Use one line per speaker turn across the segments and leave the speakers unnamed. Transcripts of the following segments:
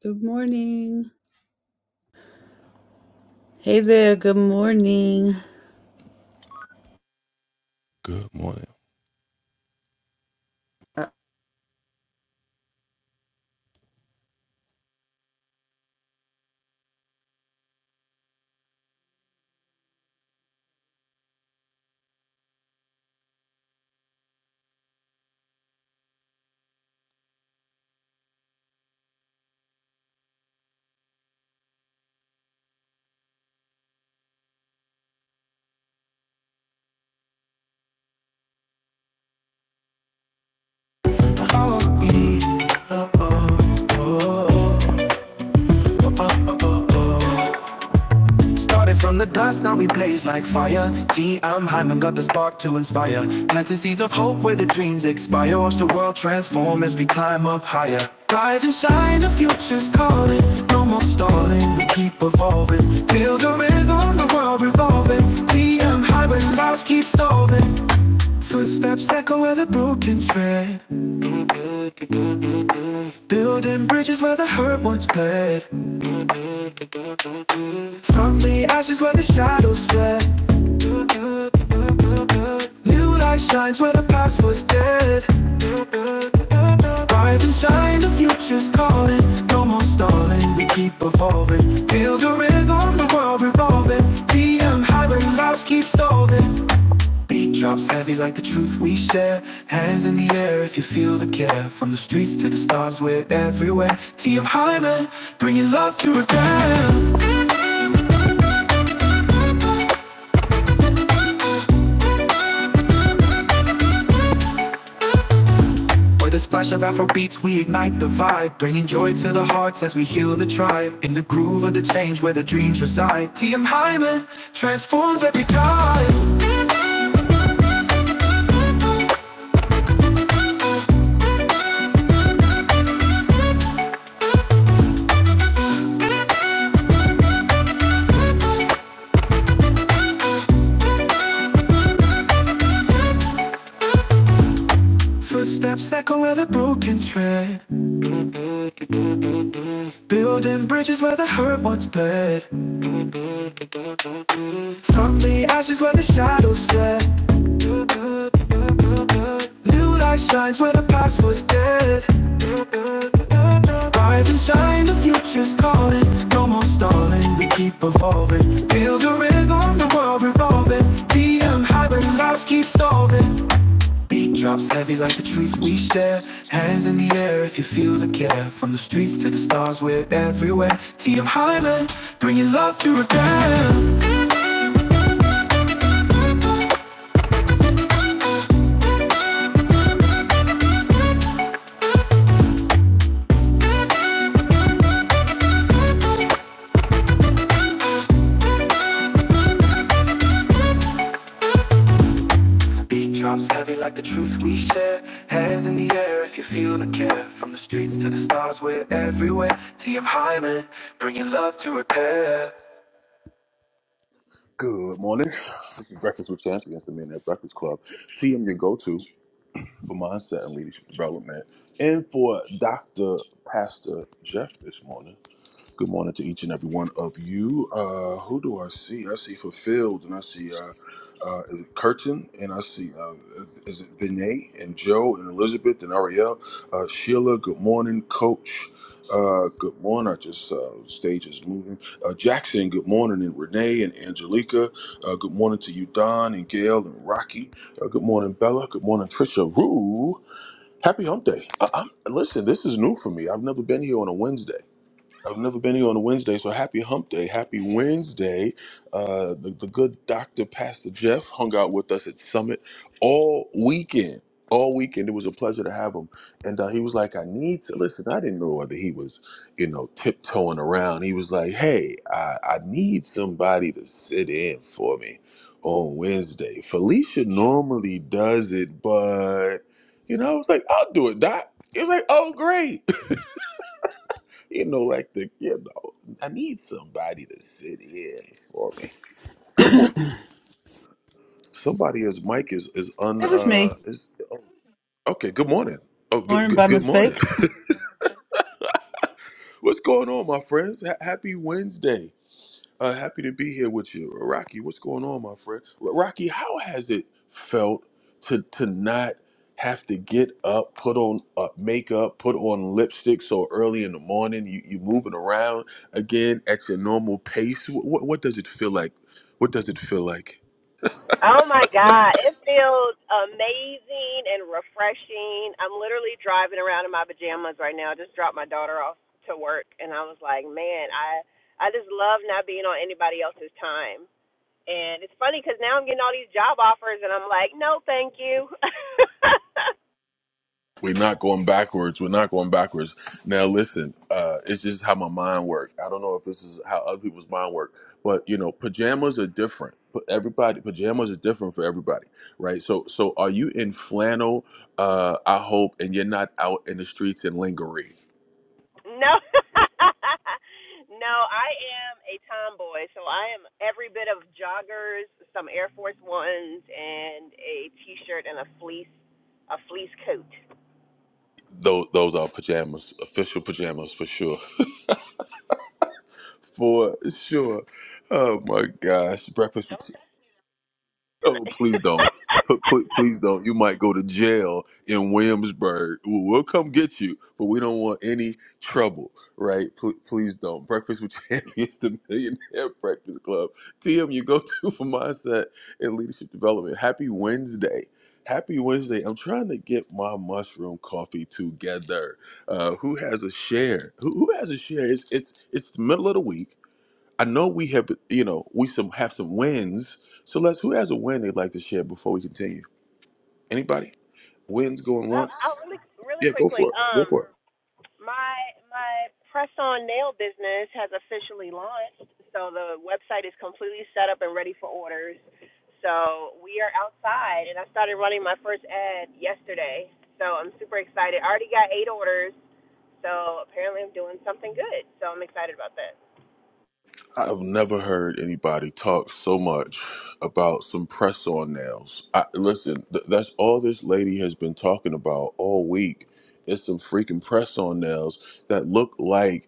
Good morning. Hey there. Good morning.
Good morning. Follow me. Oh, oh, oh, oh, oh, oh, oh. Started from the dust, now we blaze like fire. T. I'm Hyman, got the spark to inspire. Planting seeds of hope where the dreams expire. Watch the world transform as we climb up higher. Rise and shine, the future's calling. No more stalling, we keep evolving. Build a rhythm, the world revolving. T. I'm Hyman, lives keep solving. Footsteps echo where the broken tread. Building bridges where the hurt once bled. From the ashes where the shadows fled. New light shines where the past was dead. Rise and shine, the future's calling. No more stalling, we keep evolving. Build a rhythm, the world revolving. TM high when lives keep solving. Beat drops heavy like the truth we share. Hands in the air if you feel the care. From the streets to the stars, we're everywhere. TM Hyman, bringing love to repair. With a splash of Afro beats, we ignite the vibe, bringing joy to the hearts as we heal the tribe. In the groove of the change where the dreams reside, TM Hyman transforms every time. Footsteps echo where the broken tread, building bridges where the hurt once bled. From the ashes where the shadows fled, new light shines where the past was dead. Rise and shine, the future's calling. No more stalling, we keep evolving. Build a rhythm, the world revolving. DM high, but lives keep solving. Beat drops heavy like the truth we share. Hands in the air if you feel the care. From the streets to the stars, we're everywhere. TM Hyman, bringing love to repair. Beat drops heavy like the truth we share. Hands in the air if you feel the care. From the streets to the stars, we're everywhere. TM Hyman, bringing love to repair.
Good morning. This is Breakfast with Champions, the Men at Breakfast Club. TM, your go to for mindset and leadership development, and for Dr. Pastor Jeff this morning. Good morning to each and every one of you. Uh, who do I see? I see Fulfilled, and I see uh, uh, is it Curtin, and I see uh, is it Vinay and Joe and Elizabeth and Ariel, uh, Sheila. Good morning, Coach. Uh, good morning. I just uh, stage is moving. Uh, Jackson. Good morning, and Renee and Angelica. Uh, good morning to you, Don and Gail and Rocky. Uh, good morning, Bella. Good morning, Trisha. Rue. Happy Hump Day. I- I'm, listen, this is new for me. I've never been here on a Wednesday. I've never been here on a Wednesday, so happy hump day. Happy Wednesday. Uh, the, the good doctor, Pastor Jeff, hung out with us at Summit all weekend. All weekend. It was a pleasure to have him. And uh, he was like, I need to listen. I didn't know whether he was, you know, tiptoeing around. He was like, hey, I, I need somebody to sit in for me on Wednesday. Felicia normally does it, but, you know, I was like, I'll do it, Doc. He was like, oh, great. You know, like the you know, I need somebody to sit here for me. Good
It
morning. Somebody his mic is is un
was
uh
me.
is okay. Good morning. Oh, good
Morning
good,
by
good morning.
mistake.
What's going on, my friends? Ha happy Wednesday. Uh, happy to be here with you, Uh, Rocky. What's going on, my friend? R- Rocky, how has it felt to to not have to get up, put on uh, makeup, put on lipstick so early in the morning? You you moving around again at your normal pace? What, what does it feel like? What does it feel like?
Oh my God. It feels amazing and refreshing. I'm literally driving around in my pajamas right now. I just dropped my daughter off to work and I was like, man, I I just love not being on anybody else's time. And it's funny because now I'm getting all these job offers and I'm like, no, thank you.
We're not going backwards. We're not going backwards. Now, listen, uh, it's just how my mind works. I don't know if this is how other people's mind work, but you know, pajamas are different. But everybody, pajamas are different for everybody, right? So, so are you in flannel? Uh, I hope, and you're not out in the streets in lingerie.
No, no, I am a tomboy, so I am every bit of joggers, some Air Force Ones, and a T-shirt and a fleece, a fleece coat
Those, those are pajamas, official pajamas for sure, for sure. Oh my gosh, breakfast. Oh,
tonight.
please don't. P- pl- please don't. You might go to jail in Williamsburg. We'll we'll come get you, but we don't want any trouble, right? Pl- please don't. Breakfast with Champions, the Millionaire Breakfast Club. TM, you go to for mindset and leadership development. Happy Wednesday. Happy Wednesday. I'm trying to get my mushroom coffee together. Uh, who has a share? Who, who has a share? It's, it's, it's the middle of the week I know we have, you know, we some have some wins. So let's. Who has a win they'd like to share before we continue? Anybody? Wins going
oh,
once?
oh, really, really
Yeah, go
quickly.
for it. Go
Um,
for it.
My my press on nail business has officially launched. So the website is completely set up and ready for orders. So we are outside and I started running my first ad yesterday. So I'm super excited. I already got eight orders. So apparently I'm doing something good. So I'm excited about that.
I've never heard anybody talk so much about some press-on nails. I, listen, th- that's all this lady has been talking about all week. It's some freaking press-on nails that look like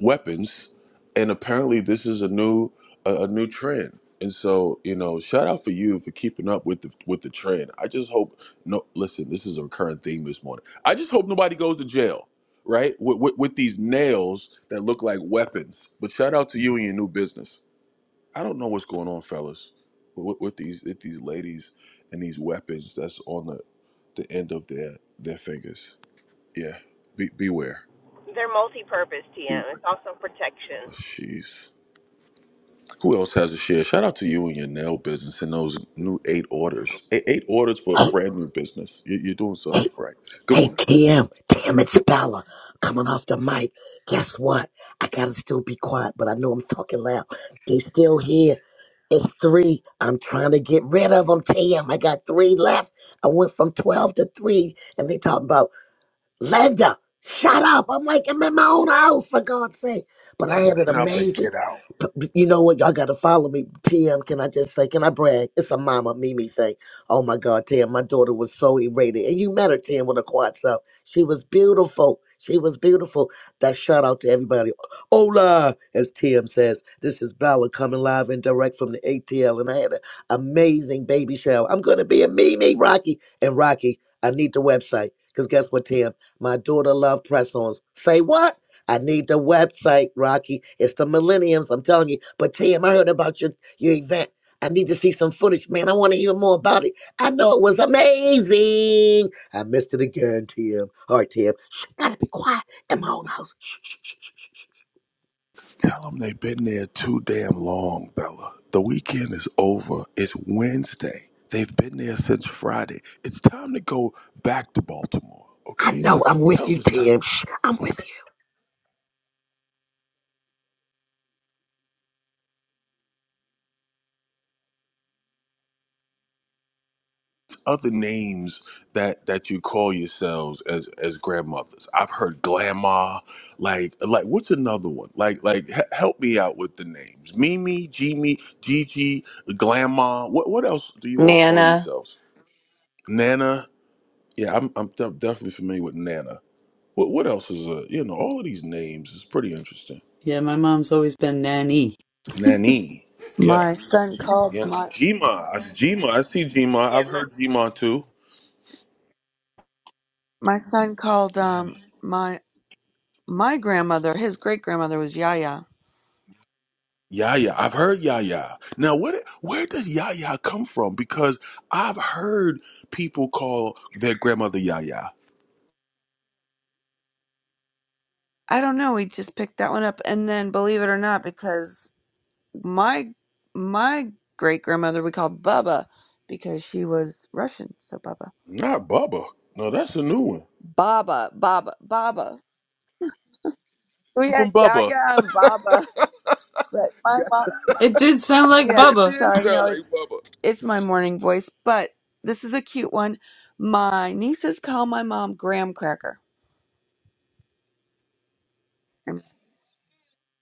weapons, and apparently this is a new a, a new trend. And so, you know, shout out for you for keeping up with the with the trend. I just hope no. Listen, this is a recurring theme this morning. I just hope nobody goes to jail, right? With, with, with these nails that look like weapons. But shout out to you and your new business. I don't know what's going on, fellas, with, with these with these ladies and these weapons that's on the the end of their their fingers. Yeah, be, beware,
They're multi purpose TM.
beware.
It's also
Oh,
protection.
Jeez. Who else has a share? Shout out to you and your nail business and those new eight orders. Eight, eight orders for a
Hey,
brand new business. You, you're doing
hey,
something right. Good
hey,
morning.
TM, TM, it's Bella coming off the mic. Guess what? I gotta still be quiet, but I know I'm talking loud. They still here. It's three. I'm trying to get rid of them, TM. I got three left. I went from 12 to three, and they talking about Linda, shut up. I'm like, I'm in my own house, for God's sake. But I had an
Get up and
amazing,
get out.
p- p- you know what? Y'all got to follow me. TM, can I just say, can I brag? It's a mama Mimi thing. Oh my God, TM, my daughter was so elated. And you met her, TM, with a quad up. She was beautiful. She was beautiful. That shout out to everybody. Hola, as TM says. This is Bella coming live and direct from the ATL. And I had an amazing baby shower. I'm going to be a Mimi, Rocky. And Rocky, I need the website. Because guess what, Tim? My daughter love press ons. Say what? I need the website, Rocky. It's the millenniums, I'm telling you. But Tim, I heard about your, your event. I need to see some footage, man. I want to hear more about it. I know it was amazing. I missed it again, Tim. All right, Tim. Shh, gotta be quiet in my own house. Shh, shh, shh.
Tell them they've been there too damn long, Bella. The weekend is over. It's Wednesday. They've been there since Friday. It's time to go back to Baltimore,
I
okay?
know I'm with
Tell
you,
them it's time.
Tim. Shh, I'm with you.
other names that that you call yourselves as as grandmothers? I've heard grandma. Like like what's another one? Like like h- help me out with the names. Mimi, Jimmy, Gigi, grandma. What what else do you all call
Nana,
yourselves? Nana. Yeah, I'm I'm def- definitely familiar with Nana. What what else is a you know all of these names is pretty interesting.
Yeah, my mom's always been Nanny.
Nanny. Yeah.
My son called
Yeah.
my
Jima. I, Jima. I see Jima.
Yeah,
I've
I'm not
heard Jima too.
my son called um my my grandmother, his great grandmother was Yaya.
Yaya. I've heard Yaya. Now, what? Where does Yaya come from? Because I've heard people call their grandmother Yaya.
I don't know, he just picked that one up and then believe it or not, because my my great grandmother we called Baba because she was Russian, so Baba.
Not Bubba. No, that's a new one.
Baba, Baba, Baba. We had
From Bubba.
Yaya and Baba. But my mom
It did sound like
yeah,
It
Bubba.
did
sorry, no,
sound like
it's
Bubba.
it's my morning voice, but this is a cute one. My nieces call my mom Graham Cracker.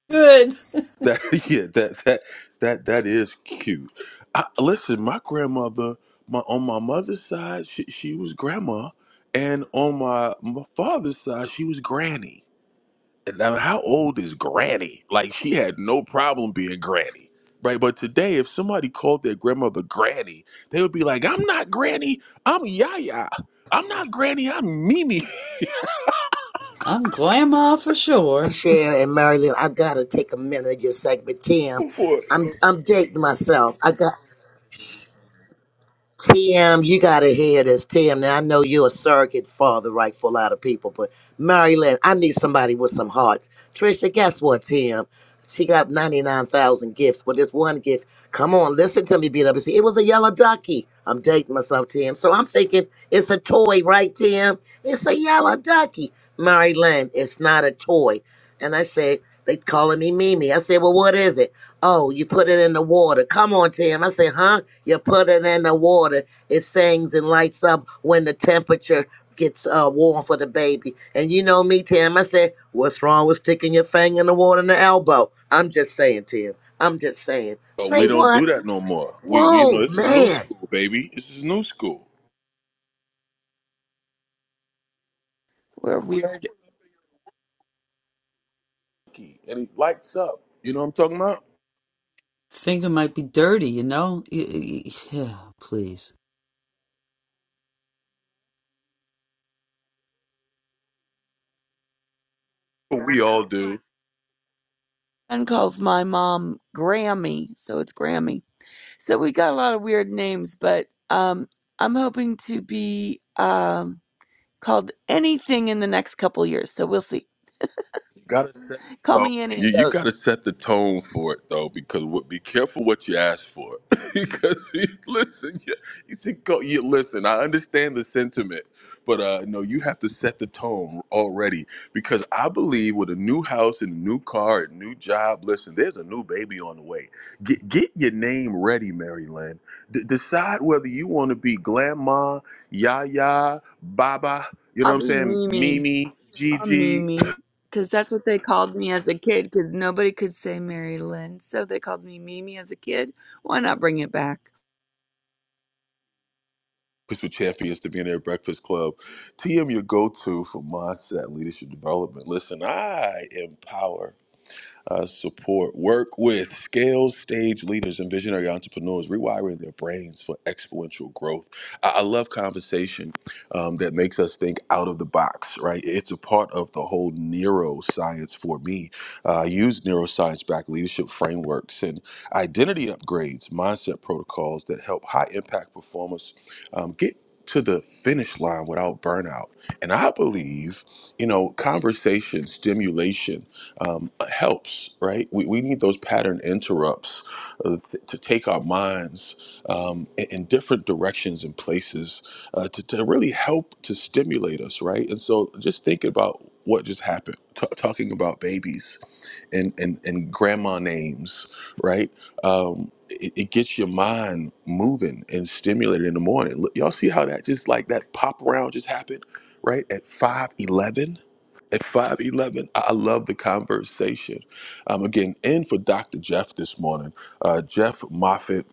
Good.
That yeah. That that that that is cute. I, listen, my grandmother, my on my mother's side, she, she was grandma, and on my, my father's side, she was granny. now how old is granny like she had no problem being granny right but today if somebody called their grandmother granny they would be like i'm not granny i'm yaya i'm not granny i'm mimi
I'm grandma for sure.
Sharon and Marilyn, I gotta take a minute of your segment, Tim.
before it
I'm
go-
I'm dating myself. I got. TM, you gotta hear this. TM, now I know you're a surrogate father, right, for a lot of people, but Mary Lynn, I need somebody with some hearts. Trisha, guess what, TM? She got 99,000 gifts, but this one gift, come on, listen to me, BWC. It was a yellow ducky. I'm dating myself, TM. So I'm thinking it's a toy, right, TM? It's a yellow ducky. Mary Lynn, it's not a toy. And I said. They calling me Mimi. I said, well, what is it? Oh, you put it in the water. Come on, Tim. I said, huh? You put it in the water. It sings and lights up when the temperature gets uh, warm for the baby. And you know me, Tim. I said, what's wrong with sticking your finger in the water in the elbow? I'm just saying, Tim. I'm just saying.
oh,
Say
we don't
what?
do that no more we, we you
Whoa,
know this is new
man.
school baby this is new school
We're weird.
and he lights up you know what i'm talking about
Finger might be dirty, you know? Yeah, please.
we all do
Son calls my mom Grammy, so it's Grammy. So we got a lot of weird names, but um, I'm hoping to be um, called anything in the next couple years. So we'll see.
You gotta set the
Call
tone.
me any
You,
of
you
those.
gotta set the tone for it though, because what, be careful what you ask for. because you- listen, you, you see, go, you listen. I understand the sentiment, but uh, no, you have to set the tone already. Because I believe with a new house and a new car, and new job. Listen, there's a new baby on the way. Get get your name ready, Mary Lynn. D- decide whether you want to be Grandma, Yaya, Baba. You know
I'll
what I'm
be
saying?
Mimi.
Mimi,
I'm
Gigi.
Mimi. Because that's what they called me as a kid, because nobody could say Mary Lynn. So they called me Mimi as a kid. Why not bring it back?
Breakfast with Champions, the Millionaire Breakfast Club. TM, your go to for mindset and leadership development. Listen, I empower uh, support. Work with scale stage leaders and visionary entrepreneurs, rewiring their brains for exponential growth. I, I love conversation um, that makes us think out of the box, right? It's a part of the whole neuroscience for me. Uh, I use neuroscience backed leadership frameworks and identity upgrades, mindset protocols that help high impact performers um, get to the finish line without burnout. And I believe, you know, conversation, stimulation, um, helps, right? We, we need those pattern interrupts uh, th- to take our minds um, in, in different directions and places uh, to, to really help to stimulate us, right? And so just think about what just happened, t- talking about babies and, and, and grandma names, right? Um, it, it gets your mind moving and stimulated in the morning. Look, y'all see how that just like that pop around just happened, right? At 5 11. At 511, I I love the conversation. I'm again in for Dr. Jeff this morning. Uh, Jeff Moffitt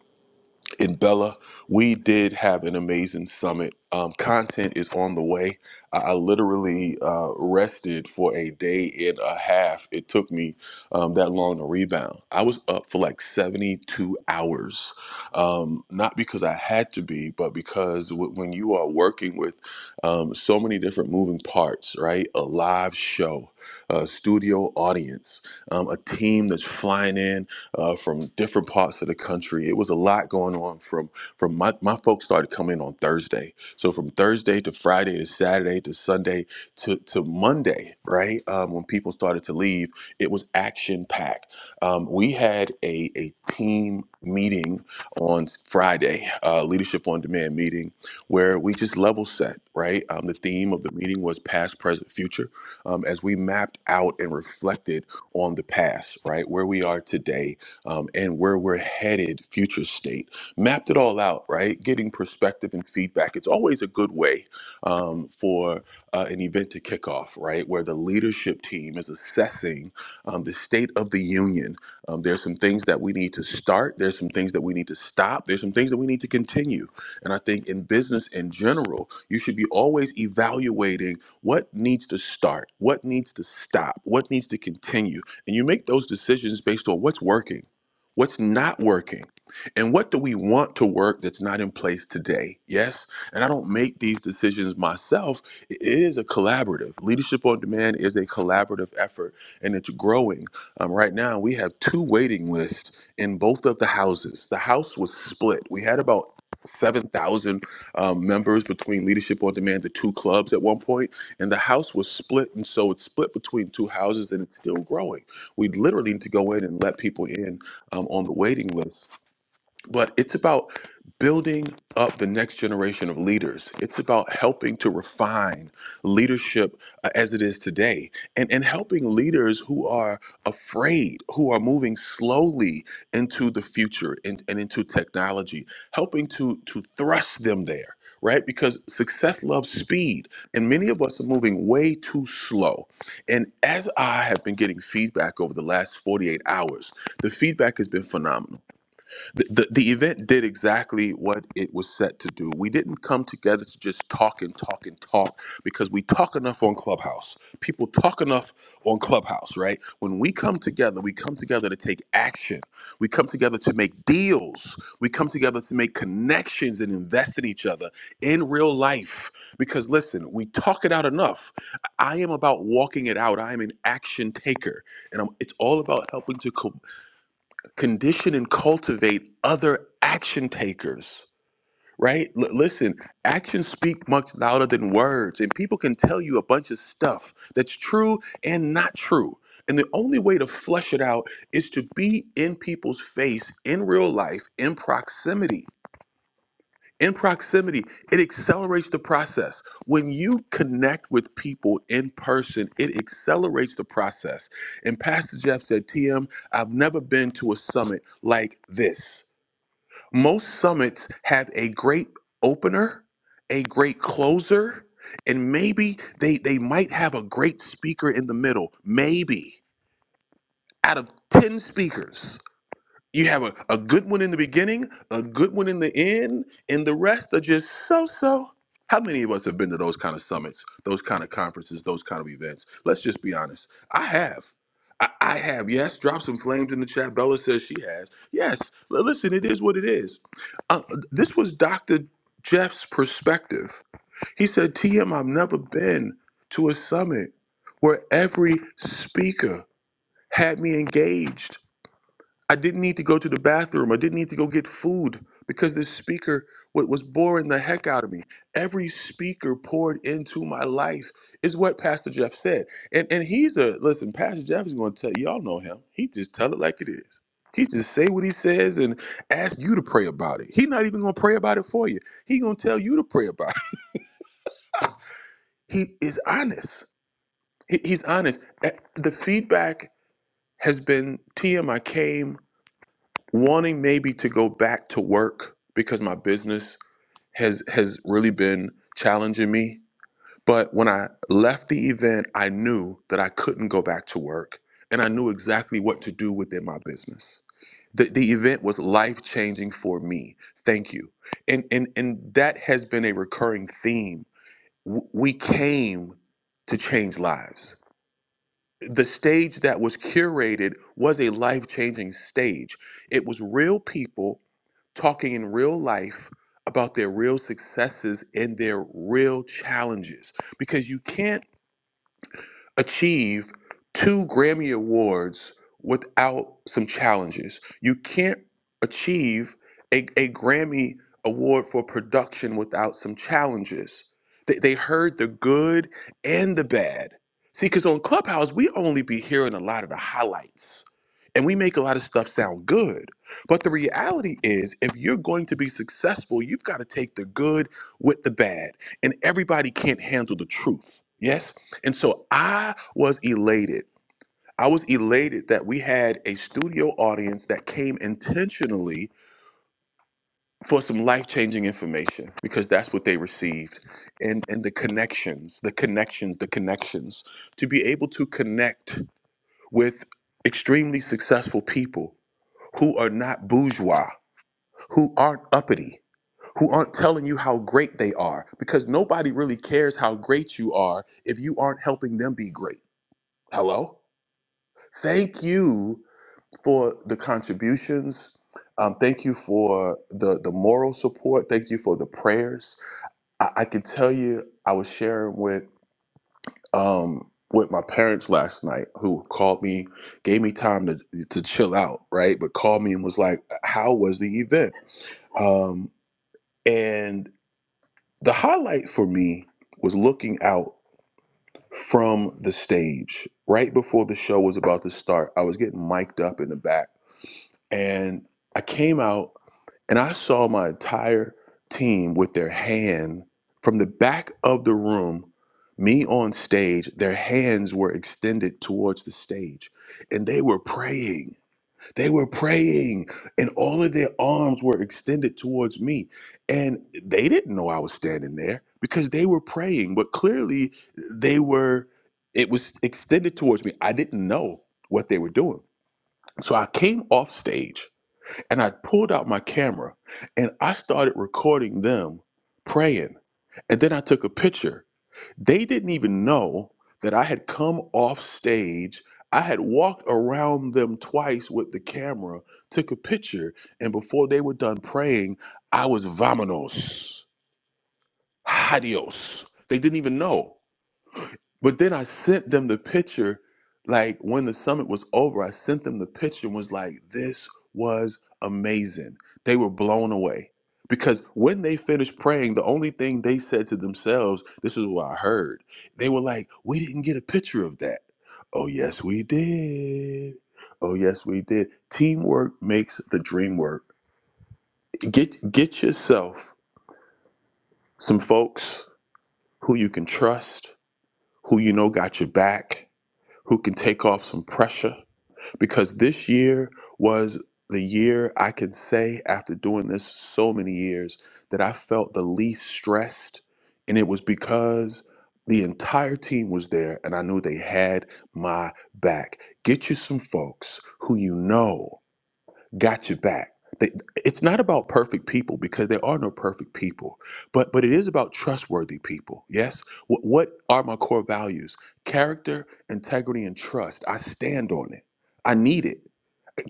in Bella. We did have an amazing summit. Um, content is on the way. I, I literally uh, rested for a day and a half. It took me um, that long to rebound. I was up for like 72 hours, um, not because I had to be, but because w- when you are working with um, so many different moving parts, right? A live show, a studio audience, um, a team that's flying in uh, from different parts of the country. It was a lot going on. From from my my folks started coming on Thursday, so from Thursday to Friday to Saturday to Sunday to to Monday, right um, when people started to leave, it was action packed. Um, we had a a team meeting on Friday, uh, leadership on demand meeting, where we just level set. Right, um, the theme of the meeting was past, present, future um, as we mapped out and reflected on the past, right? Where we are today um, and where we're headed, future state. Mapped it all out, right? Getting perspective and feedback. It's always a good way um, for uh, an event to kick off, right? Where the leadership team is assessing um, the state of the union. Um, there's some things that we need to start, there's some things that we need to stop, there's some things that we need to continue. And I think in business in general, you should be always evaluating what needs to start, what needs to stop, what needs to continue. And you make those decisions based on what's working what's not working, and what do we want to work that's not in place today? Yes. And I don't make these decisions myself. It is a collaborative. Leadership on Demand is a collaborative effort, and it's growing. Um, right now, we have two waiting lists in both of the houses. The house was split. We had about 7,000 um, members between Leadership on Demand, the two clubs at one point, and the house was split. And so it's split between two houses and it's still growing. We literally need to go in and let people in um, on the waiting list but it's about building up the next generation of leaders it's about helping to refine leadership uh, as it is today and and helping leaders who are afraid who are moving slowly into the future and, and into technology helping to to thrust them there right because success loves speed and many of us are moving way too slow and as i have been getting feedback over the last 48 hours the feedback has been phenomenal the, the, the event did exactly what it was set to do. We didn't come together to just talk and talk and talk because we talk enough on Clubhouse. People talk enough on Clubhouse, right? When we come together, we come together to take action. We come together to make deals. We come together to make connections and invest in each other in real life. Because listen, we talk it out enough. I am about walking it out. I am an action taker, and I'm, it's all about helping to co- condition and cultivate other action takers right L- listen actions speak much louder than words and people can tell you a bunch of stuff that's true and not true and the only way to flesh it out is to be in people's face in real life in proximity in proximity it accelerates the process when you connect with people in person it accelerates the process and pastor jeff said tm i've never been to a summit like this most summits have a great opener a great closer and maybe they they might have a great speaker in the middle maybe out of 10 speakers you have a, a good one in the beginning, a good one in the end, and the rest are just so so. How many of us have been to those kind of summits, those kind of conferences, those kind of events? Let's just be honest. I have. I, I have. Yes, drop some flames in the chat. Bella says she has. Yes, L- listen, it is what it is. Uh, this was Dr. Jeff's perspective. He said, TM, I've never been to a summit where every speaker had me engaged I didn't need to go to the bathroom. I didn't need to go get food because this speaker what was boring the heck out of me. Every speaker poured into my life is what Pastor Jeff said. And and he's a listen, Pastor Jeff is gonna tell y'all know him. He just tell it like it is. He just say what he says and ask you to pray about it. He's not even gonna pray about it for you. He gonna tell you to pray about it. He is honest. He- He's honest. Eh, The feedback has been TM. I came. wanting maybe to go back to work because my business has has really been challenging me but when i left the event i knew that i couldn't go back to work and i knew exactly what to do within my business the, the event was life changing for me thank you and and and that has been a recurring theme W- we came to change lives the stage that was curated was a life changing stage it was real people talking in real life about their real successes and their real challenges because you can't achieve two Grammy Awards without some challenges. You can't achieve a, a Grammy Award for production without some challenges. They, they heard the good and the bad. See, because on Clubhouse, we only be hearing a lot of the highlights and we make a lot of stuff sound good. But the reality is, if you're going to be successful, you've got to take the good with the bad. And everybody can't handle the truth. Yes? And so I was elated. I was elated that we had a studio audience that came intentionally for some life-changing information because that's what they received. And and the connections, the connections, the connections to be able to connect with extremely successful people who are not bourgeois, who aren't uppity, who aren't telling you how great they are because nobody really cares how great you are if you aren't helping them be great. Hello? Thank you for the contributions. Um, thank you for the, the moral support. Thank you for the prayers. I, I can tell you, I was sharing with um, with my parents last night, who called me, gave me time to to chill out, right? But called me and was like, "How was the event?" Um, and the highlight for me was looking out from the stage right before the show was about to start. I was getting mic'd up in the back And I came out and I saw my entire team with their hand from the back of the room, me on stage, their hands were extended towards the stage and they were praying. They were praying and all of their arms were extended towards me. And they didn't know I was standing there because they were praying, but clearly they were, it was extended towards me. I didn't know what they were doing. So I came off stage and I pulled out my camera and I started recording them praying. And then I took a picture. They didn't even know that I had come off stage. I had walked around them twice with the camera, took a picture, and before they were done praying, I was vamonos, adios. They didn't even know. But then I sent them the picture, like when the summit was over, I sent them the picture and was like, this was amazing. They were blown away. Because when they finished praying, the only thing they said to themselves, this is what I heard. They were like, we didn't get a picture of that. Oh, yes, we did. Oh, yes, we did. Teamwork makes the dream work. Get, get yourself some folks who you can trust, who you know got your back who can take off some pressure because this year was the year I can say after doing this so many years that I felt the least stressed and it was because the entire team was there and I knew they had my back. Get you some folks who you know got your back. They, it's not about perfect people because there are no perfect people, but but it is about trustworthy people. Yes, what, what are my core values? Character, integrity, and trust. I stand on it. I need it.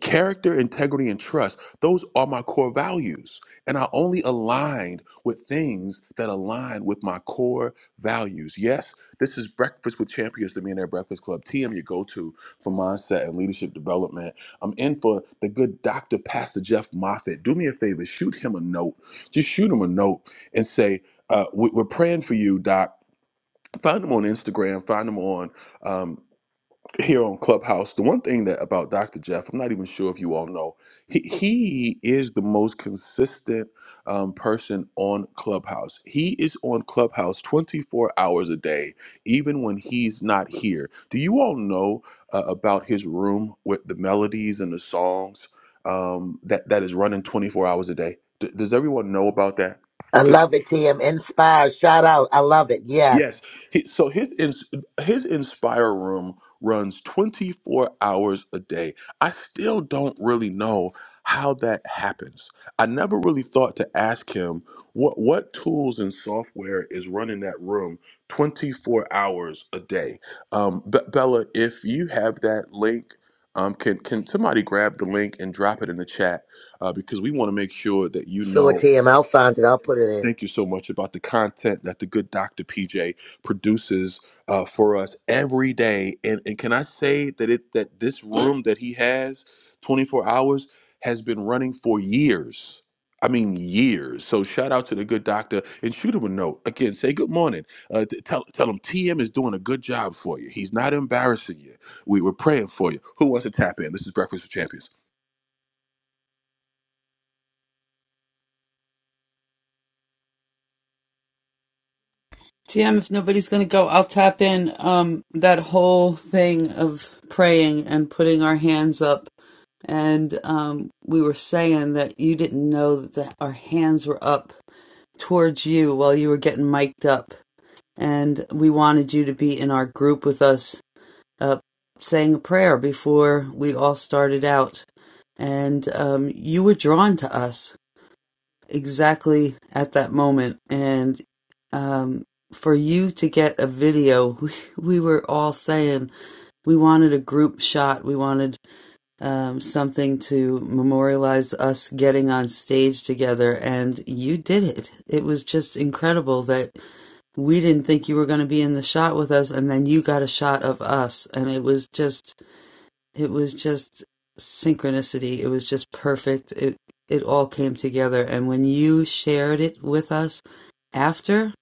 Character, integrity, and trust, those are my core values. And I only aligned with things that align with my core values. Yes, this is Breakfast with Champions, the Millionaire Breakfast Club. TM, your go to for mindset and leadership development. I'm in for the good Dr. Pastor Jeff Moffitt. Do me a favor, shoot him a note. Just shoot him a note and say, uh, we- We're praying for you, Doc. Find him on Instagram, find him on um, here on Clubhouse, the one thing that about Dr. Jeff, I'm not even sure if you all know, he, he is the most consistent um, person on Clubhouse. He is on Clubhouse 24 hours a day, even when he's not here. Do you all know uh, about his room with the melodies and the songs um, that that is running 24 hours a day? D- does everyone know about that?
I love it, Tim. Inspired. Shout out. I love it.
Yes.
Yes.
He, so his ins- his Inspire room runs 24 hours a day. I still don't really know how that happens. I never really thought to ask him what what tools and software is running that room 24 hours a day. Um, Be- Bella, if you have that link, um, can can somebody grab the link and drop it in the chat uh, because we want to make sure that you
Sure,
know
Tim. I'll find it. I'll put it in.
Thank you so much about the content that the good Dr. PJ produces uh, for us every day. And and can I say that it that this room that he has 24 hours has been running for years. I mean years. So shout out to the good doctor and shoot him a note. Again, say good morning. Uh, t- tell tell him TM is doing a good job for you. He's not embarrassing you. We were praying for you. Who wants to tap in? This is Breakfast with Champions.
TM, if nobody's gonna go, I'll tap in um that whole thing of praying and putting our hands up and um, we were saying that you didn't know that our hands were up towards you while you were getting mic'd up. And we wanted you to be in our group with us, uh, saying a prayer before we all started out. And um, you were drawn to us exactly at that moment. And um, for you to get a video, we, we were all saying we wanted a group shot. We wanted um, something to memorialize us getting on stage together. And you did it. It was just incredible that we didn't think you were going to be in the shot with us and then you got a shot of us and it was just it was just synchronicity it was just perfect it it all came together and when you shared it with us after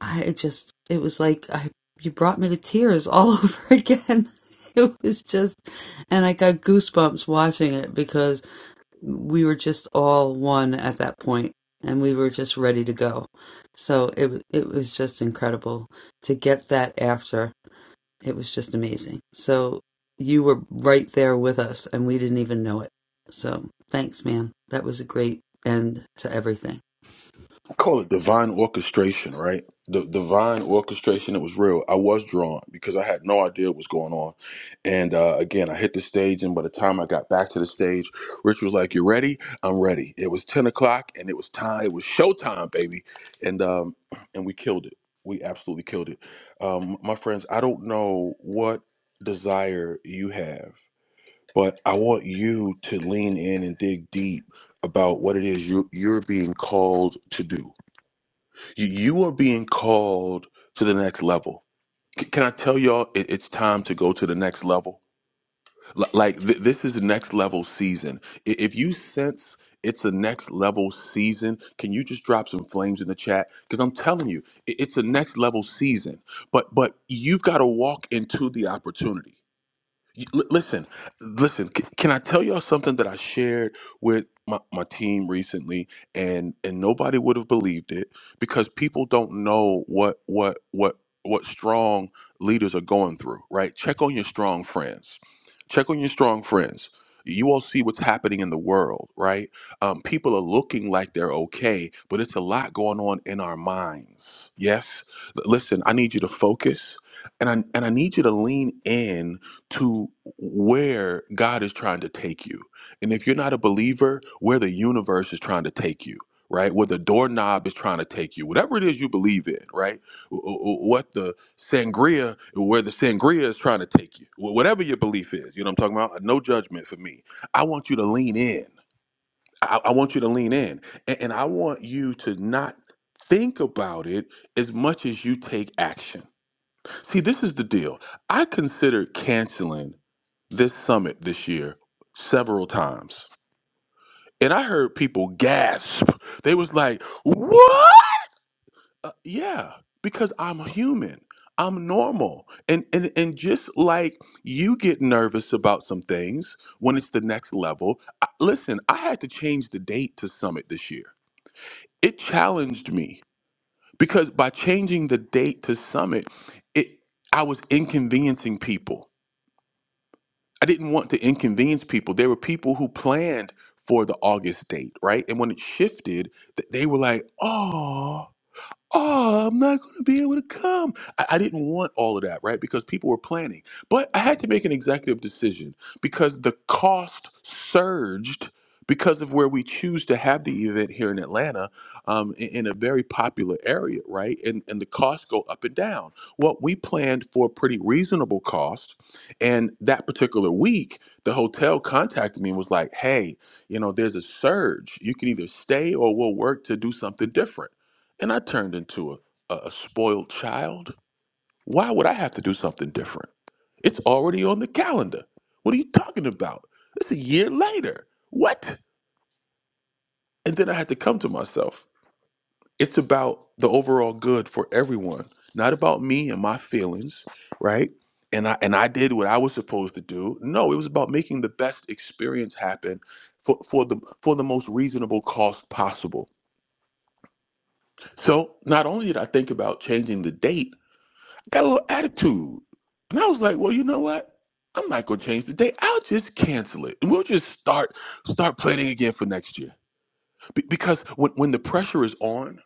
i just it was like i you brought me to tears all over again it was just and i got goosebumps watching it because we were just all one at that point and we were just ready to go so it wa- it was just incredible to get that after it was just amazing so you were right there with us and we didn't even know it so thanks man that was a great end to everything
call it divine orchestration, right? The divine orchestration. It was real. I was drawn because I had no idea what was going on. And uh, again, I hit the stage, and by the time I got back to the stage, Rich was like, "You ready? I'm ready." It was ten o'clock, and it was time. It was showtime, baby. And um, and we killed it. We absolutely killed it. Um, my friends, I don't know what desire you have, but I want you to lean in and dig deep about what it is you, you're being called to do you you are being called to the next level. C- Can I tell y'all it- it's time to go to the next level? L- Like, th- this is next level season. I- If you sense it's a next level season, can you just drop some flames in the chat? Because I'm telling you, i- it's a next level season. But but you've got to walk into the opportunity. You- li- listen, listen. c- can I tell y'all something that I shared with my, my team recently, and and nobody would have believed it because people don't know what what what what strong leaders are going through. Right? Check on your strong friends. Check on your strong friends. You all see what's happening in the world, right? Um, people are looking like they're okay, but it's a lot going on in our minds. Yes. L- listen, I need you to focus, and I and I need you to lean in to where God is trying to take you. And if you're not a believer, where the universe is trying to take you, right? Where the doorknob is trying to take you, whatever it is you believe in, right? Wh- wh- What the sangria, where the sangria is trying to take you, Wh- whatever your belief is, you know what I'm talking about? Uh, No judgment for me. I want you to lean in. I, I want you to lean in. And, and I want you to not think about it as much as you take action. See, this is the deal. I considered canceling this summit this year several times. And I heard people gasp. They was like, "What?" Uh, yeah, because I'm human. I'm normal. And, and and just like you get nervous about some things when it's the next level. I, listen, I had to change the date to summit this year. It challenged me because by changing the date to summit, it I was inconveniencing people. I didn't want to inconvenience people. There were people who planned for the August date, right? And when it shifted, th- they were like, "Oh." oh, I'm not going to be able to come. I, I didn't want all of that, right? Because people were planning. But I had to make an executive decision because the cost surged because of where we choose to have the event here in Atlanta um, in, in a very popular area, right? And, and the costs go up and down. Well, we planned for a pretty reasonable cost. And that particular week, the hotel contacted me and was like, hey, you know, there's a surge. You can either stay or we'll work to do something different and I turned into a, a, a spoiled child, why would I have to do something different? It's already on the calendar. What are you talking about? It's a year later. What? And then I had to come to myself. It's about the overall good for everyone, not about me and my feelings, right? And I and I did what I was supposed to do. No, it was about making the best experience happen for, for the for the most reasonable cost possible. So not only did I think about changing the date, got a little attitude. And I was like, well, you know what? I'm not gonna change the date. I'll just cancel it, and we'll just start start planning again for next year. Be- because when when the pressure is on,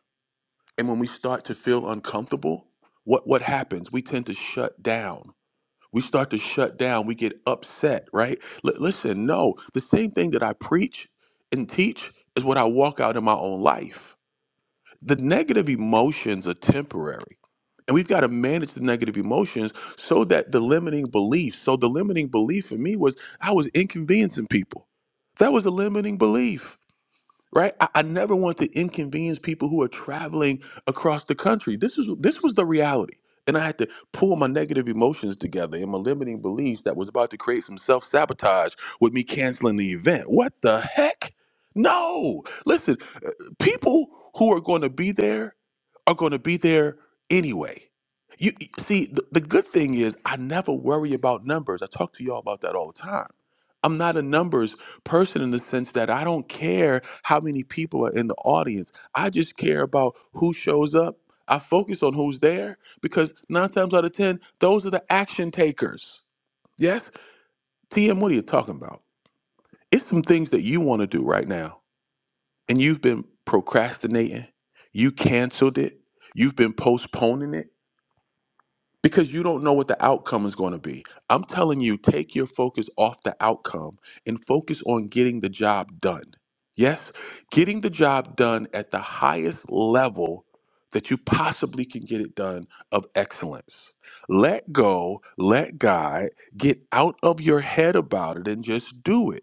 and when we start to feel uncomfortable, what what happens? We tend to shut down. We start to shut down. We get upset, right? Li- listen, no, the same thing that I preach and teach is what I walk out in my own life the negative emotions are temporary. And we've got to manage the negative emotions so that the limiting belief. So the limiting belief for me was I was inconveniencing people. That was the limiting belief, right? I, I never want to inconvenience people who are traveling across the country. This was this was the reality. And I had to pull my negative emotions together and my limiting beliefs that was about to create some self-sabotage with me canceling the event. What the heck? No. Listen, people who are going to be there are going to be there anyway. You you- see, the, the good thing is I never worry about numbers. I talk to y'all about that all the time. I'm not a numbers person in the sense that I don't care how many people are in the audience. I just care about who shows up. I focus on who's there because nine times out of ten, those are the action takers. Yes, TM, what are you talking about? It's some things that you want to do right now and you've been procrastinating, you canceled it, you've been postponing it because you don't know what the outcome is going to be. I'm telling you, take your focus off the outcome and focus on getting the job done. Yes, getting the job done at the highest level that you possibly can get it done of excellence. Let go, let God, get out of your head about it and just do it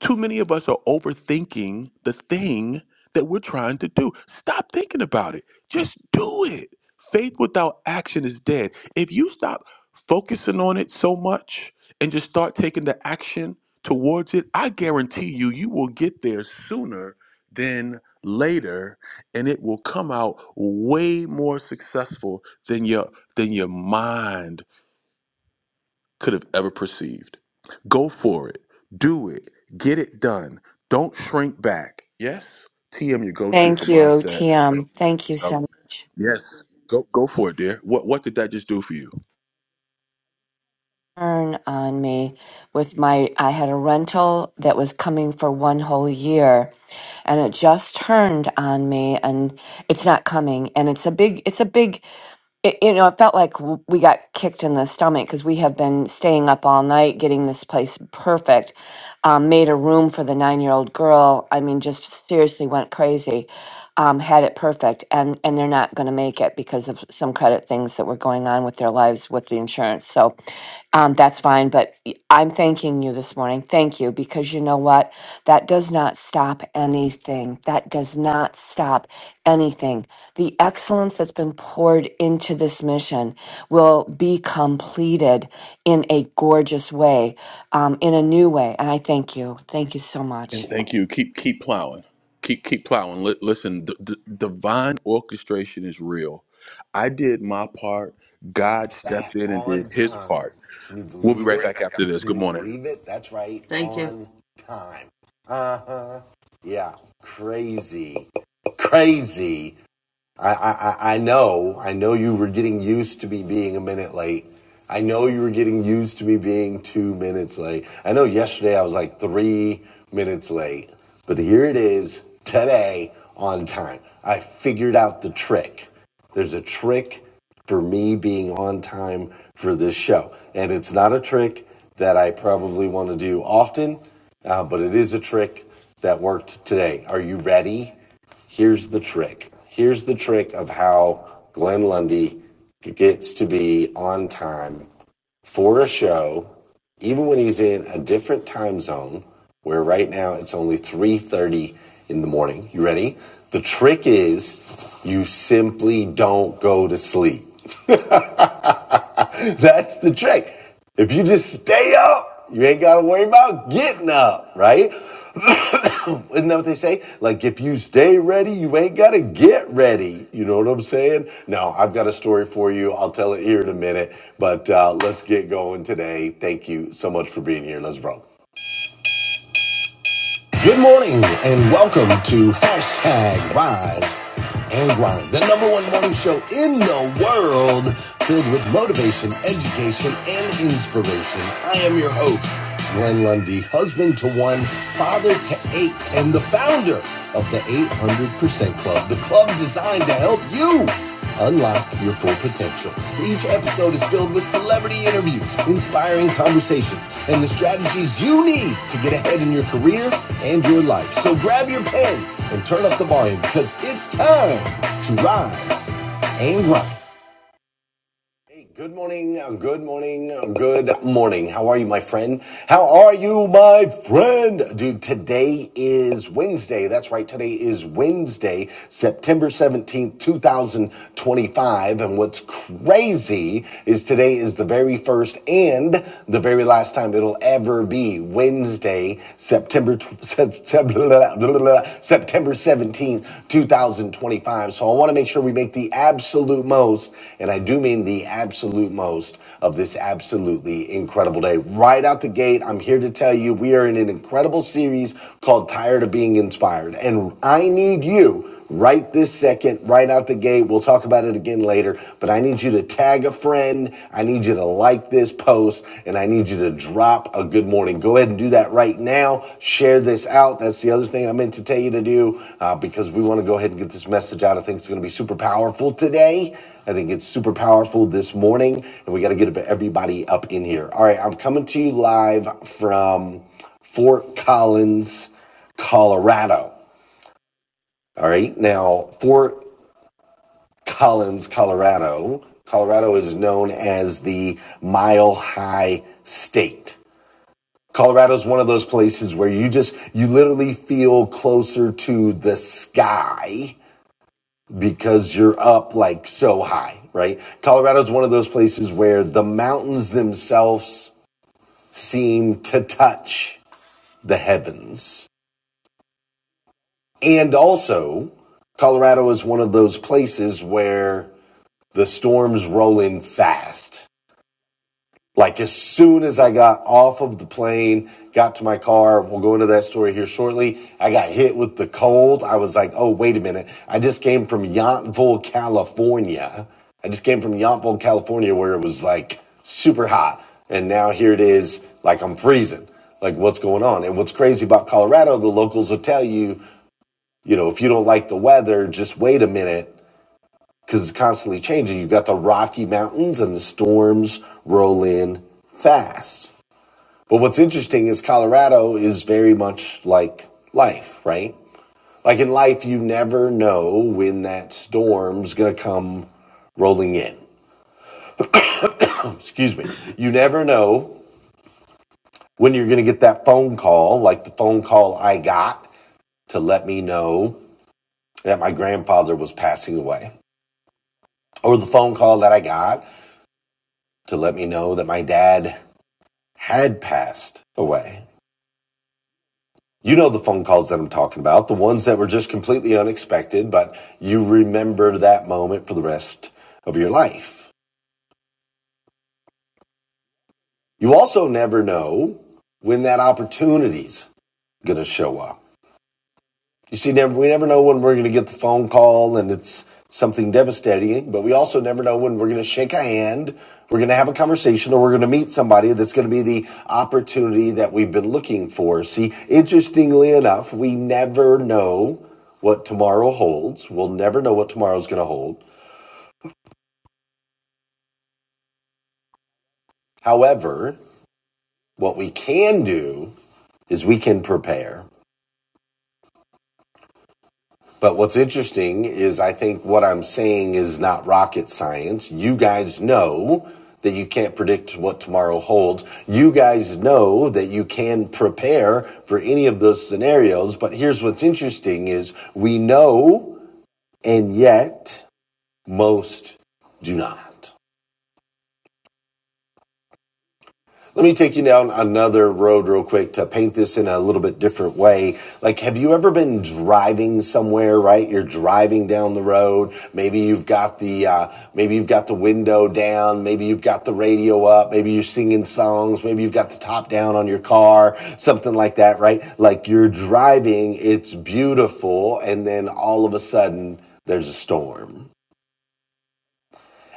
too many of us are overthinking the thing that we're trying to do. Stop thinking about it. Just do it. Faith without action is dead. If you stop focusing on it so much and just start taking the action towards it, I guarantee you, you will get there sooner than later and it will come out way more successful than your than your mind could have ever perceived. Go for it. Do it. Get it done. Don't shrink back. Yes, TM your go-to for
thank you,
mindset and
TM. Thank you,
development.
Sam.
yes, go go for it, dear. What what did that just do for you?
Turn on me with my, I had a rental that was coming for one whole year and it just turned on me and it's not coming. And it's a big, it's a big it, you know, it felt like w- we got kicked in the stomach because we have been staying up all night getting this place perfect. Um, made a room for the nine-year-old girl. I mean, just seriously went crazy. Um, had it perfect, and and they're not going to make it because of some credit things that were going on with their lives with the insurance. So um, that's fine. But y- I'm thanking you this morning. Thank you because you know what? That does not stop anything. That does not stop anything the excellence that's been poured into this mission will be completed in a gorgeous way, um, in a new way. And I thank you. Thank you so
And
much.
thank you. Keep keep plowing. Keep keep plowing. Li- listen, d- d- divine orchestration is real. I did my part. God
That
stepped in and did
on
His
time.
part.
Can you
We'll be
believe
right
it?
back after this.
Can
Good
you
morning.
believe it? That's right, thank you on time. Uh huh. Yeah, crazy, crazy. I, I, I know, I know you were getting used to me being a minute late. I know you were getting used to me being two minutes late. I know yesterday I was like three minutes late, but here it is today on time. I figured out the trick. There's a trick for me being on time for this show. And it's not a trick that I probably want to do often, uh, but it is a trick that worked today. Are you ready? here's the trick. Here's the trick of how Glenn Lundy gets to be on time for a show, even when he's in a different time zone, where right now it's only 3.30 in the morning. You ready? The trick is you simply don't go to sleep. That's the trick. If you just stay up, you ain't got to worry about getting up, right? Isn't that what they say? Like, if you stay ready, you ain't got to get ready. You know what I'm saying? No, I've got a story for you. I'll tell it here in a minute, but uh, let's get going today. Thank you so much for being here. Let's roll. Good morning and welcome to hashtag Rise and Grind, the number one morning show in the world filled with motivation, education, and inspiration. I am your host, Glenn Lundy, husband to one, father to eight, and the founder of the 800% Club, the club designed to help you Unlock your full potential. Each episode is filled with celebrity interviews, inspiring conversations, and the strategies you need to get ahead in your career and your life. So grab your pen and turn up the volume because it's time to rise and grind. Hey, good morning, uh, good morning, uh, good morning. How are you, my friend? How are you, my friend? Dude, today is Wednesday. That's right, today is Wednesday, September 17th, 2025. And what's crazy is today is the very first and the very last time it'll ever be Wednesday, September September 17th, 2025. So I want to make sure we make the absolute most, and I do mean the absolute most, of this absolutely incredible day. Right out the gate, I'm here to tell you we are in an incredible series called Tired of Being Inspired. And I need you right this second, right out the gate. We'll talk about it again later but I need you to tag a friend. I need you to like this post and I need you to drop a good morning. Go ahead and do that right now. Share this out. That's the other thing I meant to tell you to do uh, because we want to go ahead and get this message out. I think it's going to be super powerful today. I think it's super powerful this morning and we got to get everybody up in here. All right, I'm coming to you live from Fort Collins, Colorado. All right. Now, Fort Collins, Colorado. Colorado is known as the mile high state. Colorado is one of those places where you just, you literally feel closer to the sky because you're up like so high, right? Colorado is one of those places where the mountains themselves seem to touch the heavens. And also, Colorado is one of those places where the storms roll in fast Like as soon as I got off of the plane, got to my car, we'll go into that story here shortly. I got hit with the cold. I was like, oh, wait a minute. I just came from Yountville, California. I just came from Yountville, California, where it was like super hot. And now here it is, like I'm freezing. Like what's going on? And what's crazy about Colorado, the locals will tell you, you know, if you don't like the weather, just wait a minute because it's constantly changing. You've got the Rocky Mountains and the storms roll in fast. But what's interesting is Colorado is very much like life, right? Like in life, you never know when that storm's going to come rolling in. Oh, excuse me. You never know when you're going to get that phone call, like the phone call I got to let me know that my grandfather was passing away, or the phone call that I got to let me know that my dad had passed away. You know the phone calls that I'm talking about, the ones that were just completely unexpected, but you remember that moment for the rest of your life. You also never know when that opportunity's going to show up. You see, never, we never know when we're going to get the phone call and it's something devastating, but we also never know when we're going to shake a hand, we're going to have a conversation, or we're going to meet somebody that's going to be the opportunity that we've been looking for. See, interestingly enough, we never know what tomorrow holds. We'll never know what tomorrow's going to hold. However, what we can do is we can prepare. But what's interesting is I think what I'm saying is not rocket science. You guys know that you can't predict what tomorrow holds. You guys know that you can prepare for any of those scenarios. But here's what's interesting is we know and yet most do not. Let me take you down another road real quick to paint this in a little bit different way. Like, have you ever been driving somewhere, right? You're driving down the road. Maybe you've got the, uh, maybe you've got the window down. Maybe you've got the radio up. Maybe you're singing songs. Maybe you've got the top down on your car, something like that, right? Like you're driving, it's beautiful. And then all of a sudden there's a storm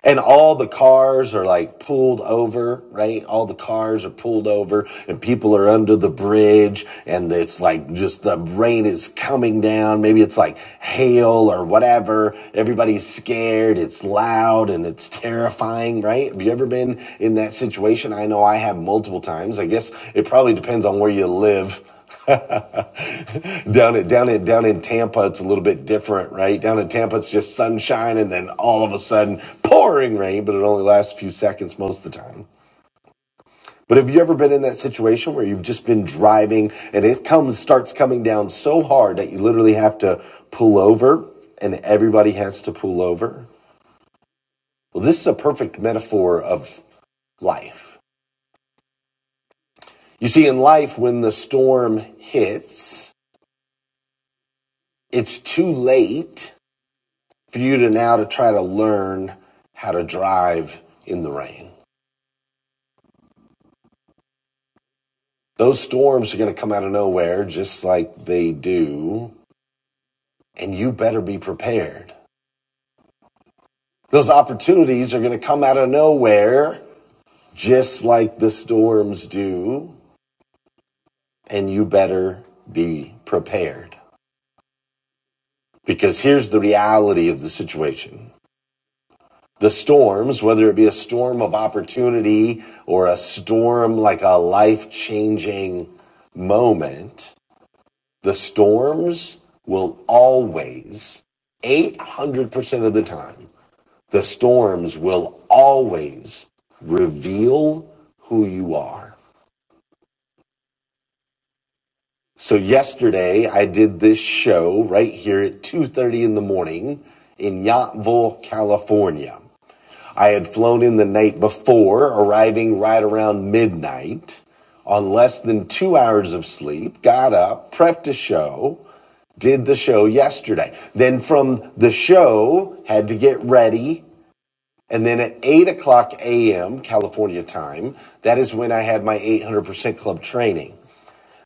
and all the cars are like pulled over, right? All the cars are pulled over and people are under the bridge and it's like just the rain is coming down. Maybe it's like hail or whatever. Everybody's scared. It's loud and it's terrifying, right? Have you ever been in that situation? I know I have multiple times. I guess it probably depends on where you live. down at down at down in Tampa, it's a little bit different, right? Down in Tampa, it's just sunshine, and then all of a sudden, pouring rain, but it only lasts a few seconds most of the time. But have you ever been in that situation where you've just been driving and it comes starts coming down so hard that you literally have to pull over, and everybody has to pull over? Well, this is a perfect metaphor of life. You see, in life, when the storm hits, it's too late for you to now to try to learn how to drive in the rain. Those storms are going to come out of nowhere just like they do, and you better be prepared. Those opportunities are going to come out of nowhere just like the storms do, and you better be prepared. Because here's the reality of the situation. The storms, whether it be a storm of opportunity or a storm like a life changing moment, The storms will always, 800% of the time, the storms will always reveal who you are. So yesterday I did this show right here at 2:30 in the morning in Yountville, California. I had flown in the night before, arriving right around midnight on less than two hours of sleep, got up, prepped a show, did the show yesterday. Then from the show, had to get ready. And then at 8 o'clock a.m. California time, that is when I had my 800% club training.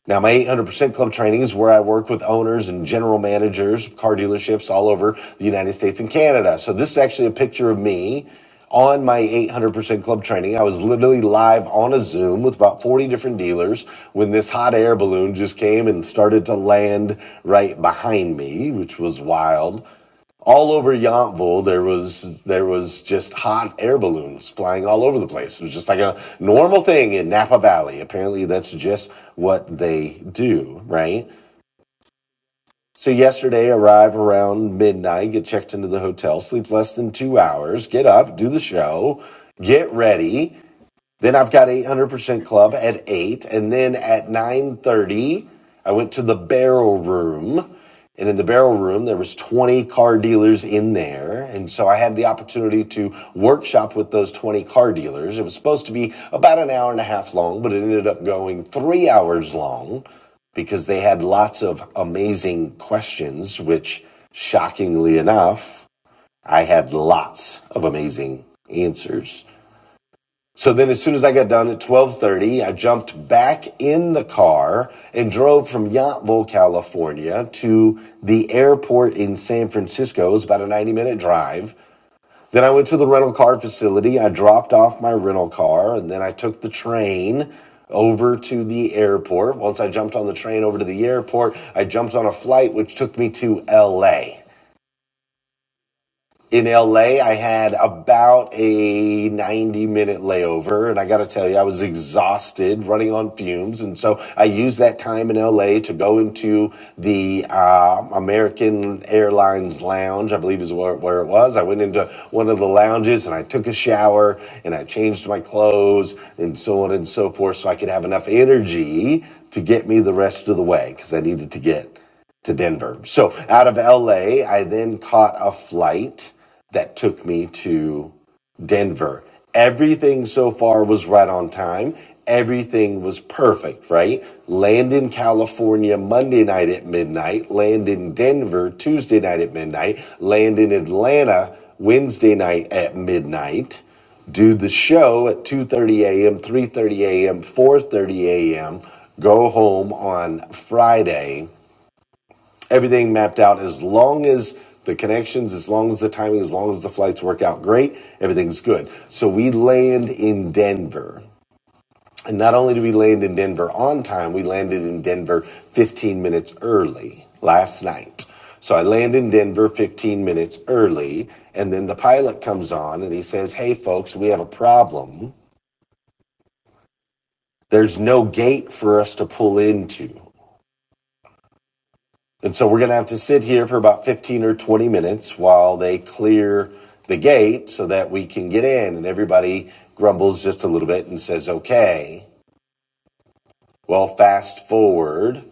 Now, my 800% Club training is where I work with owners and general managers of car dealerships all over the United States and Canada. So, this is actually a picture of me on my 800% Club training. I was literally live on a Zoom with about 40 different dealers when this hot air balloon just came and started to land right behind me, which was wild all over Yountville, there was there was just hot air balloons flying all over the place. It was just like a normal thing in Napa Valley. Apparently, that's just what they do, right? So yesterday, arrive around midnight, get checked into the hotel, sleep less than two hours, get up, do the show, get ready. Then I've got 800% Club at 8. And then at 9.30, I went to the barrel room. And in the barrel room, there was 20 car dealers in there. And so I had the opportunity to workshop with those 20 car dealers. It was supposed to be about an hour and a half long, but it ended up going three hours long because they had lots of amazing questions, which shockingly enough, I had lots of amazing answers. So then as soon as I got done at 12:30, I jumped back in the car and drove from Yountville, California to the airport in San Francisco. It was about a 90-minute drive. Then I went to the rental car facility. I dropped off my rental car and then I took the train over to the airport. Once I jumped on the train over to the airport, I jumped on a flight which took me to LA in LA, I had about a 90 minute layover. And I got to tell you, I was exhausted running on fumes. And so I used that time in LA to go into the uh, American Airlines Lounge, I believe is where, where it was. I went into one of the lounges and I took a shower and I changed my clothes and so on and so forth so I could have enough energy to get me the rest of the way because I needed to get to Denver. So out of LA, I then caught a flight that took me to Denver. Everything so far was right on time. Everything was perfect, right? Land in California Monday night at midnight, land in Denver Tuesday night at midnight, land in Atlanta Wednesday night at midnight do the show at 2:30 a.m., 3:30 a.m., 4:30 a.m., go home on Friday everything mapped out as long as the connections, as long as the timing, as long as the flights work out great, everything's good. So we land in Denver. And not only did we land in Denver on time, we landed in Denver 15 minutes early last night. So I land in Denver 15 minutes early, and then the pilot comes on and he says, Hey, folks, we have a problem. There's no gate for us to pull into. And so we're going to have to sit here for about 15 or 20 minutes while they clear the gate so that we can get in. And everybody grumbles just a little bit and says, okay. Well, fast forward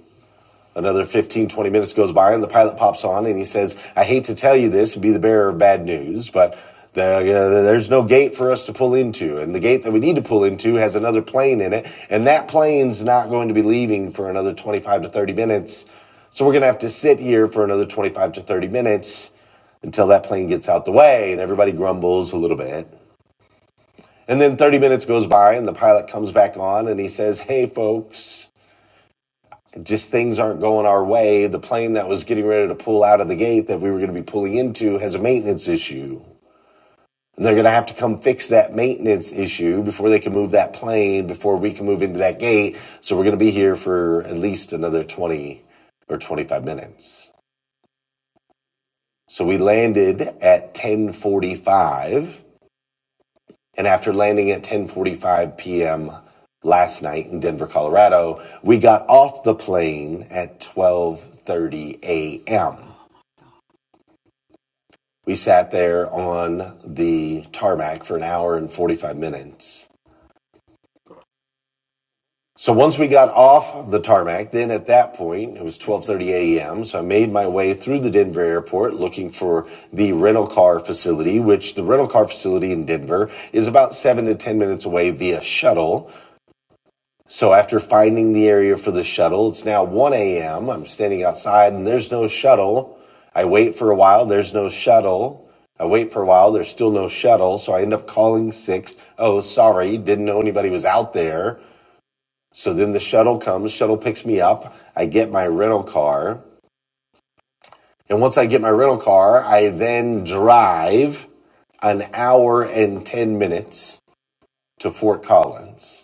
Another 15 20 minutes goes by, and the pilot pops on and he says, I hate to tell you this, be the bearer of bad news, but the, uh, there's no gate for us to pull into. And the gate that we need to pull into has another plane in it, and that plane's not going to be leaving for another 25 to 30 minutes. So we're going to have to sit here for another 25 to 30 minutes until that plane gets out the way and everybody grumbles a little bit. And then 30 minutes goes by and the pilot comes back on and he says, Hey, folks just things aren't going our way. The plane that was getting ready to pull out of the gate that we were going to be pulling into has a maintenance issue. And they're going to have to come fix that maintenance issue before they can move that plane, before we can move into that gate. So we're going to be here for at least another 20 or 25 minutes. So we landed at 1045. And after landing at 1045 p.m. last night in Denver, Colorado, we got off the plane at 1230 a.m. We sat there on the tarmac for an hour and 45 minutes. So once we got off the tarmac, then at that point, it was 12:30 a.m. So I made my way through the Denver airport looking for the rental car facility, which the rental car facility in Denver is about 7 to 10 minutes away via shuttle So after finding the area for the shuttle, it's now 1 a.m. I'm standing outside and there's no shuttle. I wait for a while, there's no shuttle. I wait for a while, there's still no shuttle. So I end up calling six. Oh, sorry, didn't know anybody was out there. So then the shuttle comes, shuttle picks me up. I get my rental car. And once I get my rental car, I then drive an hour and 10 minutes to Fort Collins.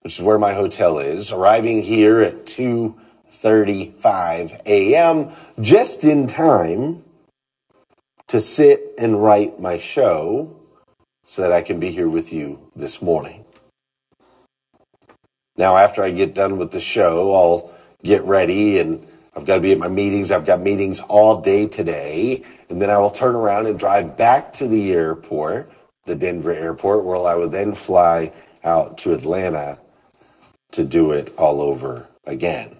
which is where my hotel is, arriving here at 2:35 a.m. just in time to sit and write my show so that I can be here with you this morning. Now after I get done with the show, I'll get ready and I've got to be at my meetings. I've got meetings all day today, and then I will turn around and drive back to the airport, the Denver airport, where I will then fly out to Atlanta to do it all over again.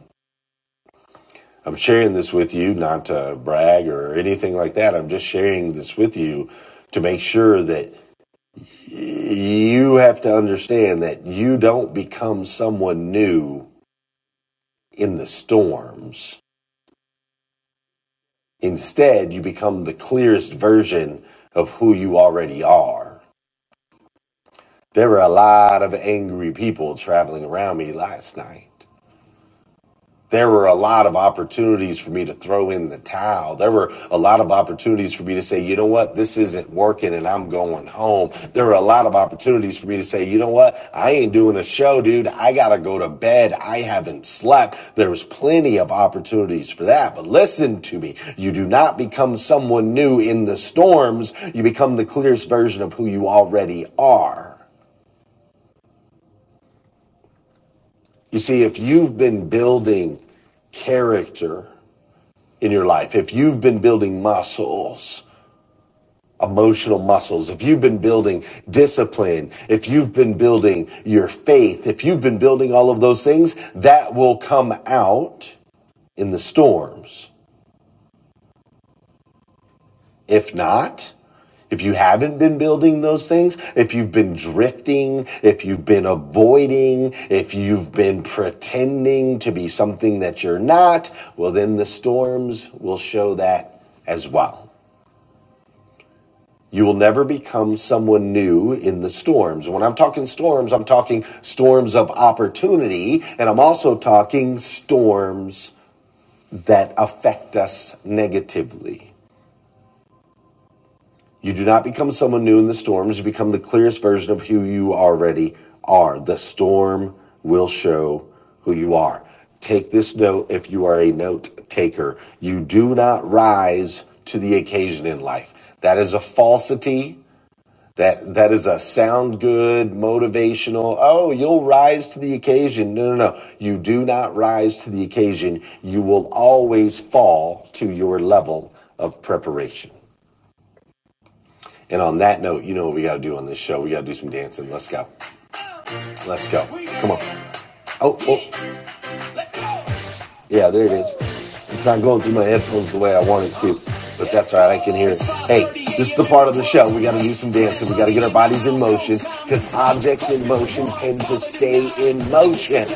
I'm sharing this with you not to brag or anything like that. I'm just sharing this with you to make sure that you have to understand that you don't become someone new in the storms. Instead, you become the clearest version of who you already are. There were a lot of angry people traveling around me last night. There were a lot of opportunities for me to throw in the towel. There were a lot of opportunities for me to say, you know what, this isn't working and I'm going home. There were a lot of opportunities for me to say, you know what, I ain't doing a show, dude. I got to go to bed. I haven't slept. There was plenty of opportunities for that. But listen to me. You do not become someone new in the storms. You become the clearest version of who you already are. You see, if you've been building character, in your life, if you've been building muscles, emotional muscles, if you've been building discipline, if you've been building your faith, if you've been building all of those things, that will come out in the storms. If not, if you haven't been building those things, if you've been drifting, if you've been avoiding, if you've been pretending to be something that you're not, well, then the storms will show that as well. You will never become someone new in the storms. When I'm talking storms, I'm talking storms of opportunity, and I'm also talking storms that affect us negatively. You do not become someone new in the storms, you become the clearest version of who you already are. The storm will show who you are. Take this note if you are a note taker. You do not rise to the occasion in life. That is a falsity That that is a sound good, motivational. Oh, you'll rise to the occasion. No, no, no. You do not rise to the occasion. You will always fall to your level of preparation. And on that note, you know what we got to do on this show? We got to do some dancing. Let's go. Let's go. Come on. Oh, oh. Yeah, there it is. It's not going through my headphones the way I want it to, but that's all right. I can hear it. Hey, this is the part of the show. We got to do some dancing. We got to get our bodies in motion because objects in motion tend to stay in motion.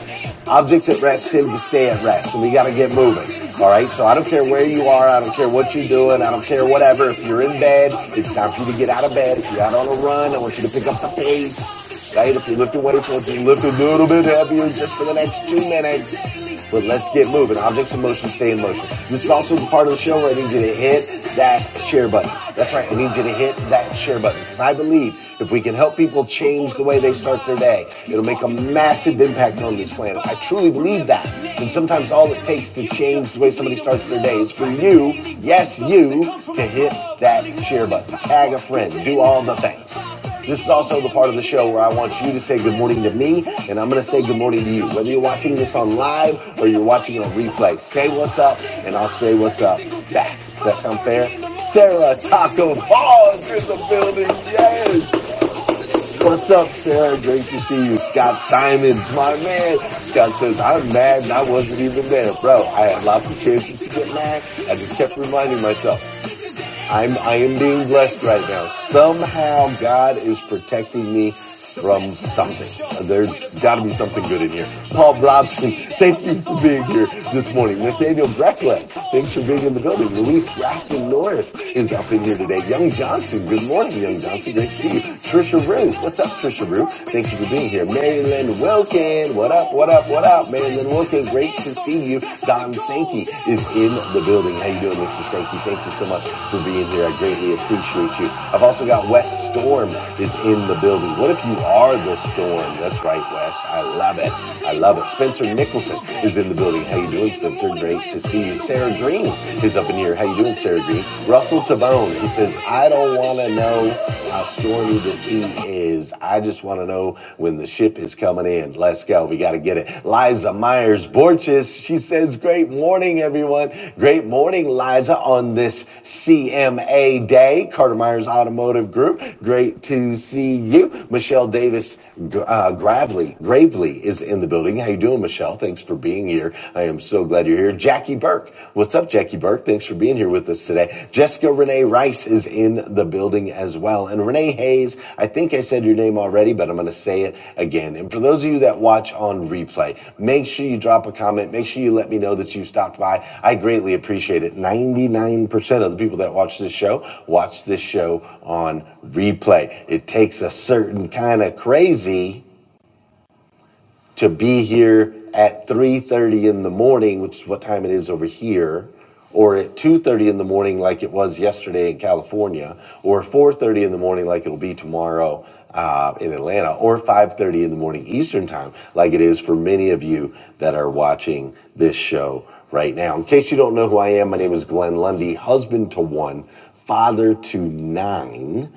Objects at rest tend to stay at rest, and we got to get moving. All right, so I don't care where you are, I don't care what you're doing, I don't care whatever. If you're in bed, it's time for you to get out of bed. If you're out on a run, I want you to pick up the pace. Right? If you're lifting weights, I want you to lift a little bit heavier just for the next two minutes. But let's get moving. Objects in motion stay in motion. This is also the part of the show where I need you to hit that share button. That's right, I need you to hit that share button because I believe if we can help people change the way they start their day, it'll make a massive impact on this planet. I truly believe that. And sometimes all it takes to change the way somebody starts their day is for you, yes, you, to hit that share button, tag a friend, do all the things. This is also the part of the show where I want you to say good morning to me, and I'm going to say good morning to you. Whether you're watching this on live or you're watching it on replay, say what's up, and I'll say what's up back. Does that sound fair? Sarah Taco Ball is in the building. Yes. What's up, Sarah? Great to see you. Scott Simon, my man. Scott says, I'm mad and I wasn't even there. Bro, I had lots of chances to get mad. I just kept reminding myself, I'm I am being blessed right now. Somehow God is protecting me from something. There's got to be something good in here. Paul Blobson, thank you for being here this morning. Nathaniel Breckland, thanks for being in the building. Luis Grafton Norris is up in here today. Young Johnson, good morning, Young Johnson. Great to see you. Trisha Rue, what's up, Trisha Rue? Thank you for being here. Maryland Wilkin, what up, what up, what up, Maryland? Portland, and also great to see you. Don Sankey is in the building. How you doing, Mr. Sankey? Thank you so much for being here. I greatly appreciate you. I've also got Wes Storm is in the building. What if you are the storm? That's right, Wes. I love it. I love it. Spencer Nicholson is in the building. How you doing, Spencer? Great to see you. Sarah Green is up in here. How you doing, Sarah Green? Russell Tabone, he says, I don't want to know how strong surely the sea is. I just want to know when the ship is coming in. Let's go. We got to get it. Liza Myers Borges, she says, Great morning, everyone. Great morning, Liza, on this CMA day. Carter Myers Automotive Group, great to see you. Michelle Davis uh, Gravely, Gravely is in the building. How you doing, Michelle? Thanks for being here. I am so glad you're here. Jackie Burke, Burke. What's up, Jackie Burke? Thanks for being here with us today. Jessica Renee Rice is in the building as well. And Renee Hayes, I think I said your name already, but I'm going to say it again. And for those of you that watch on replay, make sure you drop a comment. Make sure you let me know that you stopped by. I greatly appreciate it. 99% of the people that watch this show watch this show on replay. It takes a certain kind of crazy to be here at 3.30 in the morning which is what time it is over here or at 2.30 in the morning like it was yesterday in california or 4.30 in the morning like it'll be tomorrow uh, in atlanta or 5.30 in the morning eastern time like it is for many of you that are watching this show right now in case you don't know who i am my name is glenn lundy husband to one father to nine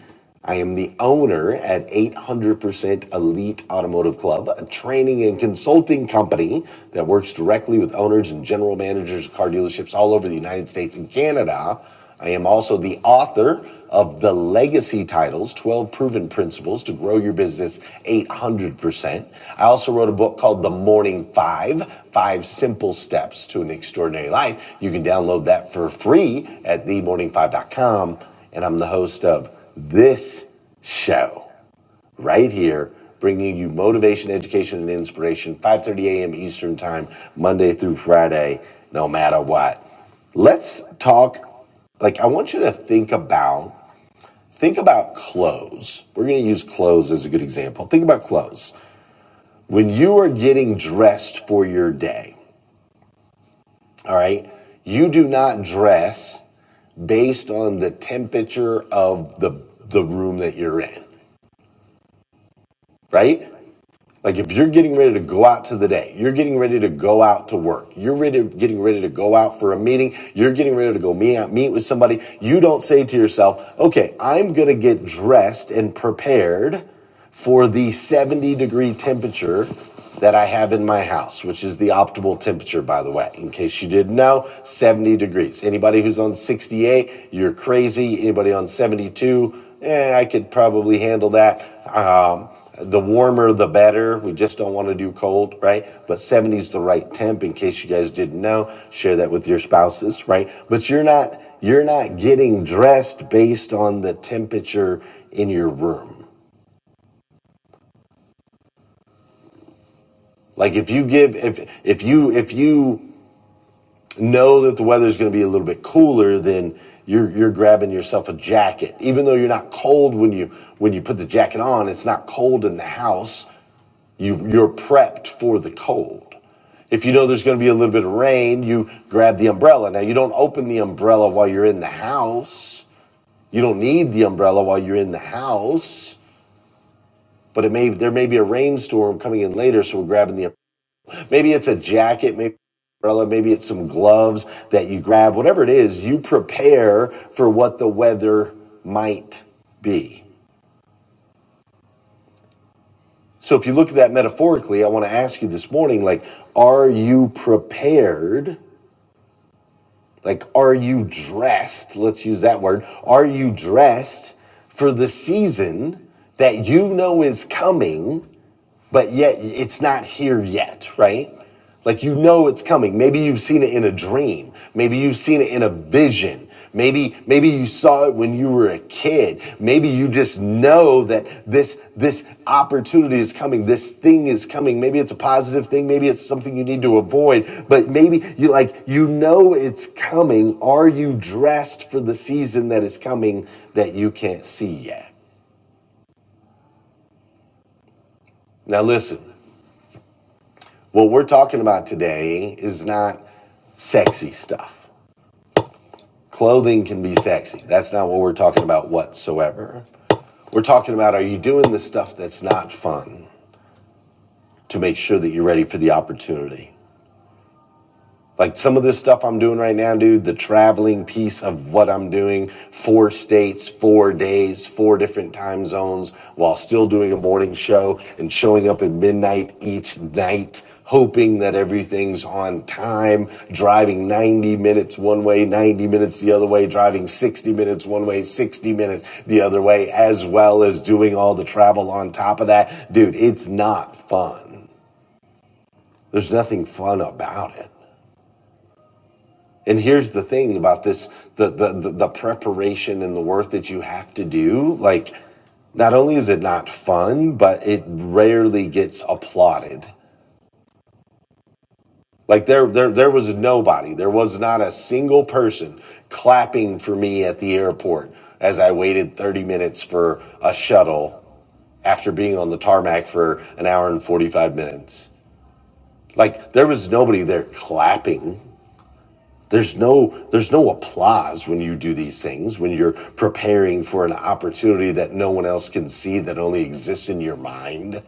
I am the owner at 800% Elite Automotive Club, a training and consulting company that works directly with owners and general managers of car dealerships all over the United States and Canada. I am also the author of the legacy titles 12 proven principles to grow your business 800% i also wrote a book called the morning five five simple steps to an extraordinary life you can download that for free at themorning5.com and I'm the host of this show right here, bringing you motivation, education, and inspiration, 5:30 a.m. Eastern Time, Monday through Friday, no matter what. Let's talk. Like, I want you to think about think about clothes. We're going to use clothes as a good example. Think about clothes. When you are getting dressed for your day, all right, you do not dress based on the temperature of the the room that you're in. right? Like if you're getting ready to go out to the day, you're getting ready to go out to work, you're ready, getting ready to go out for a meeting, you're getting ready to go meet out, meet with somebody. You don't say to yourself, "Okay, I'm going to get dressed and prepared for the 70 degree temperature that I have in my house, which is the optimal temperature, by the way. In case you didn't know, 70 degrees. Anybody who's on 68, you're crazy. Anybody on 72, eh, I could probably handle that. Um, the warmer, the better. We just don't want to do cold, right? But 70 is the right temp. In case you guys didn't know, share that with your spouses, right? But you're not you're not getting dressed based on the temperature in your room. Like if you give if if you if you know that the weather is going to be a little bit cooler, then you're you're grabbing yourself a jacket, even though you're not cold when you when you put the jacket on. It's not cold in the house You, you're prepped for the cold. If you know there's going to be a little bit of rain, you grab the umbrella. Now, you don't open the umbrella while you're in the house. You don't need the umbrella while you're in the house, but it may there may be a rainstorm coming in later, so we're grabbing the umbrella. maybe it's a jacket, maybe umbrella, maybe it's some gloves that you grab. Whatever it is, you prepare for what the weather might be. So if you look at that metaphorically, I want to ask you this morning like are you prepared? Like, are you dressed? Let's use that word. Are you dressed for the season that you know is coming? but yet it's not here yet, right? Like you know it's coming. Maybe you've seen it in a dream. Maybe you've seen it in a vision. Maybe maybe you saw it when you were a kid. Maybe you just know that this this opportunity is coming. This thing is coming. Maybe it's a positive thing. Maybe it's something you need to avoid. But maybe you like you know it's coming. Are you dressed for the season that is coming that you can't see yet? Now listen. What we're talking about today is not sexy stuff. Clothing can be sexy. That's not what we're talking about whatsoever. We're talking about are you doing the stuff that's not fun to make sure that you're ready for the opportunity? Like some of this stuff I'm doing right now, dude, the traveling piece of what I'm doing, four states, four days, four different time zones, while still doing a morning show and showing up at midnight each night, hoping that everything's on time, driving 90 minutes one way, 90 minutes the other way, driving 60 minutes one way, 60 minutes the other way, as well as doing all the travel on top of that. Dude, it's not fun. There's nothing fun about it. And here's the thing about this the, the the the preparation and the work that you have to do, like not only is it not fun, but it rarely gets applauded. Like there there there was nobody, there was not a single person clapping for me at the airport as I waited 30 minutes for a shuttle after being on the tarmac for an hour and 45 minutes. Like there was nobody there clapping. There's no there's no applause when you do these things, when you're preparing for an opportunity that no one else can see that only exists in your mind.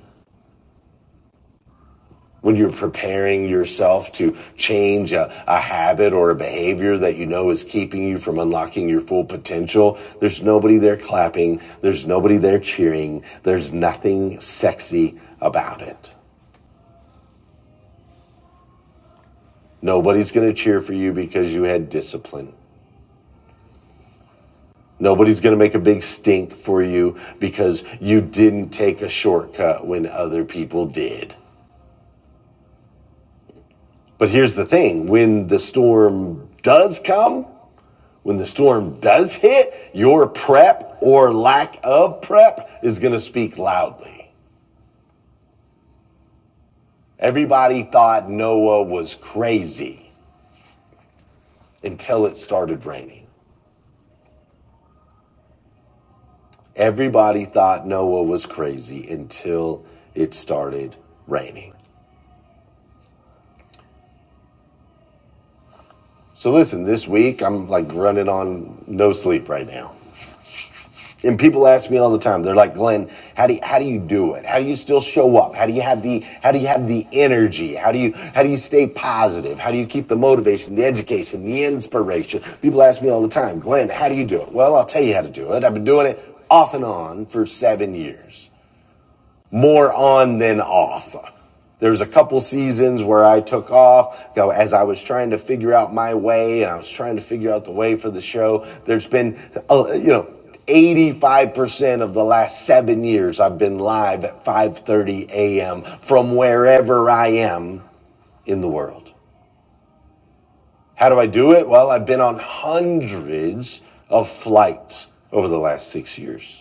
When you're preparing yourself to change a, a habit or a behavior that you know is keeping you from unlocking your full potential, there's nobody there clapping, there's nobody there cheering, there's nothing sexy about it. Nobody's gonna cheer for you because you had discipline. Nobody's going to make a big stink for you because you didn't take a shortcut when other people did. But here's the thing when the storm does come, when the storm does hit, your prep or lack of prep is going to speak loudly. Everybody thought Noah was crazy until it started raining. Everybody thought Noah was crazy until it started raining. So listen, this week I'm like running on no sleep right now. And people ask me all the time. They're like, "Glenn, how do you, how do you do it? How do you still show up? How do you have the how do you have the energy? How do you how do you stay positive? How do you keep the motivation, the education, the inspiration?" People ask me all the time, "Glenn, how do you do it?" Well, I'll tell you how to do it. I've been doing it off and on for 7 years more on than off. There's a couple seasons where I took off go, as I was trying to figure out my way and I was trying to figure out the way for the show. There's been, uh, you know, 85% of the last seven years I've been live at 5.30 a.m. from wherever I am in the world. How do I do it? Well, I've been on hundreds of flights over the last six years.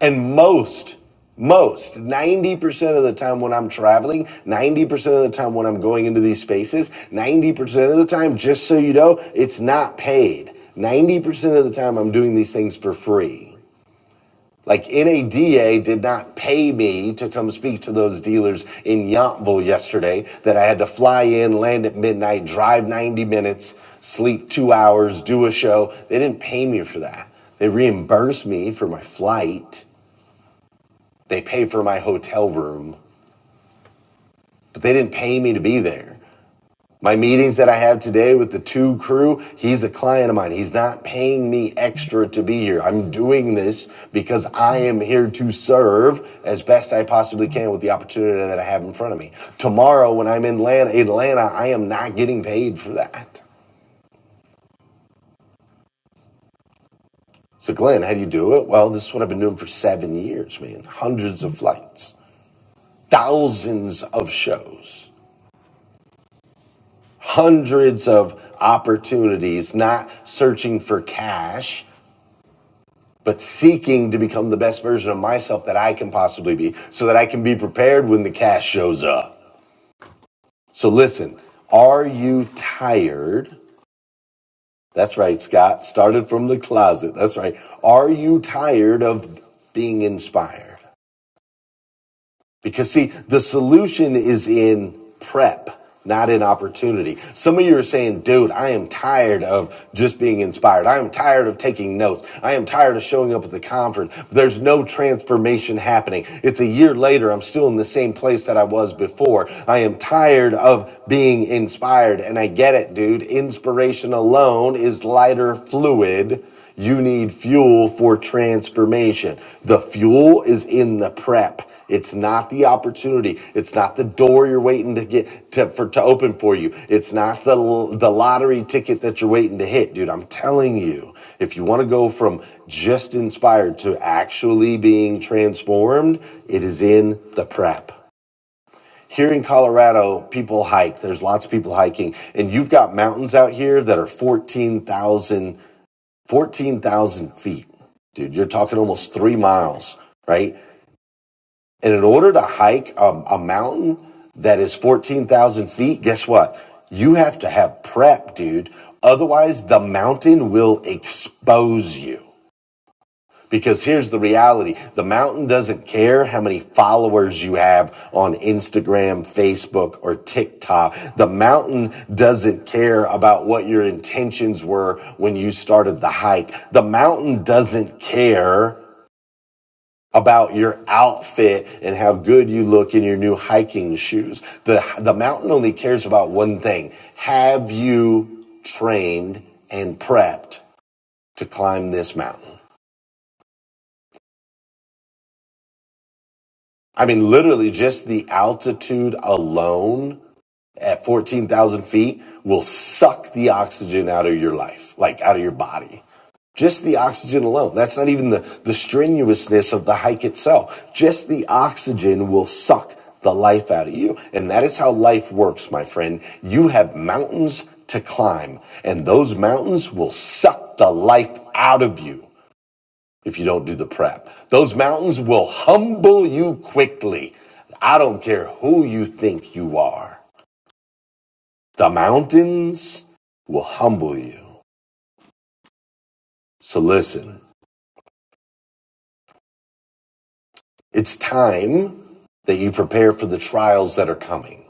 And most, most, 90% of the time when I'm traveling, 90% of the time when I'm going into these spaces, 90% of the time, just so you know, it's not paid. 90% of the time I'm doing these things for free. Like NADA did not pay me to come speak to those dealers in Yountville yesterday that I had to fly in, land at midnight, drive 90 minutes, sleep two hours, do a show. They didn't pay me for that. They reimbursed me for my flight they pay for my hotel room, but they didn't pay me to be there. My meetings that I have today with the two crew, he's a client of mine. He's not paying me extra to be here. I'm doing this because I am here to serve as best I possibly can with the opportunity that I have in front of me. Tomorrow, when I'm in Atlanta, Atlanta I am not getting paid for that. So, Glenn, how do you do it? Well, this is what I've been doing for seven years, man. Hundreds of flights, thousands of shows. hundreds of opportunities, not searching for cash, but seeking to become the best version of myself that I can possibly be so that I can be prepared when the cash shows up. So listen, are you tired? That's right, Scott. Started from the closet. That's right. Are you tired of being inspired? Because, see, the solution is in prep, not in opportunity. Some of you are saying, dude, I am tired of just being inspired. I am tired of taking notes. I am tired of showing up at the conference. There's no transformation happening. It's a year later. I'm still in the same place that I was before. I am tired of being inspired. And I get it, dude. Inspiration alone is lighter fluid you need fuel for transformation. The fuel is in the prep. It's not the opportunity. It's not the door you're waiting to get to for to open for you. It's not the the lottery ticket that you're waiting to hit, dude. I'm telling you. If you want to go from just inspired to actually being transformed, it is in the prep here in Colorado, people hike. There's lots of people hiking, and you've got mountains out here that are 14,000 14,000 feet, dude. You're talking almost three miles, right? And in order to hike um, a mountain that is 14,000 feet, guess what? You have to have prep, dude. Otherwise, the mountain will expose you. Because here's the reality the mountain doesn't care how many followers you have on Instagram, Facebook, or TikTok. The mountain doesn't care about what your intentions were when you started the hike. The mountain doesn't care about your outfit and how good you look in your new hiking shoes. The, the mountain only cares about one thing. Have you trained and prepped to climb this mountain? I mean, literally, just the altitude alone at 14,000 feet will suck the oxygen out of your life, like out of your body. Just the oxygen alone. That's not even the, the strenuousness of the hike itself. Just the oxygen will suck the life out of you. And that is how life works, my friend. You have mountains to climb, and those mountains will suck the life out of you if you don't do the prep. Those mountains will humble you quickly. I don't care who you think you are. The mountains will humble you. So listen, it's time that you prepare for the trials that are coming.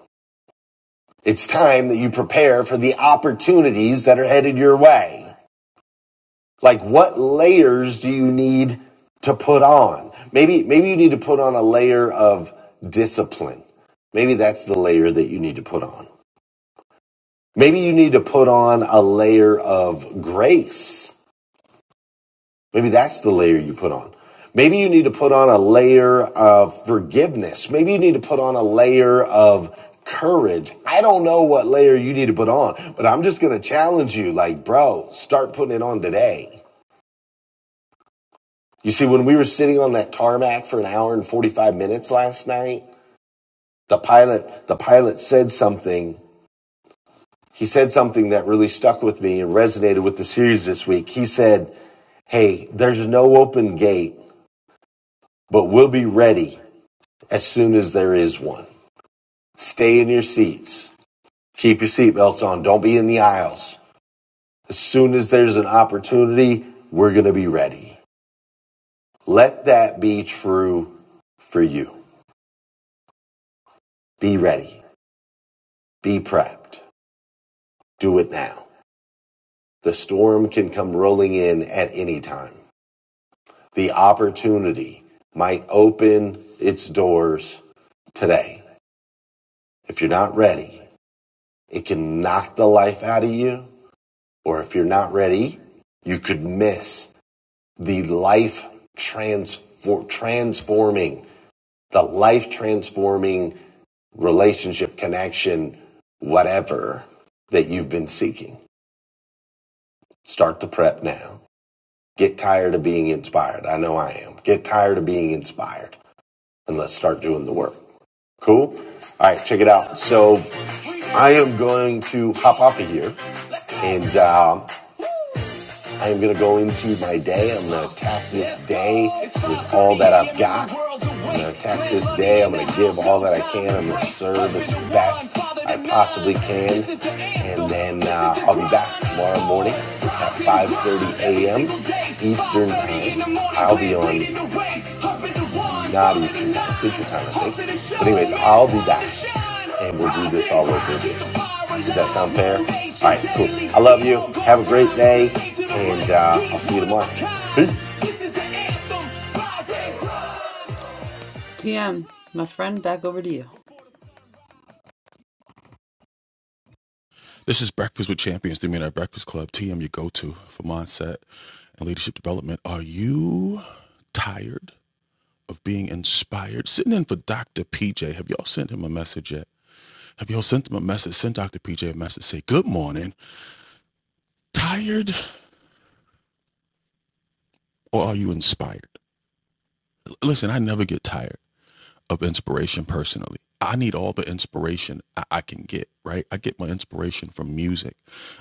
It's time that you prepare for the opportunities that are headed your way. Like what layers do you need to put on? Maybe maybe you need to put on a layer of discipline. Maybe that's the layer that you need to put on. Maybe you need to put on a layer of grace. Maybe that's the layer you put on. Maybe you need to put on a layer of forgiveness. Maybe you need to put on a layer of courage. I don't know what layer you need to put on, but I'm just going to challenge you like, bro, start putting it on today. You see, when we were sitting on that tarmac for an hour and 45 minutes last night, the pilot, the pilot said something. He said something that really stuck with me and resonated with the series this week. He said, Hey, there's no open gate, but we'll be ready as soon as there is one. Stay in your seats. Keep your seatbelts on. Don't be in the aisles. As soon as there's an opportunity, we're going to be ready. Let that be true for you. Be ready. Be prepped. Do it now. The storm can come rolling in at any time. The opportunity might open its doors today. If you're not ready, It can knock the life out of you, or if you're not ready, you could miss the life transfor- transforming, the life transforming relationship connection, whatever that you've been seeking. Start the prep now. Get tired of being inspired. I know I am. Get tired of being inspired and let's start doing the work. Cool? All right, check it out. So I am going to hop off of here and. um, I am going to go into my day. I'm going to attack this day with all that I've got. I'm going to attack this day. I'm going to give all that I can. I'm going to serve as best I possibly can. And then uh, I'll be back tomorrow morning at 5.30 a.m. Eastern Time. I'll be on not easy. That's teacher time, I think. But anyways, I'll be back and we'll do this all over again. Does that sound fair? All right, cool. I love you. Have a great day, and uh, I'll see you tomorrow. Peace. PM, my friend, back over to
This is Breakfast with Champions, the Midnight Breakfast Club. TM, your go to for mindset and leadership development. Are you tired of being inspired? Sitting in for Dr. PJ. Have y'all sent him a message yet? Have y'all sent him a message? Send Dr. PJ a message. Say, Good morning. Tired or are you inspired? Listen, I never get tired. of inspiration personally. I need all the inspiration I, I can get, right? I get my inspiration from music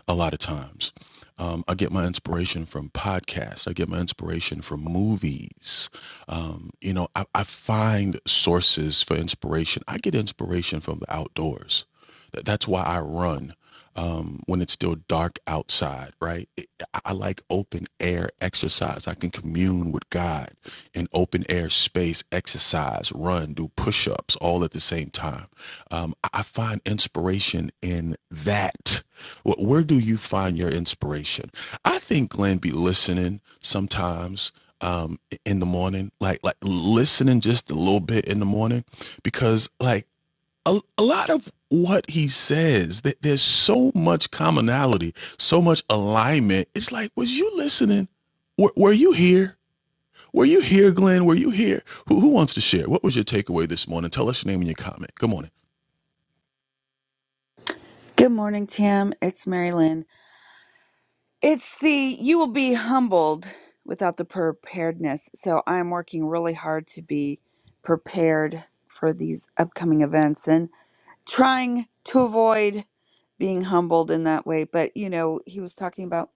a lot of times. Um, I get my inspiration from podcasts. I get my inspiration from movies. Um, you know, I, I find sources for inspiration. I get inspiration from the outdoors. Th- That's why I run um, when it's still dark outside, right? It, I I like open air exercise. I can commune with God in open air space, exercise, run, do push ups all at the same time. Um, I find inspiration in that. Where do you find your inspiration? I think Glenn be listening sometimes um, in the morning, like like listening just a little bit in the morning, because like a, a lot of what he says, that there's so much commonality, so much alignment. It's like, was you listening? Were, were you here? Were you here, Glenn? Were you here? Who, who wants to share? What was your takeaway this morning? Tell us your name and your comment. Good morning.
Good morning, Tam. It's Mary Lynn. It's the you will be humbled without the preparedness. So I'm working really hard to be prepared for these upcoming events and trying to avoid being humbled in that way. But you know, he was talking about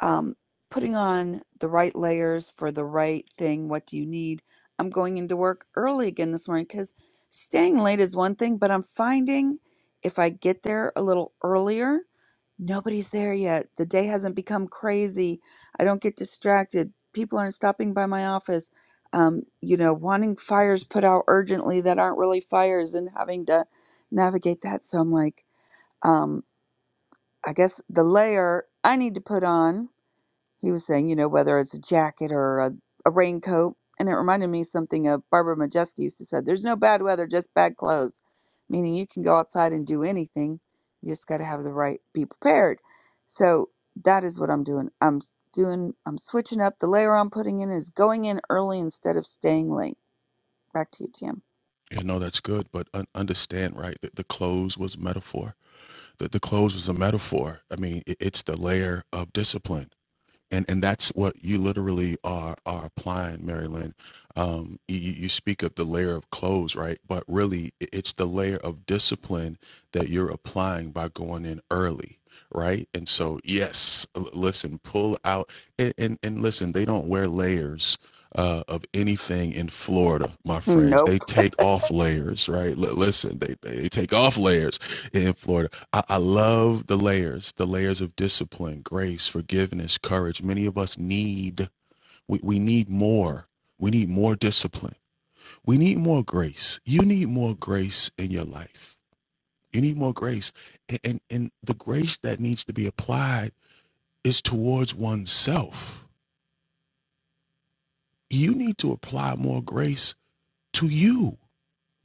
um, putting on the right layers for the right thing. What do you need? I'm going into work early again this morning because staying late is one thing, but I'm finding if I get there a little earlier, nobody's there yet. The day hasn't become crazy. I don't get distracted. People aren't stopping by my office. Um, you know, wanting fires put out urgently that aren't really fires and having to navigate that. So I'm like, um, I guess the layer I need to put on he was saying, you know, whether it's a jacket or a, a raincoat. And it reminded me something of Barbara Majeski used to say, there's no bad weather, just bad clothes. Meaning you can go outside and do anything. You just got to have the right, be prepared. So that is what I'm doing. I'm doing, I'm switching up. The layer I'm putting in is going in early instead of staying late. Back to you, Tim.
You know that's good, but un- understand, right, that the clothes was a metaphor. That the clothes was a metaphor. I mean, it, it's the layer of discipline. and and that's what you literally are are applying marilyn um you, you speak of the layer of clothes right but really it's the layer of discipline that you're applying by going in early right and so yes listen pull out and and, and listen they don't wear layers uh, of anything in Florida, my friends, they
Nope.
take off layers, right? L- listen, they they take off layers in Florida I, I love the layers, the layers of discipline, grace, forgiveness, courage. Many of us need, we, we need more. We need more discipline. We need more grace. You need more grace in your life. You need more grace. And, and, and the grace that needs to be applied is towards oneself. You need to apply more grace to you.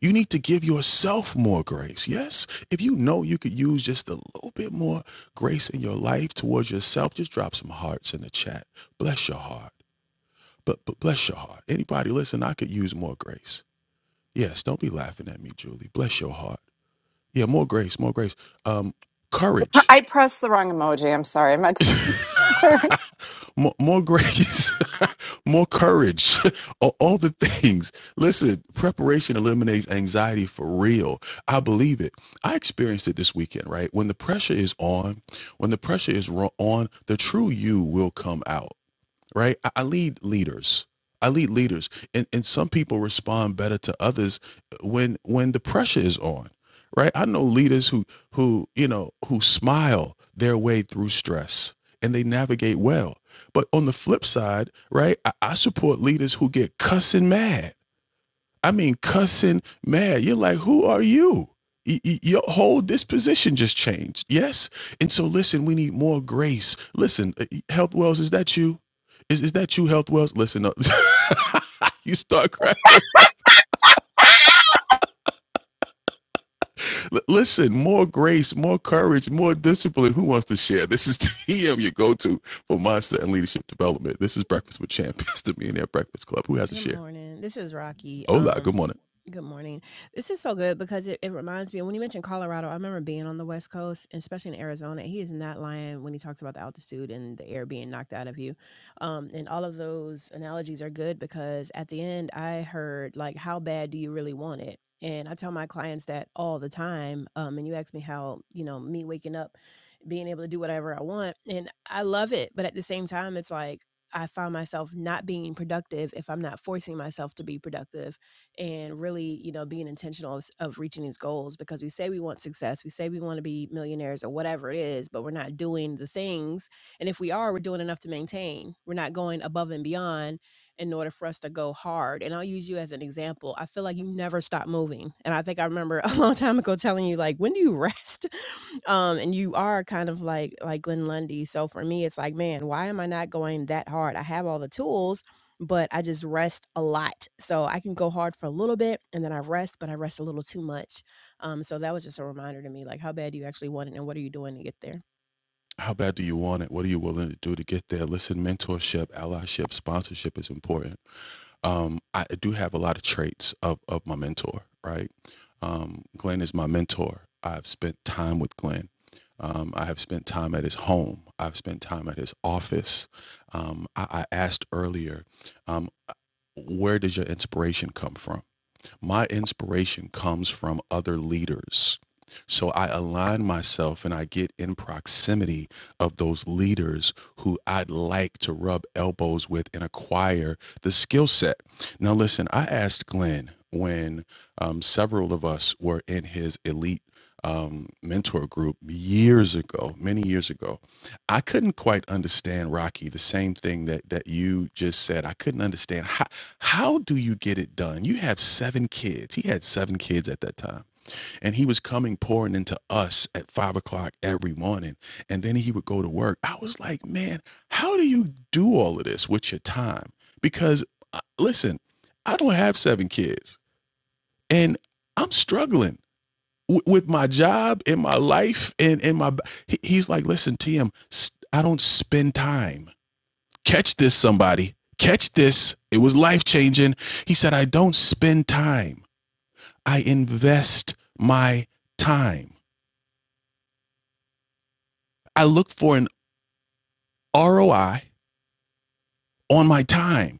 You need to give yourself more grace. Yes. If you know you could use just a little bit more grace in your life towards yourself, just drop some hearts in the chat. Bless your heart. But, but bless your heart. Anybody listen, I could use more grace. Yes, don't be laughing at me, Julie. Bless your heart. Yeah, more grace, more grace. Um, courage
I pressed the wrong emoji. I'm sorry. I meant to.
more, more grace, more courage, all, all the things. Listen, preparation eliminates anxiety for real. I believe it. I experienced it this weekend, right? When the pressure is on, when the pressure is ro- on, the true you will come out right? I, I lead leaders. I lead leaders, and and some people respond better to others when when the pressure is on, right? I know leaders who who you know who smile their way through stress and they navigate well. But on the flip side, right? I, I support leaders who get cussing mad I mean, cussing mad. You're like, who are you? Y- y- Your whole disposition just changed. Yes. And so, listen, we need more grace. Listen, uh, Health Wells, is that you? Is, is that you, Health Wells? Listen up. you start crying. Up. L- listen, more grace, more courage, more discipline. Who wants to share? This is TM, your go to for mindset and leadership development. This is Breakfast with Champions, the Millionaire Breakfast Club. Who has a
Good
share?
morning. This is Rocky.
Hola,
Um.
good morning.
Good morning. This is so good because it, it reminds me when you mentioned Colorado, I remember being on the West Coast, and especially in Arizona. He is not lying when he talks about the altitude and the air being knocked out of you. Um, and all of those analogies are good because at the end, I heard, like, how bad do you really want it? And I tell my clients that all the time. Um, and you ask me how, you know, me waking up being able to do whatever I want, and I love it, but at the same time, it's like I find myself not being productive if I'm not forcing myself to be productive and really, you know, being intentional of, s- of reaching these goals because we say we want success, we say we want to be millionaires or whatever it is, but we're not doing the things. And if we are, we're doing enough to maintain. We're not going above and beyond in order to go hard. And I'll use you as an example. I feel like you never stop moving. And I think I remember a long time ago telling you, like, when do you rest? Um, and you are kind of like like Glenn Lundy. So for me, it's like, man, why am I not going that hard? I have all the tools, but I just rest a lot. So I can go hard for a little bit and then I rest, but I rest a little too much. Um, so that was just a reminder to me, like how bad do you actually want it and what are you doing to get there?
How bad do you want it? What are you willing to do to get there? Listen, mentorship, allyship, sponsorship is important. Um, I do have a lot of traits of, of my mentor, right? Um, Glenn is my mentor. I've spent time with Glenn. Um, I have spent time at his home. I've spent time at his office. Um, I, I asked earlier, um, where does your inspiration come from? My inspiration comes from other leaders. So I align myself and I get in proximity of those leaders who I'd like to rub elbows with and acquire the skill set. Now, listen, I asked Glenn when um, several of us were in his elite um, mentor group years ago, many years ago. I couldn't quite understand Rocky, the same thing that that you just said. I couldn't understand. how. How do you get it done? You have seven kids. He had seven kids at that time. And he was coming pouring into us at five o'clock every morning. And then he would go to work. I was like, man, how do you do all of this with your time? Because uh, listen, I don't have seven kids and I'm struggling w- with my job and my life and, and my. He, he's like, listen, TM, I I don't spend time. Catch this, somebody. Catch this. It was life changing. He said, I don't spend time, I invest my time. I look for an ROI on my time.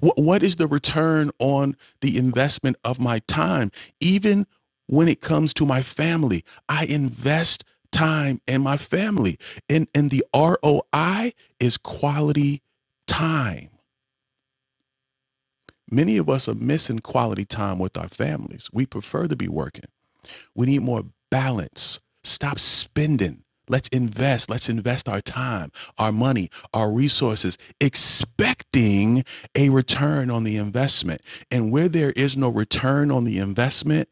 What, what is the return on the investment of my time? Even when it comes to my family, I invest time in my family. And, and the ROI is quality time. Many of us are missing quality time with our families. We prefer to be working. We need more balance. Stop spending. Let's invest. Let's invest our time, our money, our resources, expecting a return on the investment. And where there is no return on the investment,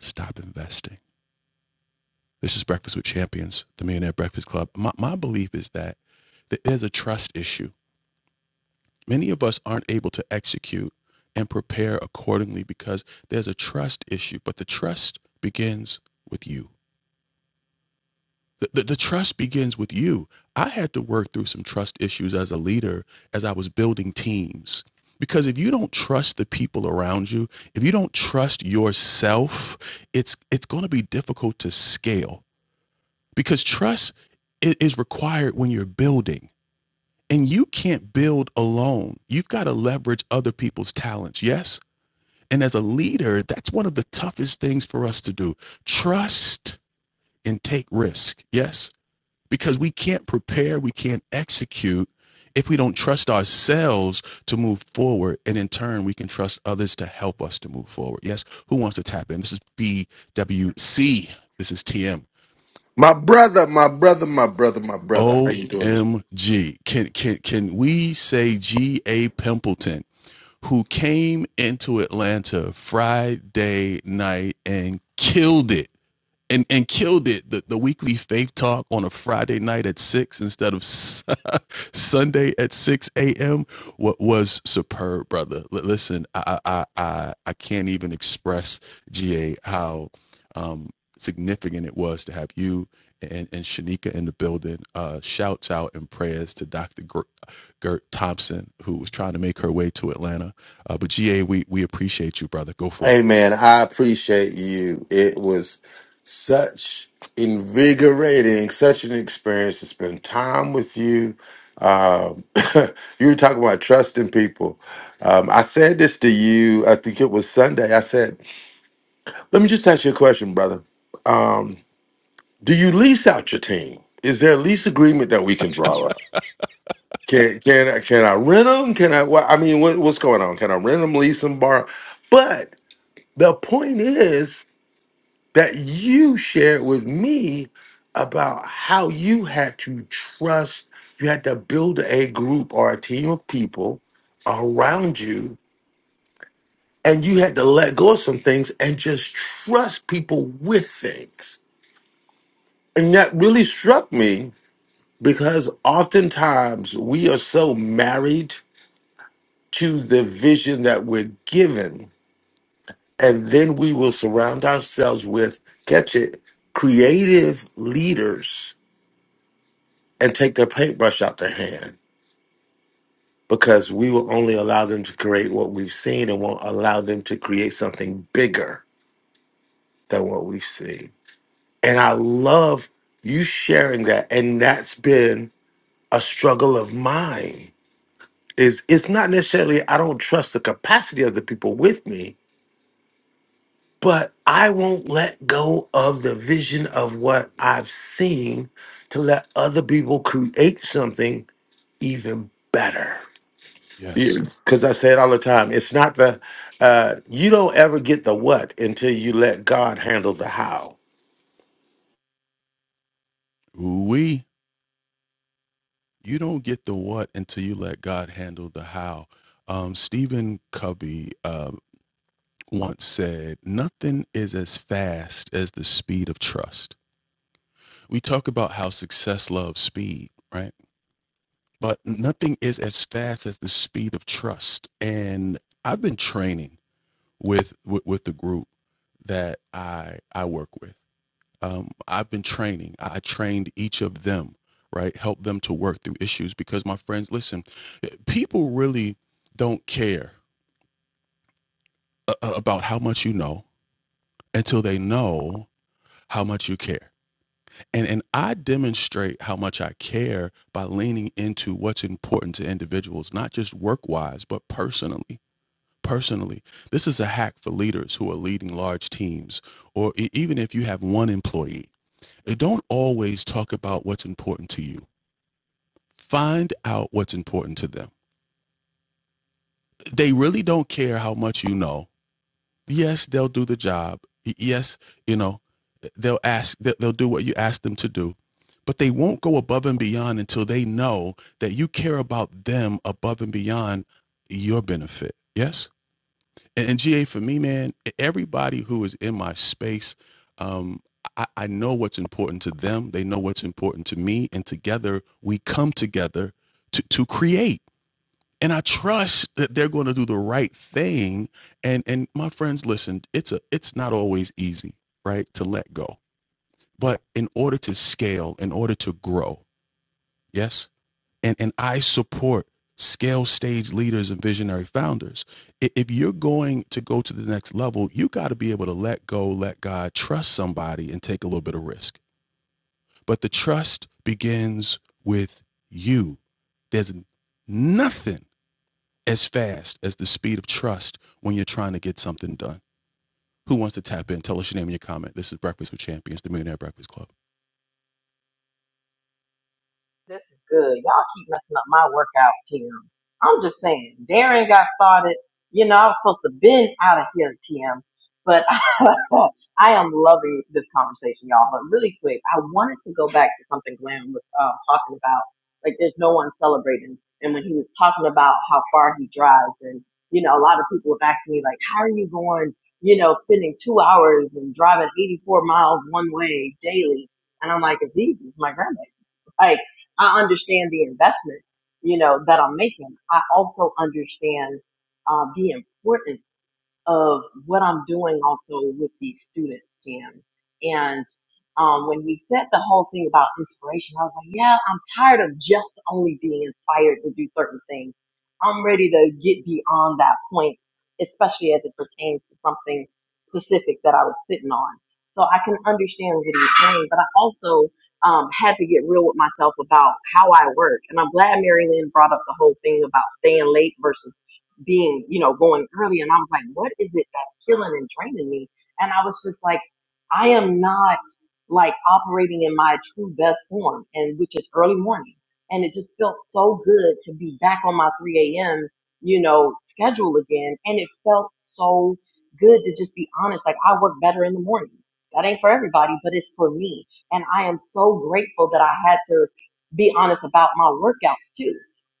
stop investing. This is Breakfast with Champions, the Millionaire Breakfast Club. My, my belief is that there's a trust issue. Many of us aren't able to execute and prepare accordingly because there's a trust issue, but the trust begins with you. The, the, the trust begins with you. I had to work through some trust issues as a leader as I was building teams. Because if you don't trust the people around you, if you don't trust yourself, it's it's going to be difficult to scale. Because trust i- is required when you're building, and you can't build alone. You've got to leverage other people's talents. Yes, and as a leader, that's one of the toughest things for us to do. Trust and take risk. Yes because we can't prepare, we can't execute if we don't trust ourselves to move forward. And in turn, we can trust others to help us to move forward. Yes, who wants to tap in? This is BWC. This is T M
My brother, my brother, my brother, my brother.
O
How
M G.
you doing this?
Can can can we say G.A. Pimpleton, who came into Atlanta Friday night and killed it? and and killed it the, the weekly faith talk on a friday night at 6 instead of s- sunday at 6 a.m what was superb brother Li- listen i i i, I I can't even express ga how um significant it was to have you and, and Shanika in the building. Uh, shouts out and prayers to Dr. Gr- Gert Thompson, who was trying to make her way to Atlanta. Uh, but GA, we, we appreciate you, brother. Go for it.
Hey man, I appreciate you. It was such invigorating, such an experience to spend time with you. Um, you were talking about trusting people. Um, I said this to you, I think it was Sunday. I said, let me just ask you a question, brother. Um, do you lease out your team? Is there a lease agreement that we can draw up? Can can I can I rent them? Can I? What, I mean, what, what's going on? Can I rent them, lease them, borrow? But the point is that you shared with me about how you had to trust. You had to build a group or a team of people around you, and you had to let go of some things and just trust people with things. And that really struck me because oftentimes we are so married to the vision that we're given. And then we will surround ourselves with, catch it, creative leaders and take their paintbrush out their hand because we will only allow them to create what we've seen and won't allow them to create something bigger than what we've seen. And I love you sharing that. And that's been a struggle of mine is it's not necessarily I don't trust the capacity of the people with me but I won't let go of the vision of what I've seen to let other people create something even better.
Yes.
Because I say it all the time. It's not the, uh, you don't ever get the what until you let God handle the how.
We you don't get the what until you let God handle the how. Um, Stephen Covey uh, once said, "Nothing is as fast as the speed of trust." We talk about how success loves speed, right? But nothing is as fast as the speed of trust. And I've been training with with, with the group that I I work with. um, I've been training. I trained each of them, right? Help them to work through issues because my friends, listen, eh, people really don't care uh, uh, about how much you know until they know how much you care. And and I demonstrate how much I care by leaning into what's important to individuals, not just work-wise, but personally. Personally, this is a hack for leaders who are leading large teams, or e- even if you have one employee. Eh, Don't always talk about what's important to you Find out what's important to them. They really don't care how much you know. Yes, they'll do the job. Yes, you know, they'll ask, they- will do what you ask them to do, but they won't go above and beyond until they know that you care about them above and beyond your benefit. Yes. And, and GA for me, man, e- everybody who is in my space, um, I, I know what's important to them. They know what's important to me. And together we come together to, to create. and I trust that they're going to do the right thing. And and my friends, listen, it's a it's not always easy, right, to let go. But in order to scale, in order to grow, yes, and and I support scale stage leaders and visionary founders. I- If you're going to go to the next level, you got to be able to let go, let God, trust somebody, and take a little bit of risk. But the trust begins with you. There's nothing as fast as the speed of trust when you're trying to get something done. Who wants to tap in? Tell us your name and your comment. This is Breakfast with Champions, the Millionaire Breakfast Club.
This is good. Y'all keep messing up my workout, TM. I'm just saying, Darren got started. You know, I was supposed to been out of here, TM. But I am loving this conversation, y'all. But really quick, I wanted to go back to something Glenn was uh, talking about. Like, there's no one celebrating. And when he was talking about how far he drives, and, you know, a lot of people have asked me, like, how are you going, you know, spending two hours and driving 84 miles one way daily? And I'm like, it's easy. It's my grandma. I understand the investment, you know, that I'm making. I also understand uh, the importance of what I'm doing also with these students, Tim. And um, when we said the whole thing about inspiration, I was like, yeah, I'm tired of just only being inspired to do certain things. I'm ready to get beyond that point, especially as it pertains to something specific that I was sitting on. So I can understand what he's saying, but I also um, had to get real with myself about how I work. And I'm glad Mary Lynn brought up the whole thing about staying late versus being, you know, going early. And I was like, what is it that's killing and draining me? And I was just like, I am not like operating in my true best form, and which is early morning. And it just felt so good to be back on my 3 a.m., you know, schedule again. And it felt so good to just be honest. Like, I work better in the morning. That ain't for everybody, but it's for me and I am so grateful that I had to be honest about my workouts too.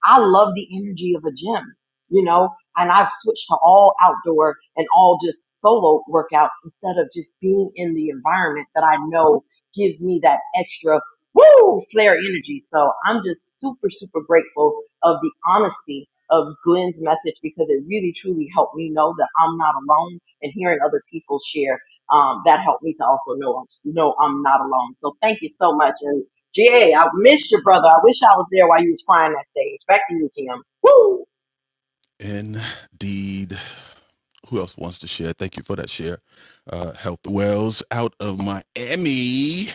I love the energy of a gym, you know, and I've switched to all outdoor and all just solo workouts instead of just being in the environment that I know gives me that extra woo flare energy. So I'm just super, super grateful of the honesty of Glenn's message because it really truly helped me know that I'm not alone and hearing other people share um, that helped me to also know I'm, know I'm not alone. So thank you so much. And GA, I missed your brother. I wish I was there while you was crying that stage. Back to you, Tim. Woo!
Indeed. Who else wants to share? Thank you for that share. Uh, Health Wells out of Miami.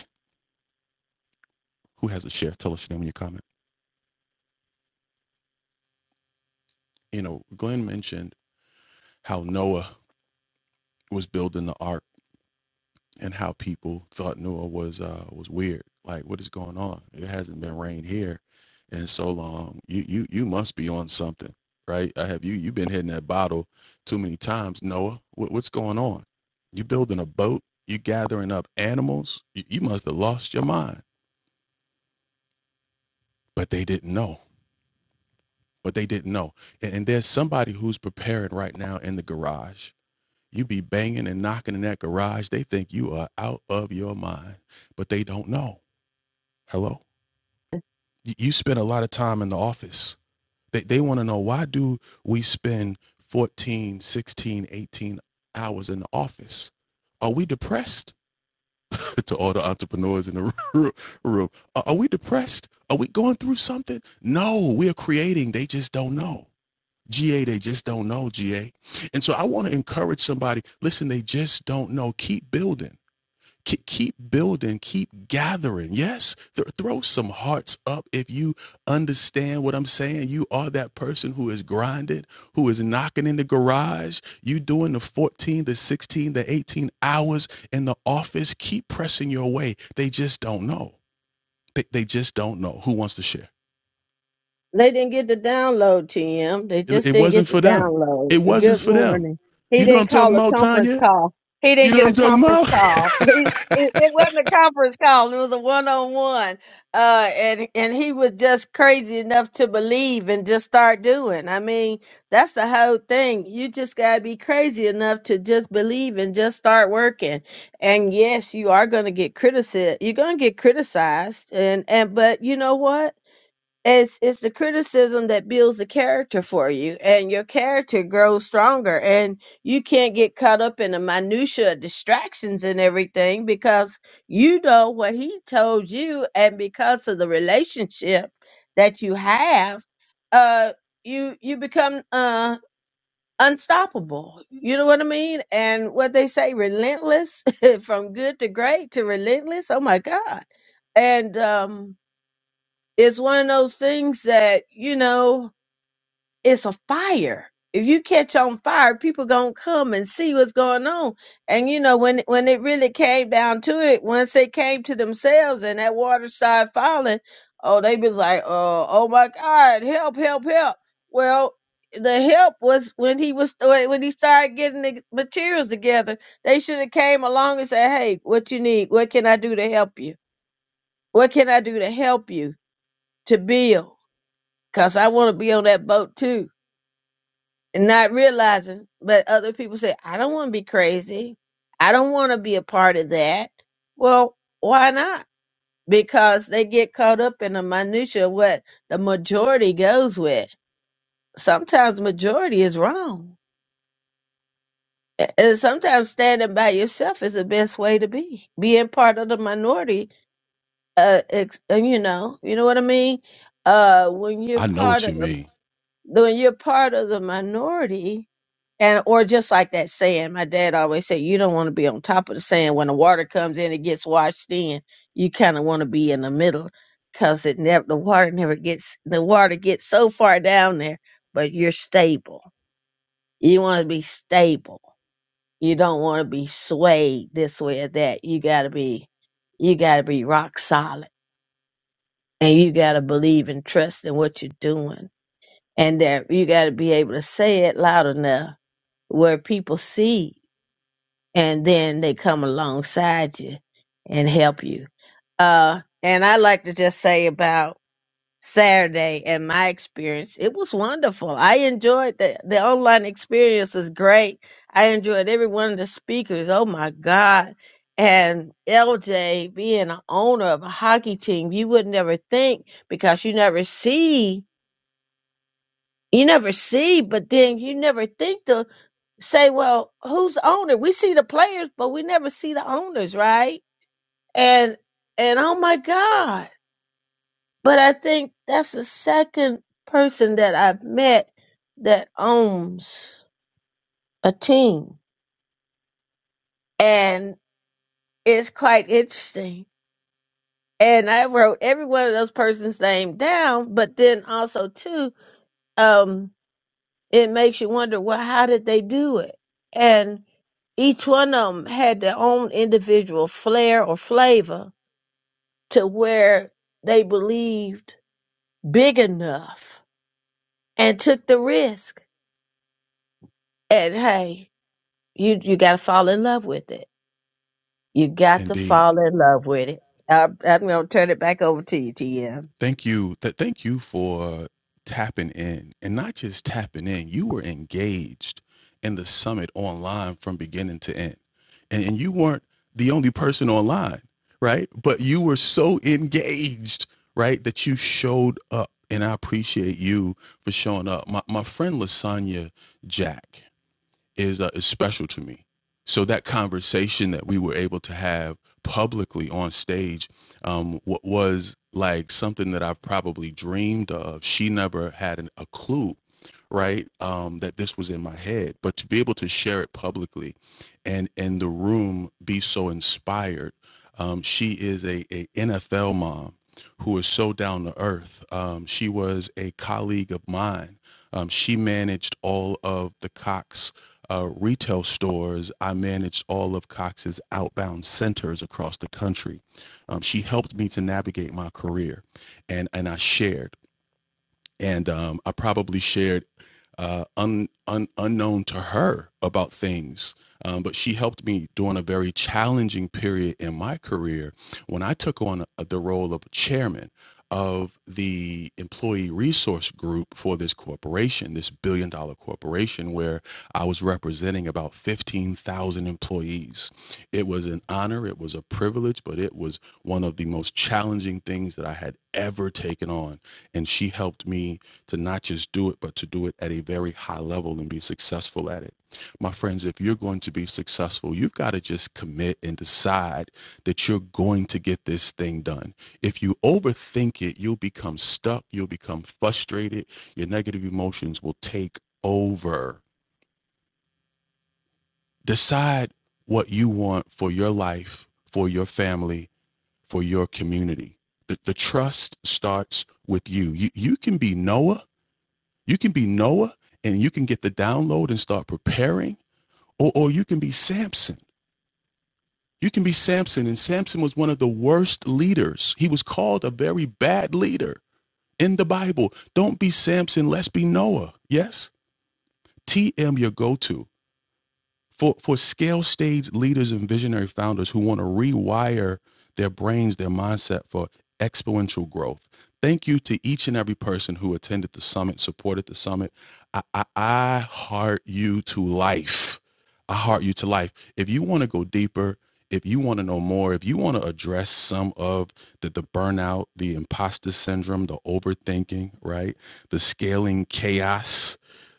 Who has a share? Tell us your name and your comment. You know, Glenn mentioned how Noah was building the ark and how people thought Noah was uh was weird. Like, what is going on? It hasn't been rained here in so long. You you you must be on something, right? I have you you have been hitting that bottle too many times, Noah. What, what's going on? You building a boat? You gathering up animals? You, you must have lost your mind. But they didn't know. But they didn't know. And, and there's somebody who's preparing right now in the garage. You be banging and knocking in that garage. They think you are out of your mind, but they don't know. Hello y- you spend a lot of time in the office they, they want to know why do we spend 14, 16, 18 hours in the office are we depressed to all the entrepreneurs in the roo- room are are we depressed are we going through something no we are creating they just don't know ga they just don't know ga and so i want to encourage somebody listen they just don't know keep building Keep building, keep gathering. Yes, th- throw some hearts up if you understand what I'm saying. You are that person who is grinding, who is knocking in the garage. You doing the 14, the 16, the 18 hours in the office. Keep pressing your way. They just don't know. They, they just don't know who wants to share.
They didn't get the download, TM. They
It,
just
it
didn't
wasn't
get the
for them.
download.
It wasn't
Good
for them.
morning. He
You know what I'm
didn't
talking
call a
about,
conference
Tanya?
call. He
You
didn't
know
get a
what I'm talking
conference call.
about?
He, it it wasn't a conference call. It was a one-on-one. Uh, and, and he was just crazy enough to believe and just start doing. I mean, that's the whole thing. You just gotta be crazy enough to just believe and just start working. And yes, you are going to get criticized. You're going to get criticized. And, and, but you know what? It's it's the criticism that builds the character for you, and your character grows stronger, and you can't get caught up in the minutia of distractions and everything because you know what he told you, and because of the relationship that you have, uh, you you become uh unstoppable. You know what I mean? And what they say, relentless from good to great to relentless. Oh my God! And um it's one of those things that, you know, it's a fire. If you catch on fire, people gonna come and see what's going on. And you know, when when it really came down to it, once they came to themselves and that water started falling, oh, they was like, oh, oh my God, help, help, help. Well, the help was when he was when he started getting the materials together. They should have came along and said, "Hey, what you need? What can I do to help you? What can I do to help you to build?" Cause I want to be on that boat too. And not realizing, but other people say, I don't want to be crazy. I don't want to be a part of that. Well, why not? Because they get caught up in the minutia of what the majority goes with. Sometimes the majority is wrong. A- And sometimes standing by yourself is the best way to be. Being part of the minority, uh, ex- uh, you know, you know what I mean? Uh, when you're
I know
part
what you
of them.
mean.
When you're part of the minority, and or just like that saying, my dad always said, you don't want to be on top of the sand. When the water comes in, it gets washed in. You kind of want to be in the middle, cause it never the water never gets the water gets so far down there, but you're stable. You want to be stable. You don't want to be swayed this way or that. You gotta be, you gotta be rock solid, and you gotta believe and trust in what you're doing and that you got to be able to say it loud enough where people see and then they come alongside you and help you uh and i like to just say about saturday and my experience it was wonderful i enjoyed the the online experience was great i enjoyed every one of the speakers oh my god and LJ being an owner of a hockey team, you would never think because you never see you never see, but then you never think to say, well, who's the owner? We see the players, but we never see the owners, right? And and oh my God. But I think that's the second person that I've met that owns a team. And it's quite interesting. And I wrote every one of those persons' name down, but then also too, um, It makes you wonder, well, how did they do it? And each one of them had their own individual flair or flavor to where they believed big enough and took the risk. And hey, you you got to fall in love with it. You got to
Indeed.
fall in love with it. I, I'm going to turn it back over to you, TM.
Thank you. Th- thank you for tapping in and not just tapping in. You were engaged in the summit online from beginning to end. And, and you weren't the only person online, right? But you were so engaged, right, that you showed up. And I appreciate you for showing up. My, my friend Lasagna Jack, is uh, is special to me. So that conversation that we were able to have publicly on stage um, wa- was like something that I've probably dreamed of. She never had an, a clue, right? Um, that this was in my head, but to be able to share it publicly, and and the room be so inspired. Um, she is a, a NFL mom who is so down to earth. Um, she was a colleague of mine. Um, she managed all of the Cox uh, retail stores, I managed all of Cox's outbound centers across the country. Um, she helped me to navigate my career, and and I shared and um, I probably shared uh, un, un, unknown to her about things. Um, but she helped me during a very challenging period in my career when I took on a, the role of chairman of the employee resource group for this corporation, this billion dollar corporation, where I was representing about 15,000 employees. It was an honor, it was a privilege, but it was one of the most challenging things that I had ever taken on and she helped me to not just do it but to do it at a very high level and be successful at it my friends if you're going to be successful you've got to just commit and decide that you're going to get this thing done if you overthink it you'll become stuck you'll become frustrated your negative emotions will take over decide what you want for your life for your family for your community the, the trust starts with you. you you can be noah You can be Noah and you can get the download and start preparing, or, or you can be Samson. You can be Samson, and Samson was one of the worst leaders. He was called a very bad leader in the Bible. Don't be Samson, let's be Noah. Yes? TM your go to. for for scale stage leaders and visionary founders who want to rewire their brains their mindset for exponential growth thank you to each and every person who attended the summit supported the summit i i, I heart you to life i heart you to life if you want to go deeper if you want to know more if you want to address some of the, the burnout the imposter syndrome the overthinking right the scaling chaos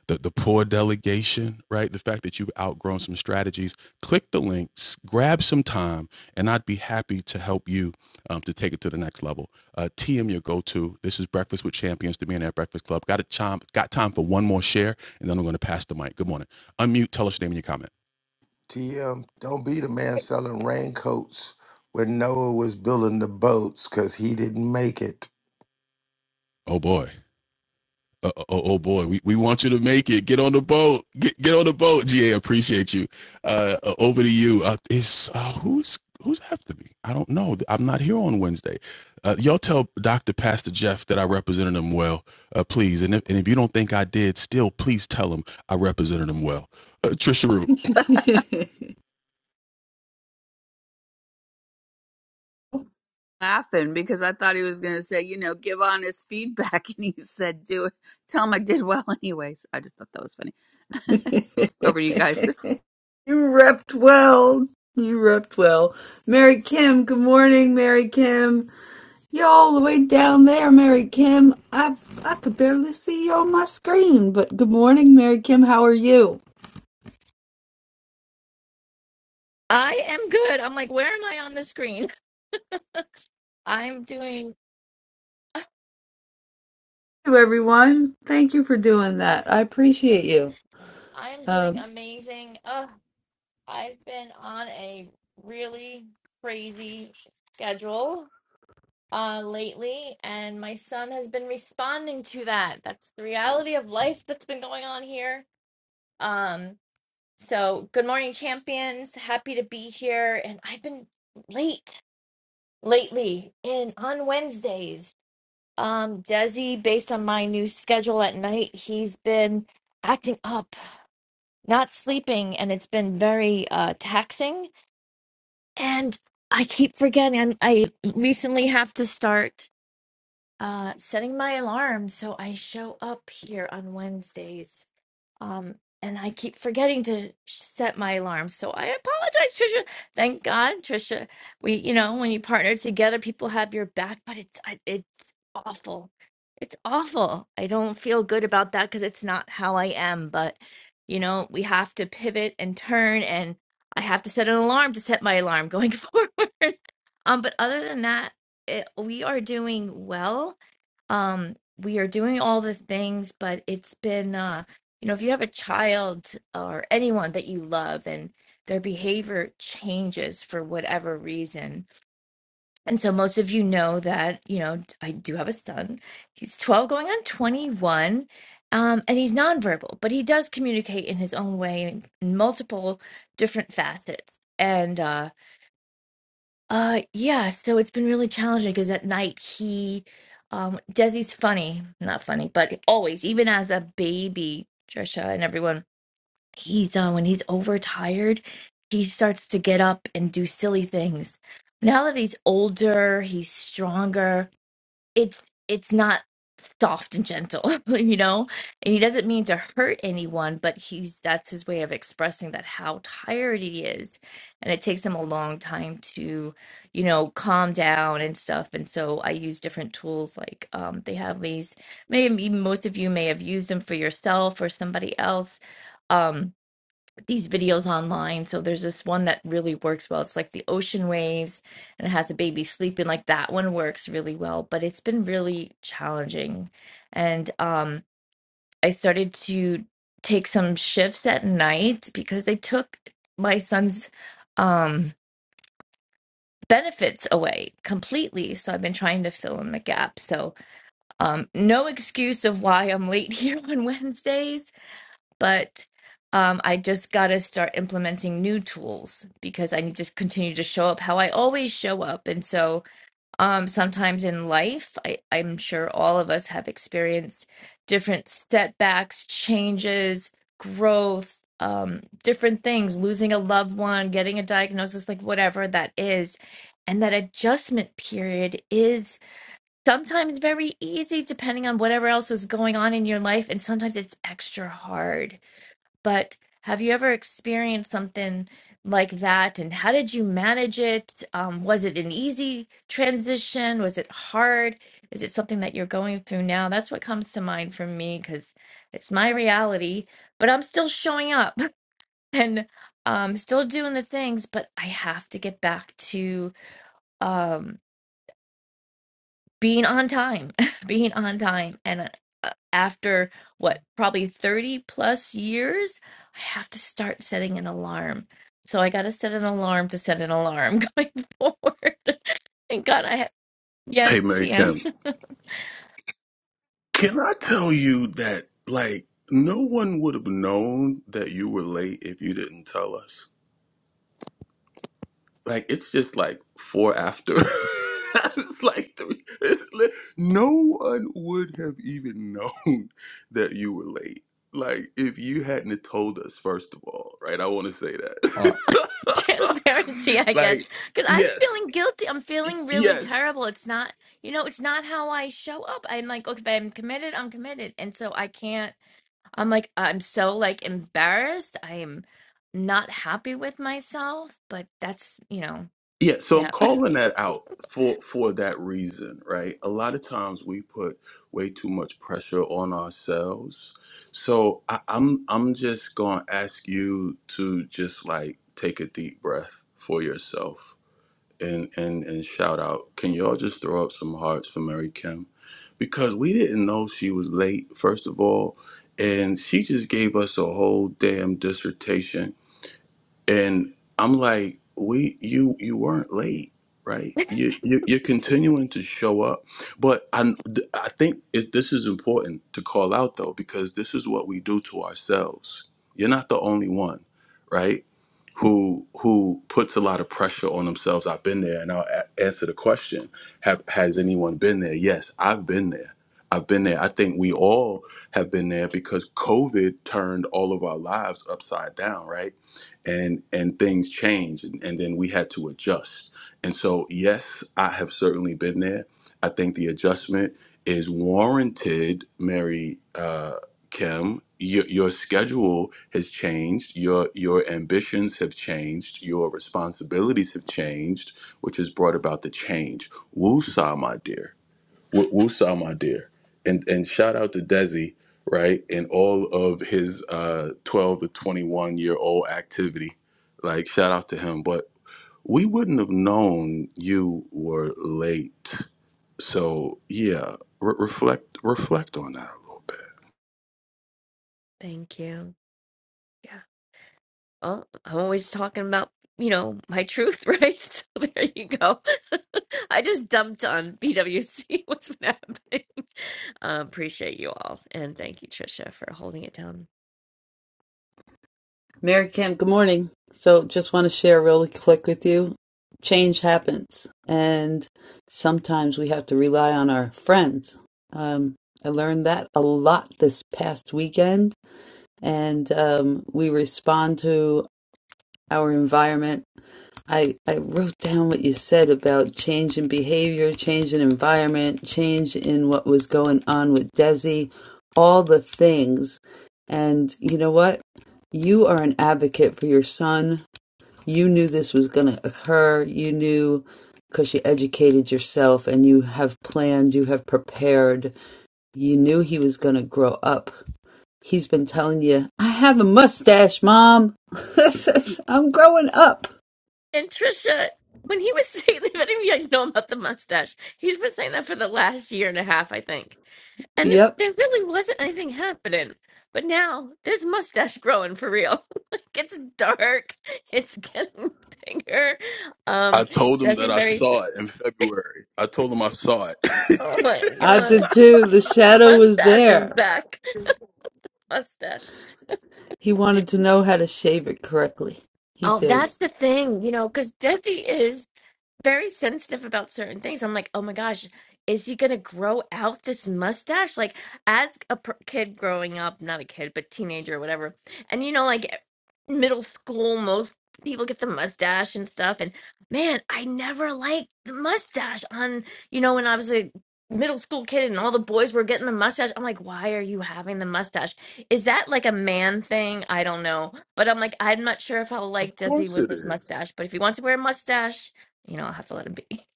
the, the poor delegation, right? The fact that you've outgrown some strategies, click the links, grab some time, and I'd be happy to help you um, to take it to the next level. Uh, TM, your go-to. This is Breakfast with Champions The be in Breakfast Club. Got a chime, got time for one more share, and then I'm going to pass the mic. Good morning. Unmute, tell us your name and your comment.
TM, don't be the man selling raincoats when Noah was building the boats because he didn't make it.
Oh boy. Uh, oh, oh boy, we, we want you to make it. Get on the boat. Get get on the boat. GA, appreciate you. Uh, uh, over to you. Uh, is uh, who's who's have to be? I don't know. I'm not here on Wednesday. Uh, y'all tell Doctor Pastor Jeff that I represented him well, uh, please. And if, and if you don't think I did, still please tell him I represented him well. Uh, Trisha Root.
you.
laughing because I thought he was going to say, you know, give honest feedback. And he said, do it. Tell him I did well, anyways. I just thought that was funny. over to you guys.
You repped well. You repped well. Mary Kim, good morning, Mary Kim. You're all the way down there, Mary Kim. I I could barely see you on my screen, but good morning, Mary Kim. How are you?
I am good. I'm like, where am I on the screen? I'm doing,
Hello, everyone. Thank you for doing that. I appreciate you.
I'm doing
Um,
amazing. Ugh, I've been on a really crazy schedule uh lately, and my son has been responding to that. That's the reality of life that's been going on here. Um, so good morning, champions. Happy to be here, and I've been late lately in on Wednesdays. Um, Desi, based on my new schedule at night, he's been acting up, not sleeping, and it's been very uh taxing. And I keep forgetting. I'm, I recently have to start uh setting my alarm so I show up here on Wednesdays. Um, and I keep forgetting to set my alarm. So I apologize, Trisha. Thank God, Trisha. We, you know, when you partner together, people have your back, but it's I- it's awful. It's awful. I don't feel good about that because it's not how I am, but you know, we have to pivot and turn and I have to set an alarm to set my alarm going forward. Um, but other than that, it, we are doing well. Um, we are doing all the things, but it's been uh you know, if you have a child or anyone that you love and their behavior changes for whatever reason. And so most of you know that, you know, I do have a son. He's 12 going on 21. Um, and he's nonverbal, but he does communicate in his own way in multiple different facets. And uh uh yeah, so it's been really challenging because at night he um Desi's funny, not funny, but always, even as a baby, Trisha and everyone he's uh, when he's overtired, he starts to get up and do silly things. Now that he's older, he's stronger. It's it's not soft and gentle, you know. And he doesn't mean to hurt anyone, but he's that's his way of expressing that how tired he is, and it takes him a long time to, you know, calm down and stuff. And so I use different tools like um, they have these. Maybe most of you may have used them for yourself or somebody else. Um, these videos online. So there's this one that really works well. It's like the ocean waves and it has a baby sleeping. Like that one works really well, but it's been really challenging. And um I started to take some shifts at night because they took my son's um benefits away completely. So I've been trying to fill in the gap. So um no excuse of why I'm late here on Wednesdays but um, I just got to start implementing new tools because I need to continue to show up how I always show up. And so um, sometimes in life, I, I'm sure all of us have experienced different setbacks, changes, growth, um, different things, losing a loved one, getting a diagnosis, like whatever that is. And that adjustment period is sometimes very easy depending on whatever else is going on in your life. And sometimes it's extra hard but have you ever experienced something like that? And how did you manage it? Um, was it an easy transition? Was it hard? Is it something that you're going through now? That's what comes to mind for me because it's my reality, but I'm still showing up and um, still doing the things, but I have to get back to. um, being on time, being on time. And uh, after what, probably 30 plus years, I have to start setting an alarm. So I got to set an alarm to set an alarm going forward. Thank God I have,
Hey,
yes,
Mary Kim,
TM.
can I tell you that, like, no one would have known that you were late if you didn't tell us? like it's just like four after. it's like three. It's li- no one would have even known that you were late. Like if you hadn't have told us first of all, right? I want to say that.
Well, Transparency, I guess,
like
because I'm
yes,
feeling guilty. I'm feeling really
yes,
terrible. It's not, you know, it's not how I show up. I'm like, okay, if I'm committed, I'm committed. And so I can't. I'm like, I'm so like embarrassed. I am not happy with myself, but that's, you know,
Yeah, so I'm
yeah.
calling that out for for that reason, right? A lot of times we put way too much pressure on ourselves. So I, I'm I'm just gonna ask you to just like take a deep breath for yourself and and and shout out. Can y'all just throw up some hearts for Mary Kim? Because we didn't know she was late, first of all, and she just gave us a whole damn dissertation and I'm like, we you you weren't late, right? You, you you're continuing to show up, but I I think it, this is important to call out though because this is what we do to ourselves. You're not the only one, right? Who who puts a lot of pressure on themselves. I've been there, and I'll a- answer the question: Have has anyone been there? Yes, I've been there. I've been there. I think we all have been there because COVID turned all of our lives upside down, right? and and things change and, and then we had to adjust and so yes i have certainly been there i think the adjustment is warranted mary uh, kim your, your schedule has changed your your ambitions have changed your responsibilities have changed which has brought about the change Woosah, my dear W- Wusa, my dear, and and shout out to Desi, right, and all of his uh, twelve to twenty one year old activity. Like shout out to him, but we wouldn't have known you were late. So yeah, re- reflect reflect on that a little bit.
Thank you. Yeah. Well, I'm always talking about, you know, my truth, right? So there you go. I just dumped on BWC what's been happening. Uh, appreciate you all. And thank you, Trisha, for holding it down.
Mary Kim, good morning. So, just want to share really quick with you. Change happens, and sometimes we have to rely on our friends. Um, I learned that a lot this past weekend, and um, we respond to our environment I, I wrote down what you said about change in behavior, change in environment, change in what was going on with Desi, all the things. And you know what? You are an advocate for your son. You knew this was going to occur. You knew because you educated yourself and you have planned, you have prepared. You knew he was going to grow up. He's been telling you, I have a mustache, mom. I'm growing up.
And Trisha, when he was saying, if any of you guys know about the mustache, he's been saying that for the last year and a half, I think. And it-
Yep
there really wasn't anything happening. But now there's mustache growing for real. like it's dark. It's getting bigger.
I
Um,
told him that
Desi's
I
very. s-
saw it in February. I told him I saw it.
Oh my
I
god,
did too. The shadow was
mustache is
there.
back. Mustache.
He wanted to know how to shave it correctly. He
Oh,
did.
that's the thing, you know, because Desi is very sensitive about certain things. I'm like, oh my gosh, is he gonna grow out this mustache? Like, as a per- kid growing up, not a kid, but teenager or whatever, and you know, like middle school, most people get the mustache and stuff. And man, I never liked the mustache on, you know, when I was a middle school kid and all the boys were getting the mustache. I'm like, why are you having the mustache? Is that like a man thing? I don't know. But I'm like, I'm not sure if I'll
Of
like Desi
course
with
it
his
is
mustache. But if he wants to wear a mustache, you know, I'll have to let it be.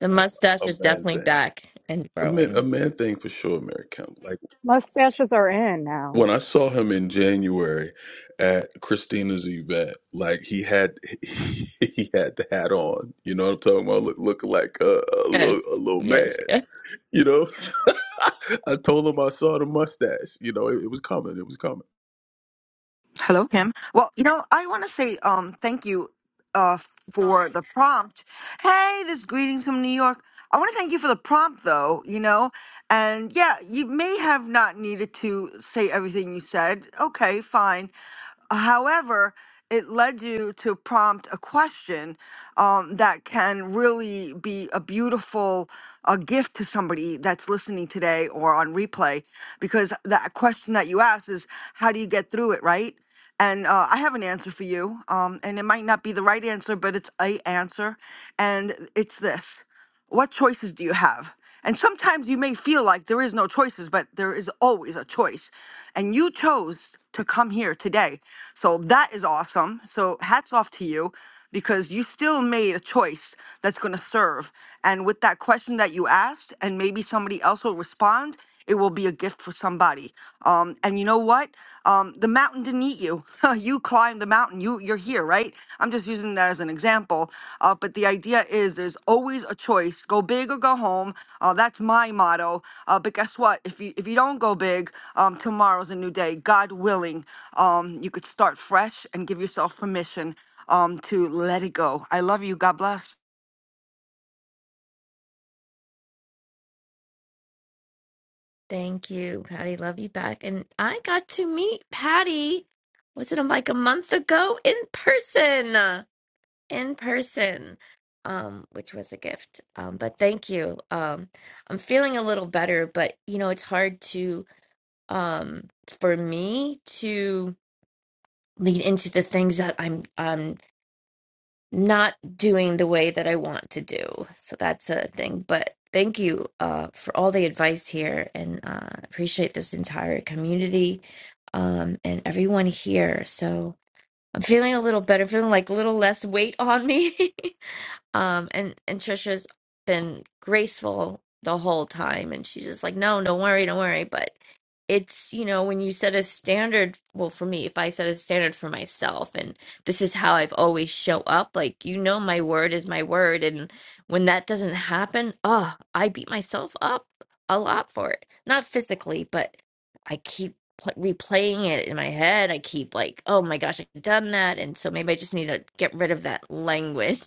The
uh,
mustache
a
is
man
definitely
thing.
back and
A man, a
growing.
man thing for sure, Mary Kim. Like,
Mustaches are in now.
when I saw him in January at Christina's event, like he had he had the hat on. You know what I'm talking about? Look, looking like a, a little a
Yes,
little man.
yes, yes.
You know, I told him I saw the mustache. You know, it, it was coming. It was coming.
Hello, Kim. Well, you know, I want to say um thank you uh for the prompt. Hey, this greetings from New York. I want to thank you for the prompt though, you know. And yeah, you may have not needed to say everything you said. Okay, fine. However, it led you to prompt a question um, that can really be a beautiful uh, gift to somebody that's listening today or on replay, because that question that you asked is, how do you get through it, right? And uh, I have an answer for you, um, and it might not be the right answer, but it's a answer, and it's this. What choices do you have? And sometimes you may feel like there is no choices, but there is always a choice. And you chose to come here today. So that is awesome. So hats off to you because you still made a choice that's going to serve. And with that question that you asked and maybe somebody else will respond it will be a gift for somebody um, and you know what um, the mountain didn't eat you you climbed the mountain you you're here right i'm just using that as an example uh, but the idea is there's always a choice go big or go home uh, that's my motto uh, but guess what if you if you don't go big um, tomorrow's a new day god willing um, you could start fresh and give yourself permission um, to let it go i love you god bless
Thank you, Patty. Love you back. And I got to meet Patty, was it like a month ago in person? In person. Um, which was a gift. Um, but thank you. Um, I'm feeling a little better, but you know, it's hard to um for me to lead into the things that I'm um. not doing the way that I want to do. So that's a thing. But thank you uh, for all the advice here and uh, appreciate this entire community um, and everyone here. So I'm feeling a little better, feeling like a little less weight on me. um, and, and Trisha's been graceful the whole time. And she's just like, no, don't worry, don't worry. but it's you know when you set a standard well for me if i set a standard for myself and this is how i've always show up like you know my word is my word and when that doesn't happen oh i beat myself up a lot for it not physically but i keep pl- replaying it in my head i keep like oh my gosh i've done that and so maybe i just need to get rid of that language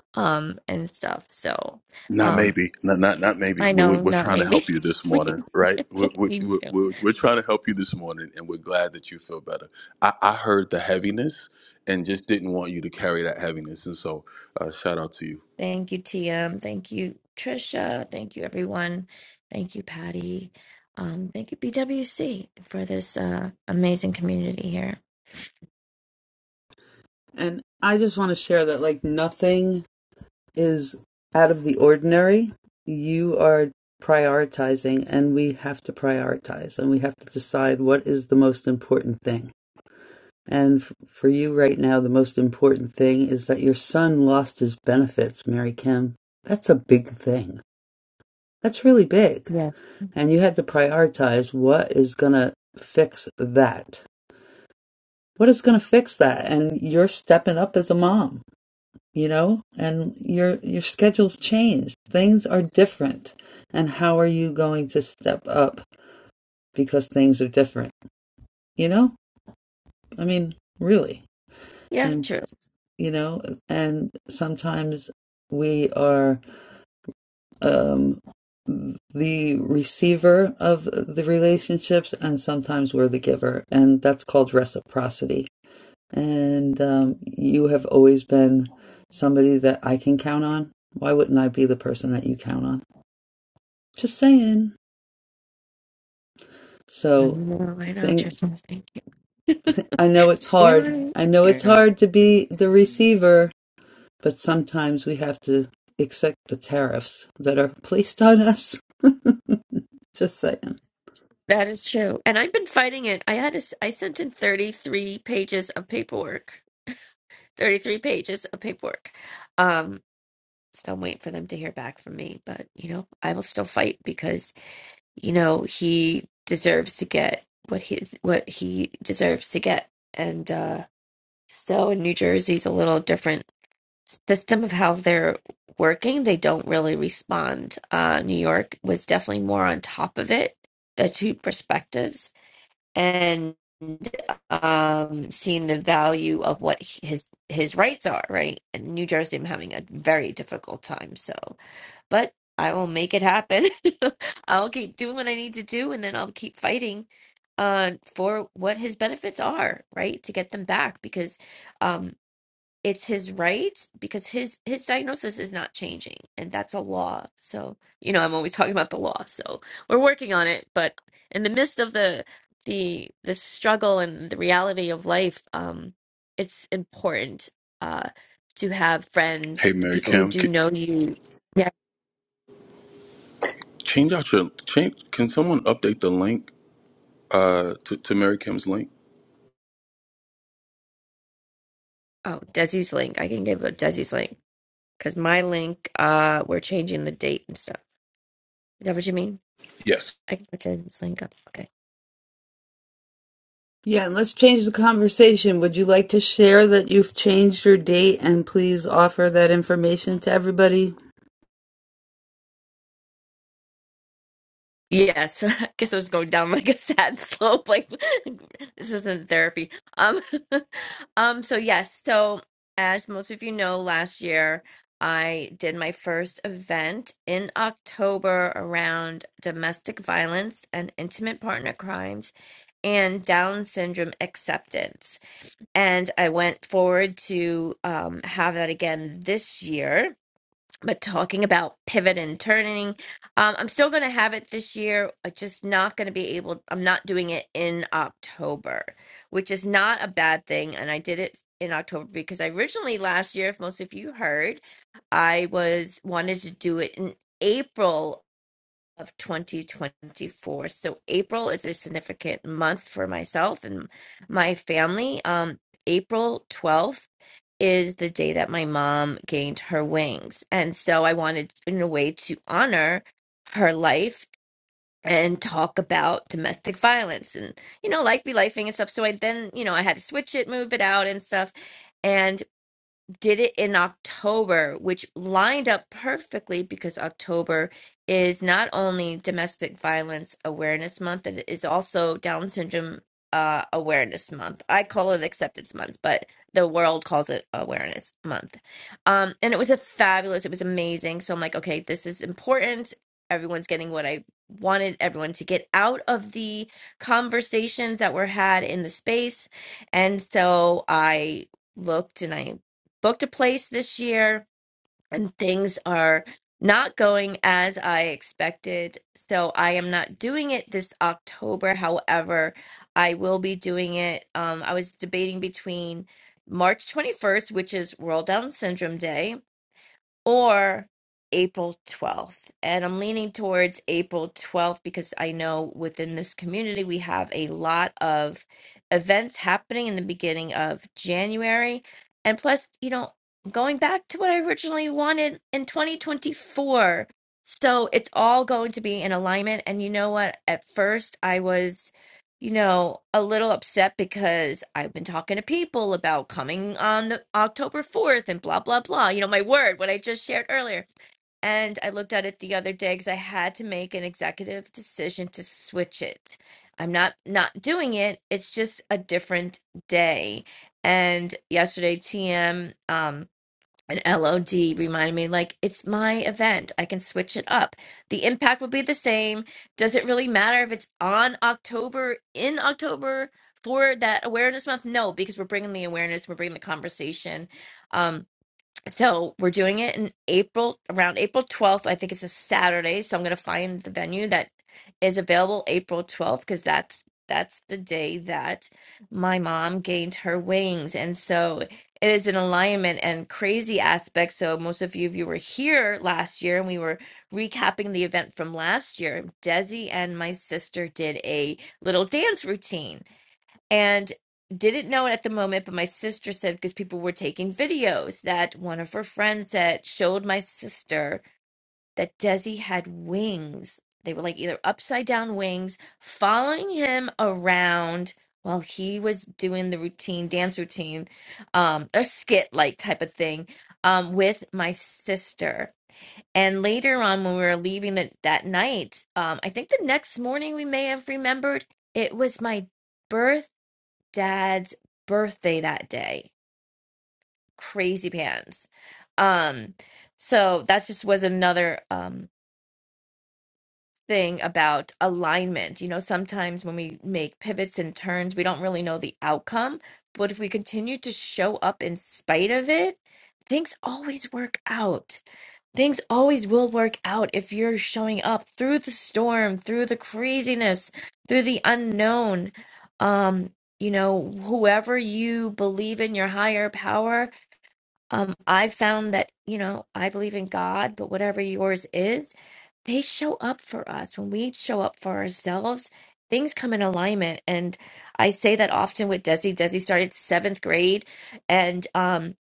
um and stuff so
Not
um
maybe. Not not not maybe.
i
We, we,
know
we're
not
trying to
maybe
help you this
we
morning, right? We, we,
we do
we, we're, we're trying to help you this morning, and we're glad that you feel better. I, I heard the heaviness and just didn't want you to carry that heaviness, and so uh, shout out to you.
Thank you, TM. Thank you, Trisha. Thank you, everyone. Thank you, Patty. Um, thank you, BWC, for this uh, amazing community here.
And I just want to share that, like, nothing is out of the ordinary. You are prioritizing, and we have to prioritize, and we have to decide what is the most important thing. And f- for you right now, the most important thing is that your son lost his benefits, Mary Kim. That's a big thing. That's really big
Yes.
And you have to prioritize what is going to fix that. What is going to fix that? And you're stepping up as a mom, you know, and your your schedule's changed. Things are different. And how are you going to step up because things are different? You know? I mean, really.
Yeah,
And
true.
you know, and sometimes we are um, the receiver of the relationships, and sometimes we're the giver. And that's called reciprocity. And um, you have always been somebody that I can count on. Why wouldn't I be the person that you count on? Just saying.
I
So,
know, I know,
think,
Trisha. Thank you.
I know it's hard.
Darren,
I know it's
Darren.
hard to be the receiver, but sometimes we have to accept the tariffs that are placed on us. Just saying.
That is true. And I've been fighting it. I had a, s- I sent in 33 pages of paperwork. 33 pages of paperwork. Um, still waiting for them to hear back from me, but you know, I will still fight because. you know he deserves to get what he's what he deserves to get and uh so in new jersey's a little different system of how they're working they don't really respond uh new york was definitely more on top of it the two perspectives and um seeing the value of what his his rights are right and new jersey i'm having a very difficult time so but I will make it happen. I'll keep doing what I need to do, and then I'll keep fighting uh, for what his benefits are, right? To get them back because um, it's his right because his his diagnosis is not changing, and that's a law. So you know, I'm always talking about the law. So we're working on it, but in the midst of the the the struggle and the reality of life, um, it's important uh, to have friends,
Hey, Mary
people who
Kim,
do
c-
know you.
change out your change. Can someone update the link uh, to to Mary Kim's link?
Oh, Desi's link. I can give a Desi's link because my link, uh, we're changing the date and stuff. Is that what you mean?
Yes.
I can put Desi's link up. Okay.
Yeah, and let's change the conversation. Would you like to share that you've changed your date and please offer that information to everybody?
Yes, I guess I was going down like a sad slope. Like this isn't therapy. Um, um. So yes. So as most of you know, last year I did my first event in October around domestic violence and intimate partner crimes and Down syndrome acceptance. And I went forward to um, have that again this year. But talking about pivot and turning, um, I'm still going to have it this year. I'm just not going to be able, I'm not doing it in October, which is not a bad thing. And I did it in October because I originally last year, if most of you heard, I was wanted to do it in April of 2024. So April is a significant month for myself and my family. Um, April 12th is the day that my mom gained her wings. And so I wanted, in a way, to honor her life and talk about domestic violence and, you know, life be lifing and stuff. So I then, you know, I had to switch it, move it out and stuff. and did it in October, which lined up perfectly because October is not only Domestic Violence Awareness Month, it is also Down Syndrome uh, Awareness Month. I call it Acceptance Month, but the world calls it Awareness Month. Um, and it was a fabulous, it was amazing. So I'm like, okay, this is important. Everyone's getting what I wanted everyone to get out of the conversations that were had in the space. And so I looked and I booked a place this year and things are not going as I expected. So I am not doing it this October. However, I will be doing it. Um, I was debating between March 21st, which is World Down Syndrome Day, or April 12th. And I'm leaning towards April 12th because I know within this community we have a lot of events happening in the beginning of January. And plus, you know, I'm going back to what I originally wanted in 2024. So it's all going to be in alignment. And you know what? At first, I was you know, a little upset because I've been talking to people about coming on the October 4th and blah blah blah. You know, my word, what I just shared earlier. And I looked at it the other day because I had to make an executive decision to switch it. I'm not not doing it. It's just a different day. And yesterday, TM um, an LOD reminded me like it's my event. I can switch it up. The impact will be the same. Does it really matter if it's on October in October for that awareness month? No, because we're bringing the awareness, we're bringing the conversation. Um so we're doing it in April, around April 12th. I think it's a Saturday, so I'm gonna find the venue that is available April 12th because that's that's the day that my mom gained her wings. And so it is an alignment and crazy aspect. So most of you, if you were here last year and we were recapping the event from last year, Desi and my sister did a little dance routine and didn't know it at the moment, but my sister said because people were taking videos that one of her friends said showed my sister that Desi had wings. They were like either upside down wings following him around while he was doing the routine, dance routine, um, or skit like type of thing, um, with my sister. And later on, when we were leaving that that night, um, I think the next morning we may have remembered it was my birthday dad's birthday that day. Crazy pants. Um, so that just was another um thing about alignment. You know, sometimes when we make pivots and turns, we don't really know the outcome, but if we continue to show up in spite of it, things always work out Things always will work out if you're showing up through the storm, through the craziness, through the unknown. Um, you know, whoever you believe in your higher power, um, I found that, you know, I believe in God, but whatever yours is, they show up for us. When we show up for ourselves, things come in alignment. And I say that often with Desi. Desi started seventh grade and um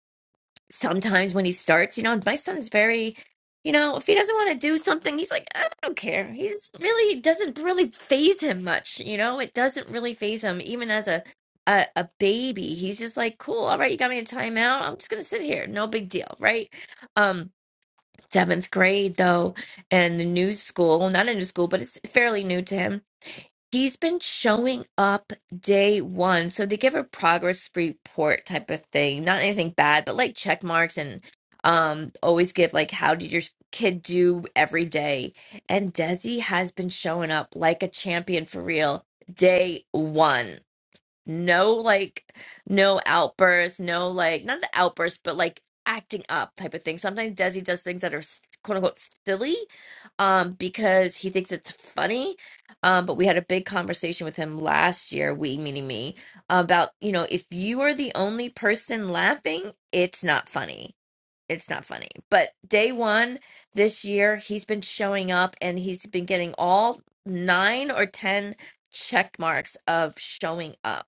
sometimes when he starts, you know, my son's very, you know, if he doesn't want to do something, he's like, I don't care. He's really it doesn't really phase him much, you know. It doesn't really phase him, even as a a, a baby. He's just like, cool, all right, you got me a timeout. I'm just gonna sit here, no big deal, right? Um, seventh grade though, and the new school, well, not a new school, but it's fairly new to him He's been showing up day one. So they give a progress report type of thing. Not anything bad, but like check marks and um always give like how did your kid do every day. And Desi has been showing up like a champion for real day one. No, like, no outbursts, no, like, not the outbursts, but like acting up type of thing. Sometimes Desi does things that are s- quote unquote silly, um, because he thinks it's funny. Um, but we had a big conversation with him last year, we meaning me, about, you know, if you are the only person laughing, it's not funny it's not funny. But day one this year, he's been showing up and he's been getting all nine or 10 check marks of showing up.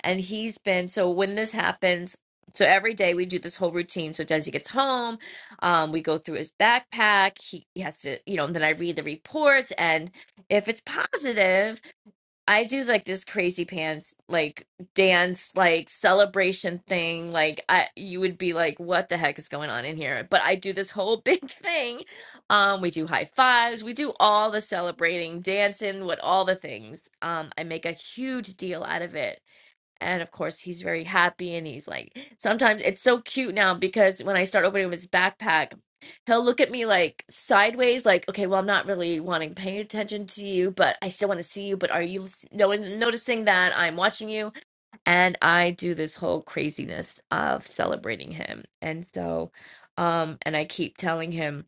And he's been, so when this happens, so every day we do this whole routine. So Desi gets home, um, we go through his backpack. He, he has to, you know, and then I read the reports. And if it's positive, I do like this crazy pants like dance like celebration thing like I you would be like what the heck is going on in here but I do this whole big thing um we do high fives we do all the celebrating dancing what all the things um I make a huge deal out of it and of course, he's very happy. And he's like, sometimes it's so cute now because when I start opening his backpack, he'll look at me like sideways, like, okay, well, I'm not really wanting paying attention to you, but I still want to see you. But are you s- no noticing that I'm watching you? And I do this whole craziness of celebrating him. And so, um, and I keep telling him.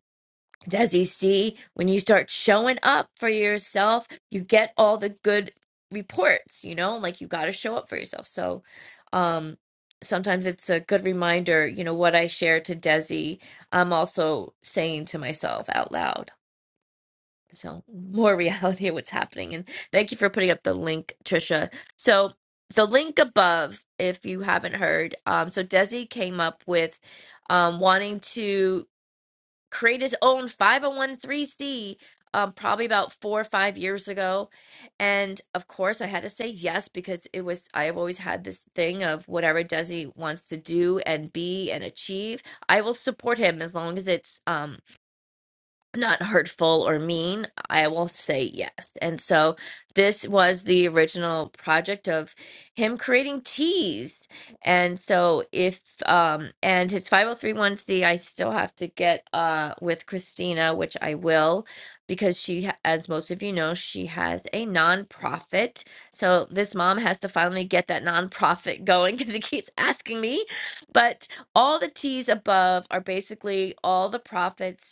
Desi, see, when you start showing up for yourself, you get all the good reports, you know, like you got to show up for yourself. So, um, sometimes it's a good reminder, you know, what I share to Desi, I'm also saying to myself out loud. So, more reality of what's happening. And thank you for putting up the link, Trisha. So, the link above, if you haven't heard, um, so Desi came up with um, wanting to created his own 5013C um, probably about four or five years ago. And of course, I had to say yes because it was, I've always had this thing of whatever Desi wants to do and be and achieve, I will support him as long as it's um, not hurtful or mean, I will say yes. And so this was the original project of him creating teas. And so if um and his 5031c I still have to get uh with Christina, which I will because she ha- as most of you know, she has a nonprofit. So this mom has to finally get that nonprofit going cuz he keeps asking me. But all the teas above are basically all the profits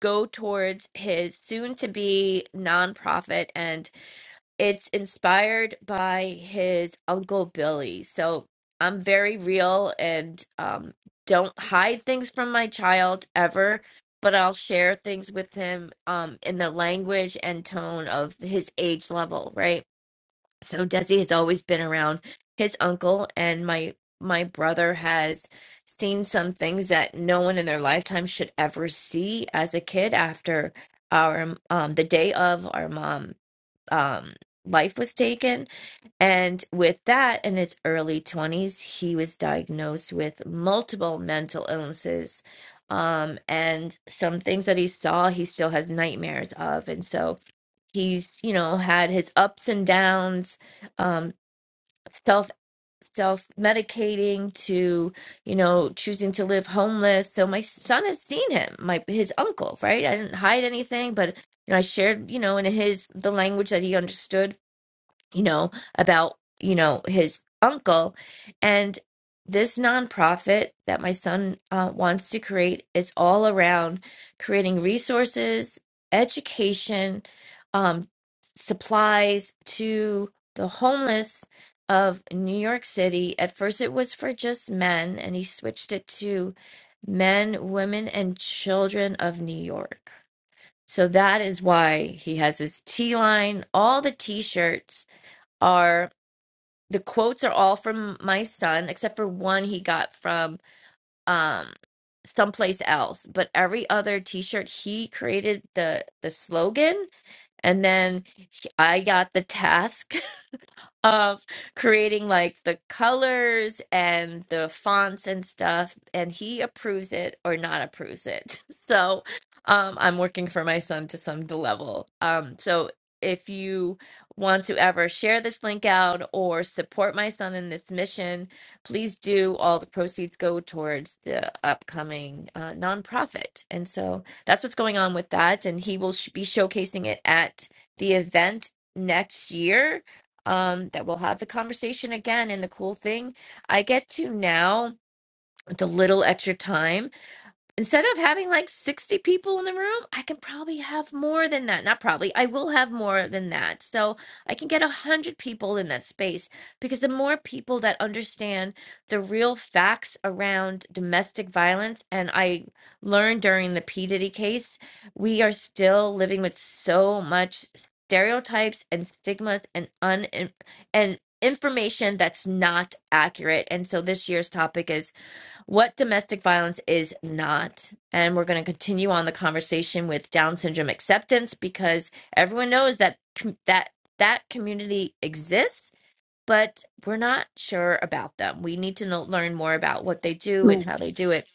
go towards his soon to be nonprofit and it's inspired by his uncle Billy. So I'm very real and um don't hide things from my child ever, but I'll share things with him um in the language and tone of his age level, right? so Desi has always been around his uncle and my my brother has seen some things that no one in their lifetime should ever see as a kid after our um the day of our mom um life was taken and with that in his early 20s he was diagnosed with multiple mental illnesses um and some things that he saw he still has nightmares of and so he's you know had his ups and downs um self self medicating to you know choosing to live homeless so my son has seen him my his uncle right i didn't hide anything but you know i shared you know in his the language that he understood you know, about, you know, his uncle. And this nonprofit that my son uh, wants to create is all around creating resources, education, um, supplies to the homeless of New York City. At first, it was for just men, and he switched it to men, women, and children of New York. So that is why he has his T line, all the t shirts are the quotes are all from my son, except for one he got from um someplace else. But every other T-shirt he created the the slogan, and then he- I got the task of creating like the colors and the fonts and stuff and he approves it or not approves it so um i'm working for my son to some the level um so if you want to ever share this link out or support my son in this mission please do all the proceeds go towards the upcoming uh, nonprofit and so that's what's going on with that and he will sh- be showcasing it at the event next year um, that we'll have the conversation again. And the cool thing, I get to now with a little extra time instead of having like 60 people in the room, I can probably have more than that. Not probably, I will have more than that. So I can get 100 people in that space because the more people that understand the real facts around domestic violence, and I learned during the P. Diddy case, we are still living with so much stereotypes and stigmas and un and information that's not accurate. And so this year's topic is what domestic violence is not. And we're going to continue on the conversation with Down syndrome acceptance because everyone knows that com- that that community exists, but we're not sure about them. We need to know, learn more about what they do and
Mary
how they do it.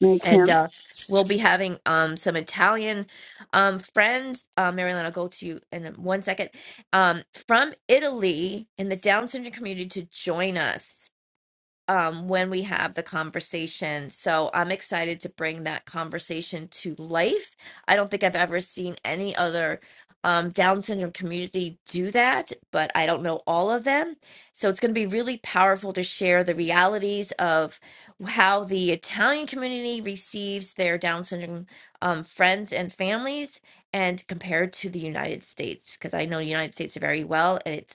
Mary
And
Kim.
uh, we'll be having um, some Italian um, friends. Uh, Marilyn, I'll go to you in one second. Um, from Italy in the Down syndrome community to join us um, when we have the conversation. So I'm excited to bring that conversation to life. I don't think I've ever seen any other um, Down syndrome community do that, but I don't know all of them. So it's going to be really powerful to share the realities of how the Italian community receives their Down syndrome um, friends and families and compared to the United States, because I know the United States very well. and it's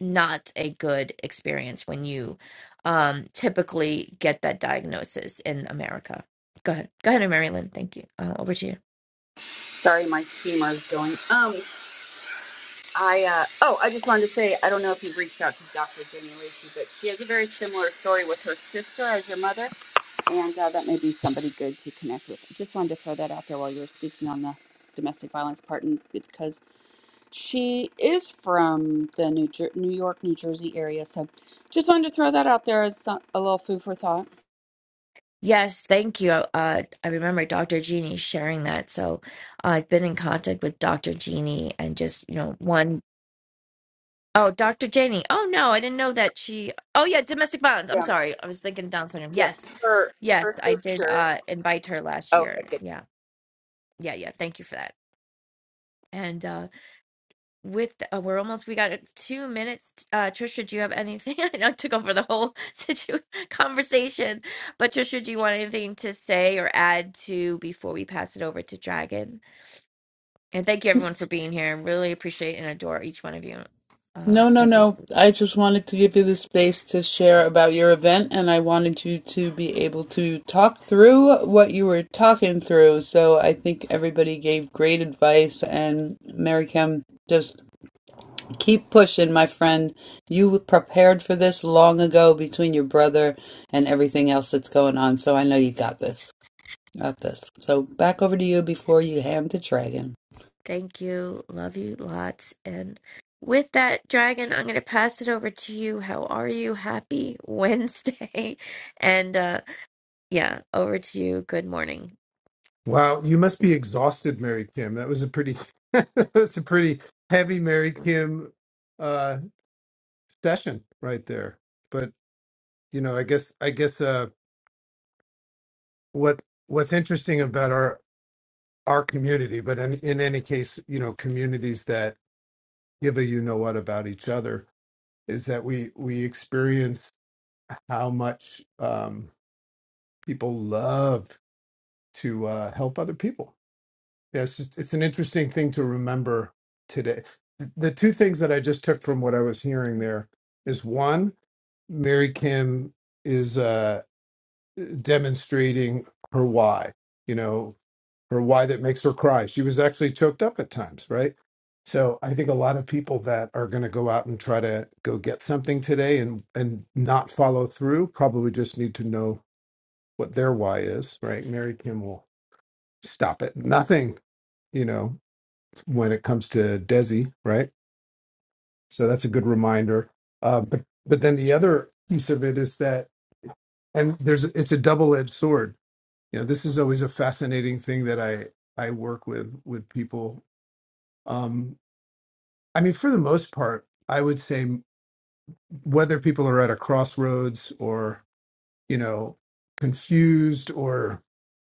not a good experience when you um, typically get that diagnosis in America. Go ahead. Go ahead, Mary Lynn. Thank you. Uh, over to you.
Sorry, my steamer is going. Um, I uh, oh, I just wanted to say I don't know if you've reached out to Dr. Jenny Lacey, but she has a very similar story with her sister as your mother, and uh, that may be somebody good to connect with. I just wanted to throw that out there while you were speaking on the domestic violence part, and because she is from the New Jer- New York, New Jersey area, so just wanted to throw that out there as some, a little food for thought.
Yes, thank you. Uh, I remember Dr. Jeannie sharing that. So I've been in contact with Dr. Jeannie and just, you know, one. Oh, Dr. Janie. Oh, no, I didn't know that she. Oh, yeah, domestic violence. I'm
Yeah,
sorry. I was thinking Down syndrome.
yeah.
Yes.
Her
Yes,
her
I did
sister.
uh, invite her last
oh, Okay,
year.
good.
Yeah. Yeah. Yeah. Thank you for that. And, uh, with the, uh, we're almost we got uh, two minutes uh trisha do you have anything i know I took over the whole situ- conversation but trisha do you want anything to say or add to before we pass it over to dragon and thank you everyone for being here I really appreciate and adore each one of you uh
No, no,
every
no.
week.
I just wanted to give you the space to share about your event, and I wanted you to be able to talk through what you were talking through. So I think everybody gave great advice, and Mary Kim, just keep pushing, my friend. You prepared for this long ago between your brother and everything else that's going on, so I know you got this. Got this. So back over to you before you ham the dragon.
thank you love you lots and with that dragon i'm going to pass it over to you how are you happy wednesday and uh yeah over to you good morning
Wow, you must be exhausted, Mary Kim. That was a pretty that was a pretty heavy Mary Kim uh session right there. But you know, I guess I guess uh what what's interesting about our our community, but in, in any case, you know, communities that give a you know what about each other is that we we experience how much um people love to uh help other people Yeah, it's just, it's an interesting thing to remember today. The the two things that I just took from what I was hearing there is one, Mary Kim is uh, demonstrating her why, you know, her why that makes her cry. She was actually choked up at times, right? So I think a lot of people that are going to go out and try to go get something today and and not follow through probably just need to know what their why is, right? Mary Kim will stop at nothing, you know, when it comes to Desi, right? So that's a good reminder. Uh, but but then the
true
other piece of it is that, and there's it's a double edged sword. You know, this is always a fascinating thing that I I work with with people. Um, I mean, for the most part, I would say whether people are at a crossroads or you know confused or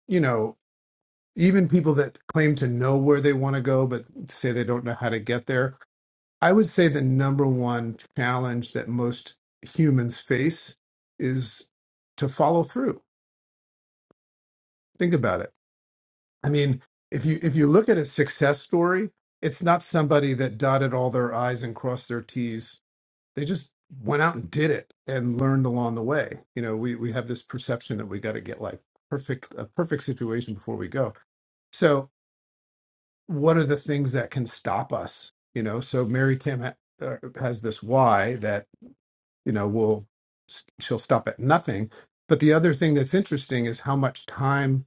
you know even people that claim to know where they want to go but say they don't know how to get there I would say the number one challenge that most humans face is to follow through. Think about it. I mean, if you if you look at a success story, it's not somebody that dotted all their i's and crossed their t's. They just went out and did it and learned along the way. You know, we we have this perception that we got to get like perfect a perfect situation before we go. So, what are the things that can stop us? You know, so Mary Kim ha- uh, has this why that you know will she'll stop at nothing but the other thing that's interesting is how much time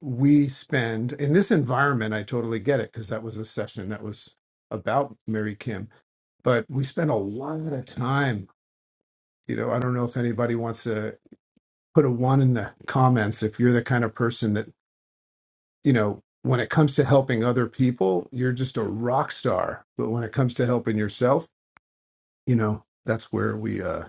we spend in this environment i totally get it because that was a session that was about mary kim but we spend a lot of time you know i don't know if anybody wants to put a one in the comments if you're the kind of person that you know when it comes to helping other people you're just a rock star but when it comes to helping yourself you know that's where we uh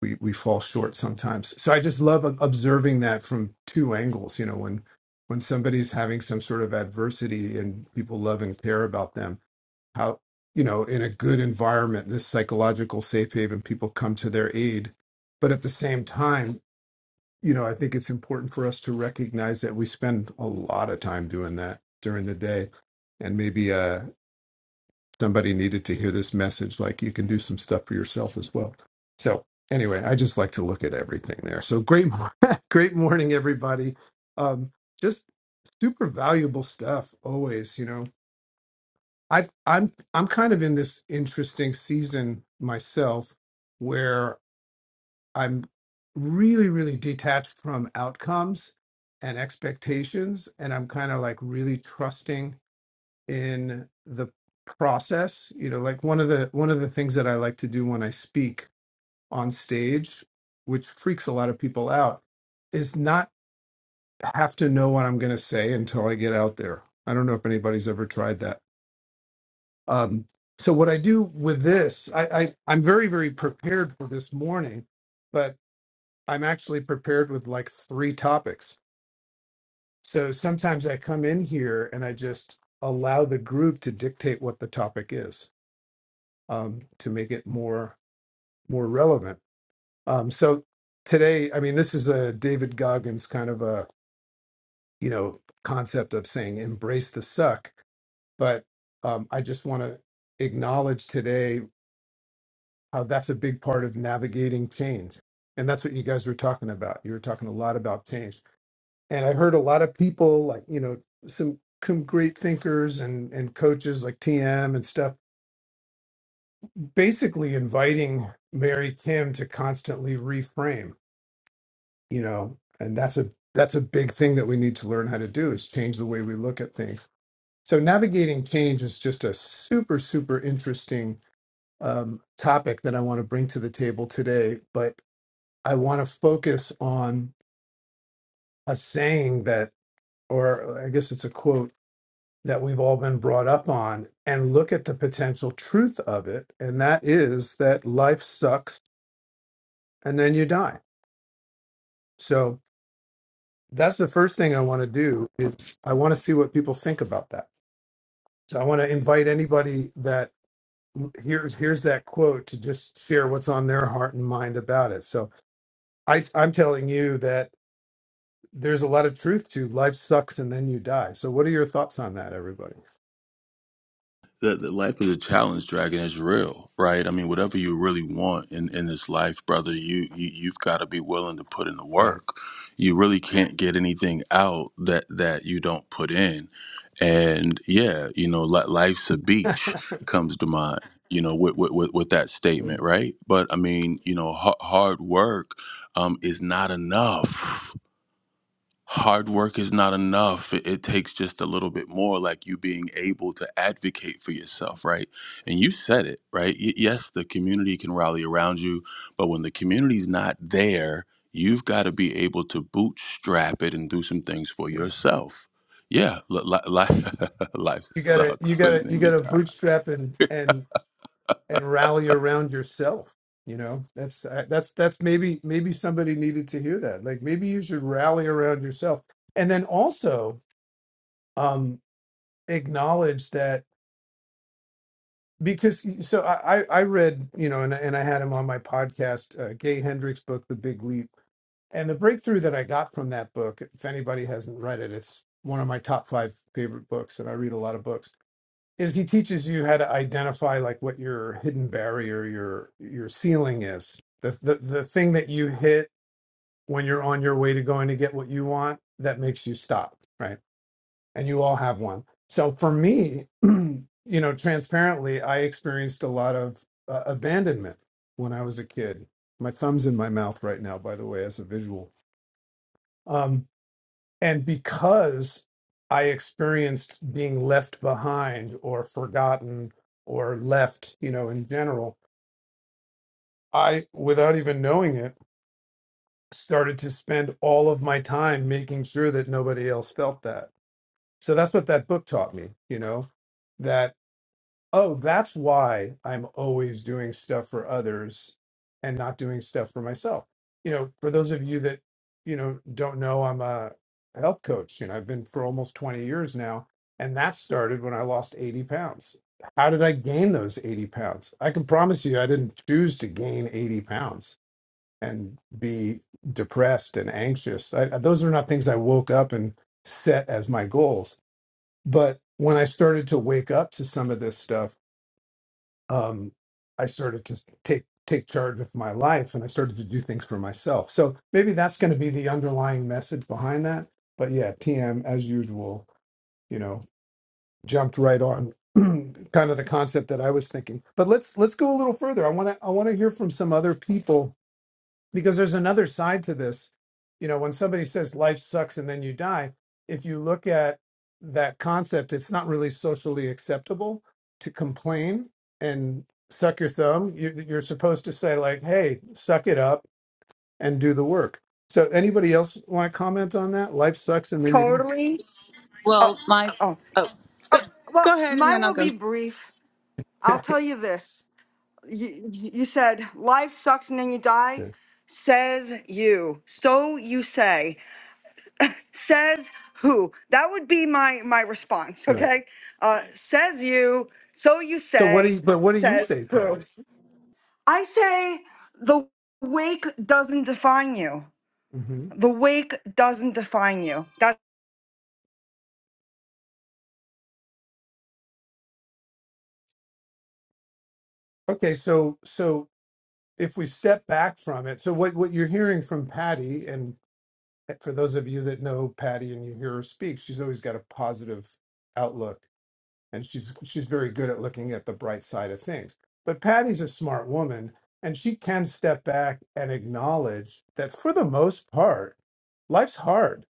we we fall short sometimes. So I just love observing that from two angles. You know, when when somebody's having some sort of adversity and people love and care about them, how you know, in a good environment, this psychological safe haven, people come to their aid. But at the same time, you know, I think it's important for us to recognize that we spend a lot of time doing that during the day, and maybe uh, somebody needed to hear this message like you can do some stuff for yourself as well so anyway i just like to look at everything there so great mor- great morning everybody um just super valuable stuff always you know i've i'm i'm kind of in this interesting season myself where i'm really really detached from outcomes and expectations and i'm kind of like really trusting in the process you know like one of the one of the things that i like to do when i speak on stage which freaks a lot of people out is not have to know what i'm going to say until i get out there i don't know if anybody's ever tried that um, so what i do with this I, I i'm very very prepared for this morning but i'm actually prepared with like three topics so sometimes i come in here and i just allow the group to dictate what the topic is um, to make it more more relevant. Um, so today, I mean, this is a David Goggins kind of a you know concept of saying embrace the suck, but um, I just want to acknowledge today how that's a big part of navigating change, and that's what you guys were talking about. You were talking a lot about change, and I heard a lot of people like you know some some great thinkers and and coaches like TM and stuff basically inviting Mary Kim to constantly reframe you know and that's a that's a big thing that we need to learn how to do is change the way we look at things so navigating change is just a super super interesting um, topic that i want to bring to the table today but i want to focus on a saying that or i guess it's a quote that we've all been brought up on and look at the potential truth of it and that is that life sucks and then you die so that's the first thing i want to do is i want to see what people think about that So I want to invite anybody that here's here's that quote to just share what's on their heart and mind about it. So I I'm telling you that there's a lot of truth to life sucks and then you die. So what are your thoughts on that, everybody?
The, the life of the challenge dragon is real, right? I mean, whatever you really want in, in this life, brother, you, you you've got to be willing to put in the
Right.
work. You really can't get anything out that that you don't put in. And yeah, you know, li- life's a beach comes to mind. You know, with with with with that statement,
Yeah.
right? But I mean, you know, ha- hard work um, is not enough hard work is not enough. It, it takes just a little bit more, like you being able to advocate for yourself, right? And you said it, right? Y- yes, the community can rally around you, but when the community's not there, you've got to be able to bootstrap it and do some things for yourself. Yeah, li- li- li- life
You gotta you
sucks and
gotta you
then you
gotta
die.
bootstrap and and and rally around yourself. You know, that's uh, that's that's maybe maybe somebody needed to hear that. Like maybe you should rally around yourself, and then also um, acknowledge that. because so I I I read you know and and I had him on my podcast uh, Gay Hendricks book The Big Leap and the breakthrough that I got from that book if anybody hasn't read it it's one of my top five favorite books and I read a lot of books is he teaches you how to identify like what your hidden barrier your your ceiling is the the, the thing that you hit when you're on your way to going to get what you want that makes you stop right and you all have one. So for me, you know, transparently, I experienced a lot of uh, abandonment when I was a kid. My thumb's in my mouth right now, by the way, as a visual. Um, and because I experienced being left behind or forgotten or left, you know, in general, I, without even knowing it, started to spend all of my time making sure that nobody else felt that. So that's what that book taught me, you know, that oh, that's why I'm always doing stuff for others and not doing stuff for myself. You know, for those of you that, you know, don't know, I'm a health coach. You know, I've been for almost 20 years now. And that started when I lost 80 pounds. How did I gain those 80 pounds? I can promise you, I didn't choose to gain 80 pounds and be depressed and anxious. I, those are not things I woke up and set as my goals. But when I started to wake up to some of this stuff, um, I started to take take charge of my life and I started to do things for myself. So maybe that's going to be the underlying message behind that. But yeah, TM as usual, you know, jumped right on kind of the concept that I was thinking. But let's let's go a little further. I want to I want to hear from some other people because there's another side to this. You know, when somebody says life sucks and then you die, if you look at that concept, it's not really socially acceptable to complain and suck your thumb. You, you're supposed to say, like, hey, suck it up and do the work. So, anybody else want to comment on that? Life sucks and then you.
Totally. Oh,
Well, my s-
oh.
oh, go,
Oh, well,
go ahead, and then
mine
I'll
will be
go.
brief. I'll tell you this. You, you said life sucks and then you die.
Yeah,
Says you. So you say. Says who? That would be my my response.
right.
Okay. Uh, says you. So you
So, what do
say.
you, but what do you
Says
say,
who?
Patty?
I say the wake doesn't define you.
hmm
The wake doesn't define you.
Okay, so, so if we step back from it, so what, what you're hearing from Patty, and Eh, for those of you that know Patty and you hear her speak, she's always got a positive outlook and she's she's very good at looking at the bright side of things. But Patty's a smart woman and she can step back and acknowledge that for the most part, life's hard.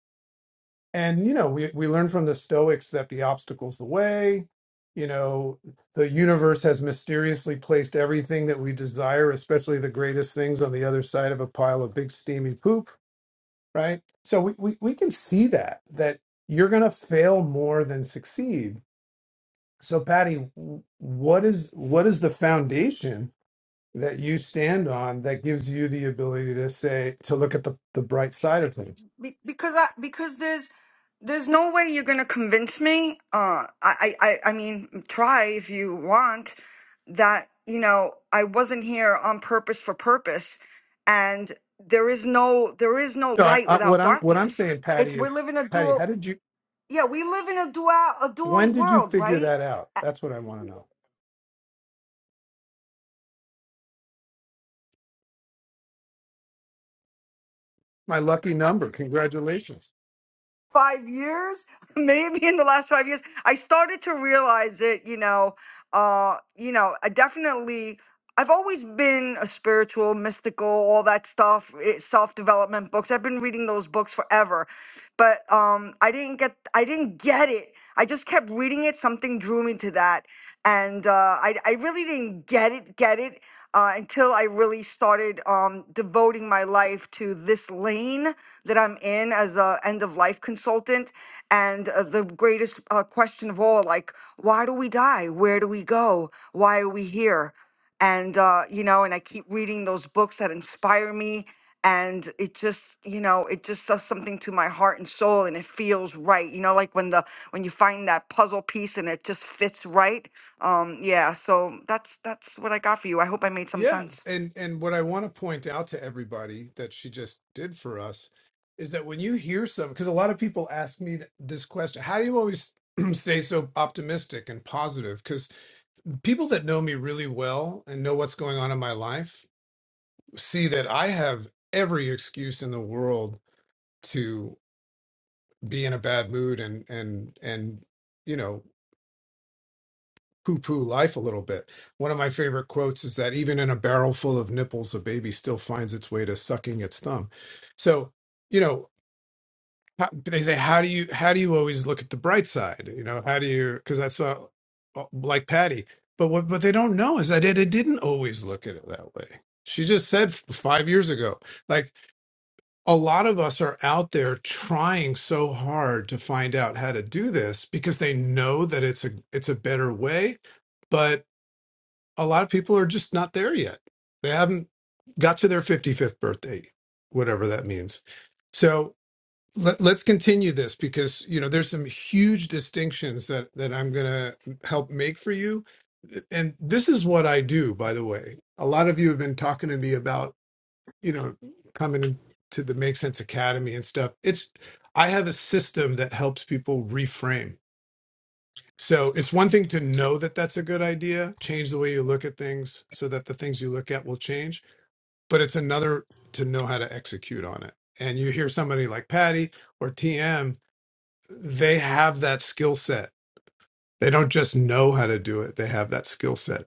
And you know, we we learn from the Stoics that the obstacle's the way. You know, the universe has mysteriously placed everything that we desire, especially the greatest things, on the other side of a pile of big steamy poop right? So we, we, we can see that, that you're going to fail more than succeed. So Patty, w- what is, what is the foundation that you stand on that gives you the ability to say, to look at the, the bright side of things?
Be- because I because there's there's no way you're gonna convince me. Uh, I I I I mean, try if you want that. You know, I wasn't here on purpose for purpose, and there is no there is no
No, I,
light
I, what
without
I'm, what I'm
darkness.
saying,
It's
Patty
we're
is,
living a
Patty,
dual.
how did you,
Yeah, we live in a dual a
when
dual
did you
world,
figure
right?
that out? That's what I want to know. My lucky number. Congratulations.
five years, maybe in the last five years, I started to realize it. You know, uh, you know, I definitely. I've always been a spiritual, mystical, all that stuff, self development books. I've been reading those books forever, but um, I didn't get, I didn't get it. I just kept reading it. Something drew me to that, and uh, I, I really didn't get it, get it uh, until I really started um, devoting my life to this lane that I'm in as a end of life consultant. And uh, the greatest uh, question of all, like, why do we die? Where do we go? Why are we here? And, uh, you know, and I keep reading those books that inspire me. And it just, you know, it just does something to my heart and soul and it feels right. You know, like when the, when you find that puzzle piece and it just fits right. Um, yeah. So that's, that's what I got for you. I hope I made some
Yeah,
sense.
and and what I want to point out to everybody that she just did for us is that when you hear some, because a lot of people ask me th- this question, how do you always stay so optimistic and positive? Because people that know me really well and know what's going on in my life see that I have every excuse in the world to be in a bad mood and and and you know poo poo life a little bit. One of my favorite quotes is that even in a barrel full of nipples, a baby still finds its way to sucking its thumb. So, you know, how- they say, how do you, how do you always look at the bright side? You know, how do you, cause that's uh, like Patty, but what, what they don't know is that it, it didn't always look at it that way. She just said f- five years ago, like a lot of us are out there trying so hard to find out how to do this because they know that it's a, it's a better way but a lot of people are just not there yet. They haven't got to their 55th birthday, whatever that means. So let, let's continue this because you know there's some huge distinctions that that I'm going to help make for you. And this is what I do, by the way. A lot of you have been talking to me about you know coming into the Make Sense Academy and stuff. It's I have a system that helps people reframe so it's one thing to know that that's a good idea, change the way you look at things so that the things you look at will change, but it's another to know how to execute on it. And you hear somebody like Patty or TM, they have that skill set. They don't just know how to do it, they have that skill set.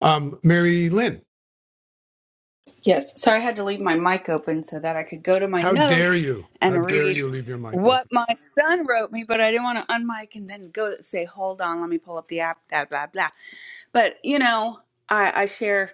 Um, Mary Lynn,
Yes, so I had to leave my mic open so that I could go to my
how dare
notes
you? How
and
dare
read
you leave your mic
what
open?
my son wrote me, but I didn't want to unmic and then go say, "Hold on, let me pull up the app." Blah blah blah. But you know, I, I share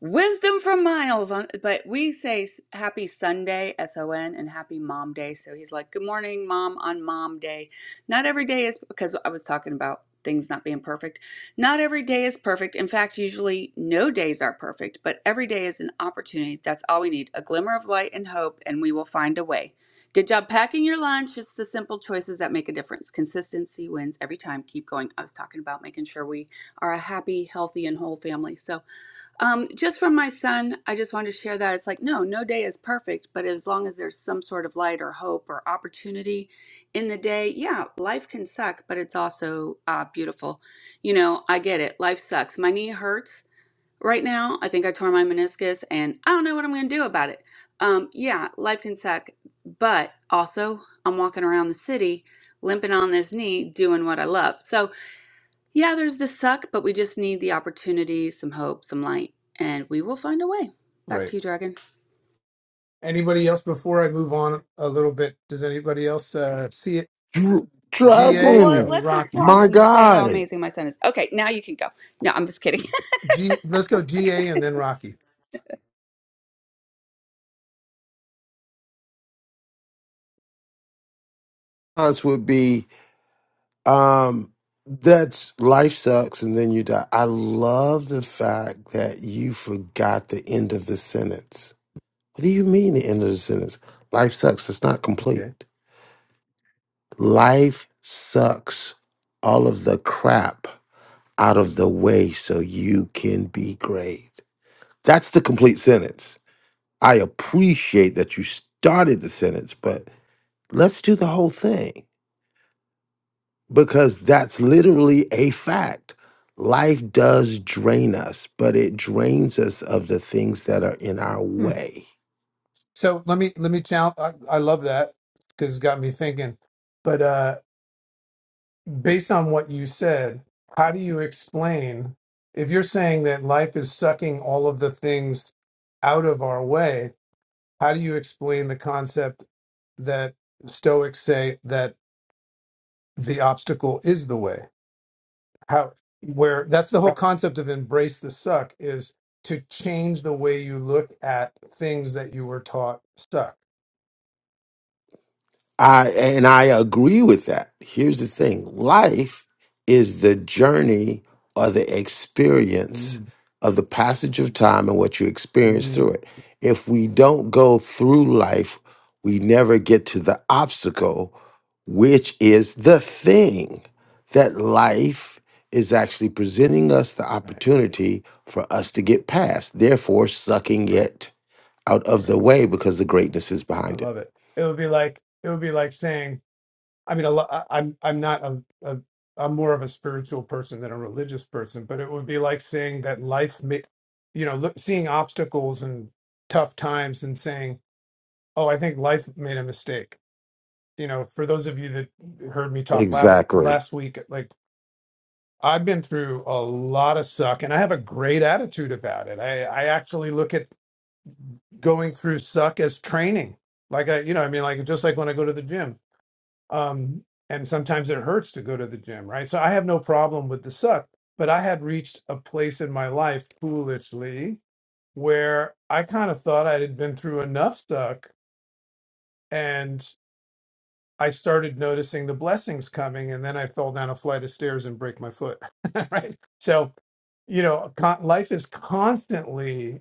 wisdom from Miles on but we say s- happy Sunday, S O N, and happy mom day. So he's like, Good morning, mom, on mom day. Not every day is because I was talking about things not being perfect. Not every day is perfect. In fact, usually no days are perfect, but every day is an opportunity. That's all we need. A glimmer of light and hope, and we will find a way. Good job packing your lunch. It's the simple choices that make a difference. Consistency wins every time. Keep going. I was talking about making sure we are a happy, healthy, and whole family. So, um, just from my son, I just wanted to share that. It's like, no, no day is perfect, but as long as there's some sort of light or hope or opportunity in the day, yeah, life can suck, but it's also uh, beautiful. You know, I get it. Life sucks. My knee hurts right now. I think I tore my meniscus and I don't know what I'm going to do about it. Um, yeah, life can suck, but also I'm walking around the city limping on this knee doing what I love. So, yeah, there's the suck, but we just need the opportunity, some hope, some light, and we will find a way. Back
Right.
to you, Dragon.
Anybody else before I move on a little bit? Does anybody else uh, see it?
Dr-
Yeah,
Well,
GA
well,
Dragon,
and
let's just
Rocky.
pause
my
and say how
guy.
amazing my son is. Okay, now you can go. No, I'm just kidding.
G, let's go GA and then Rocky.
Us would be Um, that's life sucks and then you die. I love the fact that you forgot the end of the sentence. What do you mean the end of the sentence? Life sucks. It's not
Okay.
complete. Life sucks all of the crap out of the way so you can be great. That's the complete sentence. I appreciate that you started the sentence, but let's do the whole thing. because that's literally a fact. Life does drain us, but it drains us of the things that are in our
Hmm.
way.
So let me let me challenge. I, I love that because it's got me thinking. But uh, based on what you said, how do you explain if you're saying that life is sucking all of the things out of our way? How do you explain the concept that Stoics say that the obstacle is the way? How where that's the whole concept of embrace the suck is to change the way you look at things that you were taught suck.
I and I agree with that. Here's the thing. Life is the journey or the experience
Mm,
of the passage of time and what you experience
mm.
through it. If we don't go through life, we never get to the obstacle, which is the thing that life is actually presenting us the
Right,
opportunity for us to get past, therefore sucking
right.
it out of the way because the greatness is
I
behind it.
love it. It would be like it would be like saying, I mean, a lo- I, I'm I'm not a, a I'm more of a spiritual person than a religious person, but it would be like saying that life, ma- you know, look, seeing obstacles and tough times and saying, "Oh, I think life made a mistake." You know, for those of you that heard me talk last
Exactly.
last week, like I've been through a lot of suck, and I have a great attitude about it. I I actually look at going through suck as training. Like I, you know, I mean, like just like when I go to the gym, um, and sometimes it hurts to go to the gym, right? So I have no problem with the suck, but I had reached a place in my life foolishly where I kind of thought I had been through enough suck, and I started noticing the blessings coming, and then I fell down a flight of stairs and break my foot, right? So, you know, con- life is constantly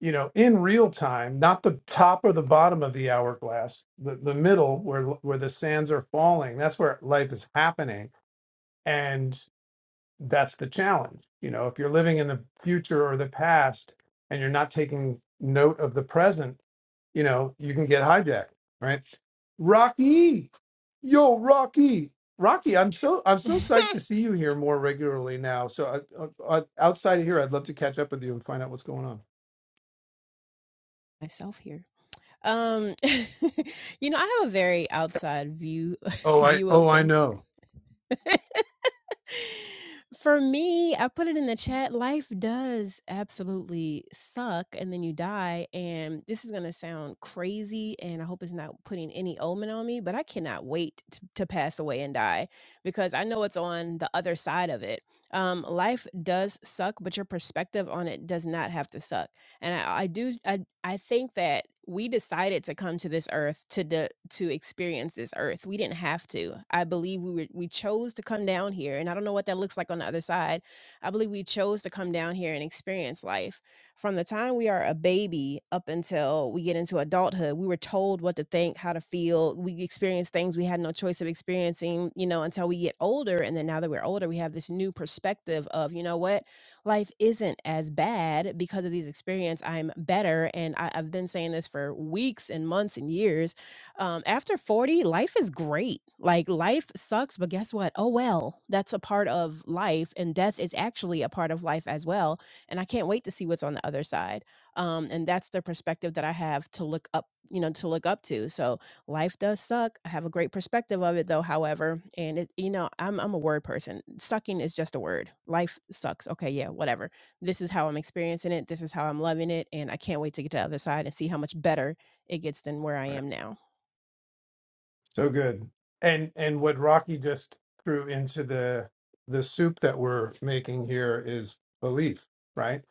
you know, in real time, not the top or the bottom of the hourglass, the, the middle where where the sands are falling. That's where life is happening, and that's the challenge. You know, if you're living in the future or the past and you're not taking note of the present, you know, you can get hijacked, right? Rocky, yo, Rocky, Rocky, I'm so I'm so psyched to see you here more regularly now. So I, I, I, outside of here, I'd love to catch up with you and find out what's going on.
myself here. Um, you know, I have a very outside view
Oh, I
view of
oh I
things.
know.
For me, I put it in the chat. Life does absolutely suck, and then you die. And this is gonna sound crazy, and I hope it's not putting any omen on me, but I cannot wait to, to pass away and die because I know it's on the other side of it. Um, life does suck, but your perspective on it does not have to suck. And I, I do. I I think that we decided to come to this earth to de- to experience this earth. We didn't have to. I believe we were we chose to come down here and I don't know what that looks like on the other side. I believe we chose to come down here and experience life. From the time we are a baby up until we get into adulthood, we were told what to think, how to feel. We experience things we had no choice of experiencing, you know, until we get older and then now that we're older, we have this new perspective of, you know what? life isn't as bad because of these experience. I'm better, and I, I've been saying this for weeks and months and years. Um, after 40, life is great. Like life sucks, but guess what? Oh well, that's a part of life, and death is actually a part of life as well. And I can't wait to see what's on the other side. Um, and that's the perspective that I have to look up, you know, to look up to. So Life does suck. I have a great perspective of it though, however, and it you know, I'm I'm a word person. Sucking is just a word. Life sucks. Okay, yeah, whatever. This is how I'm experiencing it. This is how I'm loving it, and I can't wait to get to the other side and see how much better it gets than where I
Right.
am now.
So good. And and what Rocky just threw into the the soup that we're making here is belief, right?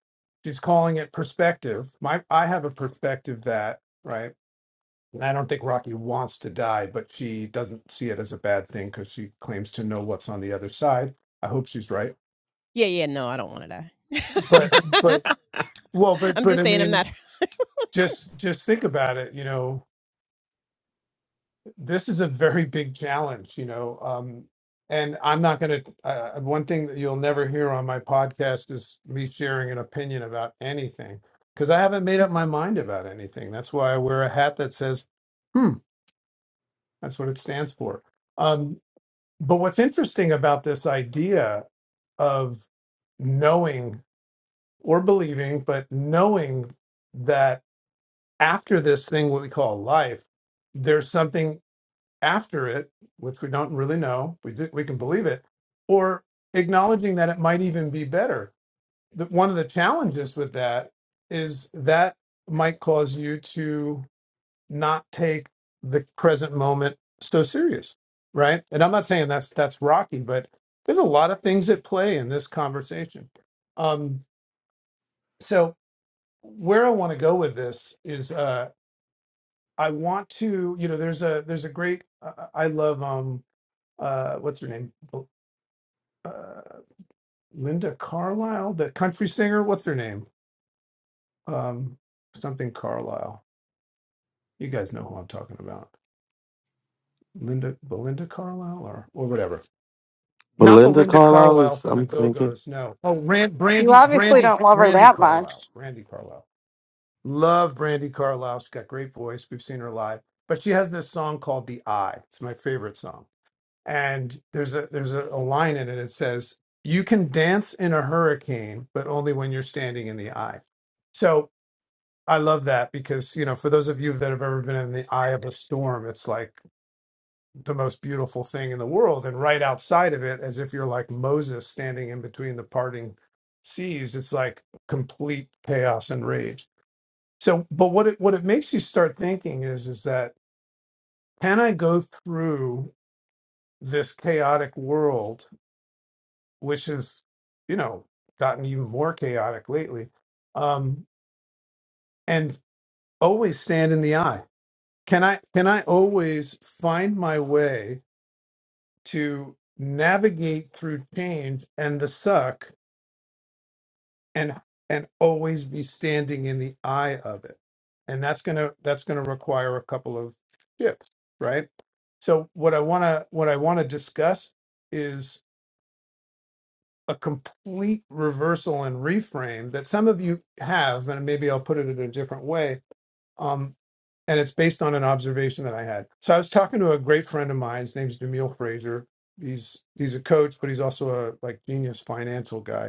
She's calling it perspective. My I have a perspective that, right? And I don't think Rocky wants to die, but she doesn't see it as a bad thing because she claims to know what's on the other side. I hope she's right.
Yeah, yeah, no, I don't want to die.
But but well, but
I'm
but
just
I
saying I'm
mean,
not
just just think about it, you know, this is a very big challenge, you know. Um, and I'm not going to. Uh, one thing that you'll never hear on my podcast is me sharing an opinion about anything because I haven't made up my mind about anything. That's why I wear a hat that says, "Hmm." That's what it stands for. Um, but what's interesting about this idea of knowing or believing, but knowing that after this thing, what we call life, there's something. after it, which we don't really know, we do, we can believe it, or acknowledging that it might even be better. The, one of the challenges with that is that might cause you to not take the present moment so serious, right? And I'm not saying that's that's rocky, but there's a lot of things at play in this conversation. Um, so where I want to go with this is uh, I want to, you know, there's a there's a great I I love um, uh, what's her name? Uh, Linda Carlisle, the country singer. What's her name? Um, something Carlisle. You guys know who I'm talking about. Linda, Belinda Carlisle, or or whatever. Not
Belinda
Belinda
Carlisle
Carlisle
is,
from the
I'm
Go
thinking.
Go's. No. Oh, Rand,
you
Brandy,
obviously
Brandy,
don't love her
Brandy
that much.
Carlisle. Brandy Carlisle. Love Brandy Carlisle. She's got great voice. We've seen her live, but she has this song called "The Eye." It's my favorite song and there's a there's a, a line in it that says you can dance in a hurricane but only when you're standing in the eye so i love that because you know for those of you that have ever been in the eye of a storm it's like the most beautiful thing in the world and right outside of it as if you're like moses standing in between the parting seas it's like complete chaos and rage so but what it what it makes you start thinking is is that can i go through this chaotic world which has, you know, gotten even more chaotic lately. Um, and always stand in the eye. Can I can I always find my way to navigate through change and the suck and and always be standing in the eye of it? And that's gonna that's gonna require a couple of shifts, right? So what I wanna what I wanna discuss is a complete reversal and reframe that some of you have, and maybe I'll put it in a different way. Um, and it's based on an observation that I had. So I was talking to a great friend of mine. His name's Demille Fraser. He's he's a coach, but he's also a like genius financial guy.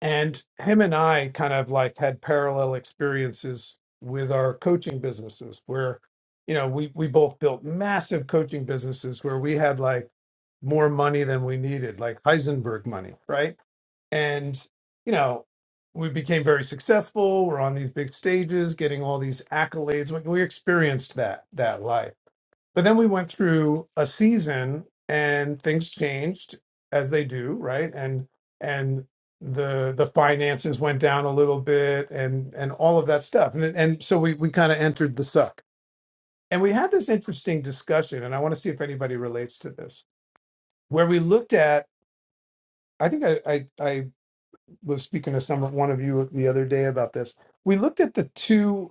And him and I kind of like had parallel experiences with our coaching businesses where, you know, we, we both built massive coaching businesses where we had like more money than we needed, like Heisenberg money, right? and you know we became very successful we're on these big stages getting all these accolades we, we experienced that that life but then we went through a season and things changed as they do, right? And and the the finances went down a little bit and and all of that stuff. And and so we we kind of entered the suck. And we had this interesting discussion and I want to see if anybody relates to this. Where we looked at I think I I, I was speaking to some one of you the other day about this. We looked at the two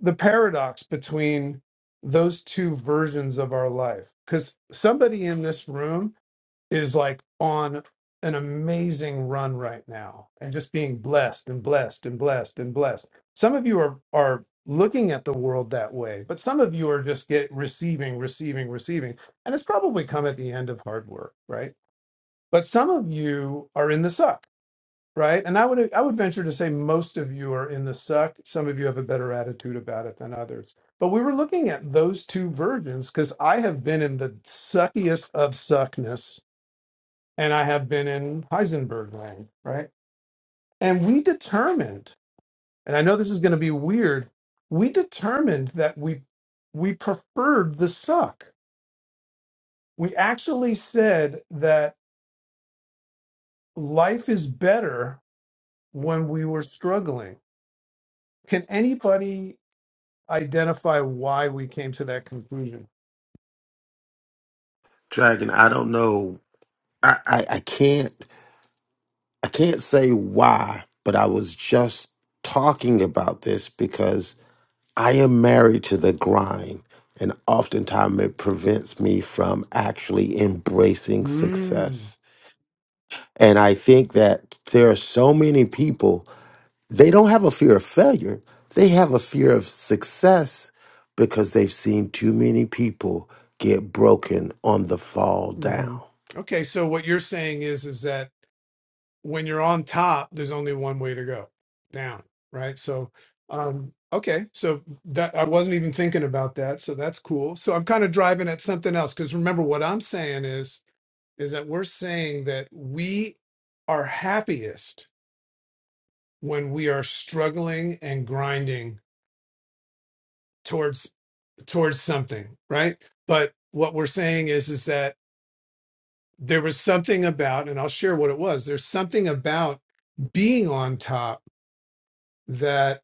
the paradox between those two versions of our life because somebody in this room is like on an amazing run right now and just being blessed and blessed and blessed and blessed some of you are are looking at the world that way but some of you are just get receiving receiving receiving and it's probably come at the end of hard work right but some of you are in the suck right? And I would I would venture to say most of you are in the suck. Some of you have a better attitude about it than others. But we were looking at those two versions because I have been in the suckiest of suckness, and I have been in Heisenberg land, right? And we determined, and I know this is going to be weird, we determined that we we preferred the suck. We actually said that life is better when we were struggling. Can anybody identify why we came to that conclusion.
Dragon, I don't know. I, I, I can't I can't say why, but I was just talking about this because I am married to the grind and oftentimes it prevents me from actually embracing
Mm.
success. And I think that there are so many people They don't have a fear of failure. They have a fear of success because they've seen too many people get broken on the fall down.
hmm Okay, so what you're saying is is that when you're on top, there's only one way to go, down, right? So, um, okay, so that I wasn't even thinking about that, so that's cool. So I'm kind of driving at something else because remember what I'm saying is is that we're saying that we are happiest when we are struggling and grinding towards. towards something, right? But what we're saying is is that there was something about, and I'll share what it was. There's something about being on top that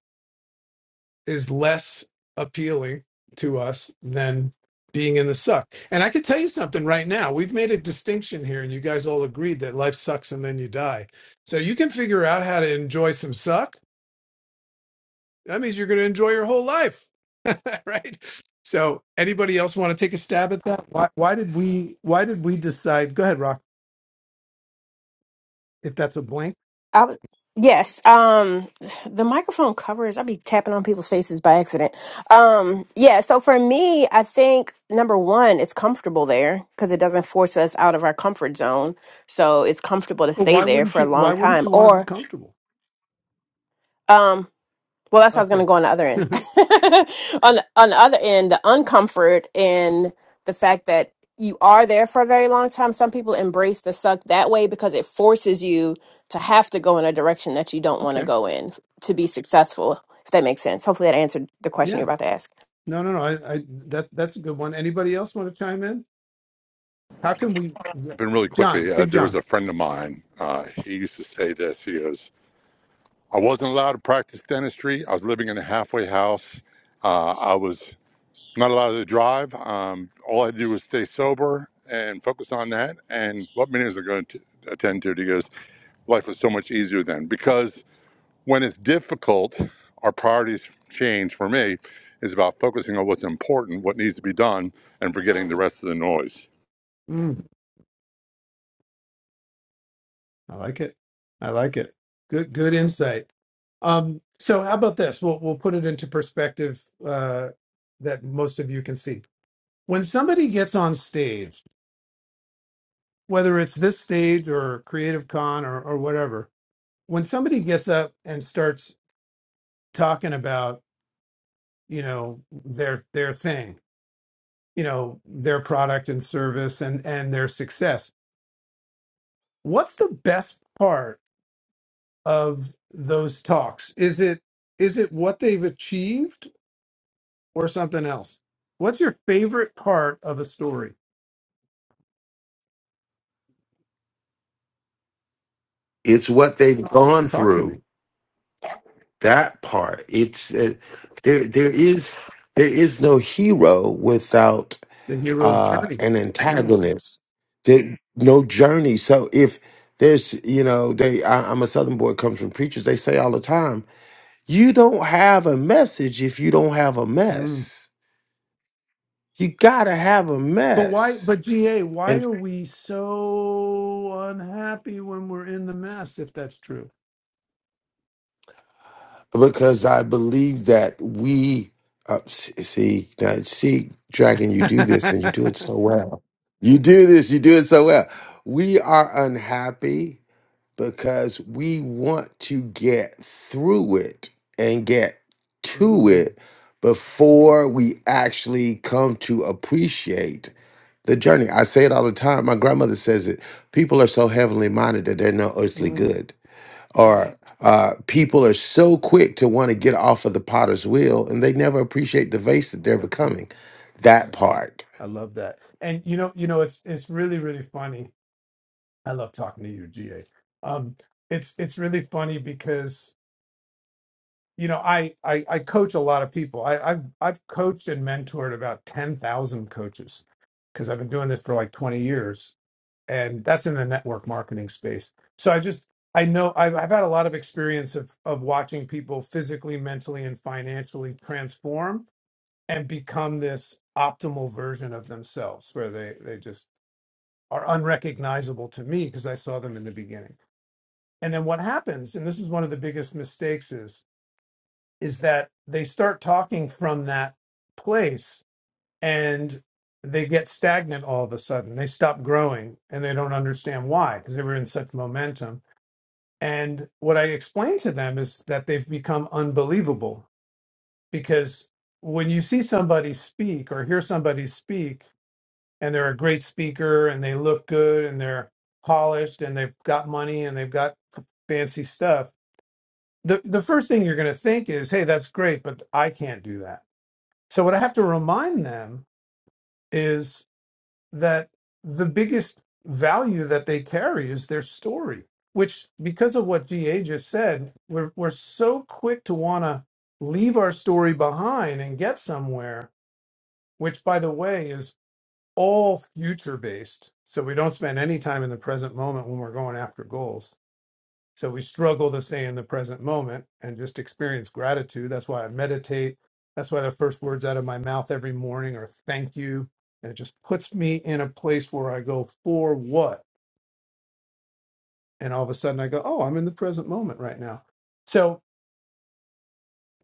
is less appealing to us than being in the suck. And I can tell you something right now. We've made a distinction here, and you guys all agreed that life sucks and then you die. So you can figure out how to enjoy some suck that means you're going to enjoy your whole life right so anybody else want to take a stab at that why, why did we why did we decide go ahead rock if that's a blank
I was, yes. Um, the microphone covers. I'd be tapping on people's faces by accident. Um, yeah. So for me, I think number one, it's comfortable there because it doesn't force us out of our comfort zone. So it's comfortable to
but
stay
why
there
wouldn't
for a
you
long
why wouldn't
time.
you want to be
Or,
comfortable
um, well that's how i was going to
okay
go on the other end on on the other end the uncomfort and the fact that you are there for a very long time some people embrace the suck that way because it forces you to have to go in a direction that you don't want to
okay
go in to be successful if that makes sense hopefully that answered the question
yeah
you're about to ask
no no no I, I that that's a good one anybody else want to chime in how can we
been really quickly.
john
Uh,
big
there was
john
a friend of mine. Uh, he used to say this. He goes, "I wasn't allowed to practice dentistry. I was living in a halfway house. Uh, I was not allowed to drive. Um, all I had to do was stay sober and focus on that. And what meetings are going to attend to?" it?" He goes, "Life was so much easier then because when it's difficult, our priorities change. For me, is about focusing on what's important, what needs to be done, and forgetting the rest of the noise.
Mm, i like it i like it good good insight um, so how about this? We'll we'll put it into perspective uh, that most of you can see. when somebody gets on stage, whether it's this stage or Creative Con or, or whatever, when somebody gets up and starts talking about, you know, their their thing, you know, their product and service and and their success, what's the best part of those talks? Is it is it what they've achieved or something else? What's your favorite part of a story?
It's what they've gone
Talk to me.
through. That part. It's uh, there. There is there is no hero without
The hero's
uh,
journey.
an
Yeah.
antagonist. There, no journey. So if there's you know they I, I'm a Southern boy comes from preachers. They say all the time, you don't have a message if you don't have a
Mm-hmm.
mess. You gotta have a
But why?
mess.
But GA, why
And
are we so unhappy when we're in the mess? If that's true.
because I believe that we uh, s- see now, see dragon, you do this and you do it so well. You do this, you do it so well. We are unhappy because we want to get through it and get to
Mm,
it before we actually come to appreciate the journey. I say it all the time. My grandmother says it. People are so heavenly minded that they're no earthly
mm.
good or uh, people are so quick to want to get off of the potter's wheel and they never appreciate the vase that they're
Yeah,
becoming. That part.
I love that. And you know, you know, it's it's really really funny. I love talking to you, GA. Um, it's it's really funny because you know I I, I coach a lot of people. I, I've I've coached and mentored about ten thousand coaches because I've been doing this for like twenty years, and that's in the network marketing space. So I just I know I've, I've had a lot of experience of of watching people physically, mentally, and financially transform and become this optimal version of themselves, where they they just are unrecognizable to me because I saw them in the beginning. And then what happens, and this is one of the biggest mistakes is is that they start talking from that place and they get stagnant all of a sudden. They stop growing and they don't understand why because they were in such momentum. And what I explain to them is that they've become unbelievable because when you see somebody speak or hear somebody speak and they're a great speaker and they look good and they're polished and they've got money and they've got f- fancy stuff, the, the first thing you're going to think is, hey, that's great, but I can't do that. So, what I have to remind them is that the biggest value that they carry is their story, which, because of what GA just said, we're, we're so quick to want to leave our story behind and get somewhere, which, by the way, is all future based. So we don't spend any time in the present moment when we're going after goals. So we struggle to stay in the present moment and just experience gratitude. That's why I meditate. That's why the first words out of my mouth every morning are thank you. And it just puts me in a place where I go, for what? And all of a sudden I go, oh, I'm in the present moment right now. So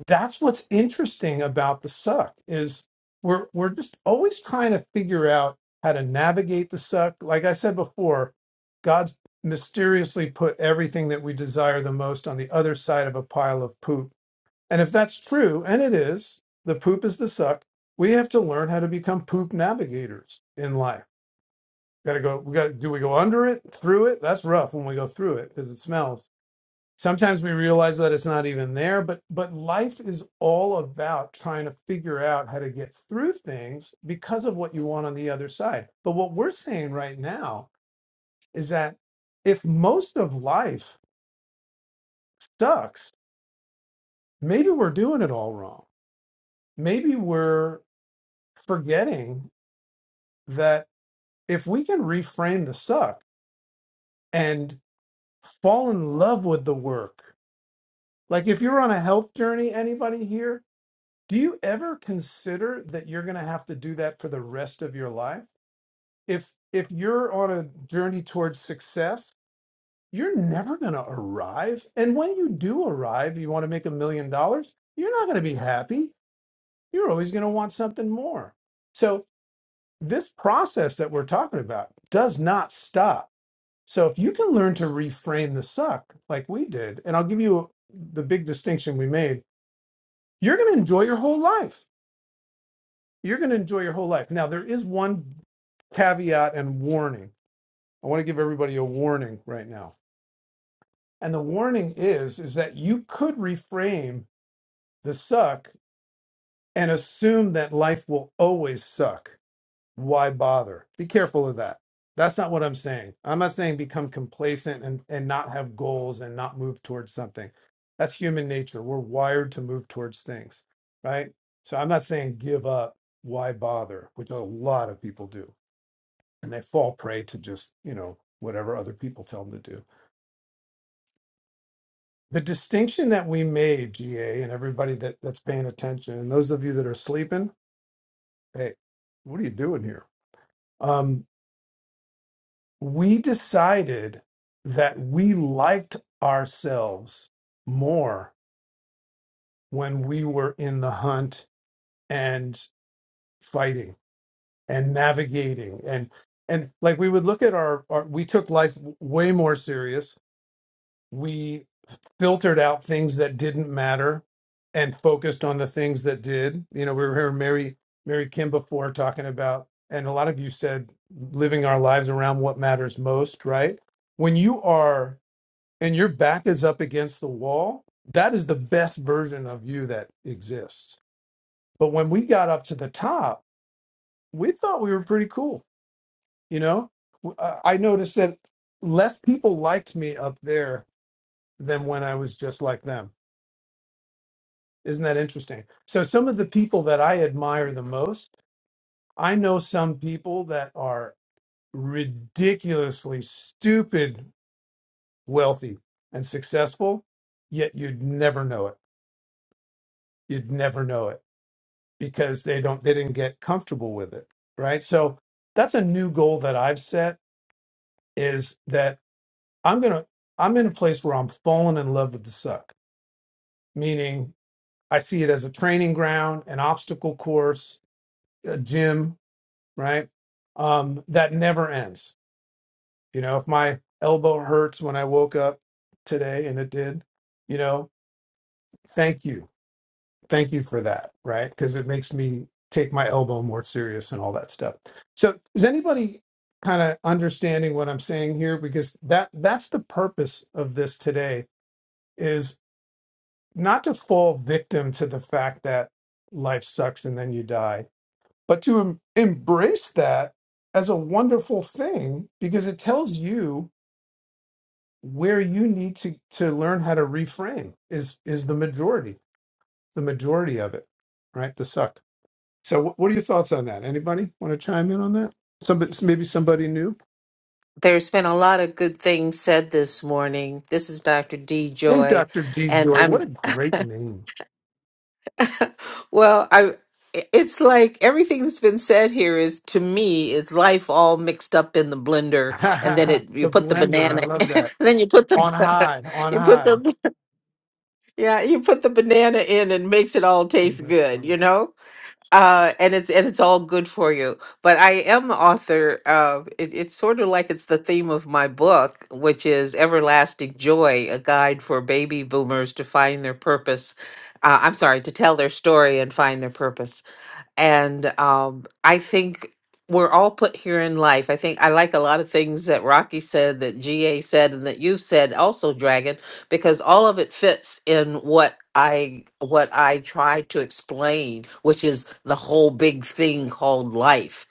that's what's interesting about the suck is we're we're just always trying to figure out how to navigate the suck. Like I said before, God's mysteriously put everything that we desire the most on the other side of a pile of poop And if that's true, and it is, the poop is the suck, we have to learn how to become poop navigators in life. Gotta go, we gotta, do we go under it, through it? That's rough when we go through it because it smells. Sometimes we realize that it's not even there, but but life is all about trying to figure out how to get through things because of what you want on the other side. But what we're saying right now is that if most of life sucks, maybe we're doing it all wrong. Maybe we're forgetting that if we can reframe the suck and fall in love with the work, like if you're on a health journey, anybody here, do you ever consider that you're going to have to do that for the rest of your life? If if you're on a journey towards success, you're never going to arrive. And when you do arrive, you want to make a million dollars, you're not going to be happy. You're always going to want something more. So, this process that we're talking about does not stop So if you can learn to reframe the suck like we did, and I'll give you the big distinction we made, you're going to enjoy your whole life. You're going to enjoy your whole life. Now, there is one caveat and warning. I want to give everybody a warning right now. And the warning is is that you could reframe the suck and assume that life will always suck why bother? Be careful of that. That's not what I'm saying. I'm not saying become complacent and, and not have goals and not move towards something. That's human nature. We're wired to move towards things, right? So I'm not saying give up. Why bother? Which a lot of people do. And they fall prey to just, you know, whatever other people tell them to do. The distinction that we made, GA, and everybody that, that's paying attention, and those of you that are sleeping, hey, what are you doing here? Um, we decided that we liked ourselves more when we were in the hunt and fighting and navigating and and like we would look at our, our we took life w- way more serious we filtered out things that didn't matter and focused on the things that did you know we were hearing mary mary kim before talking about and a lot of you said living our lives around what matters most right when you are and your back is up against the wall, that is the best version of you that exists. But when we got up to the top, we thought we were pretty cool. You know, W- I I noticed that less people liked me up there than when I was just like them. Isn't that interesting? So, some of the people that I admire the most, I know some people that are ridiculously stupid wealthy and successful, yet you'd never know it. You'd never know it because they don't they didn't get comfortable with it right so that's a new goal that i've set is that i'm gonna i'm in a place where i'm falling in love with the suck meaning i see it as a training ground an obstacle course a gym right um that never ends you know if my elbow hurts when i woke up today and it did you know thank you thank you for that, right? Because it makes me take my elbow more serious and all that stuff. So is anybody kind of understanding what I'm saying here? Because that that's the purpose of this today is not to fall victim to the fact that life sucks and then you die, but to em- embrace that as a wonderful thing because it tells you where you need to to learn how to reframe is is the majority the majority of it right the suck So, wh- what are your thoughts on that? Anybody want to chime in on that? Somebody, maybe somebody new.
There's been a lot of good things said this morning. This is Dr. D
Hey,
Joy,
Doctor D
and
Joy, what
I'm
a great name!
well, I it's like everything that's been said here is to me is life all mixed up in the blender and then
the
it you put the
blender, I
banana
love
and
that.
then you put
On
the
high, on
you put
high.
the yeah, you put the banana in and makes it all
I think
taste
That's
good,
funny.
you know? uh and it's and it's all good for you but i am author uh it, it's sort of like it's the theme of my book which is everlasting joy a guide for baby boomers to find their purpose uh, i'm sorry to tell their story and find their purpose and um, I think we're all put here in life. I think I like a lot of things that Rocky said, that GA said, and that you've said also, Dragon, because all of it fits in what I what I try to explain, which is the whole big thing called life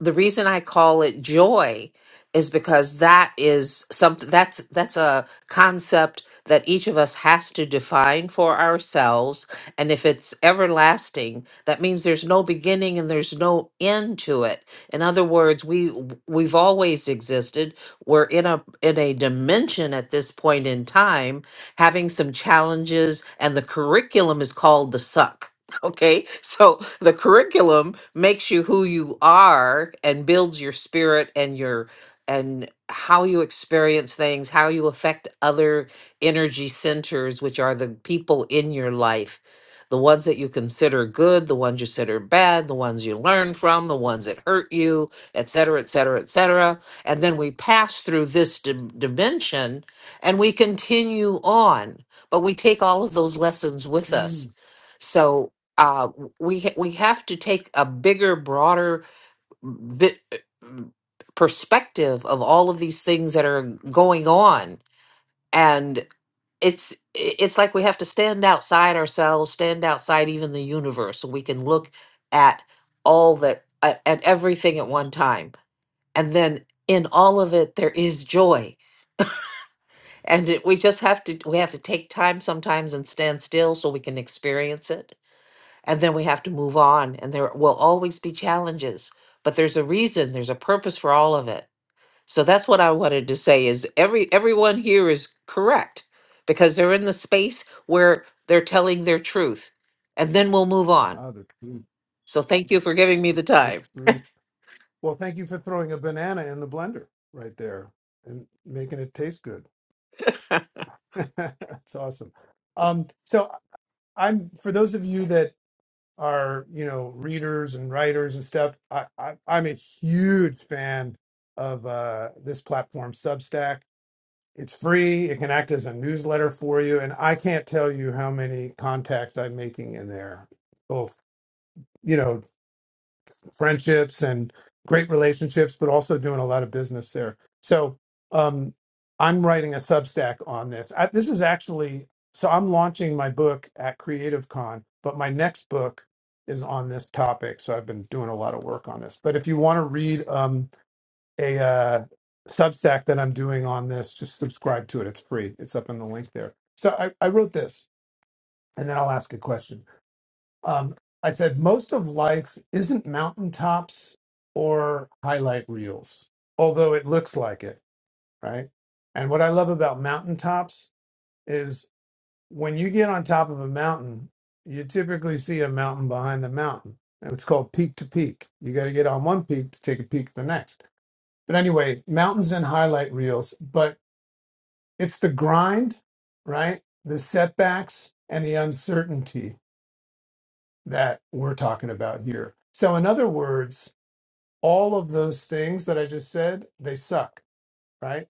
the reason I call it joy is because that is something that's that's a concept that each of us has to define for ourselves and if it's everlasting that means there's no beginning and there's no end to it in other words we we've always existed we're in a in a dimension at this point in time having some challenges and the curriculum is called the suck Okay, so the curriculum makes you who you are and builds your spirit and your and how you experience things, how you affect other energy centers, which are the people in your life, the ones that you consider good, the ones you consider bad, the ones you learn from, the ones that hurt you, et cetera, et cetera, et cetera. And then we pass through this dim- dimension and we continue on, but we take all of those lessons with
Mm.
us. So uh, we ha- we have to take a bigger, broader vi- perspective of all of these things that are going on, and it's it's like we have to stand outside ourselves, stand outside even the universe, so we can look at all that at at everything at one time, and then in all of it there is joy and it, we just have to we have to take time sometimes and stand still so we can experience it and then we have to move on and there will always be challenges but there's a reason there's a purpose for all of it so that's what i wanted to say is every everyone here is correct because they're in the space where they're telling their truth and then we'll move on
Ah, the truth,
so thank you for giving me the
the
time
truth. Well, thank you for throwing a banana in the blender right there and making it taste good. That's awesome. Um, so I'm for those of you that our you know readers and writers and stuff I, I i'm a huge fan of uh this platform substack it's free it can act as a newsletter for you and i can't tell you how many contacts i'm making in there both you know friendships and great relationships, but also doing a lot of business there. So um, I'm writing a Substack on this. I, this is actually so I'm launching my book at Creative Con, but my next book is on this topic. So I've been doing a lot of work on this. But if you want to read um, a uh, Substack that I'm doing on this, just subscribe to it. It's free. It's up in the link there. So I, I wrote this, and then I'll ask a question. Um, I said, most of life isn't mountaintops or highlight reels, although it looks like it, right? And what I love about mountaintops is when you get on top of a mountain, you typically see a mountain behind the mountain. And It's called peak to peak. You got to get on one peak to take a peek at the next. But anyway, mountains and highlight reels, but it's the grind, right? The setbacks and the uncertainty that we're talking about here. So, in other words, all of those things that I just said, they suck, right?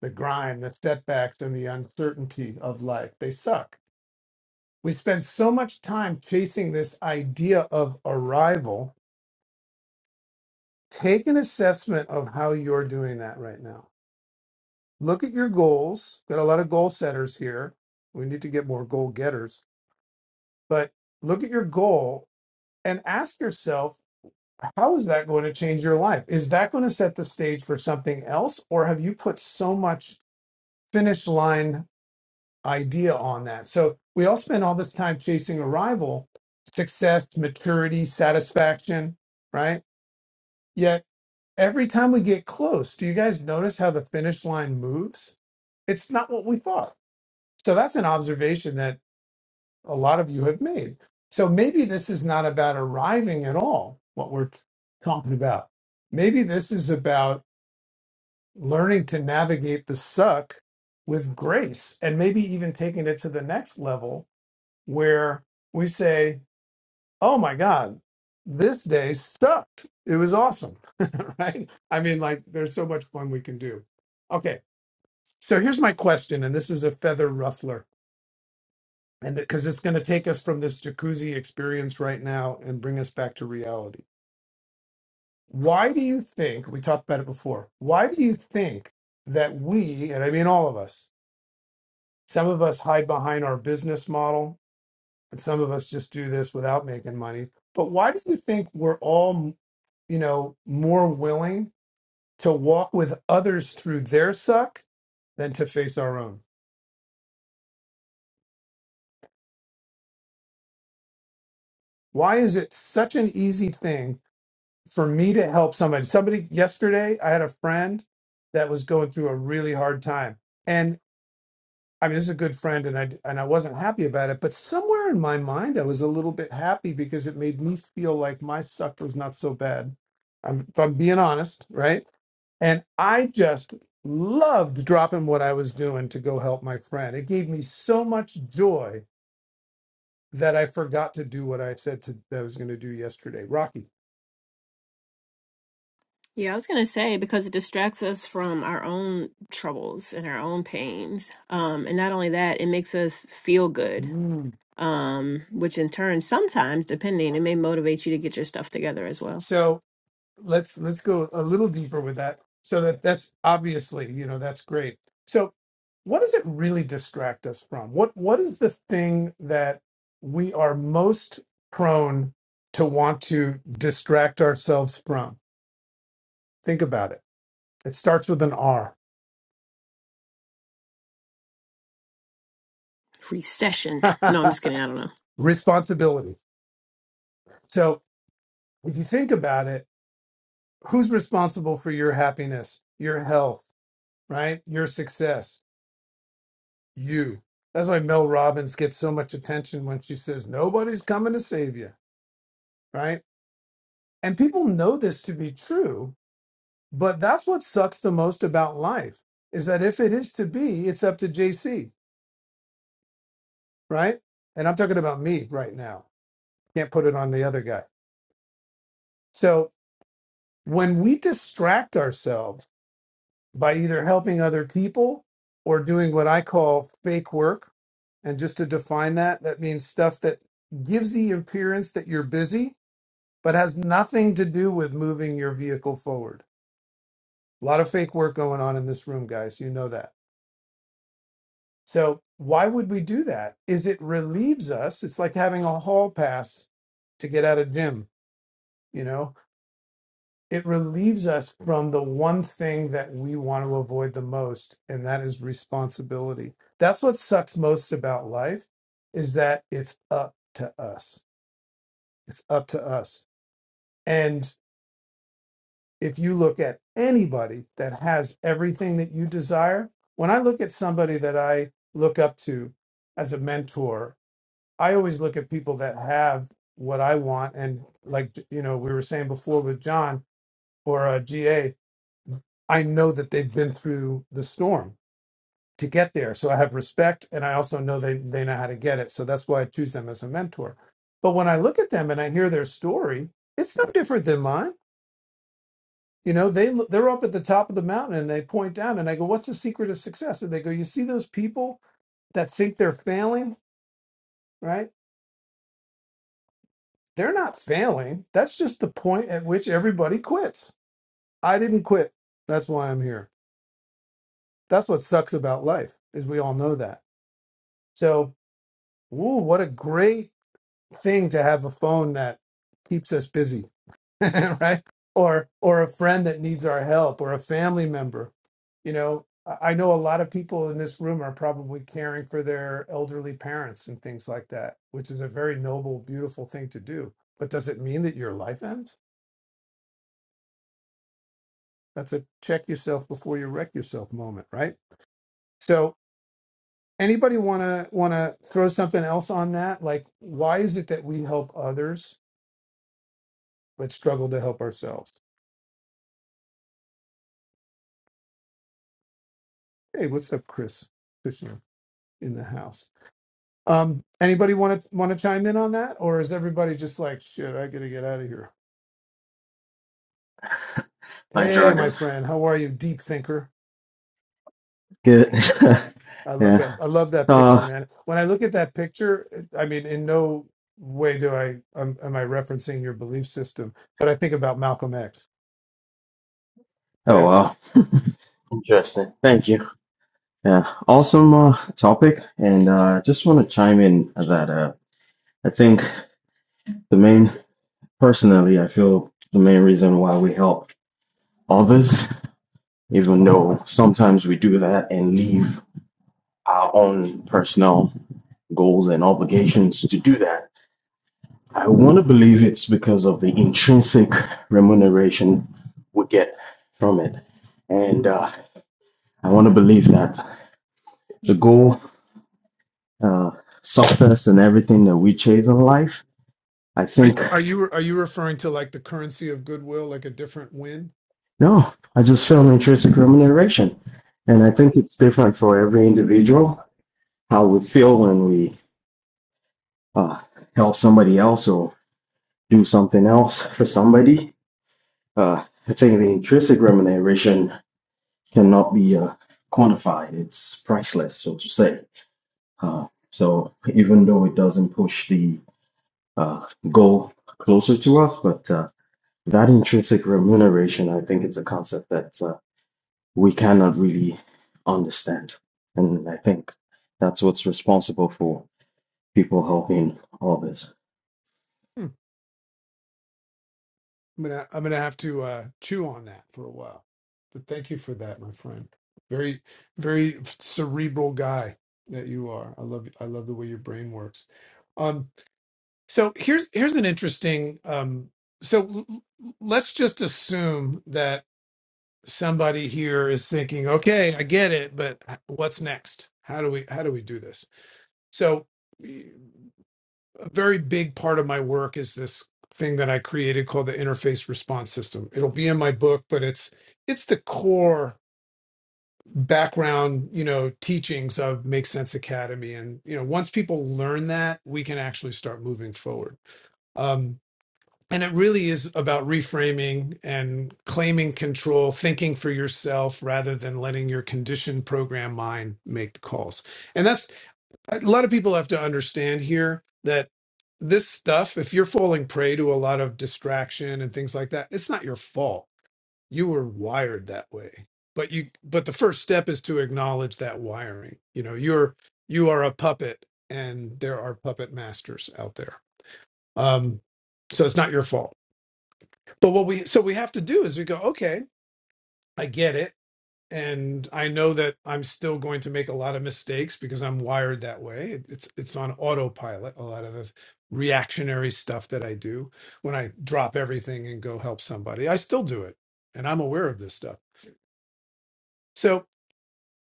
The grind, the setbacks, and the uncertainty of life, they suck. We spend so much time chasing this idea of arrival. Take an assessment of how you're doing that right now. Look at your goals. Got a lot of goal setters here. We need to get more goal getters, but look at your goal and ask yourself how is that going to change your life? Is that going to set the stage for something else? Or have you put so much finish line idea on that? So we all spend all this time chasing arrival, success, maturity, satisfaction, right? Yet every time we get close, do you guys notice how the finish line moves? It's not what we thought. So that's an observation that a lot of you have made. So maybe this is not about arriving at all, what we're t- talking about. Maybe this is about learning to navigate the suck with grace and maybe even taking it to the next level where we say, oh my God, this day sucked. It was awesome, right? I mean, like, there's so much fun we can do. Okay, so here's my question, and this is a feather ruffler and because it's going to take us from this jacuzzi experience right now and bring us back to reality. Why do you think we talked about it before? Why do you think that we, and I mean all of us, some of us hide behind our business model, and some of us just do this without making money. But why do you think we're all, you know, more willing to walk with others through their suck than to face our own? Why is it such an easy thing for me to help somebody. Somebody yesterday, I had a friend that was going through a really hard time, and I mean, this is a good friend, and I and I wasn't happy about it. But somewhere in my mind, I was a little bit happy because it made me feel like my suck was not so bad. I'm, if I'm being honest, right? And I just loved dropping what I was doing to go help my friend. It gave me so much joy that I forgot to do what I said to, that I was going to do yesterday. Rocky.
Yeah, I was gonna say because it distracts us from our own troubles and our own pains. Um, and not only that, it makes us feel good.
Mm.
um, which in turn, sometimes, depending, it may motivate you to get your stuff together as well.
So let's let's go a little deeper with that so that that's obviously you know that's great so what does it really distract us from what what is the thing that we are most prone to want to distract ourselves from think about it it starts with an r
And, um,
responsibility so if you think about it who's responsible for your happiness your health right your success you. That's why Mel Robbins gets so much attention when she says, Nobody's coming to save you, right? And people know this to be true, but that's what sucks the most about life is that if it is to be, it's up to JC, right? And I'm talking about me right now. Can't put it on the other guy. So when we distract ourselves by either helping other people or doing what I call fake work, and just to define that, that means stuff that gives the appearance that you're busy but has nothing to do with moving your vehicle forward. A lot of fake work going on in this room, guys. You know that. So why would we do that? Is it relieves us? It's like having a hall pass to get out of gym, you know? It relieves us from the one thing that we want to avoid the most, and that is responsibility. That's what sucks most about life is that it's up to us. It's up to us. and. if you look at anybody that has everything that you desire, when I look at somebody that I look up to as a mentor, I always look at people that have what I want. And like, you know, we were saying before with John or uh, GA, I know that they've been through the storm to get there. So I have respect and I also know they, they know how to get it. So that's why I choose them as a mentor. But when I look at them and I hear their story, it's no different than mine You know, they they're up at the top of the mountain and they point down and I go, "What's the secret of success?" And they go, "You see those people that think they're failing, right? They're not failing. That's just the point at which everybody quits. I didn't quit. That's why I'm here. That's what sucks about life is we all know that. So, ooh, what a great thing to have a phone that keeps us busy right? Or or a friend that needs our help or a family member. You know, I I know a lot of people in this room are probably caring for their elderly parents and things like that, which is a very noble, beautiful thing to do. But does it mean that your life ends? That's a check yourself before you wreck yourself moment, right? So anybody wanna wanna throw something else on that? Like why is it that we help others but struggle to help ourselves? Hey, what's up, Chris? Krishna in the house. Um, anybody want to want to chime in on that, or is everybody just like, shit, I gotta get out of here?
my
Hey, my
jargon.
friend, how are you, deep thinker?
Good.
I love
yeah.
that. I love that picture,
Uh,
man. When I look at that picture, it- I mean, in no way do I um, am I referencing your belief system, but I think about Malcolm X.
oh
Yeah.
well. Interesting. Thank you. Yeah. Awesome uh, topic, and uh, just want to chime in that uh, I think the main, personally, I feel the main reason why we help others, even though sometimes we do that and leave our own personal goals and obligations to do that. I want to believe it's because of the intrinsic remuneration we get from it. And uh, I want to believe that the goal, uh, success, and everything that we chase in life, I
Are
think,
are you are you referring to like the currency of goodwill, like a different win?
no, I just feel intrinsic remuneration. And I
Okay.
think it's different for every individual how we feel when we uh, help somebody else or do something else for somebody. Uh, I think the intrinsic remuneration cannot be uh, quantified, it's priceless, so to say. Uh, so even though it doesn't push the uh, goal closer to us, but. Uh, that intrinsic remuneration, I think it's a concept that uh, we cannot really understand. And I think that's what's responsible for people helping all this.
I'm gonna I'm gonna have to uh, chew on that for a while. But thank you for that, my friend. Very very cerebral guy that you are. I love I love the way your brain works. Um, so here's here's an interesting. Um, so l- l- let's just assume that somebody here is thinking, okay, I get it, but what's next? How do we how do we do this? So a very big part of my work is this thing that I created called the interface response system. It'll be in my book, but it's it's the core background, you know, teachings of Make Sense Academy. And you know, once people learn that, we can actually start moving forward. Um, and it really is about reframing and claiming control, thinking for yourself rather than letting your conditioned program mind make the calls. And that's a lot of people have to understand here that this stuff, if you're falling prey to a lot of distraction and things like that, it's not your fault. You were wired that way. But you but the first step is to acknowledge that wiring. You know, you're you are a puppet and there are puppet masters out there. Um so it's not your fault. But what we so we have to do is we go, okay, I get it and I know that I'm still going to make a lot of mistakes because I'm wired that way. It- It's it's on autopilot. A lot of the reactionary stuff that I do when I drop everything and go help somebody, I still do it, and I'm aware of this stuff. So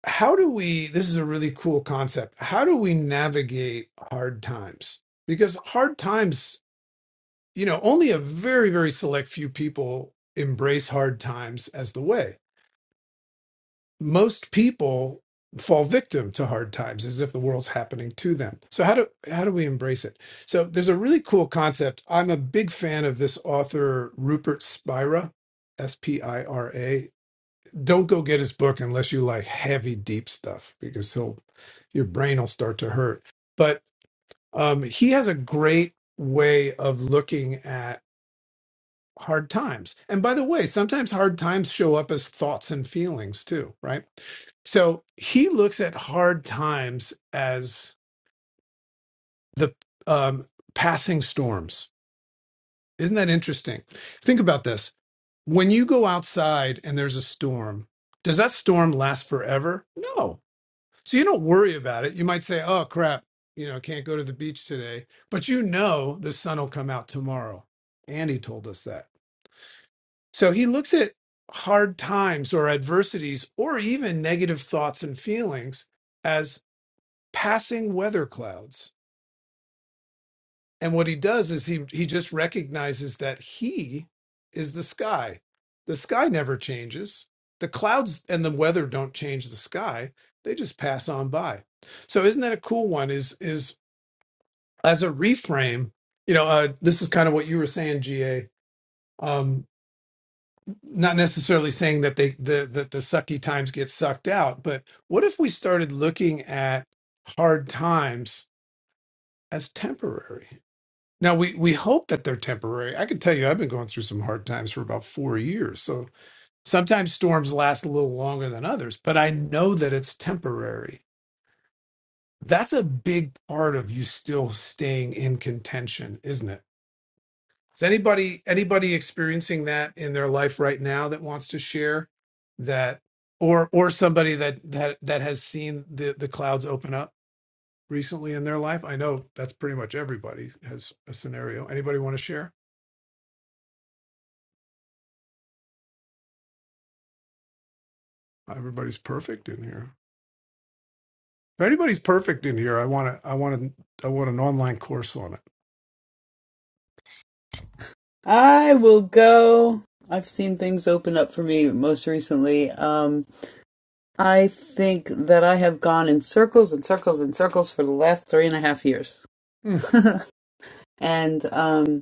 how do we? This is a really cool concept. How do we navigate hard times? Because hard times, you know, only a very very select few people embrace hard times as the way most people fall victim to hard times as if the world's happening to them. So how do how do we embrace it? So there's a really cool concept. I'm a big fan of this author Rupert Spira, S P I R A. Don't go get his book unless you like heavy deep stuff because he'll your brain will start to hurt. But um he has a great way of looking at hard times. And by the way, sometimes hard times show up as thoughts and feelings too, right? So he looks at hard times as the um, passing storms. Isn't that interesting? Think about this. When you go outside and there's a storm, does that storm last forever? No. So you don't worry about it. You might say, oh, crap, you know, can't go to the beach today. But you know the sun will come out tomorrow. Andy told us that. So he looks at hard times or adversities or even negative thoughts and feelings as passing weather clouds. And what he does is he, he just recognizes that he is the sky. The sky never changes. The clouds and the weather don't change the sky. They just pass on by. So isn't that a cool one? Is is as a reframe, you know, uh, this is kind of what you were saying, GA. not necessarily saying that they the that the sucky times get sucked out, but what if we started looking at hard times as temporary? Now we we hope that they're temporary. I can tell you I've been going through some hard times for about 4 years. So sometimes storms last a little longer than others, but I know that it's temporary. That's a big part of you still staying in contention, isn't it? Is anybody anybody experiencing that in their life right now that wants to share that or or somebody that that that has seen the the clouds open up recently in their life? I know that's pretty much everybody has a scenario. Anybody want to share? Everybody's perfect in here. If anybody's perfect in here, I want to I want to I want an online course on it.
I will go. I've seen things open up for me most recently. Um, I think that I have gone in circles and circles and circles for the last three and a half years.
Hmm.
and um,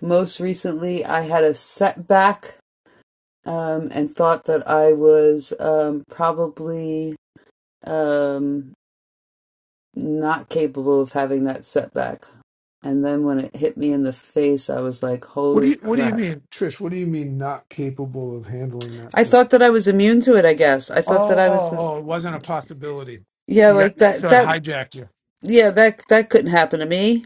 most recently, I had a setback um, and thought that I was um, probably um, not capable of having that setback. And then when it hit me in the face, I was like,
What do
holy
you What do you
crap.
mean, Trish? What do you mean not capable of handling that
I
stuff?
thought that I was immune to it, I guess. I thought that
Oh,
I was,
oh, oh! It wasn't a possibility.
yeah,
You got
like that,
so it
that,
hijacked you.
yeah, that, that couldn't happen to me.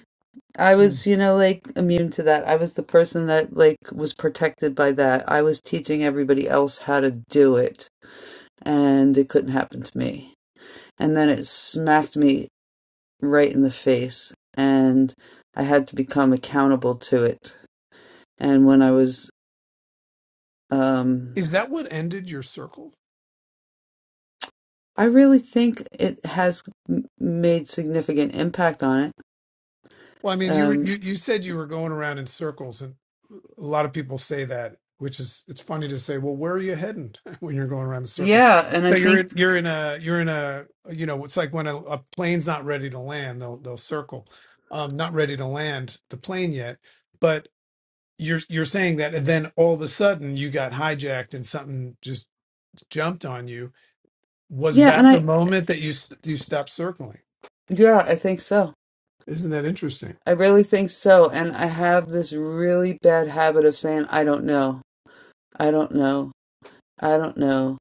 I was, you know, like immune to that. I was the person that, like, was protected by that. I was teaching everybody else how to do it, and it couldn't happen to me. And then it smacked me right in the face, and I had to become accountable to it. And when I was, um,
Is that what ended your circle?
I really think it has m- made significant impact on it.
Well, I mean, you were,
Um,
you you said you were going around in circles, and a lot of people say that, which is it's funny to say. Well, where are you heading when you're going around in a circle?
yeah, and
So
I
you're in
think
you're in a you're in a you know it's like when a, a plane's not ready to land, they'll they'll circle, um, not ready to land the plane yet, but you're you're saying that, and then all of a sudden you got hijacked and something just jumped on you. Was
yeah, and
that the
I
moment that you s- you stopped circling?
yeah, I think so.
Isn't that interesting?
I really think so. And I have this really bad habit of saying I don't know, I don't know, I don't know.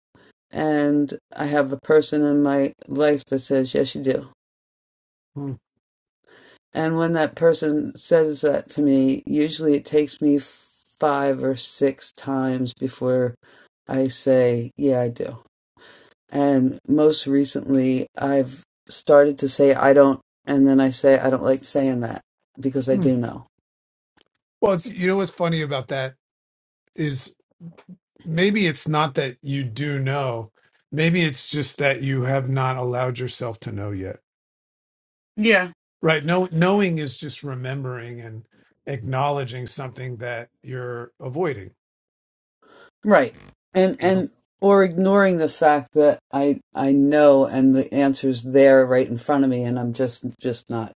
And I have a person in my life that says yes, you do.
Hmm.
And when that person says that to me, usually it takes me five or six times before I say yeah, I do And most recently, I've started to say I don't, and then I say I don't like saying that because I do know.
Well, it's, you know what's funny about that is maybe it's not that you do know. Maybe it's just that you have not allowed yourself to know yet. Right? No, knowing is just remembering and acknowledging something that you're avoiding.
Right. And,
You know?
and, or ignoring the fact that I, I know and the answer's there right in front of me and I'm just, just not,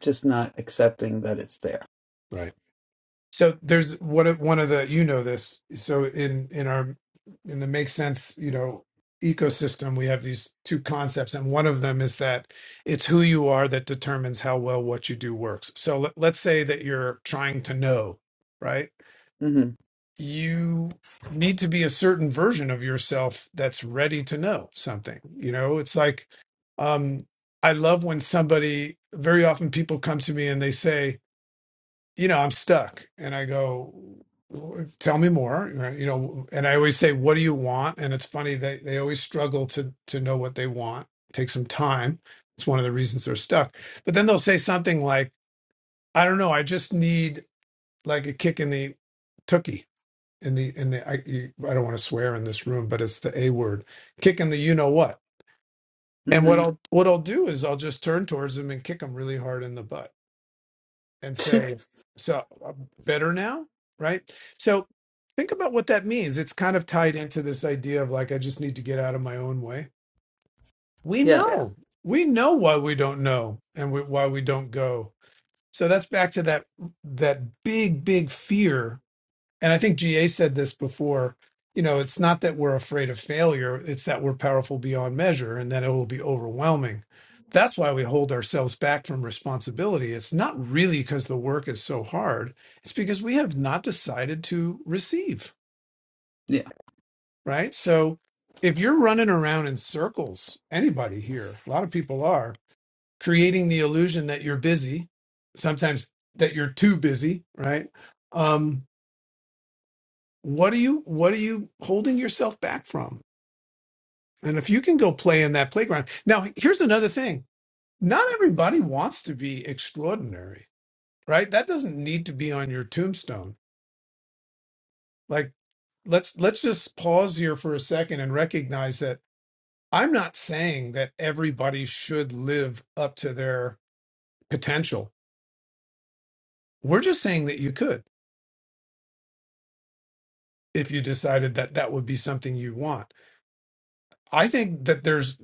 just not accepting that it's there.
Right. So there's what one of the you know this. So in in our in the make sense you know ecosystem, we have these two concepts, and one of them is that it's who you are that determines how well what you do works. So let, let's say that you're trying to know, right?
Mm
You need to be a certain version of yourself that's ready to know something. You know, it's like um, I love when somebody. Very often, people come to me and they say you know, I'm stuck. And I go, "W- tell me more, right? you know, and I always say, what do you want? And it's funny they, they always struggle to, to know what they want. Take some time. It's one of the reasons they're stuck. But then they'll say something like, I don't know. I just need like a kick in the tookie in the, in the, I, you, I don't want to swear in this room, but it's the a word kick in the, you know what?
hmm.
And what
Mm
I'll, what I'll do is I'll just turn towards them and kick them really hard in the butt and
hmm.
say, so uh, better now, right? So think about what that means. It's kind of tied into this idea of like, I just need to get out of my own way. We
yeah.
know, we know why we don't know and we, why we don't go. So that's back to that that big, big fear and I think GA said this before, you know, it's not that we're afraid of failure, it's that we're powerful beyond measure and that it will be overwhelming. That's why we hold ourselves back from responsibility. It's not really because the work is so hard, it's because we have not decided to receive,
Yeah.
right? So if you're running around in circles, anybody here, a lot of people are, creating the illusion that you're busy, sometimes that you're too busy, right? Um, what are you what are you holding yourself back from and if you can go play in that playground now here's another thing not everybody wants to be extraordinary right that doesn't need to be on your tombstone like let's let's just pause here for a second and recognize that i'm not saying that everybody should live up to their potential we're just saying that you could if you decided that that would be something you want I think that there's,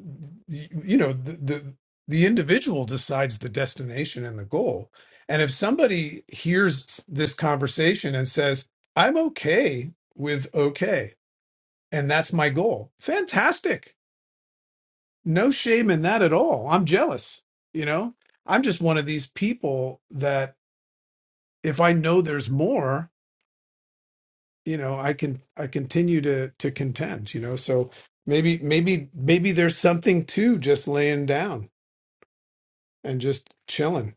you know, the, the the individual decides the destination and the goal. And if somebody hears this conversation and says, "I'm okay with okay, and that's my goal," fantastic. No shame in that at all. I'm jealous. You know, I'm just one of these people that if I know there's more, you know, I can I continue to to contend. You know, so maybe maybe maybe there's something to just laying down and just chilling.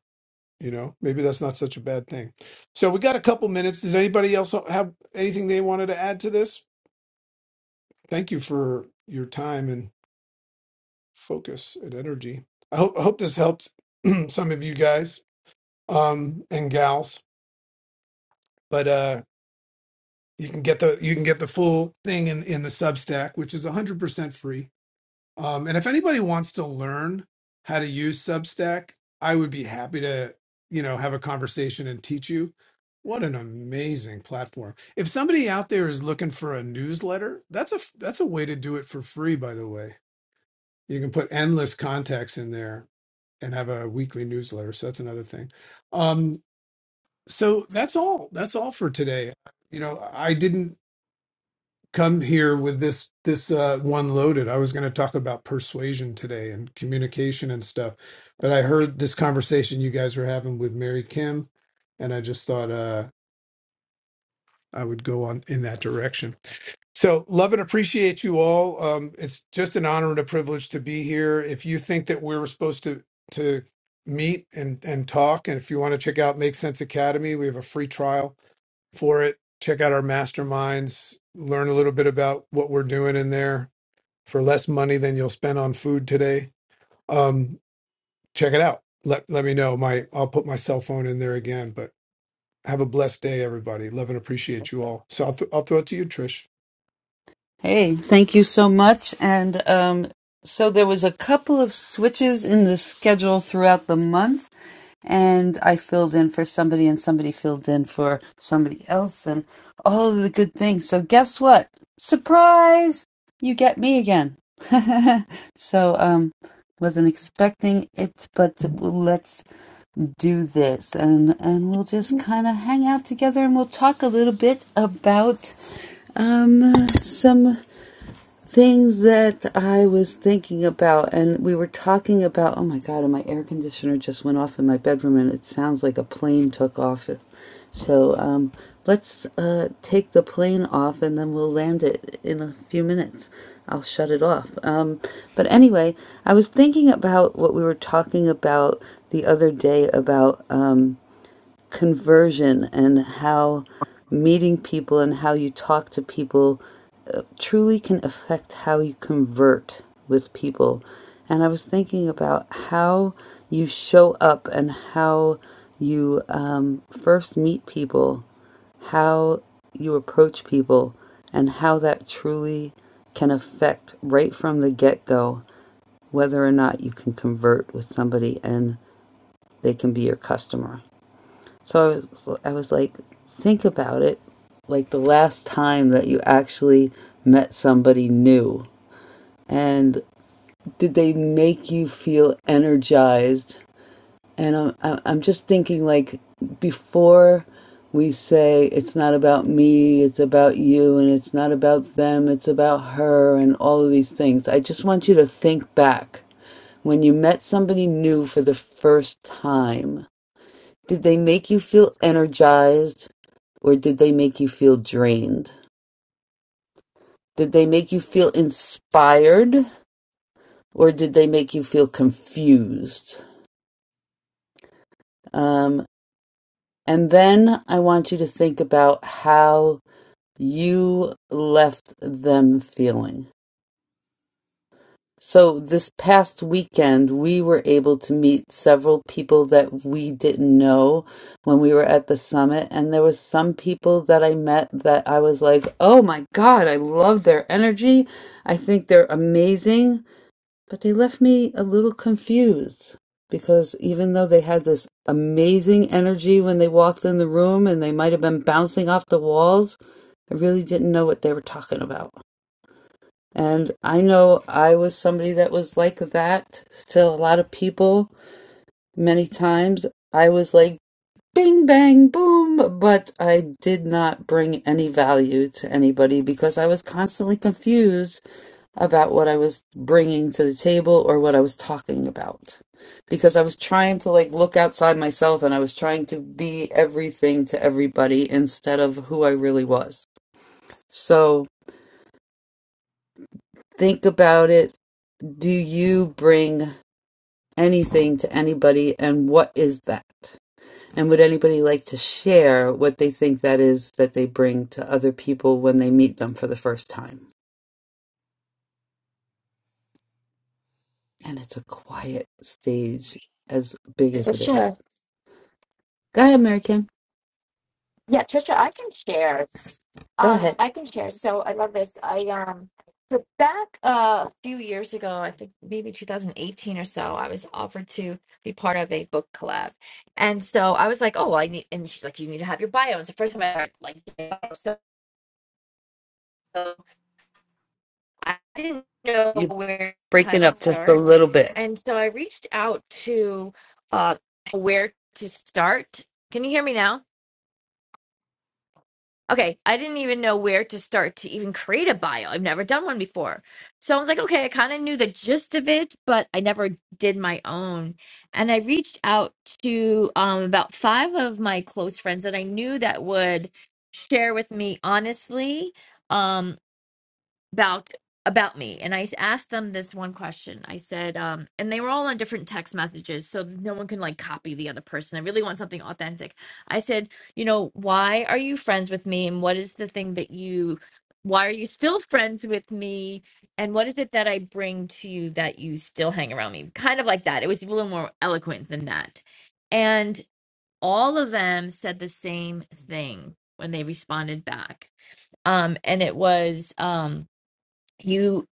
You know, maybe that's not such a bad thing. So we got a couple minutes. Does anybody else have anything they wanted to add to this? Thank you for your time and focus and energy. I hope I hope this helped some of you guys um, and gals. But uh, you can get the you can get the full thing in in the Substack, which is one hundred percent free Um, and if anybody wants to learn how to use Substack, I would be happy to, you know, have a conversation and teach you. What an amazing platform. If somebody out there is looking for a newsletter, that's a that's a way to do it for free, by the way. You can put endless contacts in there and have a weekly newsletter. So that's another thing. Um, so that's all. That's all for today. You know, I didn't come here with this this uh, one loaded. I was going to talk about persuasion today and communication and stuff, but I heard this conversation you guys were having with Mary Kim, and I just thought uh, I would go on in that direction. So love and appreciate you all. Um, it's just an honor and a privilege to be here. If you think that we we're supposed to to meet and and talk, and if you want to check out Make Sense Academy, we have a free trial for it. Check out our masterminds. Learn a little bit about what we're doing in there for less money than you'll spend on food today. Um, check it out. Let let me know. My I'll put my cell phone in there again. But have a blessed day, everybody. Love and appreciate you all. So I'll th- I'll throw it to you, Trish.
Hey, thank you so much. And, um, so there was a couple of switches in the schedule throughout the month. and I filled in for somebody, and somebody filled in for somebody else, and all of the good things. So, guess what? Surprise! You get me again. so, um, wasn't expecting it, but let's do this, and and we'll just kind of hang out together, and we'll talk a little bit about um some things that I was thinking about, and we were talking about. Oh my God! And my air conditioner just went off in my bedroom, and it sounds like a plane took off. So um, let's uh, take the plane off, and then we'll land it in a few minutes. I'll shut it off. Um, but anyway, I was thinking about what we were talking about the other day about. Um, conversion and how meeting people and how you talk to people uh, truly can affect how you convert with people. And I was thinking about how you show up and how you um, first meet people, how you approach people, and how that truly can affect right from the get go whether or not you can convert with somebody and they can be your customer. So I was, I was like, think about it like the last time that you actually met somebody new. And did they make you feel energized? And I'm, I'm I'm just thinking, like, before we say it's not about me, it's about you, and it's not about them, it's about her, and all of these things, I just want you to think back when you met somebody new for the first time did they make you feel energized or did they make you feel drained? Did they make you feel inspired or did they make you feel confused? Um, and then I want you to think about how you left them feeling. So this past weekend, we were able to meet several people that we didn't know when we were at the summit. And there was some people that I met that I was like, oh my God, I love their energy. I think they're amazing. But they left me a little confused because even though they had this amazing energy when they walked in the room and they might have been bouncing off the walls, I really didn't know what they were talking about. And I know I was somebody that was like that to a lot of people many times. I was like, bing, bang, boom, but I did not bring any value to anybody because I was constantly confused about what I was bringing to the table or what I was talking about. Because I was trying to like look outside myself and I was trying to be everything to everybody instead of who I really was. So think about it. Do you bring anything to anybody and what is that and would anybody like to share what they think that is that they bring to other people when they meet them for the first time and it's a quiet stage as big as it is go ahead mary kim
Yeah, Trisha, I can share.
go
Um,
ahead
I can share. So I love this. I um, so back uh, a few years ago, I think maybe 2018 or so, I was offered to be part of a book collab, and so I was like, oh, well, I need. And she's like, you need to have your bio. It's the first time I heard like bio. So, so I didn't know
You're
where to kind
breaking
of
up just a
start,
little bit.
and so I reached out to uh, where to start. Can you hear me now? Okay, I didn't even know where to start to even create a bio. I've never done one before. So I was like, okay, I kind of knew the gist of it, but I never did my own. And I reached out to um, about five of my close friends that I knew that would share with me honestly. Um, about about me and i asked them this one question i said um and they were all on different text messages so no one can like copy the other person i really want something authentic i said you know why are you friends with me and what is the thing that you why are you still friends with me and what is it that i bring to you that you still hang around me kind of like that it was a little more eloquent than that and all of them said the same thing when they responded back um and it was um you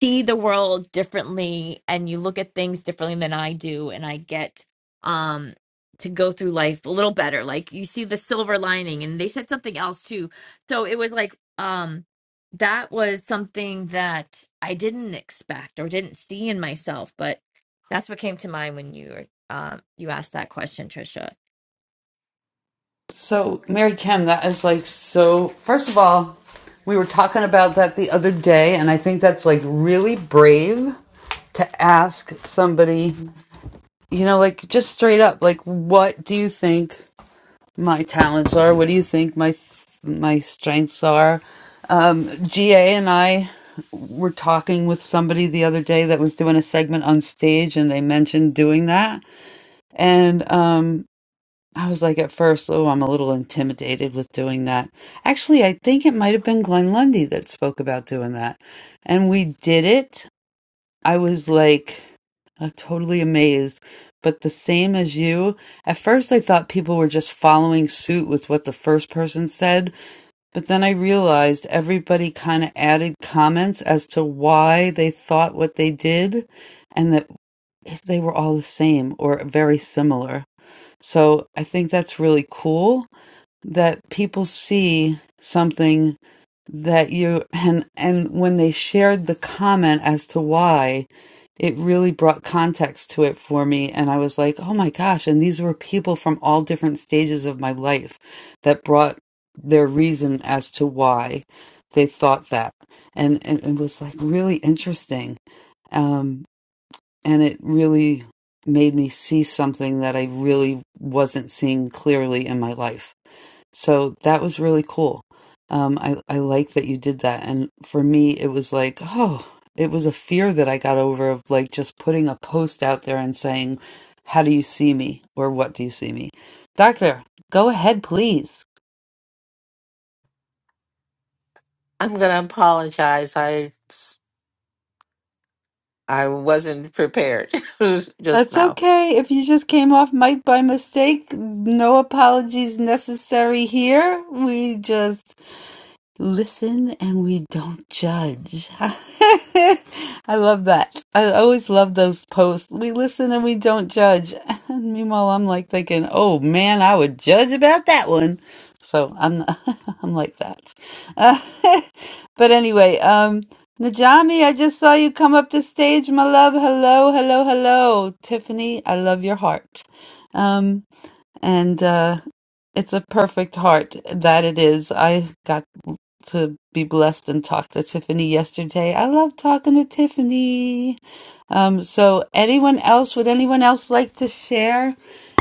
see the world differently and you look at things differently than I do and I get um to go through life a little better like you see the silver lining and they said something else too so it was like um that was something that I didn't expect or didn't see in myself but that's what came to mind when you were um you asked that question Trisha
So, Mary Kim, that is like so. First of all, we were talking about that the other day, and I think that's like really brave to ask somebody you know, like just straight up, like what do you think my talents are? What do you think my my strengths are? Um, GA and I were talking with somebody the other day that was doing a segment on stage, and they mentioned doing that, and um, I was like at first, oh, I'm a little intimidated with doing that. Actually, I think it might have been Glenn Lundy that spoke about doing that, and we did it. I was like i totally amazed. But the same as you, at first I thought people were just following suit with what the first person said, but then I realized everybody kind of added comments as to why they thought what they did and that they were all the same or very similar. So I think that's really cool that people see something that you and and when they shared the comment as to why it really brought context to it for me and i was like oh my gosh and these were people from all different stages of my life that brought their reason as to why they thought that and and it was like really interesting um and it really made me see something that i really wasn't seeing clearly in my life so that was really cool. Um, I, I like that you did that. And for me, it was like, oh, it was a fear that I got over of like just putting a post out there and saying, how do you see me? Or what do you see me? Doctor, go ahead, please.
i'm going to apologize i s- i wasn't prepared just
That's
now
okay. If you just came off mic by mistake, no apologies necessary here. We just listen and we don't judge. I love that. I always love those posts. We listen and we don't judge. And meanwhile, I'm like thinking, oh man, I would judge about that one. So I'm not, I'm like that. Uh, but anyway, um, Najami, I just saw you come up to stage, my love. Hello, hello, hello, Tiffany. I love your heart. Um, and uh, it's a perfect heart that it is. I got to be blessed and talk to Tiffany yesterday. I love talking to Tiffany. Um, so, anyone else? Would anyone else like to share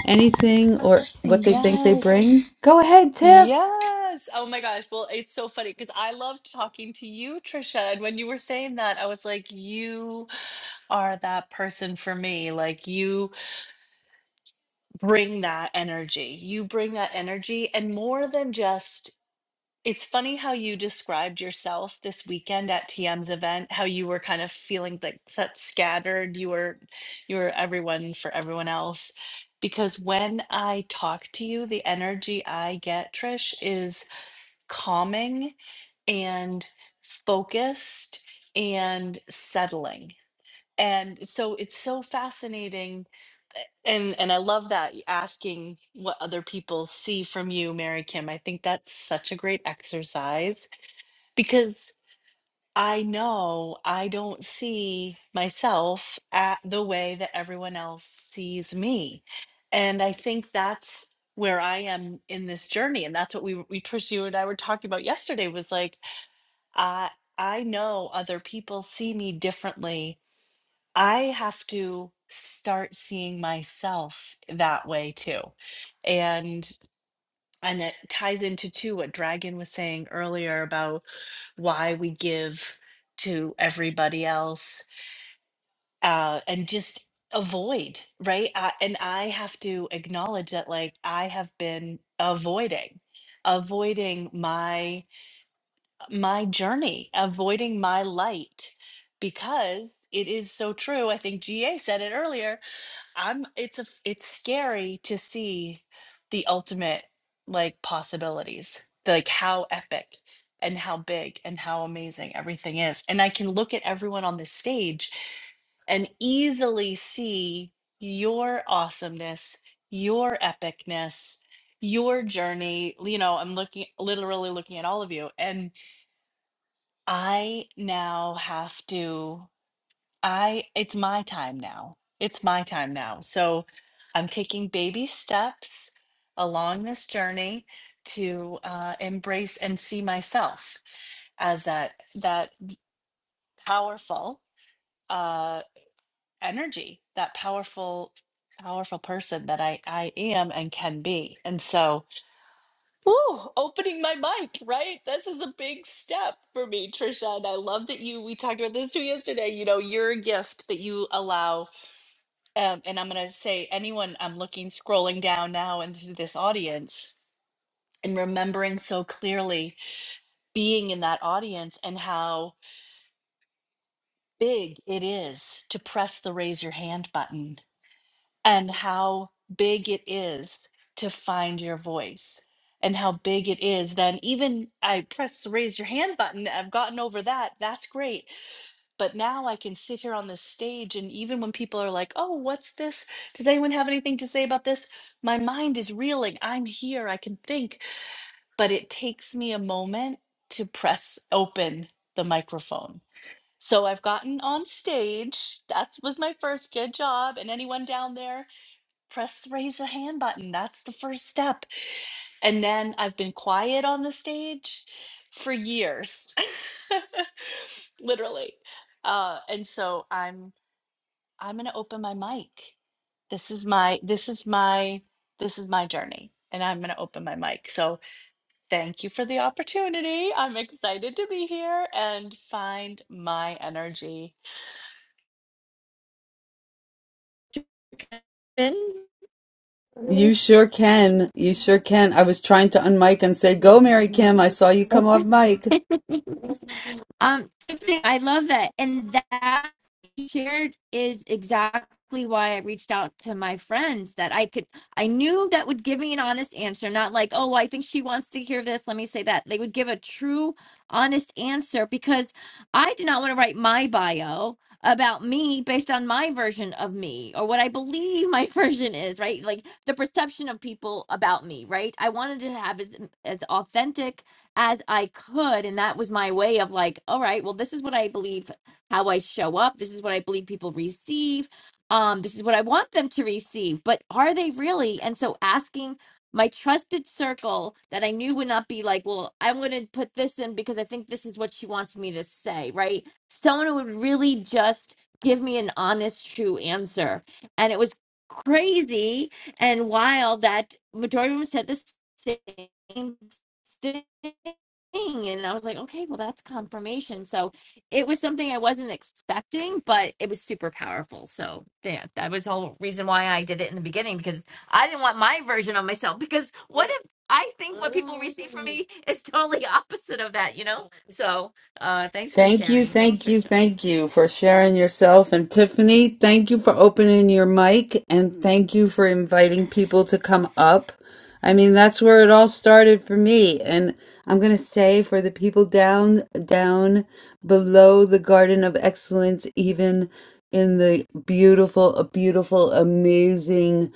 anything or what they think they bring?
Yes.
Go ahead, Tiff.
Yes. Oh my gosh. Well, it's so funny because I loved talking to you, Trisha. And when you were saying that, I was like, you are that person for me. Like, you bring that energy. You bring that energy. And more than just it's funny how you described yourself this weekend at TM's event, how you were kind of feeling like that scattered, you were you were everyone for everyone else. Because when I talk to you, the energy I get, Trish, is calming and focused and settling. And so it's so fascinating and and I love that y- asking what other people see from you, Mary Kim. I think that's such a great exercise because I know I don't see myself at the way that everyone else sees me. And I think that's where I am in this journey. And that's what we, we Trish, you and I were talking about yesterday was like, I I know other people see me differently. I have to start seeing myself that way too. and and it ties into too what Dragon was saying earlier about why we give to everybody else uh, and just avoid, right? I, and I have to acknowledge that, like, I have been avoiding, avoiding my my journey, avoiding my light because it is so true. I think GA said it earlier I'm it's a it's scary to see the ultimate like possibilities, like how epic and how big and how amazing everything is. And I can look at everyone on this stage and easily see your awesomeness, your epicness, your journey. You know, I'm looking literally looking at all of you and I now have to I it's my time now. It's my time now. So I'm taking baby steps along this journey to uh, embrace and see myself as that that powerful uh, energy, that powerful powerful person that I I am and can be. And so, woo, opening my mic, right? This is a big step for me, Trisha. And I love that you we talked about this too yesterday. You know, you're a gift that you allow um, and I'm going to say anyone I'm looking scrolling down now into this audience and remembering so clearly being in that audience and how big it is to press the raise your hand button and how big it is to find your voice and how big it is then even I press the raise your hand button I've gotten over that that's great But now I can sit here on this stage, and even when people are like, "Oh, what's this? Does anyone have anything to say about this?" My mind is reeling. I'm here. I can think, but it takes me a moment to press open the microphone. So I've gotten on stage. That was my first good job. And anyone down there, press the raise a hand button. That's the first step and then I've been quiet on the stage for years, literally. Uh, and so I'm I'm going to open my mic. This is my this is my this is my journey, and I'm going to open my mic. So thank you for the opportunity. I'm excited to be here and find my energy.
You sure can. You sure can. I was trying to unmic and say, "Go, Mary Kim." I saw you come
That's
off mic.
um Tiffany, I love that. And that you shared is exactly why I reached out to my friends that I could I knew that would give me an honest answer, not like, oh well, I think she wants to hear this. Let me say that. They would give a true honest answer because I did not want to write my bio about me based on my version of me or what I believe my version is, right? Like the perception of people about me, right? I wanted to have as as authentic as I could and that was my way of like, all right, well this is what I believe how I show up. This is what I believe people receive. Um this is what I want them to receive, but are they really? And so asking my trusted circle that I knew would not be like, well, I'm going to put this in because I think this is what she wants me to say, right? Someone who would really just give me an honest, true answer. And it was crazy and wild that majority of them said the same thing. And I was like, okay, well, that's confirmation. So it was something I wasn't expecting, but it was super powerful. So, yeah, that was the whole reason why I did it in the beginning because I didn't want my version of myself because what if I think what people receive from me is totally opposite of that, you know? So, uh, thanks for
Thank you,
sharing. Thanks,
thank you,
Trisha.
thank you for sharing yourself. And Tiffany, thank you for opening your mic and thank you for inviting people to come up. I mean, that's where it all started for me. And I'm going to say for the people down, down below the Garden of Excellence, even in the beautiful, beautiful, amazing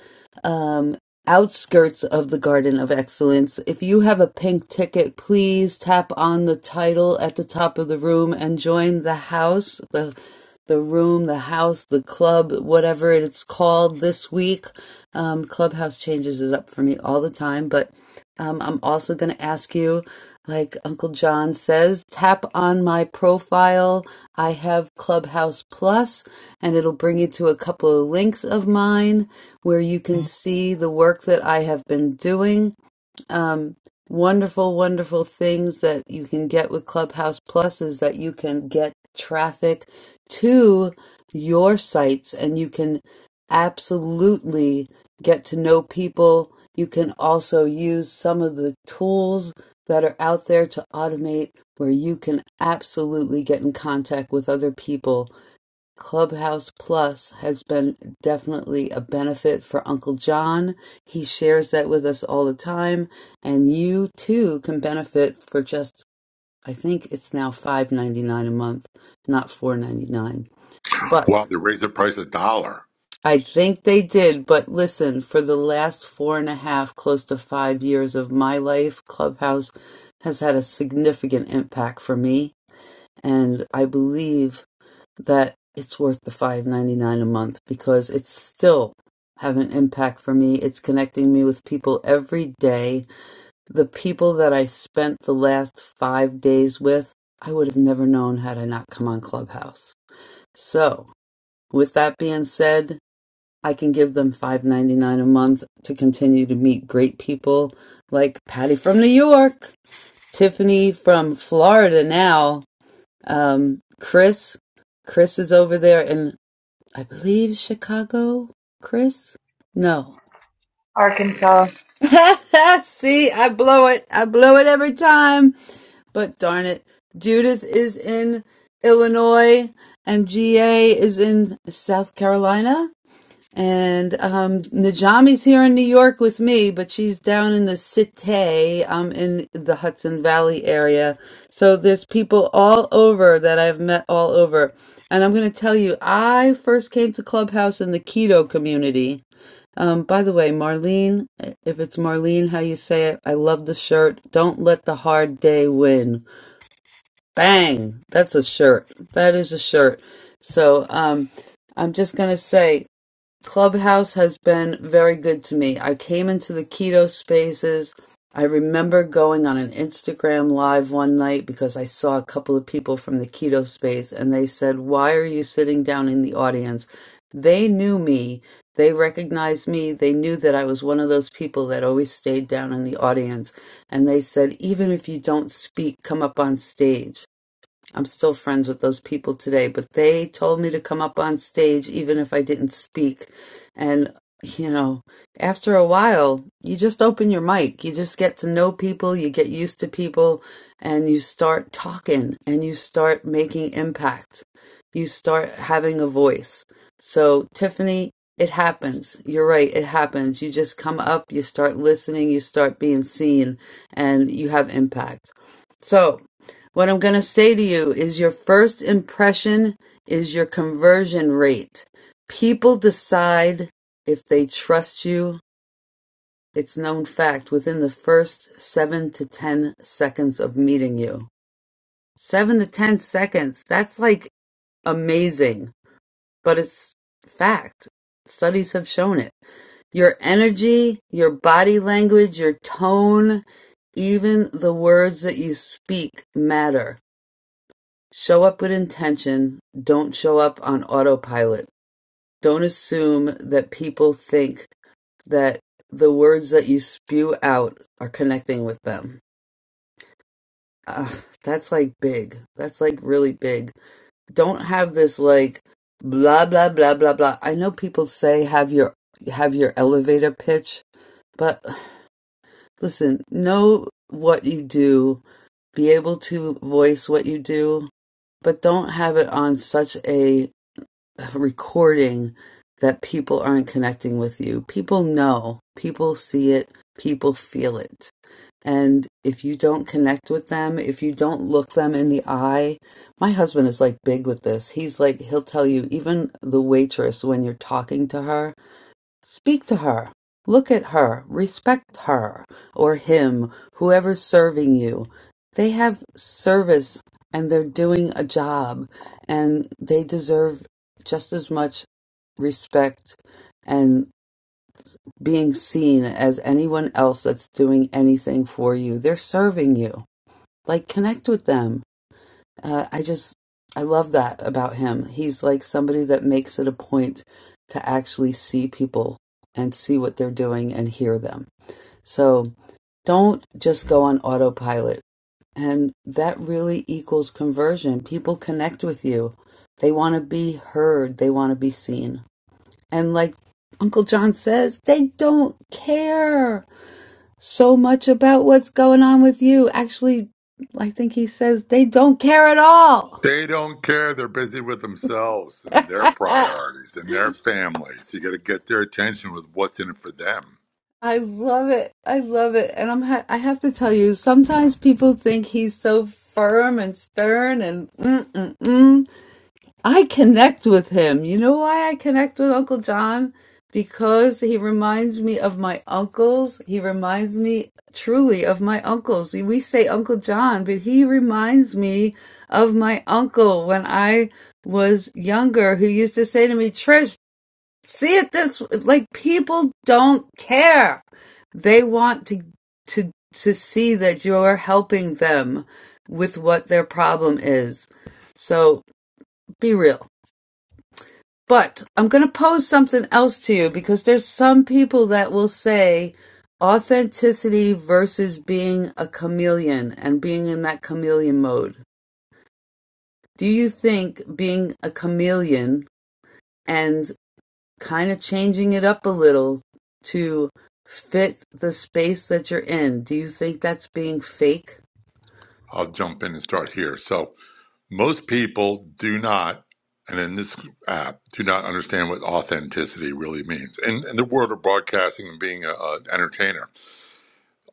um, outskirts of the Garden of Excellence. If you have a pink ticket, please tap on the title at the top of the room and join the house, the the room, the house, the club, whatever it's called this week. Um, Clubhouse changes it up for me all the time, but um, I'm also going to ask you, like Uncle John says, tap on my profile. I have Clubhouse Plus, and it'll bring you to a couple of links of mine where you can see the work that I have been doing um, wonderful, wonderful things that you can get with Clubhouse Plus is that you can get traffic to your sites and you can absolutely get to know people. You can also use some of the tools that are out there to automate where you can absolutely get in contact with other people Clubhouse Plus has been definitely a benefit for Uncle John. He shares that with us all the time, and you too can benefit for just I think it's now five ninety nine a month, not four ninety nine.
Wow,
But
they raised the price a dollar.
I think they did. But listen, for the last four and a half, close to five years of my life, Clubhouse has had a significant impact for me, and I believe that it's worth the five ninety nine a month because it's still having an impact for me. It's connecting me with people every day. The people that I spent the last five days with, I would have never known had I not come on Clubhouse. So with that being said, I can give them five ninety nine a month to continue to meet great people like Patty from New York, Tiffany from Florida now, um, Chris Chris is over there in I believe Chicago, Chris? No.
Arkansas
See, I blow it. I blow it every time. But darn it, Judith is in Illinois and GA is in South Carolina. And um, Najami's here in New York with me, but she's down in the city, um, in the Hudson Valley area. So there's people all over that I've met all over. And I'm going to tell you, I first came to Clubhouse in the keto community. Um, by the way, Marlene, if it's Marlene, how you say it, I love the shirt. Don't let the hard day win. Bang! That's a shirt. That is a shirt. So um, I'm just going to say, Clubhouse has been very good to me. I came into the keto spaces. I remember going on an Instagram live one night because I saw a couple of people from the keto space and they said, Why are you sitting down in the audience? They knew me. They recognized me. They knew that I was one of those people that always stayed down in the audience. And they said, Even if you don't speak, come up on stage. I'm still friends with those people today, but they told me to come up on stage even if I didn't speak. And, you know, after a while, you just open your mic. You just get to know people, you get used to people, and you start talking and you start making impact. You start having a voice. So, Tiffany, it happens. You're right. It happens. You just come up, you start listening, you start being seen, and you have impact. So, what I'm going to say to you is your first impression is your conversion rate. People decide if they trust you. It's known fact within the first seven to 10 seconds of meeting you. Seven to 10 seconds. That's like amazing, but it's fact. Studies have shown it. Your energy, your body language, your tone, even the words that you speak matter Show up with intention. Don't show up on autopilot. Don't assume that people think that the words that you spew out are connecting with them. Ugh, that's like big. That's like really big. Don't have this like blah blah blah blah blah. I know people say have your have your elevator pitch, but listen, know what you do, be able to voice what you do, but don't have it on such a recording that people aren't connecting with you. People know, people see it, people feel it. And if you don't connect with them, if you don't look them in the eye, my husband is like big with this. He's like, he'll tell you, even the waitress, when you're talking to her, Speak to her. Look at her. Respect her or him, whoever's serving you. They have service and they're doing a job and they deserve just as much respect and being seen as anyone else that's doing anything for you. They're serving you. Like, connect with them uh, I just, I love that about him. He's like somebody that makes it a point to actually see people and see what they're doing and hear them. So don't just go on autopilot. And that really equals conversion. People connect with you, they want to be heard, they want to be seen. And like Uncle John says, they don't care so much about what's going on with you. Actually, I think he says they don't care at all.
They don't care. They're busy with themselves and their priorities and their families. You got to get their attention with what's in it for them.
I love it. I love it. And I'm ha- I have to tell you, sometimes people think he's so firm and stern and mm, mm, mm. I connect with him. You know why I connect with Uncle John? Because he reminds me of my uncles. He reminds me truly of my uncles. We say Uncle John, but he reminds me of my uncle when I was younger who used to say to me, "Trish, See it this like people don't care. They want to to to see that you're helping them with what their problem is. So be real. But I'm going to pose something else to you because there's some people that will say authenticity versus being a chameleon and being in that chameleon mode. Do you think being a chameleon and kinda changing it up a little to fit the space that you're in. Do you think that's being fake?
I'll jump in and start here. So, most people do not, and in this app, do not understand what authenticity really means. In, in the world of broadcasting and being a- an entertainer,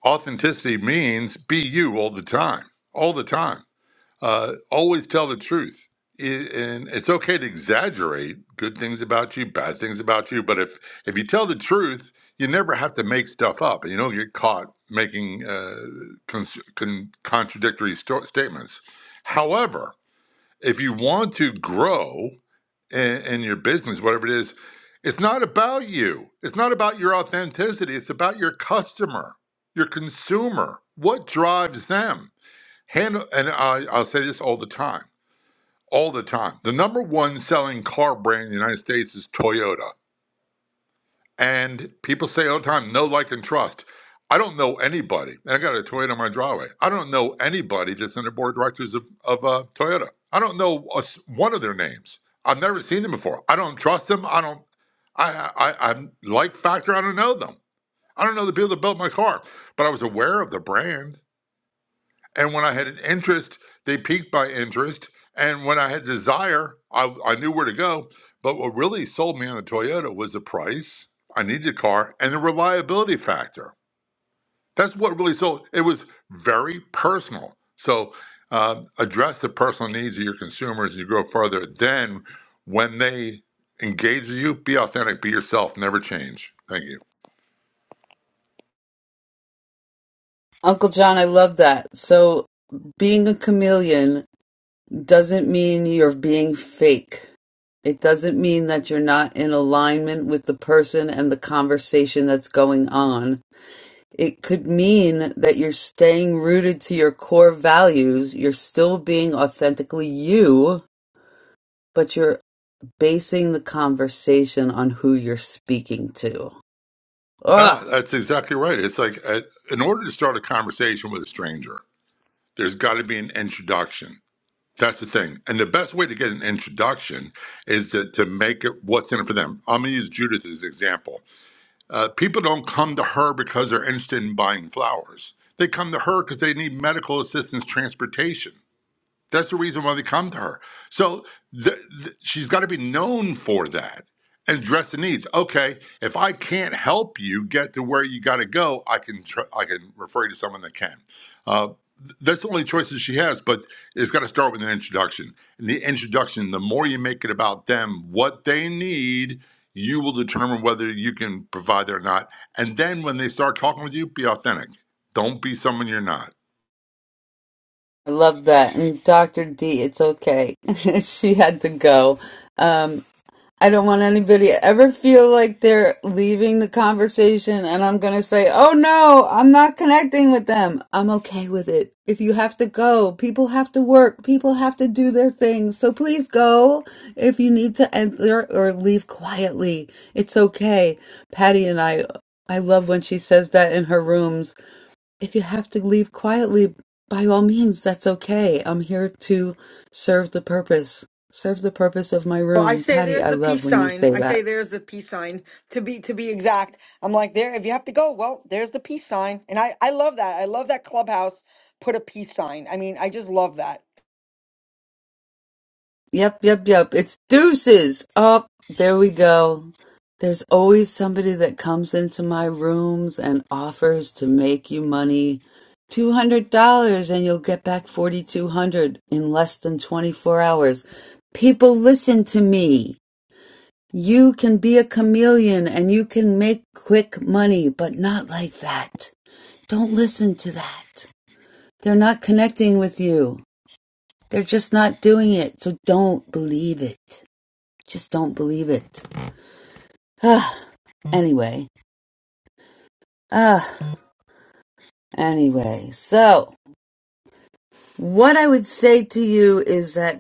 authenticity means be you all the time, all the time Uh, always tell the truth. I- And it's okay to exaggerate good things about you, bad things about you. But if, if you tell the truth, you never have to make stuff up and you don't get caught making uh, cons- con- contradictory sto- statements. However, if you want to grow in, in your business, whatever it is, it's not about you. It's not about your authenticity. It's about your customer, your consumer. What drives them? Handle, and I, I'll say this all the time, all the time. The number one selling car brand in the United States is Toyota. And people say all the time, no like and trust. I don't know anybody. I got a Toyota on my driveway. I don't know anybody that's in the board of directors of, of uh, Toyota. I don't know a s one of their names. I've never seen them before. I don't trust them. I don't. I, I I- I'm like Factor. I don't know them. I don't know the people that built my car, but I was aware of the brand. And when I had an interest, they piqued my interest. And when I had desire, I, I knew where to go. But what really sold me on the Toyota was the price. I needed a car and the reliability factor. That's what really sold. It was very personal. So uh, address the personal needs of your consumers as you grow further. Then, when they engage with you, be authentic, be yourself, never change. Thank you.
Uncle John, I love that. So being a chameleon doesn't mean you're being fake. It doesn't mean that you're not in alignment with the person and the conversation that's going on. It could mean that you're staying rooted to your core values. You're still being authentically you, but you're basing the conversation on who you're speaking to.
Yeah,
Ah,
that's exactly right. It's like uh, in order to start a conversation with a stranger, there's got to be an introduction. That's the thing. And the best way to get an introduction is to, to make it what's in it for them. I'm going to use Judith as an example. Uh, people don't come to her because they're interested in buying flowers, they come to her because they need medical assistance transportation. That's the reason why they come to her. So th- th- she's got to be known for that and address the needs. Okay, if I can't help you get to where you got to go, I can tr- I can refer you to someone that can. Uh, th- that's the only choices she has, but it's got to start with an introduction. And the introduction, the more you make it about them, what they need, you will determine whether you can provide it or not. And then when they start talking with you, be authentic. Don't be someone you're not.
I love that. And Dr. D, it's okay. she had to go. Um. I don't want anybody to ever feel like they're leaving the conversation and I'm going to say, oh no, I'm not connecting with them. I'm okay with it. If you have to go, people have to work, people have to do their things. So please go if you need to enter or leave quietly. It's okay. Patty and I, I love when she says that in her rooms if you have to leave quietly, by all means, that's okay. I'm here to serve the purpose. Serve the purpose of my
Well, I
room.
say
Patty,
there's
I
the
love
peace
when you
sign.
say
I say
that.
there's the peace sign to be to be exact. I'm like there. If you have to go, well, there's the peace sign, and I I love that. I love that clubhouse put a peace sign. I mean, I just love that.
Yep, yep, yep. It's deuces. Up. there we go. There's always somebody that comes into my rooms and offers to make you money. $200 and you'll get back 4200 in less than 24 hours. People listen to me. You can be a chameleon and you can make quick money, but not like that. Don't listen to that. They're not connecting with you. They're just not doing it. So don't believe it. Just don't believe it. Ah, anyway. Ah, anyway. So, what I would say to you is that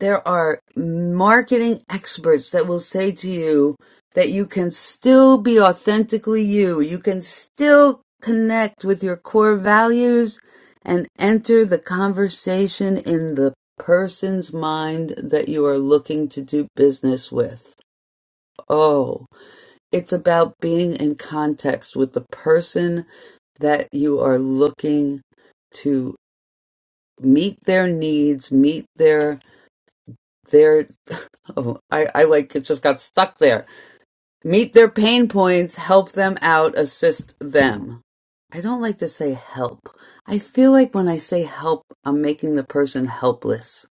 there are marketing experts that will say to you that you can still be authentically you. You can still connect with your core values and enter the conversation in the person's mind that you are looking to do business with. Oh, it's about being in context with the person that you are looking to meet their needs, meet their they're oh, I, I like it just got stuck there. Meet their pain points, help them out, assist them. I don't like to say help. I feel like when I say help, I'm making the person helpless.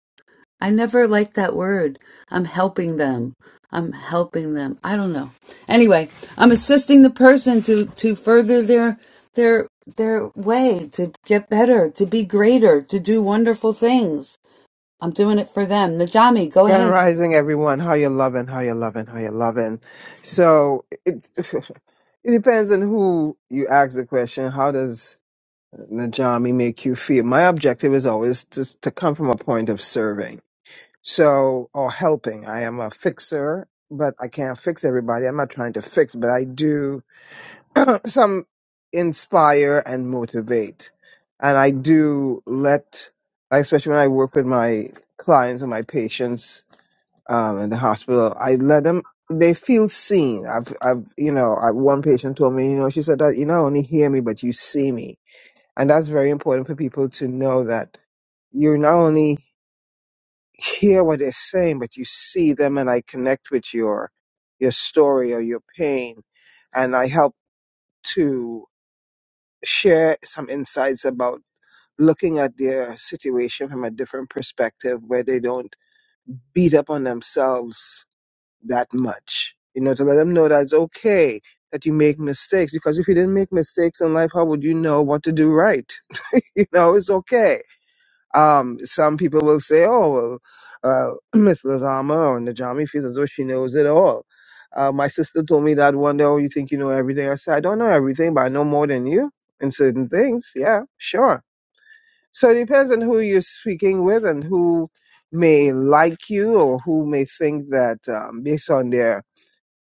I never like that word. I'm helping them. I'm helping them. I don't know. Anyway, I'm assisting the person to, to further their their their way to get better, to be greater, to do wonderful things. I'm doing it for them. Najami, go
Grand
ahead.
Rising, everyone. How you loving? How you loving? How you loving? So it it depends on who you ask the question. How does Najami make you feel? My objective is always just to come from a point of serving, so or helping. I am a fixer, but I can't fix everybody. I'm not trying to fix, but I do some inspire and motivate, and I do let, especially when I work with my clients and my patients um, in the hospital, I let them. They feel seen. I've, I've, you know, I, one patient told me, you know, she said that you not only hear me, but you see me, and that's very important for people to know that you not only hear what they're saying, but you see them, and I connect with your, your story or your pain, and I help to share some insights about looking at their situation from a different perspective, where they don't beat up on themselves that much. You know, to let them know that it's okay that you make mistakes because if you didn't make mistakes in life, how would you know what to do right? You know, it's okay. Um, some people will say, oh, well, uh, Miss Lazama or Najami feels as though she knows it all. Uh, my sister told me that one day, oh, you think you know everything. I said, I don't know everything, but I know more than you in certain things. Yeah, sure. So it depends on who you're speaking with and who may like you or who may think that um, based on their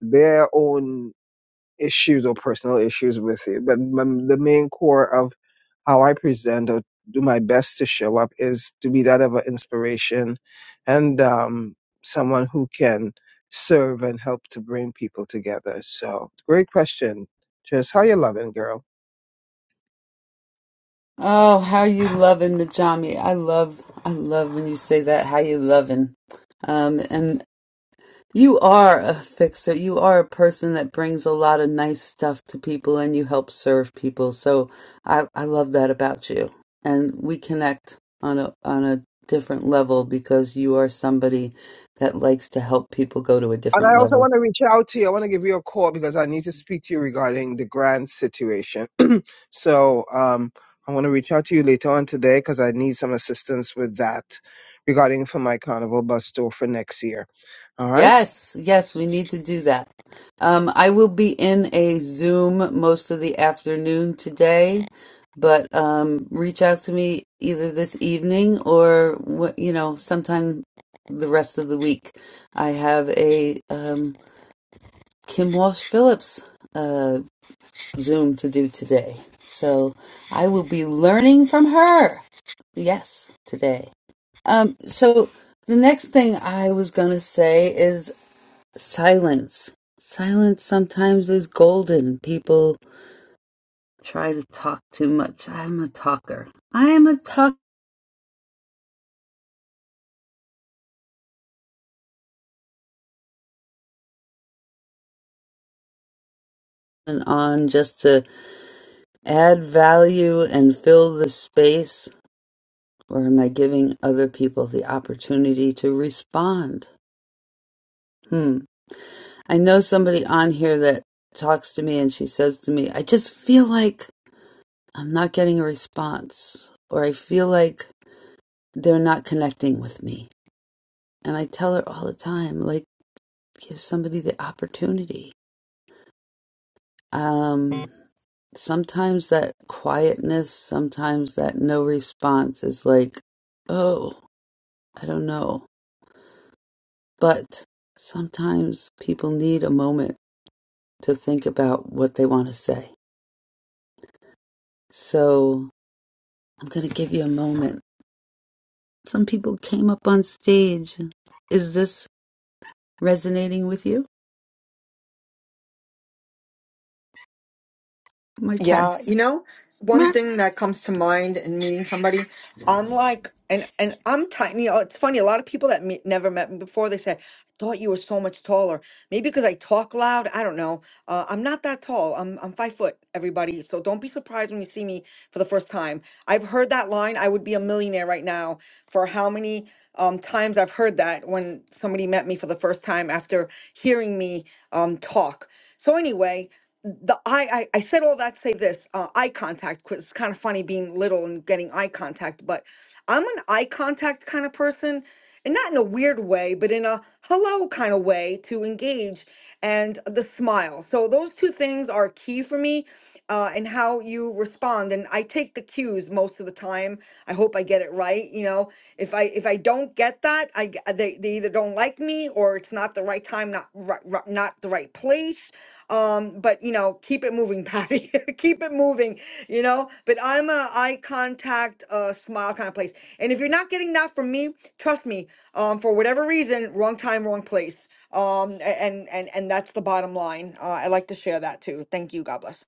their own issues or personal issues with it. But m- the main core of how I present or do my best to show up is to be that of an inspiration and um, someone who can serve and help to bring people together. So, great question. Just how you loving, girl?
Oh, how you loving the Jami. I love I love when you say that, how you loving. Um and you are a fixer. You are a person that brings a lot of nice stuff to people and you help serve people. So I I love that about you. And we connect on a on a different level because you are somebody that likes to help people go to a
And
different
I also
level.
want to reach out to you. I want to give you a call because I need to speak to you regarding the grant situation So um, I want to reach out to you later on today because I need some assistance with that regarding for my carnival bus tour for next year. All right.
Yes, yes, we need to do that. Um, I will be in a Zoom most of the afternoon today, but um, reach out to me either this evening or wh- you know sometime the rest of the week. I have a um, Kim Walsh Phillips uh, Zoom to do today, so I will be learning from her. Yes, today. Um, so the next thing I was gonna say is Silence. Silence sometimes is golden. People try to talk too much. I'm a talker. I am a talker. And on just to add value and fill the space, or am I giving other people the opportunity to respond? Hmm. I know somebody on here that talks to me and she says to me, I just feel like I'm not getting a response, or I feel like they're not connecting with me. And I tell her all the time, like, Give somebody the opportunity. Um, sometimes that quietness, sometimes that no response is like, oh, I don't know. But sometimes people need a moment to think about what they want to say. So I'm going to give you a moment. Some people came up on stage. Is this resonating with you? My cat.
Yeah, you know, one thing that comes to mind in meeting somebody, I'm like, and and I'm tiny. You know, it's funny. A lot of people that meet, never met me before, they said, "I thought you were so much taller." Maybe because I talk loud. I don't know. Uh, I'm not that tall. I'm I'm five foot. Everybody, so don't be surprised when you see me for the first time. I've heard that line. I would be a millionaire right now. For how many um, times I've heard that when somebody met me for the first time after hearing me um, talk. So anyway the eye, I, I said all that to say this uh, eye contact because it's kind of funny being little and getting eye contact, but I'm an eye contact kind of person and not in a weird way, but in a hello kind of way to engage and the smile. So those two things are key for me uh, and how you respond. And I take the cues most of the time. I hope I get it right. You know, if I, if I don't get that, I, g- they, they either don't like me or it's not the right time, not, ri- ri- not the right place um but you know keep it moving patty keep it moving you know but i'm a eye contact uh smile kind of place and if you're not getting that from me trust me um for whatever reason wrong time wrong place um a- and and and that's the bottom line uh, i like to share that too thank you god bless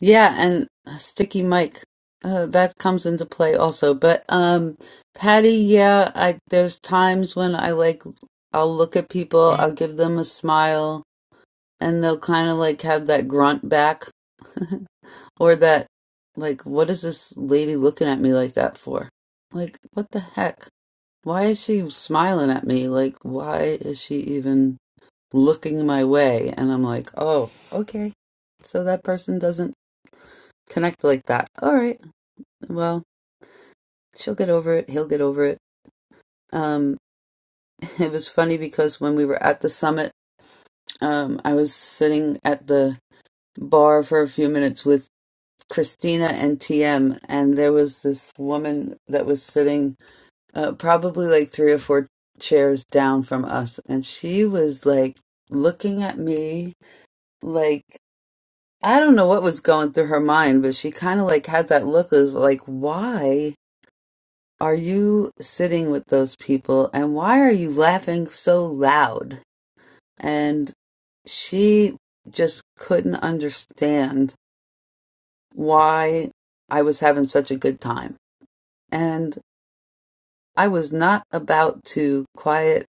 Yeah, and Sticky Mike, uh, that comes into play also. But um, Patty, yeah, I there's times when I like I'll look at people, I'll give them a smile, and they'll kind of like have that grunt back or that like, what is this lady looking at me like that for? Like, what the heck? Why is she smiling at me? Like, why is she even looking my way? And I'm like, oh, okay. So that person doesn't connect like that. All right. Well, she'll get over it. He'll get over it. Um, it was funny because when we were at the summit, um, I was sitting at the bar for a few minutes with Christina and TM, and there was this woman that was sitting uh, probably like three or four chairs down from us, and she was like looking at me like I don't know what was going through her mind, but she kind of like had that look of like, why? are you sitting with those people and why are you laughing so loud? And she just couldn't understand why I was having such a good time. And I was not about to quiet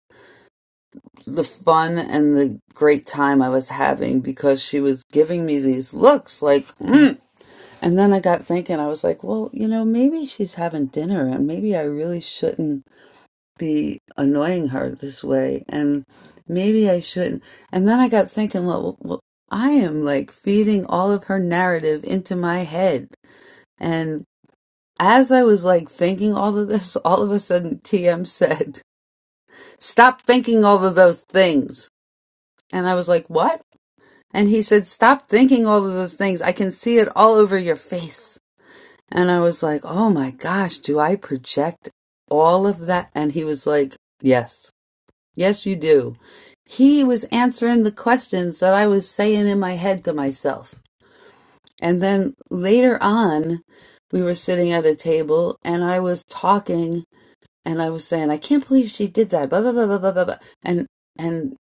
the fun and the great time I was having because she was giving me these looks like, mm. and then I got thinking, I was like, well, you know, maybe she's having dinner and maybe I really shouldn't be annoying her this way and maybe I shouldn't. And then I got thinking, well, well I am like feeding all of her narrative into my head. And as I was like thinking all of this, all of a sudden TM said, stop thinking all of those things. And I was like, what? And he said, stop thinking all of those things. I can see it all over your face. And I was like, oh my gosh, do I project all of that? And he was like, yes. Yes, you do. He was answering the questions that I was saying in my head to myself. And then later on, we were sitting at a table and I was talking and I was saying, I can't believe she did that, blah, blah, blah, blah, blah, blah. blah." And, and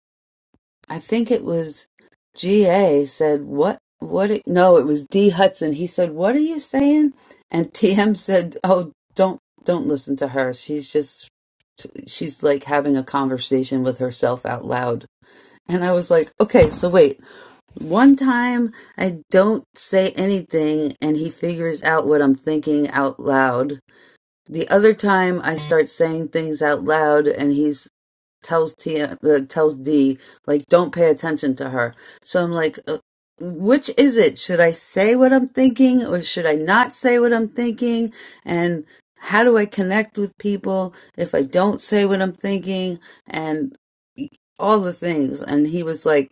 I think it was GA said, what, what, it, no, it was D Hudson. He said, what are you saying? And TM said, oh, don't, don't listen to her. She's just, she's like having a conversation with herself out loud and I was like, okay, so wait. One time I don't say anything and he figures out what I'm thinking out loud. The other time I start saying things out loud and he's tells T uh, tells D like don't pay attention to her. So I'm like uh, which is it? Should I say what I'm thinking or should I not say what I'm thinking? And how do I connect with people if I don't say what I'm thinking? And all the things. And he was like,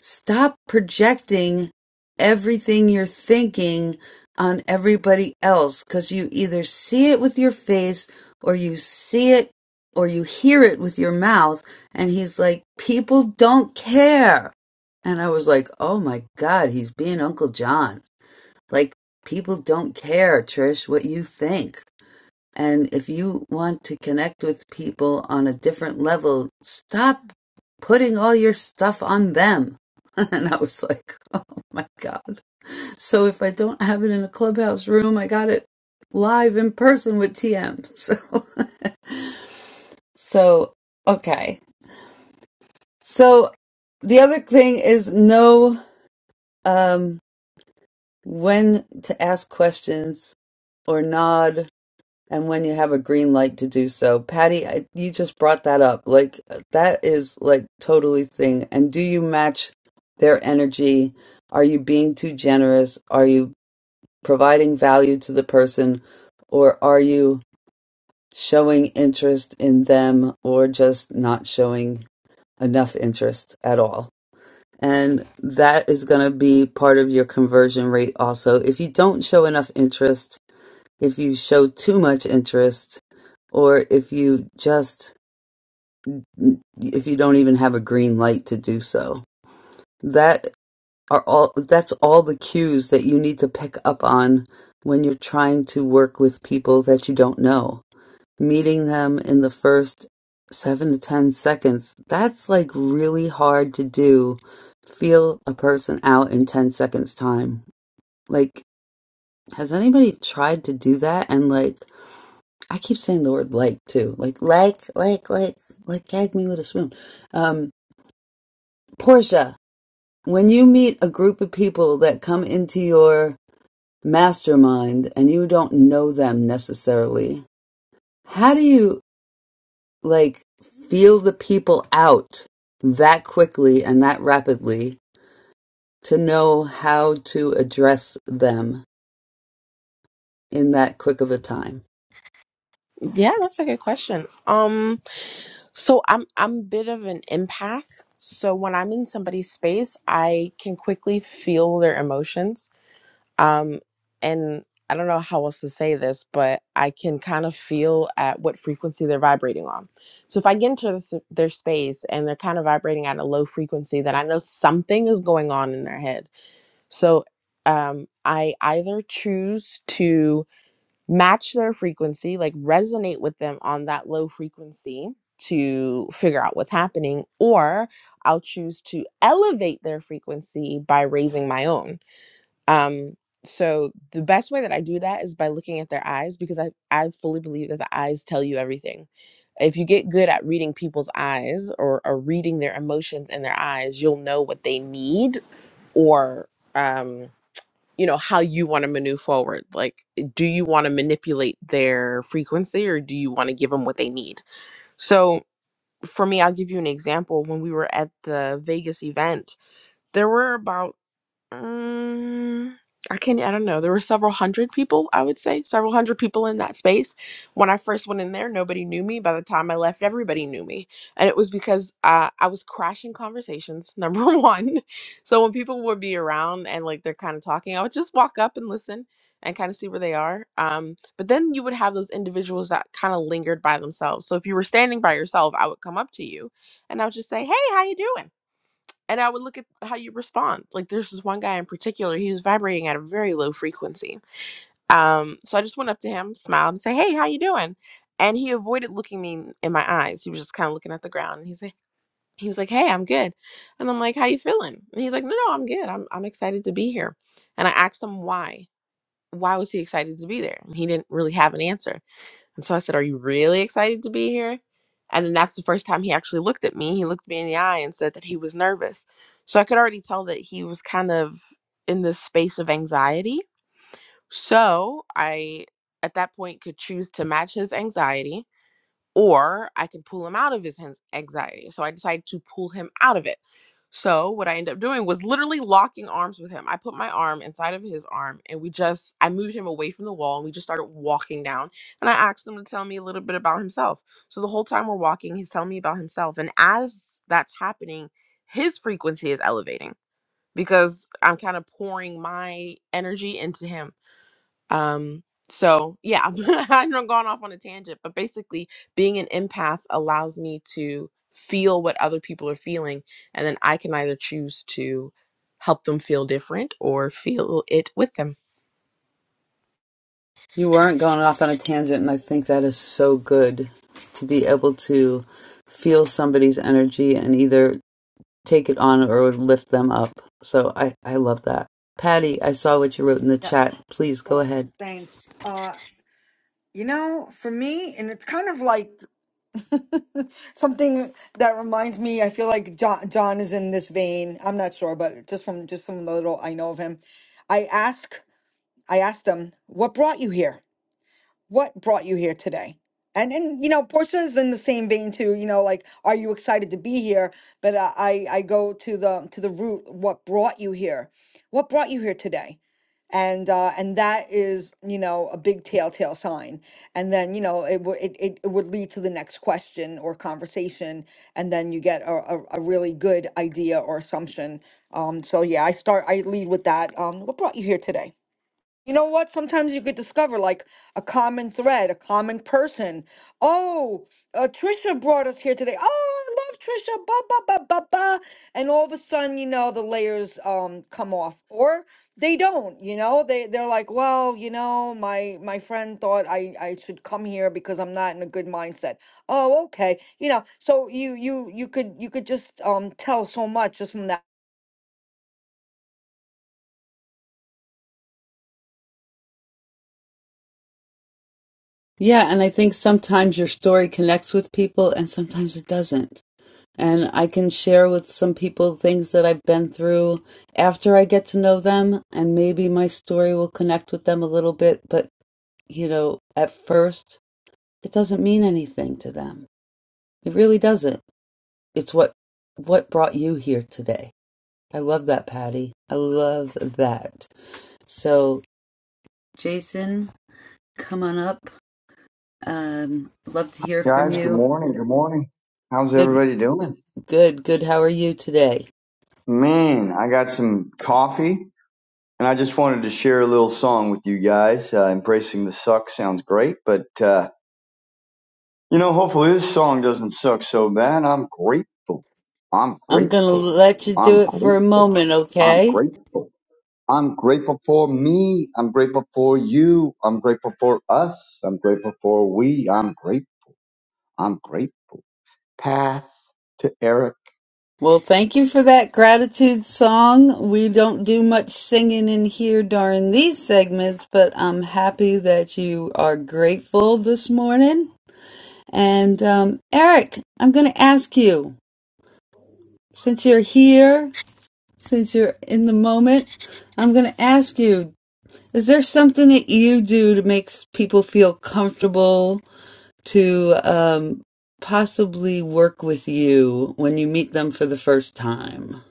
stop projecting everything you're thinking on everybody else because you either see it with your face or you see it or you hear it with your mouth. And he's like, people don't care. And I was like, oh my God, he's being Uncle John. Like, people don't care, Trish, what you think. And if you want to connect with people on a different level, stop putting all your stuff on them. And I was like, oh my God. So if I don't have it in a clubhouse room, I got it live in person with TM. So, so okay. So the other thing is know um, when to ask questions or nod And when you have a green light to do so, Patty, I, you just brought that up. Like that is like totally thing. And do you match their energy? Are you being too generous? Are you providing value to the person, or are you showing interest in them, or just not showing enough interest at all? And that is going to be part of your conversion rate also. If you don't show enough interest, if you show too much interest or if you just if you don't even have a green light to do so that are all that's all the cues that you need to pick up on when you're trying to work with people that you don't know meeting them in the first 7 to 10 seconds that's like really hard to do feel a person out in 10 seconds time like has anybody tried to do that and like I keep saying the word like too. Like, like, like, like, like, gag me with a spoon. Um, Portia, when you meet a group of people that come into your mastermind and you don't know them necessarily, how do you like feel the people out that quickly and that rapidly to know how to address them in that quick of a time?
Yeah, that's a good question. Um, so I'm I'm a bit of an empath. So when I'm in somebody's space, I can quickly feel their emotions. Um, and I don't know how else to say this, but I can kind of feel at what frequency they're vibrating on. So if I get into this, their space and they're kind of vibrating at a low frequency, then I know something is going on in their head. So um, I either choose to match their frequency, like resonate with them on that low frequency to figure out what's happening, or I'll choose to elevate their frequency by raising my own. Um, so the best way that I do that is by looking at their eyes because I, I fully believe that the eyes tell you everything. If you get good at reading people's eyes or, or reading their emotions in their eyes, you'll know what they need or um you know how you want to maneuver forward like do you want to manipulate their frequency or do you want to give them what they need so for me i'll give you an example when we were at the vegas event there were about um, I can't, I don't know. There were several hundred people, I would say, several hundred people in that space. When I first went in there, nobody knew me. By the time I left, everybody knew me. And it was because uh, I was crashing conversations, number one. So when people would be around and like they're kind of talking, I would just walk up and listen and kind of see where they are. Um, but then you would have those individuals that kind of lingered by themselves. So if you were standing by yourself, I would come up to you and I would just say, Hey, how you doing? and I would look at how you respond. Like there's this one guy in particular, he was vibrating at a very low frequency. Um, so I just went up to him, smiled, and say, "Hey, how you doing?" And he avoided looking me in my eyes. He was just kind of looking at the ground. And he's like, he was like, "Hey, I'm good," and I'm like, "How you feeling?" And he's like, "No, no, I'm good. I'm I'm excited to be here." And I asked him why. Why was he excited to be there? And he didn't really have an answer. And so I said, Are you really excited to be here? And then that's the first time he actually looked at me. He looked me in the eye and said that he was nervous. So I could already tell that he was kind of in this space of anxiety. So I, at that point, could choose to match his anxiety or I can pull him out of his anxiety. So I decided to pull him out of it. So what I ended up doing was literally locking arms with him. I put my arm inside of his arm and we just I moved him away from the wall and we just started walking down and I asked him to tell me a little bit about himself. So the whole time we're walking, he's telling me about himself and as that's happening, his frequency is elevating because I'm kind of pouring my energy into him um, so yeah, I'm not going off on a tangent, but basically being an empath allows me to feel what other people are feeling, and then I can either choose to help them feel different or feel it with them.
You weren't going off on a tangent, and I think that is so good to be able to feel somebody's energy and either take it on or lift them up. So I, I love that. Patty, I saw what you wrote in the
Yeah.
chat. Please go
Well,
ahead.
thanks. Uh, you know, for me, and it's kind of like something that reminds me i feel like john john is in this vein i'm not sure but just from just from the little i know of him i ask I asked them, what brought you here? What brought you here today? And, and you know, Portia's in the same vein too, you know, like, are you excited to be here? But I, I I go to the, to the root, what brought you here? What brought you here today? And, uh, and that is, you know, a big telltale sign. And then, you know, it, would it, it, it would lead to the next question or conversation. And then you get a, a, a really good idea or assumption. Um, so yeah, I start, I lead with that. Um, what brought you here today? You know what? Sometimes you could discover like a common thread, a common person. Oh, uh, Trisha brought us here today. Oh, I love Trisha. Ba ba ba ba ba. And all of a sudden, you know, the layers um come off, or they don't. You know, they they're like, well, you know, my my friend thought I I should come here because I'm not in a good mindset. Oh, okay. You know, so you you you could you could just um tell so much just from that
Yeah, and I think sometimes your story connects with people and sometimes it doesn't. And I can share with some people things that I've been through after I get to know them, and maybe my story will connect with them a little bit, but you know, at first It doesn't mean anything to them. It really doesn't. It's what what brought you here today. I love that, Patty. I love that. So, Jason, come on up. Um, love to hear from
Guys, good
you.
morning. Good morning. How's
Good,
everybody doing?
good, good. How are you today?
Man, I got some coffee and I just wanted to share a little song with you guys. Uh, Embracing the Suck sounds great, but, uh, you know, hopefully this song doesn't suck so bad. I'm grateful. I'm
I'm gonna
grateful.
let you do
I'm
it for a
grateful.
moment,
I'm
okay?
grateful. I'm grateful for me. I'm grateful for you. I'm grateful for us. I'm grateful for we. I'm great. I'm grateful. Pass to Eric.
Well, thank you for that gratitude song. We don't do much singing in here during these segments, but I'm happy that you are grateful this morning And um, Eric, I'm going to ask you, since you're here, since you're in the moment, I'm going to ask you, is there something that you do to make s- people feel comfortable to um, possibly work with you when you meet them for the first time?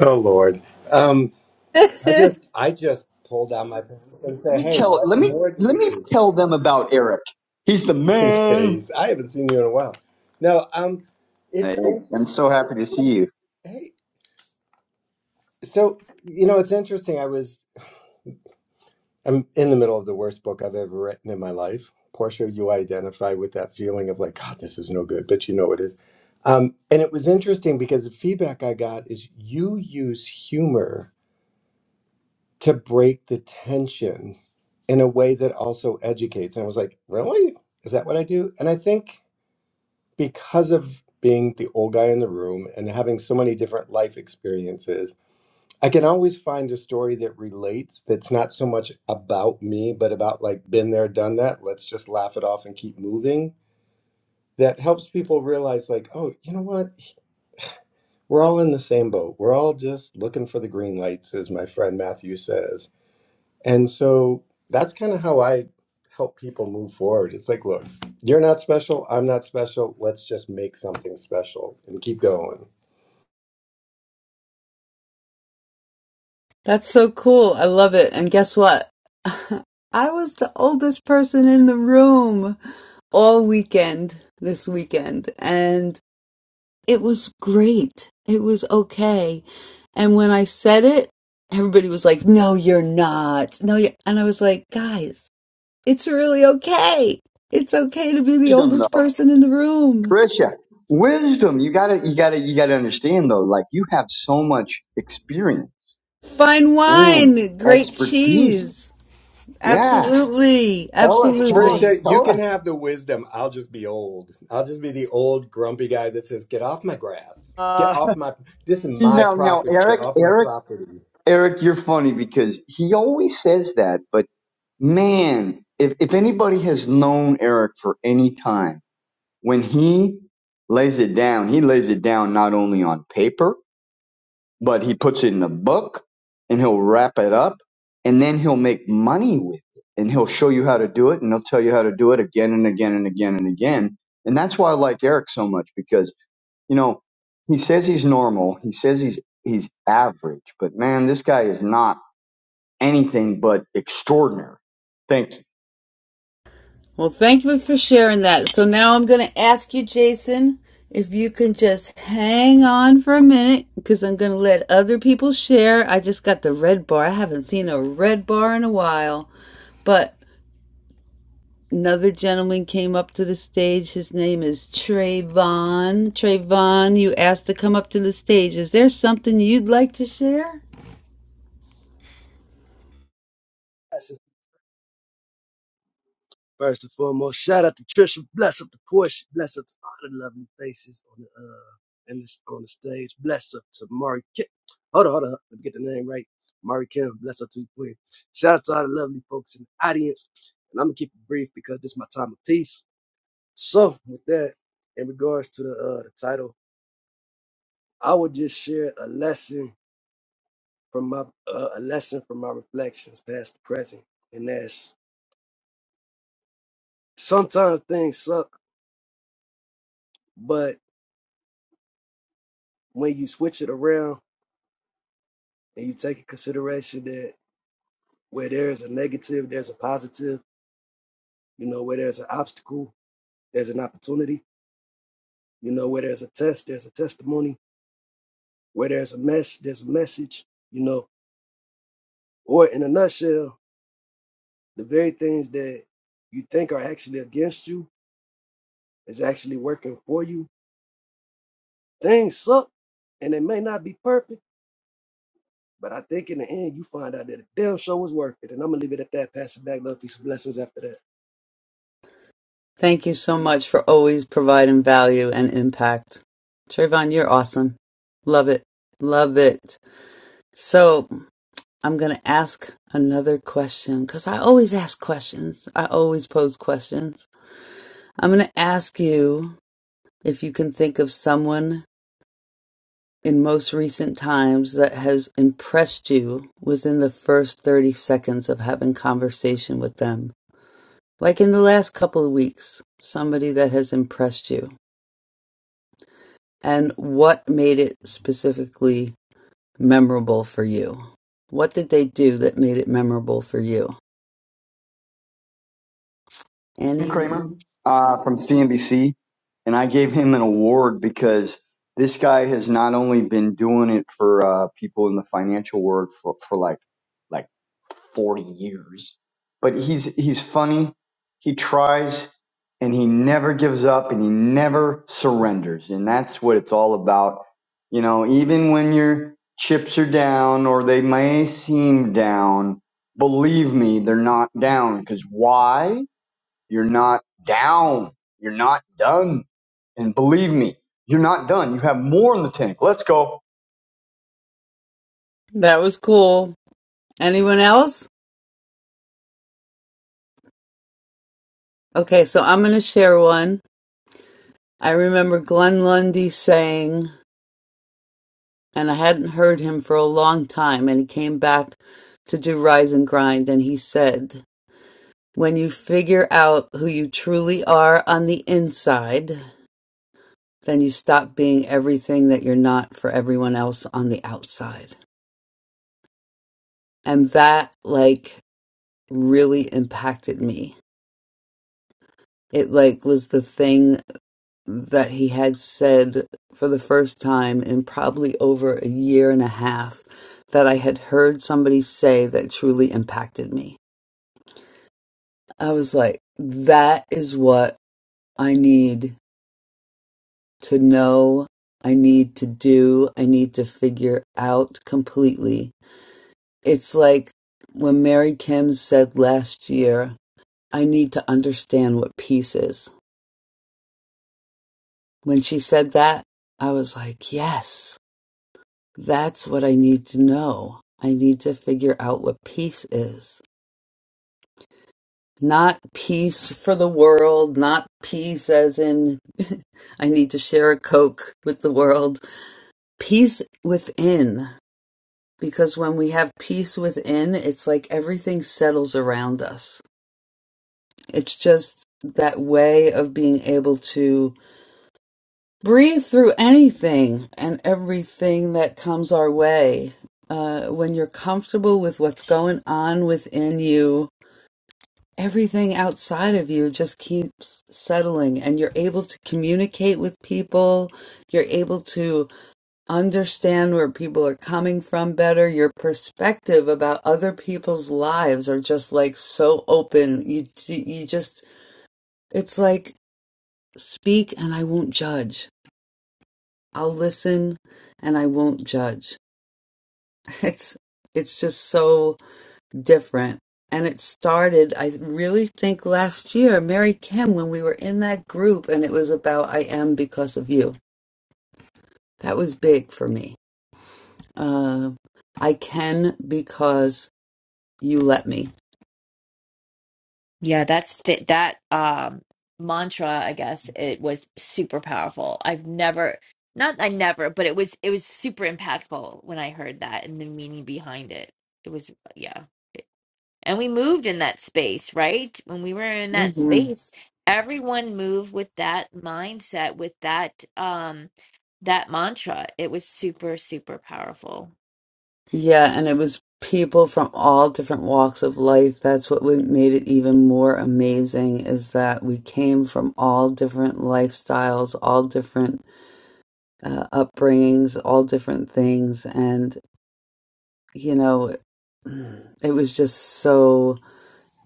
Oh Lord. Um I just
That's
I just pulled down my pants and
Let
said,
me
Hey,
tell
what
let me
more do
let
we
me
need
tell them about Eric. He's the
these
man.
days? I haven't seen you in a while. No, um it's
I,
in
I'm so happy to see you.
hey so you know it's interesting. I was I'm in the middle of the worst book I've ever written in my life. Portia, you identify with that feeling of like, God, this is no good, but you know it is. Um, and it was interesting because the feedback I got is you use humor to break the tension in a way that also educates. And I was like, really? Is that what I do? And I think because of being the old guy in the room and having so many different life experiences, I can always find a story that relates that's not so much about me, but about like, been there, done that. Let's just laugh it off and keep moving. That helps people realize, like, oh, you know what? We're all in the same boat. We're all just looking for the green lights, as my friend Matthew says And so that's kind of how I help people move forward. It's like, look, you're not special. I'm not special. Let's just make something special and keep going.
so cool. I love it. And guess what? I was the oldest person in the room all weekend this weekend. and. It was great. It was okay. And when I said it, everybody was like, "No, you're not." No, you and I was like, "Guys, it's really okay. It's okay to be the
Wisdom
oldest
though,
person in the room.
Tricia. Wisdom. You gotta you gotta you gotta understand though. Like you have so much experience
Fine
and
wine, great
expertise.
cheese.
Yeah.
Absolutely.
Tell us. Tell us.
Absolutely."
Trisha, you
Tell
can
us.
have the wisdom. I'll just be old. I'll just be the old grumpy guy that says, get off my grass. Get
Uh,
off my, this is
you
my
know now
property. Get
Eric.
off my
Eric.
property.
Eric. You're funny because he always says that, but man, if if anybody has known Eric for any time when he lays it down, he lays it down not only on paper, but he puts it in a book and he'll wrap it up and then he'll make money with it and he'll show you how to do it and he'll tell you how to do it again and again and again and again. And that's why I like Eric so much because, you know, he says he's normal. He says he's, he's average, but man, this guy is not anything but extraordinary. Thank you.
Well, thank you for sharing that. So now I'm going to ask you, Jason, if you can just hang on for a minute because I'm going to let other people share. I just got the red bar. I haven't seen a red bar in a while. But another gentleman came up to the stage. His name is Trayvon. Trayvon, you asked to come up to the stage. Is there something you'd like to share?
blessings first and foremost. Shout out to Trisha. Bless up to Portia. Bless up to all the lovely faces on the uh in this on the stage. Bless up to Mari Kim. Hold on, hold on. Let me get the name right. Mari Kim. Bless up to you, Queen. Shout out to all the lovely folks in the audience. And I'm gonna keep it brief because this is my time of peace. So with that, in regards to the uh the title, I would just share a lesson from my uh, a lesson from my reflections, past to present, and that's sometimes things suck, but when you switch it around and you take in consideration that where there is a negative, there's a positive, you know, where there's an obstacle, there's an opportunity, you know, where there's a test, there's a testimony, where there's a mess, there's a message, you know, or in a nutshell, the very things that you think are actually against you is actually working for you. Things suck and they may not be perfect, but I think in the end you find out that the damn show was worth it. And I'm gonna leave it at that, pass it back, love, peace, and blessings after that.
Thank you so much for always providing value and impact. Trayvon, you're awesome. Love it. Love it. So I'm going to ask another question because I always ask questions. I always pose questions. I'm going to ask you if you can think of someone in most recent times that has impressed you within the first 30 seconds of having conversation with them. Like in the last couple of weeks, somebody that has impressed you. And what made it specifically memorable for you? What did they do that made it memorable for you?
Jim
Annie?
Kramer uh, from CNBC, and I gave him an award because this guy has not only been doing it for uh, people in the financial world for, for like like forty years, but he's he's funny. He tries, and he never gives up, and he never surrenders, and that's what it's all about. You know, even when your chips are down or they may seem down, believe me, they're not down. Because why? You're not down. You're not done. And believe me, you're not done. You have more in the tank. Let's go.
That was cool. Anyone else? Okay, so I'm going to share one. I remember Glenn Lundy saying, and I hadn't heard him for a long time, and he came back to do Rise and Grind, and he said, When you figure out who you truly are on the inside, then you stop being everything that you're not for everyone else on the outside. And that, like, really impacted me. It, like, was the thing that he had said for the first time in probably over a year and a half that I had heard somebody say that truly impacted me. I was like, that is what I need to know, I need to do, I need to figure out completely. It's like when Mary Kim said last year, I need to understand what peace is. When she said that, I was like, yes That's what I need to know. I need to figure out what peace is. Not peace for the world, not peace as in I need to share a Coke with the world. Peace within. Because when we have peace within, it's like everything settles around us. It's just that way of being able to breathe through anything and everything that comes our way. Uh, when you're comfortable with what's going on within you, everything outside of you just keeps settling and you're able to communicate with people. You're able to understand where people are coming from better. Your perspective about other people's lives are just like so open. You, you just, it's like speak and I won't judge I'll listen and I won't judge. It's it's just so different. And it started, I really think last year, Mary Kim, when we were in that group and it was about I am because of you. That was big for me. Uh, I can because you let me.
Yeah, that's st- that um mantra, I guess it was super powerful. I've never not I never, but it was it was super impactful when I heard that and the meaning behind it. It was yeah. And we moved in that space, right? When we were in that
hmm
space, everyone moved with that mindset, with that um that mantra. It was super, super powerful.
Yeah, and it was people from all different walks of life. That's what we- made it even more amazing is that we came from all different lifestyles, all different uh, upbringings, all different things. And, you know, it was just so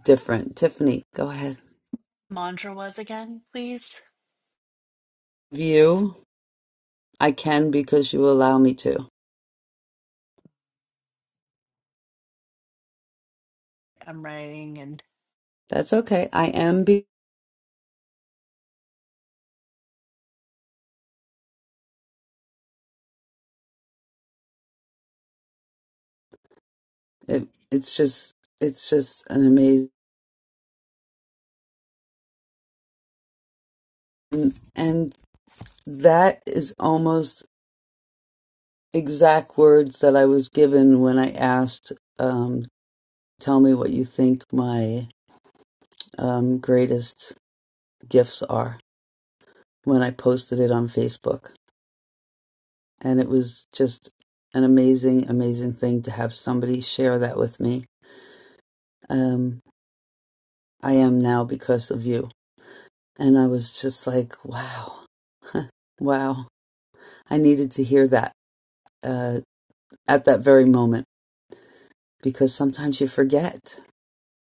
different. Tiffany, go ahead.
Mantra was again, please.
You, I can because you allow me to.
I'm writing and.
That's okay. I am. Be- it, it's just, it's just an amazing. And that is almost exact words that I was given when I asked, um, tell me what you think my um, greatest gifts are when I posted it on Facebook And it was just an amazing, amazing thing to have somebody share that with me. Um, I am now because of you. And I was just like, wow, wow. I needed to hear that uh, at that very moment because sometimes you forget.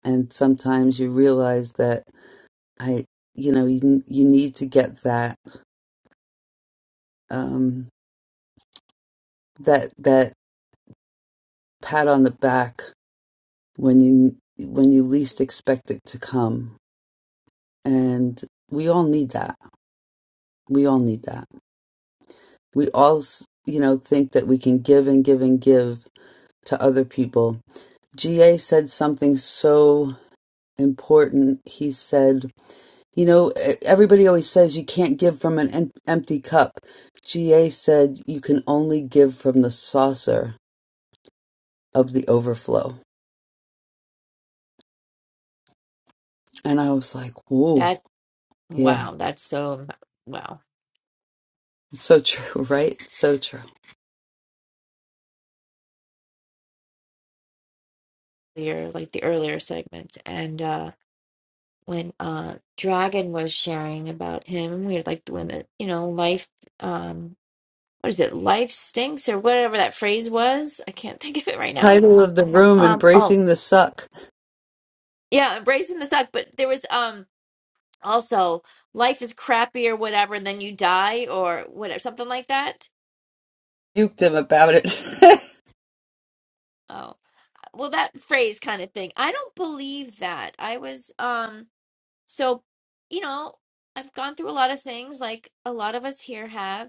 And sometimes you realize that I, you know, you, you need to get that, um, that, that pat on the back when you, when you least expect it to come. And we all need that We all need that. We all, s- you know, think that we can give and give and give to other people. GA said something so important. He said, you know, e- everybody always says you can't give from an em- empty cup. GA said you can only give from the saucer of the overflow. And I was like, whoa,
That
yeah,
wow, that's so wow.
so true, right? So true.
Your like the earlier segment, and uh when uh Dragon was sharing about him, we were like when the you know life um what is it? Life stinks or whatever that phrase was. I can't think of it right now.
Title of the room,
Um, oh
Embracing the Suck.
yeah, embracing the suck. But there was um also life is crappy or whatever, and then you die or whatever, something like that.
Puked him about it.
Oh, well, that phrase kind of thing. I don't believe that. I was um so you know I've gone through a lot of things like a lot of us here have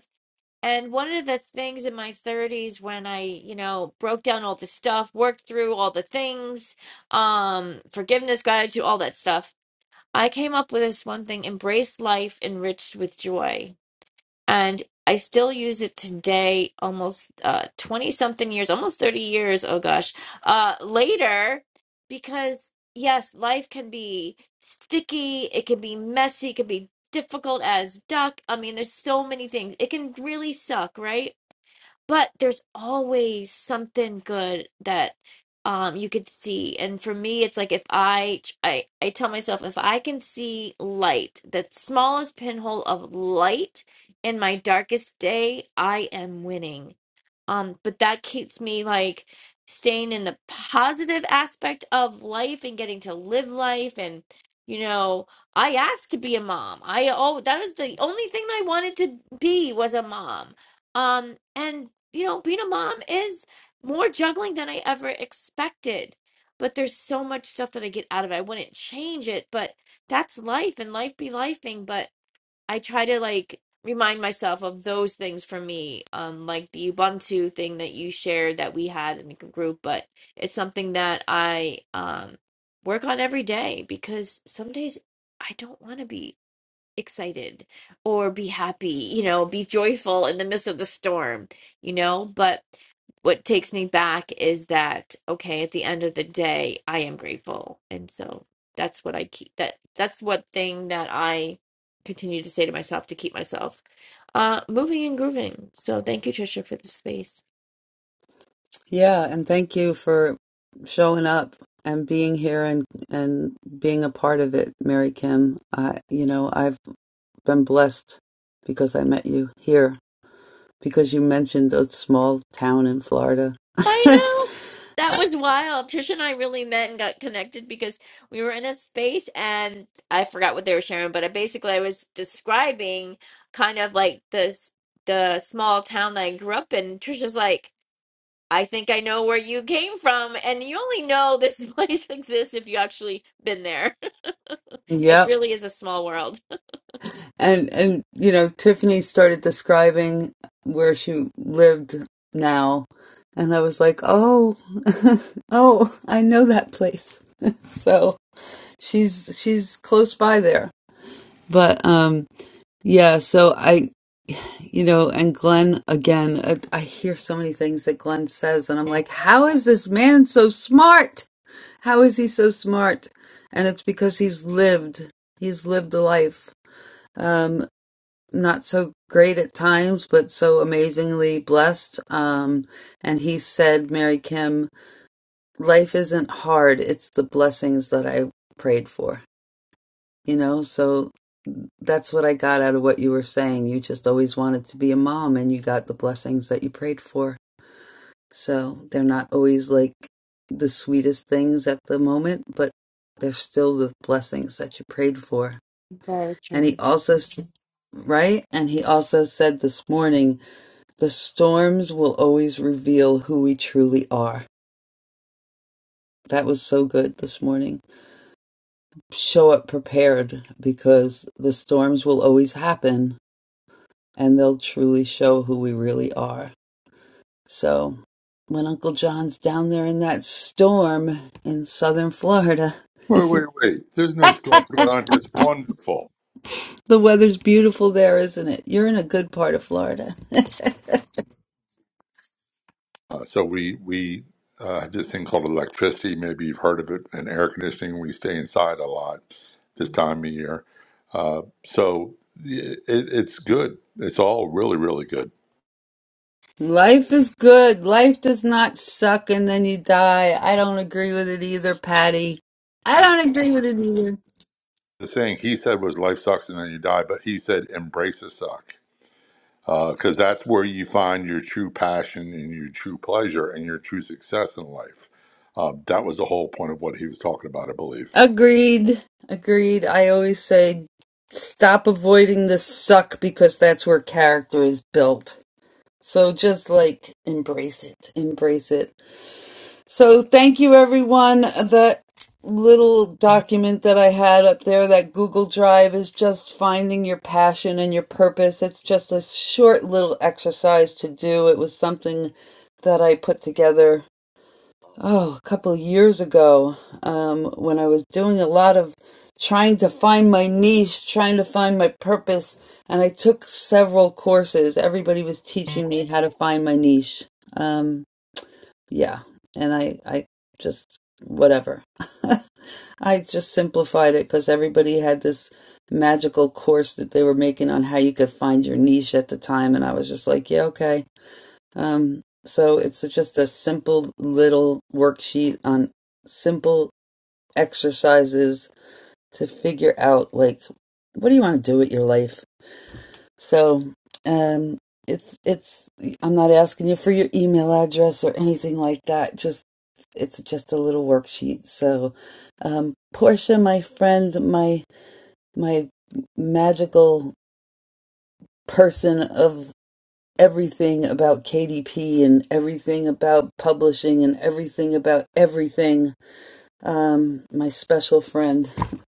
And one of the things in my 30s when I, you know, broke down all the stuff, worked through all the things, um, forgiveness, gratitude, all that stuff, I came up with this one thing, embrace life enriched with joy and I still use it today, almost uh, 20 something years, almost 30 years, oh gosh, uh, later, because yes, life can be sticky, it can be messy, it can be difficult as duck. I mean, there's so many things. It can really suck, right? but there's always something good that um you could see and for me it's like if i i i tell myself if i can see light the smallest pinhole of light in my darkest day i am winning um, but that keeps me like staying in the positive aspect of life and getting to live life. And, you know, I asked to be a mom. I, oh, that was the only thing I wanted to be was a mom. Um, and, you know, being a mom is more juggling than I ever expected. But there's so much stuff that I get out of it. I wouldn't change it, but that's life and life be lifing. But I try to like remind myself of those things for me, um, like the Ubuntu thing that you shared that we had in the group, but it's something that I um work on every day because some days I don't want to be excited or be happy, you know, be joyful in the midst of the storm, you know. But what takes me back is that, okay, at the end of the day, I am grateful. And so that's what I keep that that's what thing that I continue to say to myself to keep myself uh moving and grooving. So thank you, Trisha, for the space.
Yeah, and thank you for showing up and being here and and being a part of it, Mary Kim. I, you know, I've been blessed because I met you here because you mentioned a small town in Florida.
I know. That was wild. Trisha and I really met and got connected because we were in a space and I forgot what they were sharing, but I basically I was describing kind of like this the small town that I grew up in. Trisha's like, I think I know where you came from, and you only know this place exists if you actually been there. It
Yep.
really is a small world.
And and you know, Tiffany started describing where she lived now, and I was like, "Oh. oh, I know that place." So, she's she's close by there. But um Yeah, so I, you know, and Glenn again, I, I hear so many things that Glenn says, and I'm like, how is this man so smart? How is he so smart? And it's because he's lived, he's lived a life, um, not so great at times, but so amazingly blessed. Um, and he said, Mary Kim, life isn't hard, it's the blessings that I prayed for, you know, so That's what I got out of what you were saying. You just always wanted to be a mom and you got the blessings that you prayed for. So they're not always like the sweetest things at the moment, but they're still the blessings that you prayed for.
Very true.
And he also, s- right? And he also said this morning, the storms will always reveal who we truly are. That was so good this morning. Show up prepared because the storms will always happen and they'll truly show who we really are. So when Uncle John's down there in that storm in southern Florida,
Wait, wait, wait. There's no storms going on here. It's wonderful.
the weather's beautiful there, isn't it? You're in a good part of Florida.
Uh, so we we uh, have this thing called electricity. Maybe you've heard of it, and air conditioning. We stay inside a lot this time of year. Uh, so it, it's good. It's all really, really good.
Life is good. Life does not suck and then you die. I don't agree with it either, Patty. I don't agree with it either.
The thing he said was life sucks and then you die, but he said embrace the suck because that's where you find your true passion and your true pleasure and your true success in life. Uh, that was the whole point of what he was talking about, I believe.
Agreed. Agreed. I always say stop avoiding the suck because that's where character is built. So just like embrace it. Embrace it. So thank you everyone. That little document that I had up there, that Google Drive is just finding your passion and your purpose. It's just a short little exercise to do. It was something that I put together oh, a couple of years ago um, when I was doing a lot of trying to find my niche, trying to find my purpose, and I took several courses. Everybody was teaching me how to find my niche. Um, yeah and i i just whatever i just simplified it because everybody had this magical course that they were making on how you could find your niche at the time and i was just like yeah okay um so it's just a simple little worksheet on simple exercises to figure out like what do you want to do with your life so um, it's it's I'm not asking you for your email address or anything like that. Just it's just a little worksheet. So um, Portia, my friend, my my magical person of everything about KDP and everything about publishing and everything about everything um, my special friend,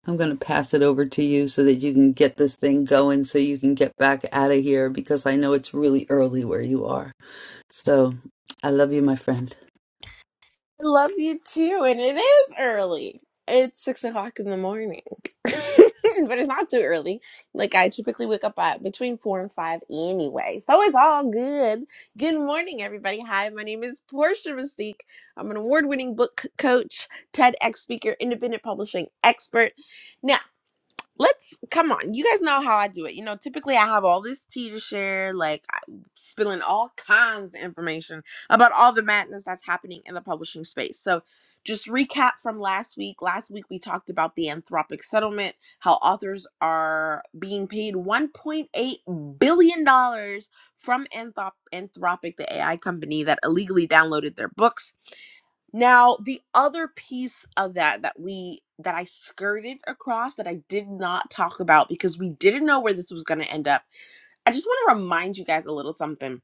I'm going to pass it over to you so that you can get this thing going so you can get back out of here because I know it's really early where you are. So I love you, my friend.
I love you too, and it is early. It's six o'clock in the morning, but it's not too early. Like I typically wake up at between four and five anyway, so it's all good. Good morning, everybody. Hi, my name is Portia Mystique. I'm an award-winning book coach, TEDx speaker, independent publishing expert. Now let's come on you guys know how i do it you know typically i have all this tea to share like I'm spilling all kinds of information about all the madness that's happening in the publishing space so just recap from last week last week we talked about the anthropic settlement how authors are being paid 1.8 billion dollars from Anthrop- anthropic the ai company that illegally downloaded their books now, the other piece of that that we that I skirted across that I did not talk about because we didn't know where this was going to end up. I just want to remind you guys a little something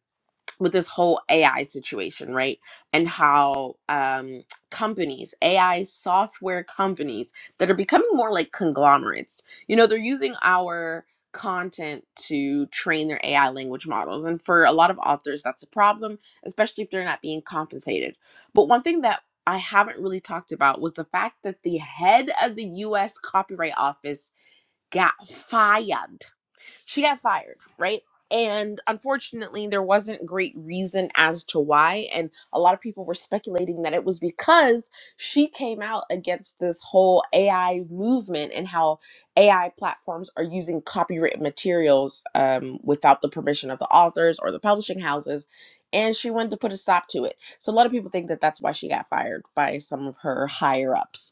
with this whole AI situation, right? And how um, companies, AI software companies that are becoming more like conglomerates, you know, they're using our content to train their AI language models. And for a lot of authors, that's a problem, especially if they're not being compensated. But one thing that I haven't really talked about was the fact that the head of the US Copyright Office got fired. She got fired, right? And unfortunately, there wasn't great reason as to why. And a lot of people were speculating that it was because she came out against this whole AI movement and how AI platforms are using copyright materials um, without the permission of the authors or the publishing houses. And she wanted to put a stop to it. So a lot of people think that that's why she got fired by some of her higher ups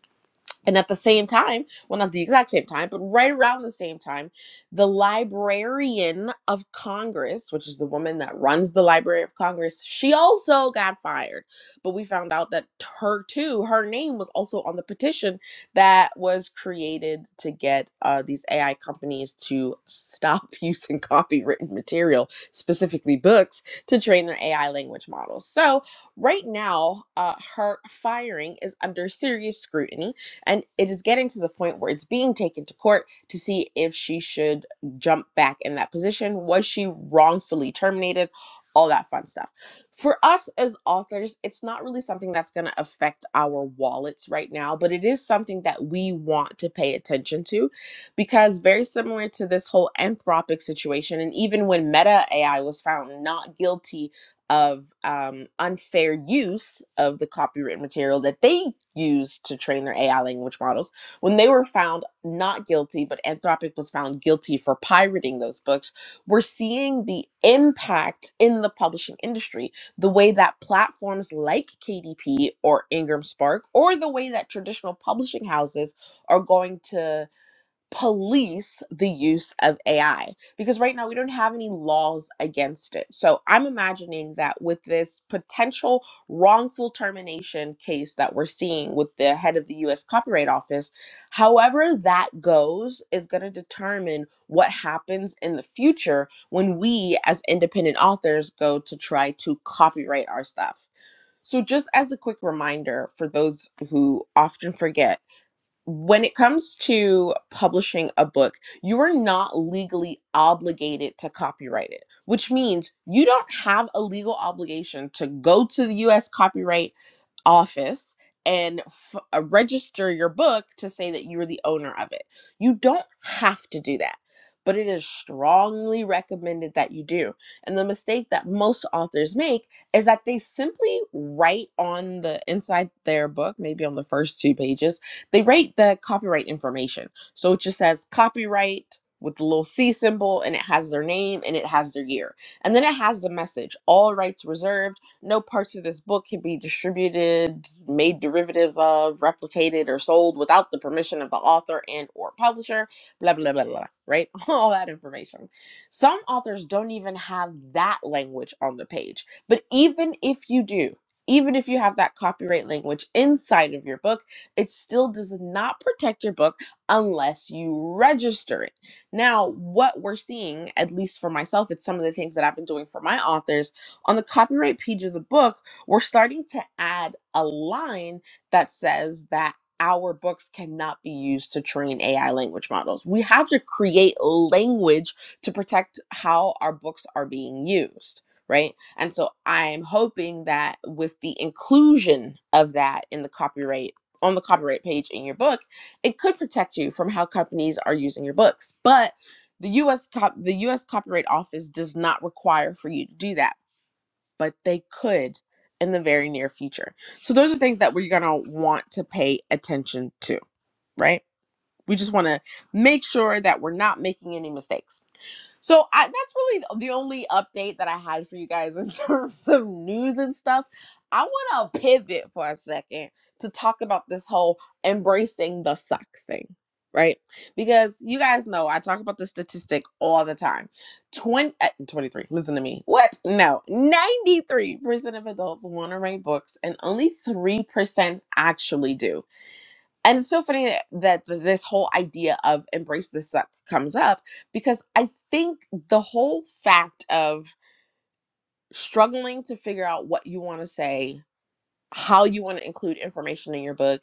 and at the same time, well, not the exact same time, but right around the same time, the Librarian of Congress, which is the woman that runs the Library of Congress, she also got fired. But we found out that her, too, her name was also on the petition that was created to get uh, these AI companies to stop using copywritten material, specifically books, to train their AI language models. So right now, uh, her firing is under serious scrutiny and it is getting to the point where it's being taken to court to see if she should jump back in that position. Was she wrongfully terminated? All that fun stuff. For us as authors, it's not really something that's going to affect our wallets right now, but it is something that we want to pay attention to because, very similar to this whole anthropic situation, and even when Meta AI was found not guilty of um, unfair use of the copyright material that they used to train their AI language models when they were found not guilty, but Anthropic was found guilty for pirating those books. We're seeing the impact in the publishing industry, the way that platforms like KDP or Ingram Spark, or the way that traditional publishing houses are going to police the use of AI because right now we don't have any laws against it. So I'm imagining that with this potential wrongful termination case that we're seeing with the head of the US Copyright Office, however that goes is going to determine what happens in the future when we as independent authors go to try to copyright our stuff. So just as a quick reminder for those who often forget when it comes to publishing a book, you are not legally obligated to copyright it, which means you don't have a legal obligation to go to the US Copyright office and f- uh, register your book to say that you are the owner of it. You don't have to do that, but it is strongly recommended that you do. And the mistake that most authors make is that they simply write on the inside their book, maybe on the first two pages, they write the copyright information. So it just says copyright with the little C symbol and it has their name and it has their year. And then it has the message all rights reserved no parts of this book can be distributed, made derivatives of, replicated, or sold without the permission of the author and or publisher, blah blah blah blah, right? All that information. Some authors don't even have that language on the page. But even if you do, even if you have that copyright language inside of your book, it still does not protect your book unless you register it. Now, what we're seeing, at least for myself, it's some of the things that I've been doing for my authors on the copyright page of the book, we're starting to add a line that says that our books cannot be used to train AI language models. We have to create language to protect how our books are being used, right? And so I'm hoping that with the inclusion of that in the copyright on the copyright page in your book, it could protect you from how companies are using your books. But the US cop- the US Copyright Office does not require for you to do that but they could in the very near future. So those are things that we're going to want to pay attention to, right? We just want to make sure that we're not making any mistakes so I, that's really the only update that I had for you guys in terms of news and stuff. I want to pivot for a second to talk about this whole embracing the suck thing, right? Because you guys know I talk about the statistic all the time. 20, uh, 23, listen to me. What? No. 93% of adults want to write books and only 3% actually do and it's so funny that, that th- this whole idea of embrace the suck comes up because I think the whole fact of struggling to figure out what you want to say, how you want to include information in your book,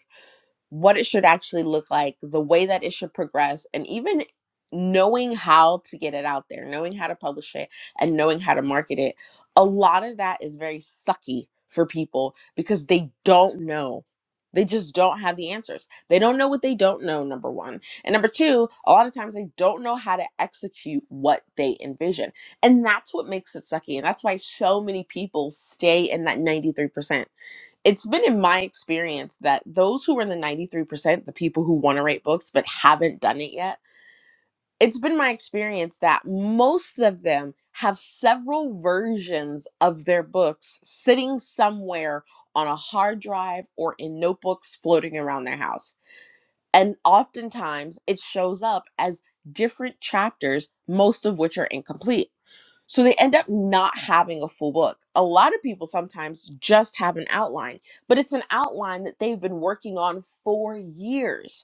what it should actually look like, the way that it should progress, and even knowing how to get it out there, knowing how to publish it, and knowing how to market it. A lot of that is very sucky for people because they don't know. They just don't have the answers. They don't know what they don't know, number one. And number two, a lot of times they don't know how to execute what they envision. And that's what makes it sucky. And that's why so many people stay in that 93% it's been in my experience that those who are in the 93%, the people who want to write books but haven't done it yet, it's been my experience that most of them have several versions of their books sitting somewhere on a hard drive or in notebooks floating around their house. And oftentimes it shows up as different chapters, most of which are incomplete. So they end up not having a full book. A lot of people sometimes just have an outline, but it's an outline that they've been working on for years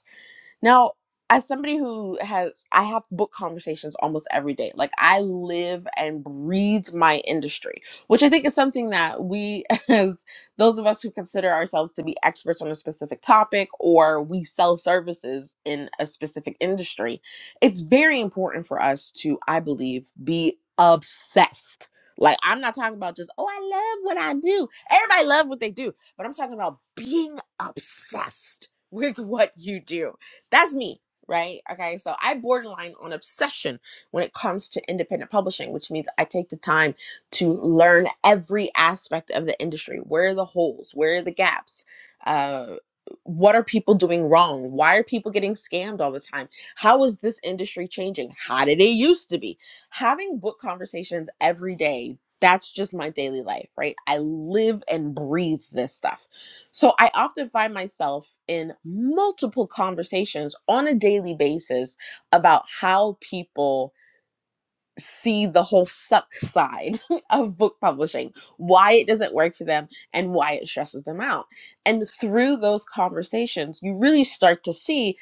now, as somebody who has, I have book conversations almost every day. Like I live and breathe my industry, which I think is something that we, as those of us who consider ourselves to be experts on a specific topic or we sell services in a specific industry, it's very important for us to, I believe, be obsessed. Like I'm not talking about just, oh, I love what I do. Everybody love what they do, but I'm talking about being obsessed with what you do that's me, right? Okay, so I borderline on obsession when it comes to independent publishing, which means I take the time to learn every aspect of the industry. Where are the holes? Where are the gaps? Uh, what are people doing wrong? Why are people getting scammed all the time? How is this industry changing? How did it used to be? Having book conversations every day, that's just my daily life, right? I live and breathe this stuff. So I often find myself in multiple conversations on a daily basis about how people see the whole suck side of book publishing, why it doesn't work for them, and why it stresses them out. And through those conversations, you really start to see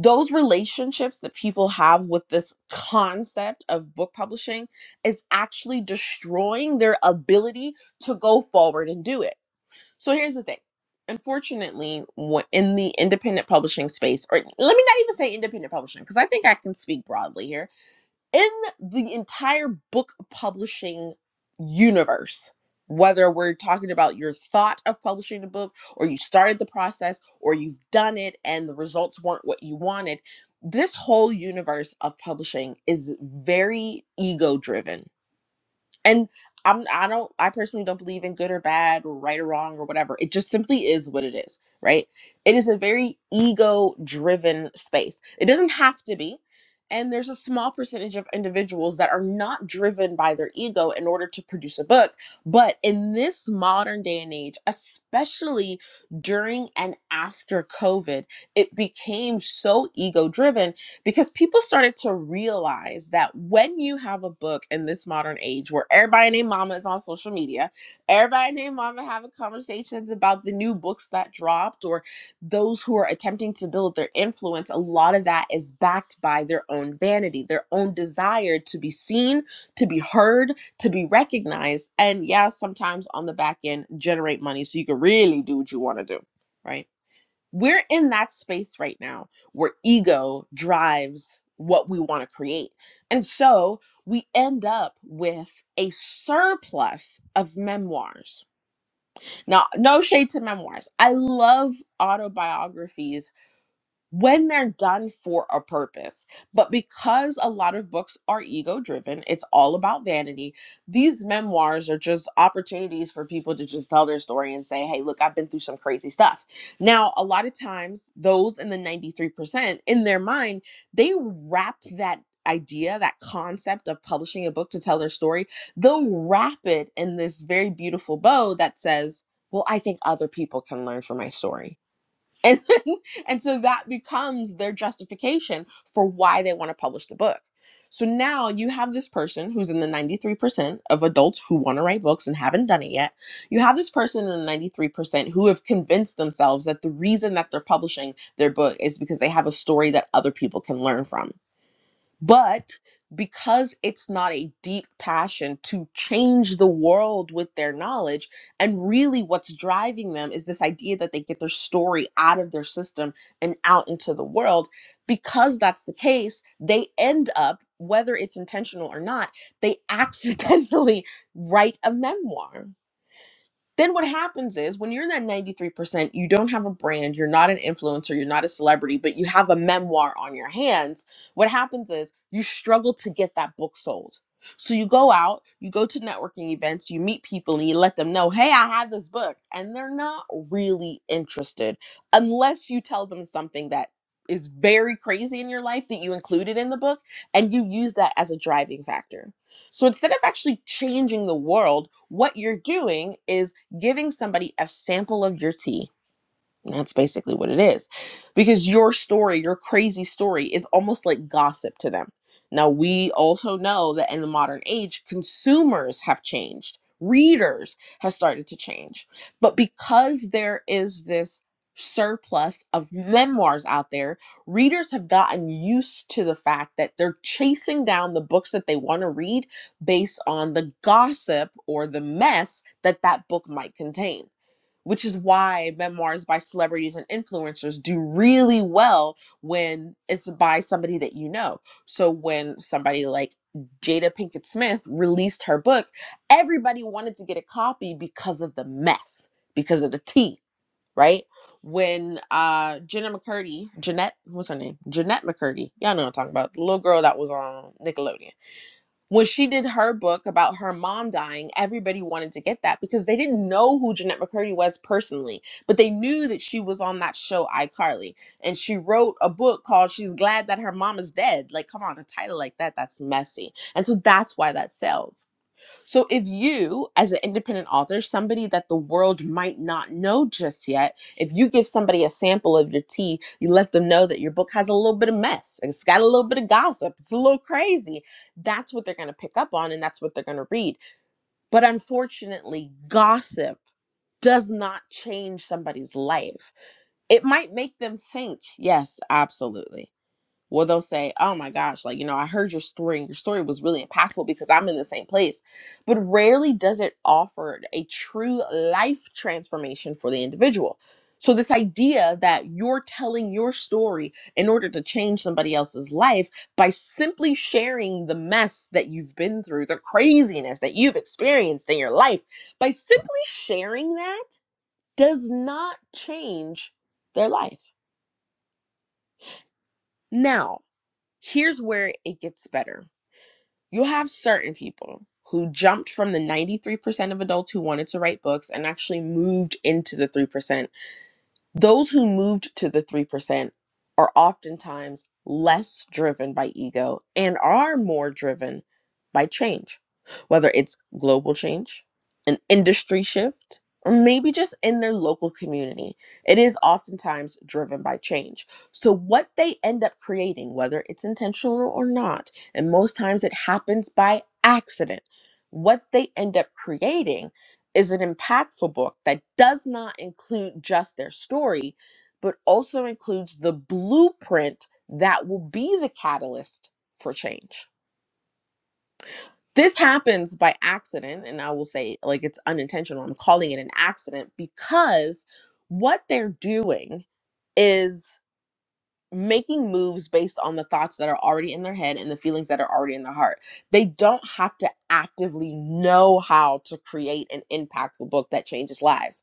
those relationships that people have with this concept of book publishing is actually destroying their ability to go forward and do it so here's the thing. Unfortunately, wh- in the independent publishing space, or let me not even say independent publishing, because I think I can speak broadly here. In the entire book publishing universe, whether we're talking about your thought of publishing a book, or you started the process, or you've done it and the results weren't what you wanted, this whole universe of publishing is very ego driven and i'm i don't i personally don't believe in good or bad or right or wrong or whatever it just simply is what it is right it is a very ego driven space it doesn't have to be and there's a small percentage of individuals that are not driven by their ego in order to produce a book but in this modern day and age especially during and after covid it became so ego driven because people started to realize that when you have a book in this modern age where everybody named mama is on social media everybody named mama having conversations about the new books that dropped or those who are attempting to build their influence a lot of that is backed by their own vanity their own desire to be seen to be heard to be recognized and yeah sometimes on the back end generate money so you can really do what you want to do right we're in that space right now where ego drives what we want to create. And so we end up with a surplus of memoirs. Now, no shade to memoirs. I love autobiographies when they're done for a purpose. But because a lot of books are ego driven, it's all about vanity. These memoirs are just opportunities for people to just tell their story and say, hey, look, I've been through some crazy stuff. Now, a lot of times, those in the 93%, in their mind, they wrap that idea that concept of publishing a book to tell their story they'll wrap it in this very beautiful bow that says well i think other people can learn from my story and then, and so that becomes their justification for why they want to publish the book so now you have this person who's in the 93% of adults who want to write books and haven't done it yet you have this person in the 93% who have convinced themselves that the reason that they're publishing their book is because they have a story that other people can learn from but because it's not a deep passion to change the world with their knowledge, and really what's driving them is this idea that they get their story out of their system and out into the world. Because that's the case, they end up, whether it's intentional or not, they accidentally write a memoir then what happens is when you're in that 93%, you don't have a brand, you're not an influencer, you're not a celebrity, but you have a memoir on your hands. What happens is you struggle to get that book sold. So you go out, you go to networking events, you meet people and you let them know, "Hey, I have this book." And they're not really interested unless you tell them something that is very crazy in your life that you included in the book and you use that as a driving factor. So instead of actually changing the world, what you're doing is giving somebody a sample of your tea and That's basically what it is. Because your story, your crazy story, is almost like gossip to them. Now, we also know that in the modern age, consumers have changed, readers have started to change. But because there is this surplus of memoirs out there, readers have gotten used to the fact that they're chasing down the books that they want to read based on the gossip or the mess that that book might contain which is why memoirs by celebrities and influencers do really well when it's by somebody that you know. So when somebody like Jada Pinkett Smith released her book, everybody wanted to get a copy because of the mess, because of the tea, right? When uh Jenna McCurdy, Jeanette, what's her name? Jeanette McCurdy. Y'all know what I'm talking about. The little girl that was on Nickelodeon when she did her book about her mom dying, everybody wanted to get that because they didn't know who Jeanette McCurdy was personally, but they knew that she was on that show iCarly. And she wrote a book called She's Glad That Her Mom Is Dead. Like, come on, a title like that, that's messy. And so that's why that sells. So, if you, as an independent author, somebody that the world might not know just yet, if you give somebody a sample of your tea, you let them know that your book has a little bit of mess, it's got a little bit of gossip, it's a little crazy, that's what they're going to pick up on and that's what they're going to read. But unfortunately, gossip does not change somebody's life. It might make them think, yes, absolutely well they'll say oh my gosh like you know i heard your story and your story was really impactful because i'm in the same place but rarely does it offer a true life transformation for the individual so this idea that you're telling your story in order to change somebody else's life by simply sharing the mess that you've been through the craziness that you've experienced in your life by simply sharing that does not change their life now here's where it gets better you have certain people who jumped from the 93% of adults who wanted to write books and actually moved into the 3% those who moved to the 3% are oftentimes less driven by ego and are more driven by change, whether it's global change, an industry shift, or maybe just in their local community. It is oftentimes driven by change. So, what they end up creating, whether it's intentional or not, and most times it happens by accident, what they end up creating is an impactful book that does not include just their story, but also includes the blueprint that will be the catalyst for change. This happens by accident, and I will say, like, it's unintentional. I'm calling it an accident because what they're doing is making moves based on the thoughts that are already in their head and the feelings that are already in their heart. They don't have to actively know how to create an impactful book that changes lives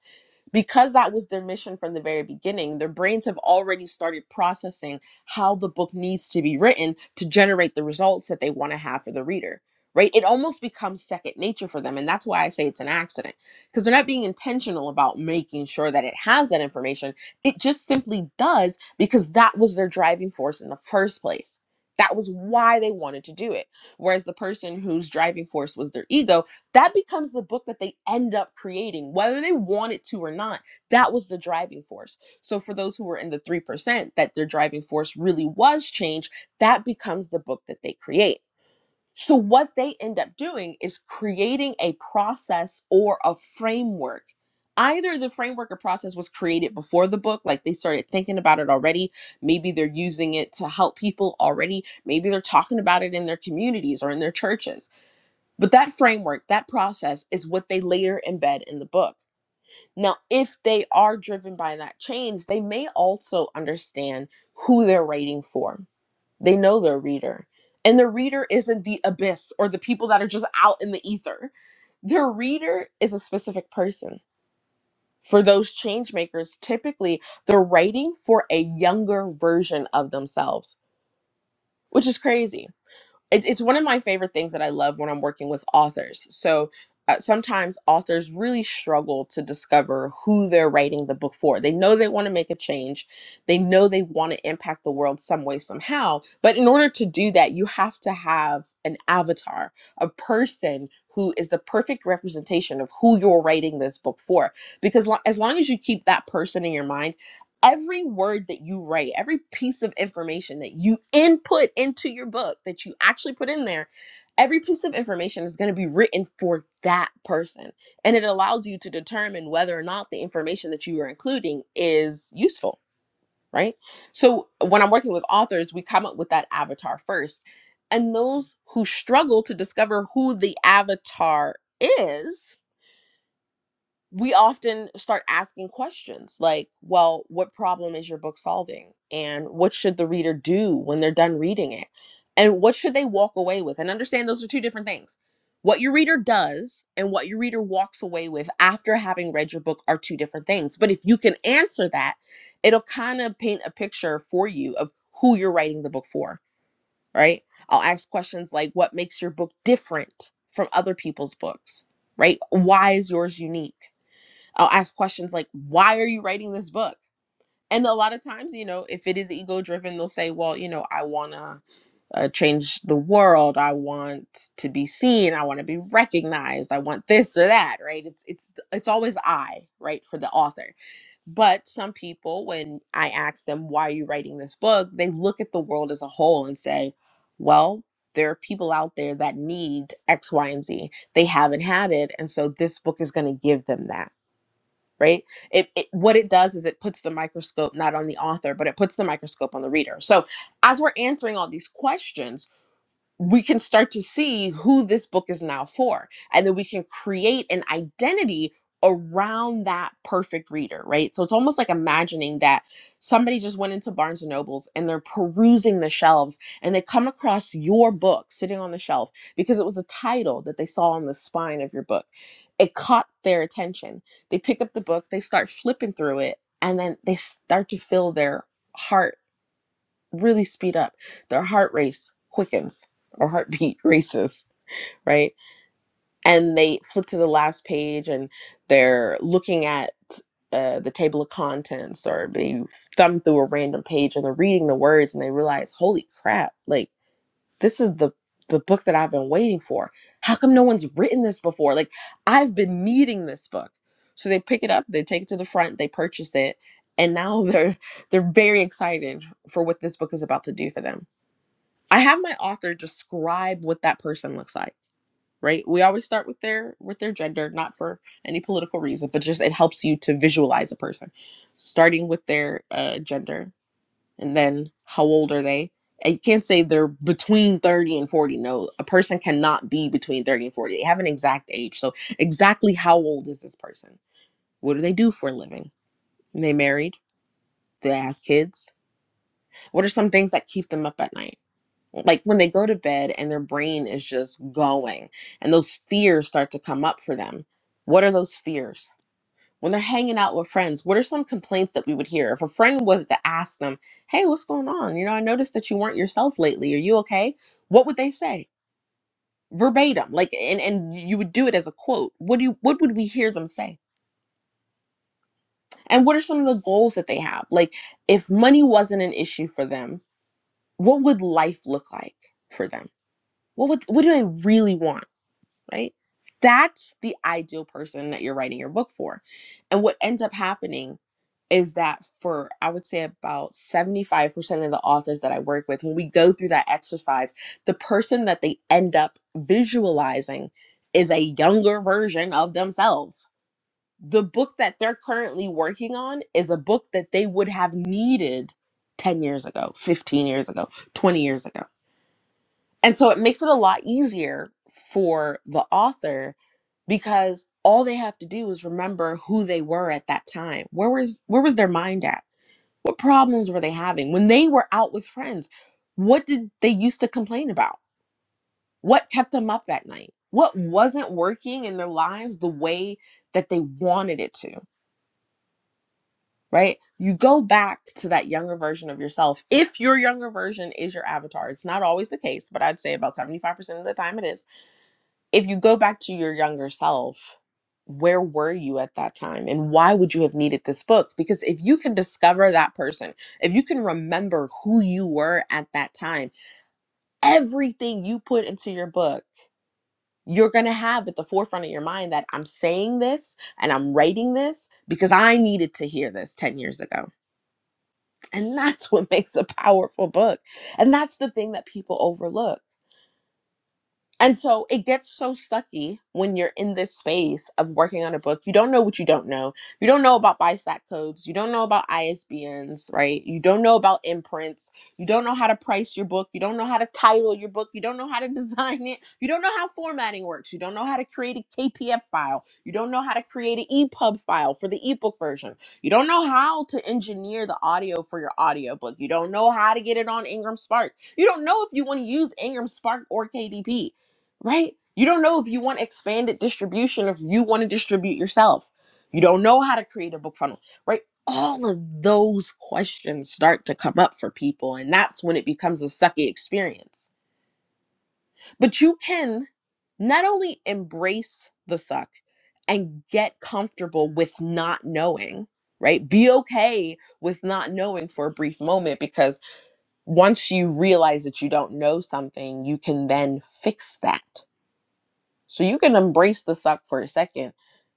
because that was their mission from the very beginning, their brains have already started processing how the book needs to be written to generate the results that they want to have for the reader, right? It almost becomes second nature for them. And that's why I say it's an accident because they're not being intentional about making sure that it has that information. It just simply does because that was their driving force in the first place. That was why they wanted to do it. Whereas the person whose driving force was their ego that becomes the book that they end up creating, whether they want it to or not. That was the driving force. So, for those who were in the 3%, that their driving force really was change, that becomes the book that they create. So, what they end up doing is creating a process or a framework. Either the framework or process was created before the book, like they started thinking about it already. Maybe they're using it to help people already. Maybe they're talking about it in their communities or in their churches but that framework, that process is what they later embed in the book. Now, if they are driven by that change, they may also understand who they're writing for. They know their reader. And the reader isn't the abyss or the people that are just out in the ether. Their reader is a specific person. For those change makers, typically they're writing for a younger version of themselves, which is crazy it, it's one of my favorite things that I love when I'm working with authors. So uh, sometimes authors really struggle to discover who they're writing the book for. They know they want to make a change, they know they want to impact the world some way, somehow. But in order to do that, you have to have an avatar, a person who is the perfect representation of who you're writing this book for. Because lo- as long as you keep that person in your mind, every word that you write, every piece of information that you input into your book that you actually put in there, every piece of information is going to be written for that person. And it allows you to determine whether or not the information that you are including is useful, right? So when I'm working with authors, we come up with that avatar first. And those who struggle to discover who the avatar is, we often start asking questions like, well, what problem is your book solving? And what should the reader do when they're done reading it? And what should they walk away with? And understand those are two different things. What your reader does and what your reader walks away with after having read your book are two different things. But if you can answer that, it'll kind of paint a picture for you of who you're writing the book for, right? I'll ask questions like, what makes your book different from other people's books, right? Why is yours unique? I'll ask questions like, why are you writing this book? And a lot of times, you know, if it is ego driven, they'll say, well, you know, I want to uh, change the world. I want to be seen. I want to be recognized. I want this or that, right? It's it's it's always I, right, for the author. But some people when I ask them why are you writing this book, they look at the world as a whole and say, well, there are people out there that need X, Y, and Z. They haven't had it, and so this book is going to give them that right it, it what it does is it puts the microscope not on the author but it puts the microscope on the reader so as we're answering all these questions we can start to see who this book is now for. And then we can create an identity around that perfect reader, right? So it's almost like imagining that somebody just went into Barnes and Nobles and they're perusing the shelves and they come across your book sitting on the shelf because it was a title that they saw on the spine of your book. It caught their attention. They pick up the book, they start flipping through it, and then they start to feel their heart really speed up. Their heart race quickens or heartbeat races, right? And they flip to the last page and they're looking at uh, the table of contents or they thumb through a random page and they're reading the words and they realize, holy crap, like this is the the book that I've been waiting for. How come no one's written this before? Like I've been needing this book. So they pick it up, they take it to the front, they purchase it, and now they're they're very excited for what this book is about to do for them I have my author describe what that person looks like, right? We always start with their with their gender, not for any political reason, but just it helps you to visualize a person, starting with their uh, gender and then how old are they? And You can't say they're between 30 and 40. No, a person cannot be between 30 and 40. They have an exact age. So, exactly how old is this person? What do they do for a living? Are they married? Do they have kids? What are some things that keep them up at night? like when they go to bed and their brain is just going and those fears start to come up for them what are those fears when they're hanging out with friends what are some complaints that we would hear if a friend was to ask them hey what's going on you know i noticed that you weren't yourself lately are you okay what would they say verbatim like and and you would do it as a quote what do you what would we hear them say and what are some of the goals that they have like if money wasn't an issue for them what would life look like for them what would what do they really want right? That's the ideal person that you're writing your book for. And what ends up happening is that for, I would say, about 75% of the authors that I work with, when we go through that exercise, the person that they end up visualizing is a younger version of themselves. The book that they're currently working on is a book that they would have needed 10 years ago, 15 years ago, 20 years ago and so it makes it a lot easier for the author because all they have to do is remember who they were at that time. Where was where was their mind at? What problems were they having when they were out with friends? What did they used to complain about? What kept them up at night? What wasn't working in their lives the way that they wanted it to, right? You go back to that younger version of yourself. If your younger version is your avatar, it's not always the case, but I'd say about 75% of the time it is if you go back to your younger self, where were you at that time? And why would you have needed this book? Because if you can discover that person, if you can remember who you were at that time, everything you put into your book, you're going to have at the forefront of your mind that I'm saying this and I'm writing this because I needed to hear this 10 years ago. And that's what makes a powerful book. And that's the thing that people overlook And so it gets so sucky when you're in this space of working on a book. You don't know what you don't know. You don't know about BISAC codes. You don't know about ISBNs, right? You don't know about imprints. You don't know how to price your book. You don't know how to title your book. You don't know how to design it. You don't know how formatting works. You don't know how to create a KPF file. You don't know how to create an EPUB file for the ebook version. You don't know how to engineer the audio for your audiobook. You don't know how to get it on Ingram Spark. You don't know if you want to use Ingram Spark or KDP right? You don't know if you want expanded distribution, or if you want to distribute yourself. You don't know how to create a book funnel, right? All of those questions start to come up for people, and that's when it becomes a sucky experience. But you can not only embrace the suck and get comfortable with not knowing, right? Be okay with not knowing for a brief moment because once you realize that you don't know something, you can then fix that so you can embrace the suck for a second,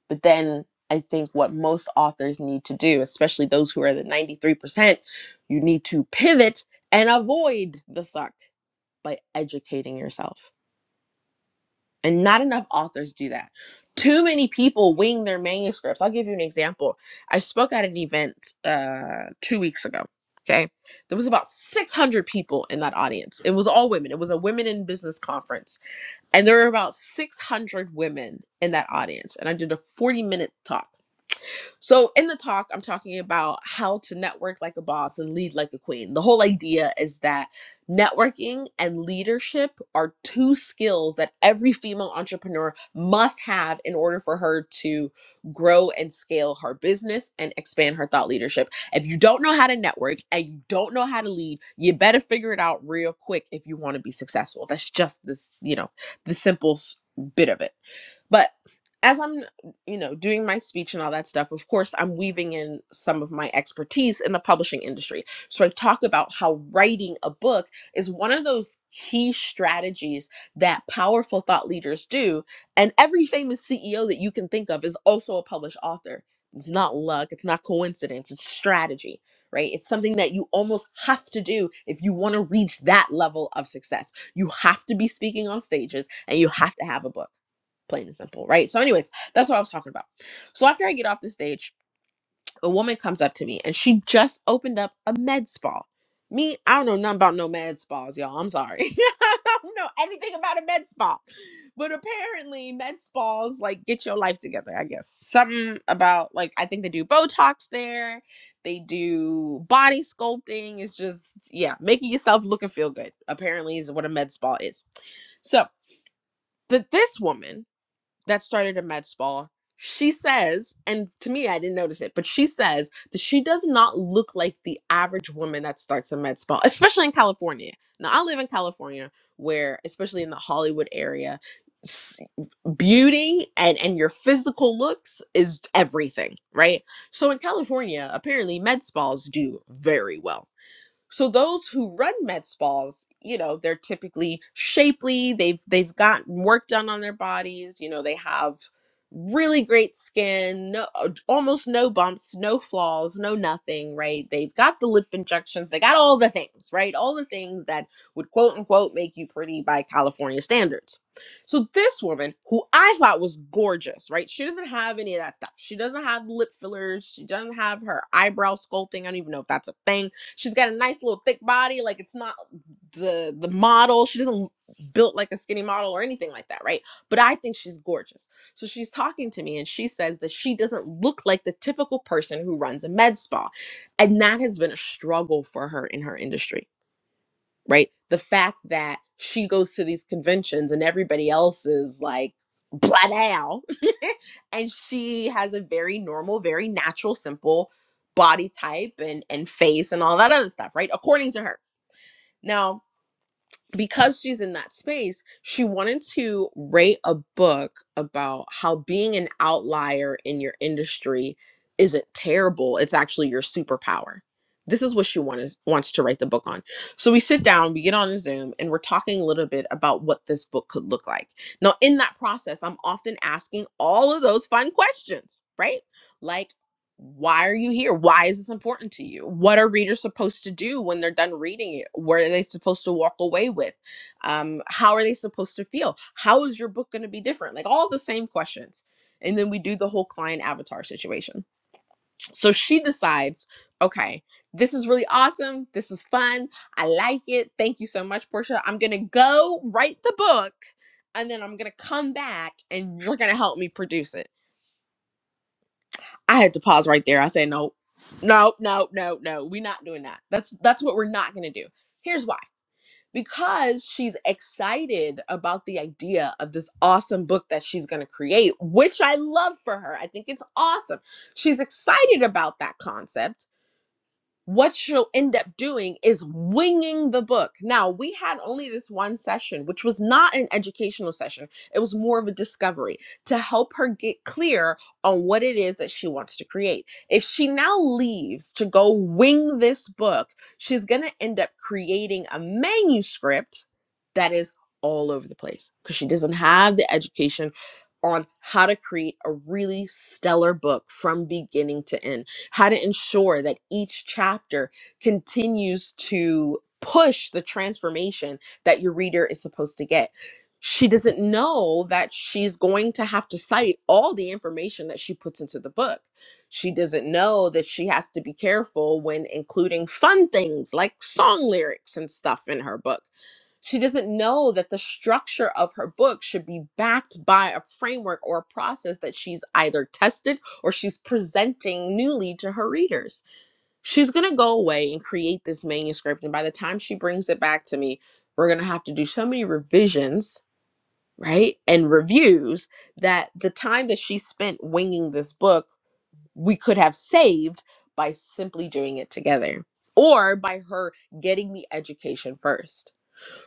but then I think what most authors need to do, especially those who are the 93%, you need to pivot and avoid the suck by educating yourself. And not enough authors do that. Too many people wing their manuscripts. I'll give you an example. I spoke at an event uh, two weeks ago. Okay. There was about 600 people in that audience. It was all women, it was a women in business conference and there were about 600 women in that audience. And I did a 40 minute talk. So, in the talk, I'm talking about how to network like a boss and lead like a queen. The whole idea is that networking and leadership are two skills that every female entrepreneur must have in order for her to grow and scale her business and expand her thought leadership. If you don't know how to network and you don't know how to lead, you better figure it out real quick if you want to be successful. That's just this, you know, the simple s- bit of it. But as I'm, you know, doing my speech and all that stuff, of course, I'm weaving in some of my expertise in the publishing industry. So I talk about how writing a book is one of those key strategies that powerful thought leaders do. And every famous CEO that you can think of is also a published author. It's not luck, it's not coincidence, it's strategy, right? It's something that you almost have to do if you want to reach that level of success. You have to be speaking on stages and you have to have a book plain and simple, right? So, anyways, that's what I was talking about. So, after I get off the stage, a woman comes up to me and she just opened up a med spa. Me, I don't know nothing about no med spas, y'all. I'm sorry. I don't know anything about a med spa. But apparently, med spas like get your life together, I guess. Something about like, I think they do Botox there, they do body sculpting. It's just, yeah, making yourself look and feel good, apparently, is what a med spa is. So, that this woman that started a med spa. She says, and to me, I didn't notice it, but she says that she does not look like the average woman that starts a med spa, especially in California. Now, I live in California, where, especially in the Hollywood area, s- beauty and, and your physical looks is everything, right? So in California, apparently med spas do very well so those who run med spas, you know, they're typically shapely. They've they've gotten work done on their bodies. You know, they have really great skin, no, uh, almost no bumps, no flaws, no nothing. Right? They've got the lip injections. They got all the things. Right? All the things that would quote unquote make you pretty by California standards. So this woman, who I thought was gorgeous, right? She doesn't have any of that stuff. She doesn't have lip fillers. She doesn't have her eyebrow sculpting. I don't even know if that's a thing. She's got a nice little thick body. Like it's not the the model. She doesn't built like a skinny model or anything like that, right? But I think she's gorgeous. So she's talking to me and she says that she doesn't look like the typical person who runs a med spa. And that has been a struggle for her in her industry right? The fact that she goes to these conventions and everybody else is like, blah now. and she has a very normal, very natural, simple body type and, and face and all that other stuff, right? According to her. Now, because she's in that space, she wanted to write a book about how being an outlier in your industry isn't terrible. It's actually your superpower. This is what she wanted, wants to write the book on. So we sit down, we get on a Zoom, and we're talking a little bit about what this book could look like. Now, in that process, I'm often asking all of those fun questions, right? Like, why are you here? Why is this important to you? What are readers supposed to do when they're done reading it? What are they supposed to walk away with? Um, how are they supposed to feel? How is your book going to be different? Like all the same questions. And then we do the whole client avatar situation. So she decides, okay, this is really awesome. This is fun. I like it. Thank you so much, Portia. I'm going to go write the book and then I'm going to come back and you're going to help me produce it I had to pause right there. I said, no, no, no, no, no. We're not doing that. That's that's what we're not gonna do. Here's why. Because she's excited about the idea of this awesome book that she's gonna create, which I love for her. I think it's awesome. She's excited about that concept what you'll end up doing is winging the book. Now, we had only this one session, which was not an educational session, it was more of a discovery to help her get clear on what it is that she wants to create. If she now leaves to go wing this book, she's going to end up creating a manuscript that is all over the place because she doesn't have the education on how to create a really stellar book from beginning to end how to ensure that each chapter continues to push the transformation that your reader is supposed to get. She doesn't know that she's going to have to cite all the information that she puts into the book. She doesn't know that she has to be careful when including fun things like song lyrics and stuff in her book she doesn't know that the structure of her book should be backed by a framework or a process that she's either tested or she's presenting newly to her readers. She's going to go away and create this manuscript. And by the time she brings it back to me, we're going to have to do so many revisions, right? And reviews that the time that she spent winging this book, we could have saved by simply doing it together or by her getting the education first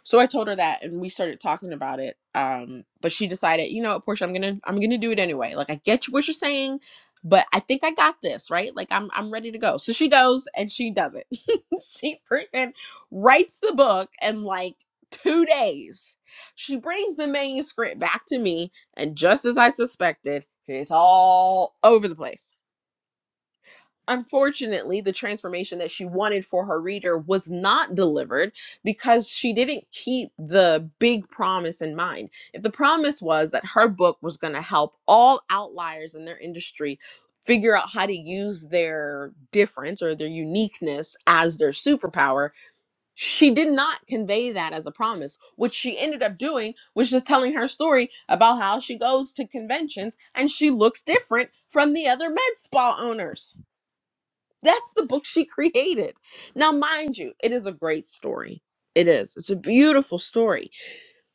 so I told her that and we started talking about it. Um, but she decided, you know what, Portia, I'm gonna I'm gonna do it anyway. Like I get you what you're saying, but I think I got this, right? Like I'm I'm ready to go. So she goes and she does it. she freaking writes the book in like two days. She brings the manuscript back to me, and just as I suspected, it's all over the place unfortunately, the transformation that she wanted for her reader was not delivered because she didn't keep the big promise in mind. If the promise was that her book was going to help all outliers in their industry figure out how to use their difference or their uniqueness as their superpower, she did not convey that as a promise. What she ended up doing was just telling her story about how she goes to conventions and she looks different from the other med spa owners that's the book she created. Now, mind you, it is a great story. It is. It's a beautiful story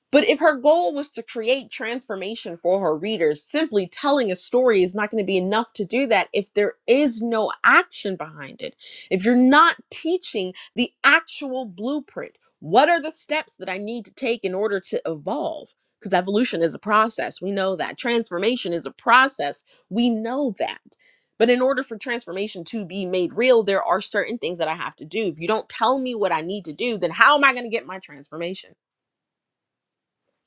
but if her goal was to create transformation for her readers, simply telling a story is not going to be enough to do that if there is no action behind it. If you're not teaching the actual blueprint, what are the steps that I need to take in order to evolve? Because evolution is a process. We know that. Transformation is a process. We know that. But in order for transformation to be made real, there are certain things that I have to do. If you don't tell me what I need to do, then how am I going to get my transformation?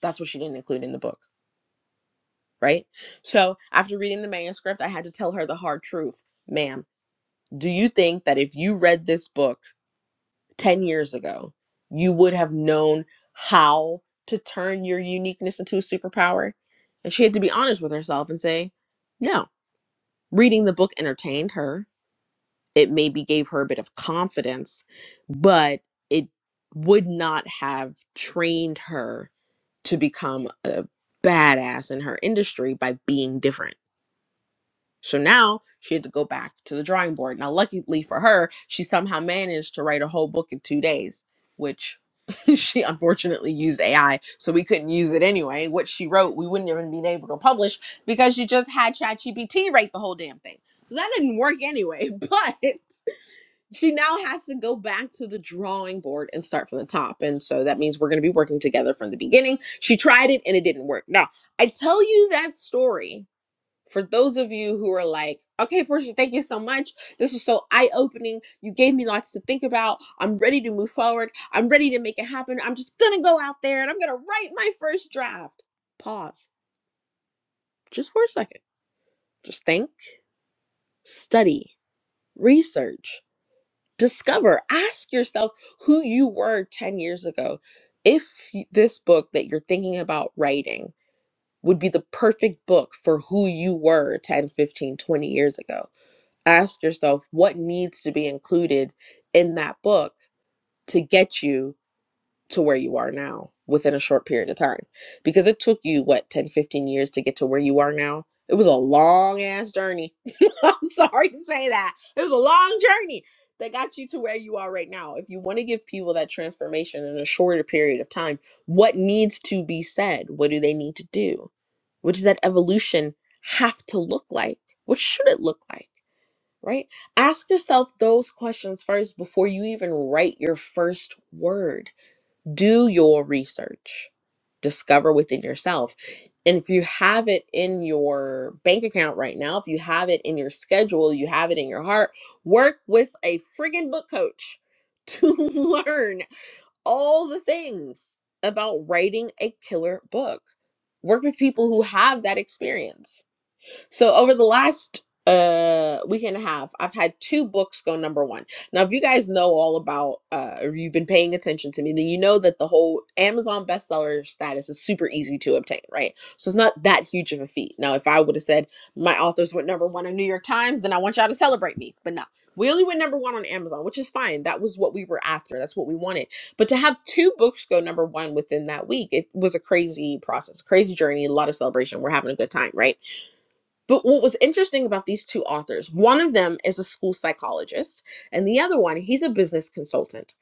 That's what she didn't include in the book, right? So after reading the manuscript, I had to tell her the hard truth. Ma'am, do you think that if you read this book 10 years ago, you would have known how to turn your uniqueness into a superpower? And she had to be honest with herself and say, no. Reading the book entertained her. It maybe gave her a bit of confidence, but it would not have trained her to become a badass in her industry by being different. So now she had to go back to the drawing board. Now, luckily for her, she somehow managed to write a whole book in two days, which she unfortunately used AI, so we couldn't use it anyway. What she wrote, we wouldn't even been able to publish because she just had ChatGPT write the whole damn thing. So that didn't work anyway. But she now has to go back to the drawing board and start from the top. And so that means we're going to be working together from the beginning. She tried it and it didn't work. Now, I tell you that story for those of you who are like, okay, Portia, thank you so much. This was so eye opening. You gave me lots to think about. I'm ready to move forward. I'm ready to make it happen. I'm just going to go out there and I'm going to write my first draft. Pause just for a second. Just think, study, research discover ask yourself who you were 10 years ago if y- this book that you're thinking about writing would be the perfect book for who you were 10, 15, 20 years ago ask yourself what needs to be included in that book to get you to where you are now within a short period of time because it took you what 10, 15 years to get to where you are now it was a long ass journey i'm sorry to say that it was a long journey that got you to where you are right now if you want to give people that transformation in a shorter period of time what needs to be said what do they need to do what does that evolution have to look like what should it look like right ask yourself those questions first before you even write your first word do your research discover within yourself and if you have it in your bank account right now if you have it in your schedule you have it in your heart work with a friggin book coach to learn all the things about writing a killer book work with people who have that experience so over the last uh week and a half, I've had two books go number one. Now, if you guys know all about uh or you've been paying attention to me, then you know that the whole Amazon bestseller status is super easy to obtain, right? So it's not that huge of a feat. Now, if I would have said my authors went number one in New York Times, then I want y'all to celebrate me. But no. We only went number one on Amazon, which is fine. That was what we were after. That's what we wanted. But to have two books go number one within that week, it was a crazy process, crazy journey, a lot of celebration. We're having a good time, right? But what was interesting about these two authors, one of them is a school psychologist, and the other one, he's a business consultant.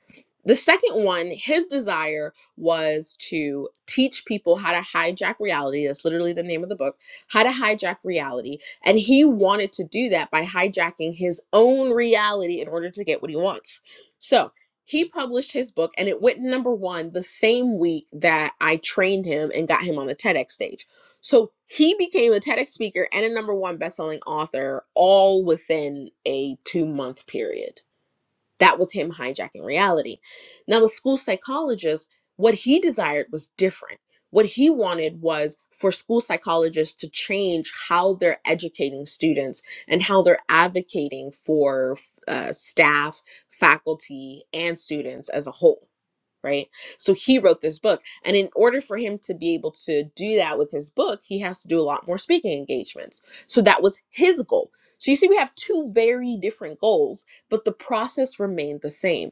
The second one, his desire was to teach people how to hijack reality. That's literally the name of the book, How to Hijack Reality. And he wanted to do that by hijacking his own reality in order to get what he wants. So he published his book and it went number one the same week that I trained him and got him on the TEDx stage. So he became a TEDx speaker and a number one bestselling author all within a two month period that was him hijacking reality. Now, the school psychologist, what he desired was different. What he wanted was for school psychologists to change how they're educating students and how they're advocating for uh, staff, faculty, and students as a whole right? So he wrote this book. And in order for him to be able to do that with his book, he has to do a lot more speaking engagements. So that was his goal. So you see, we have two very different goals, but the process remained the same.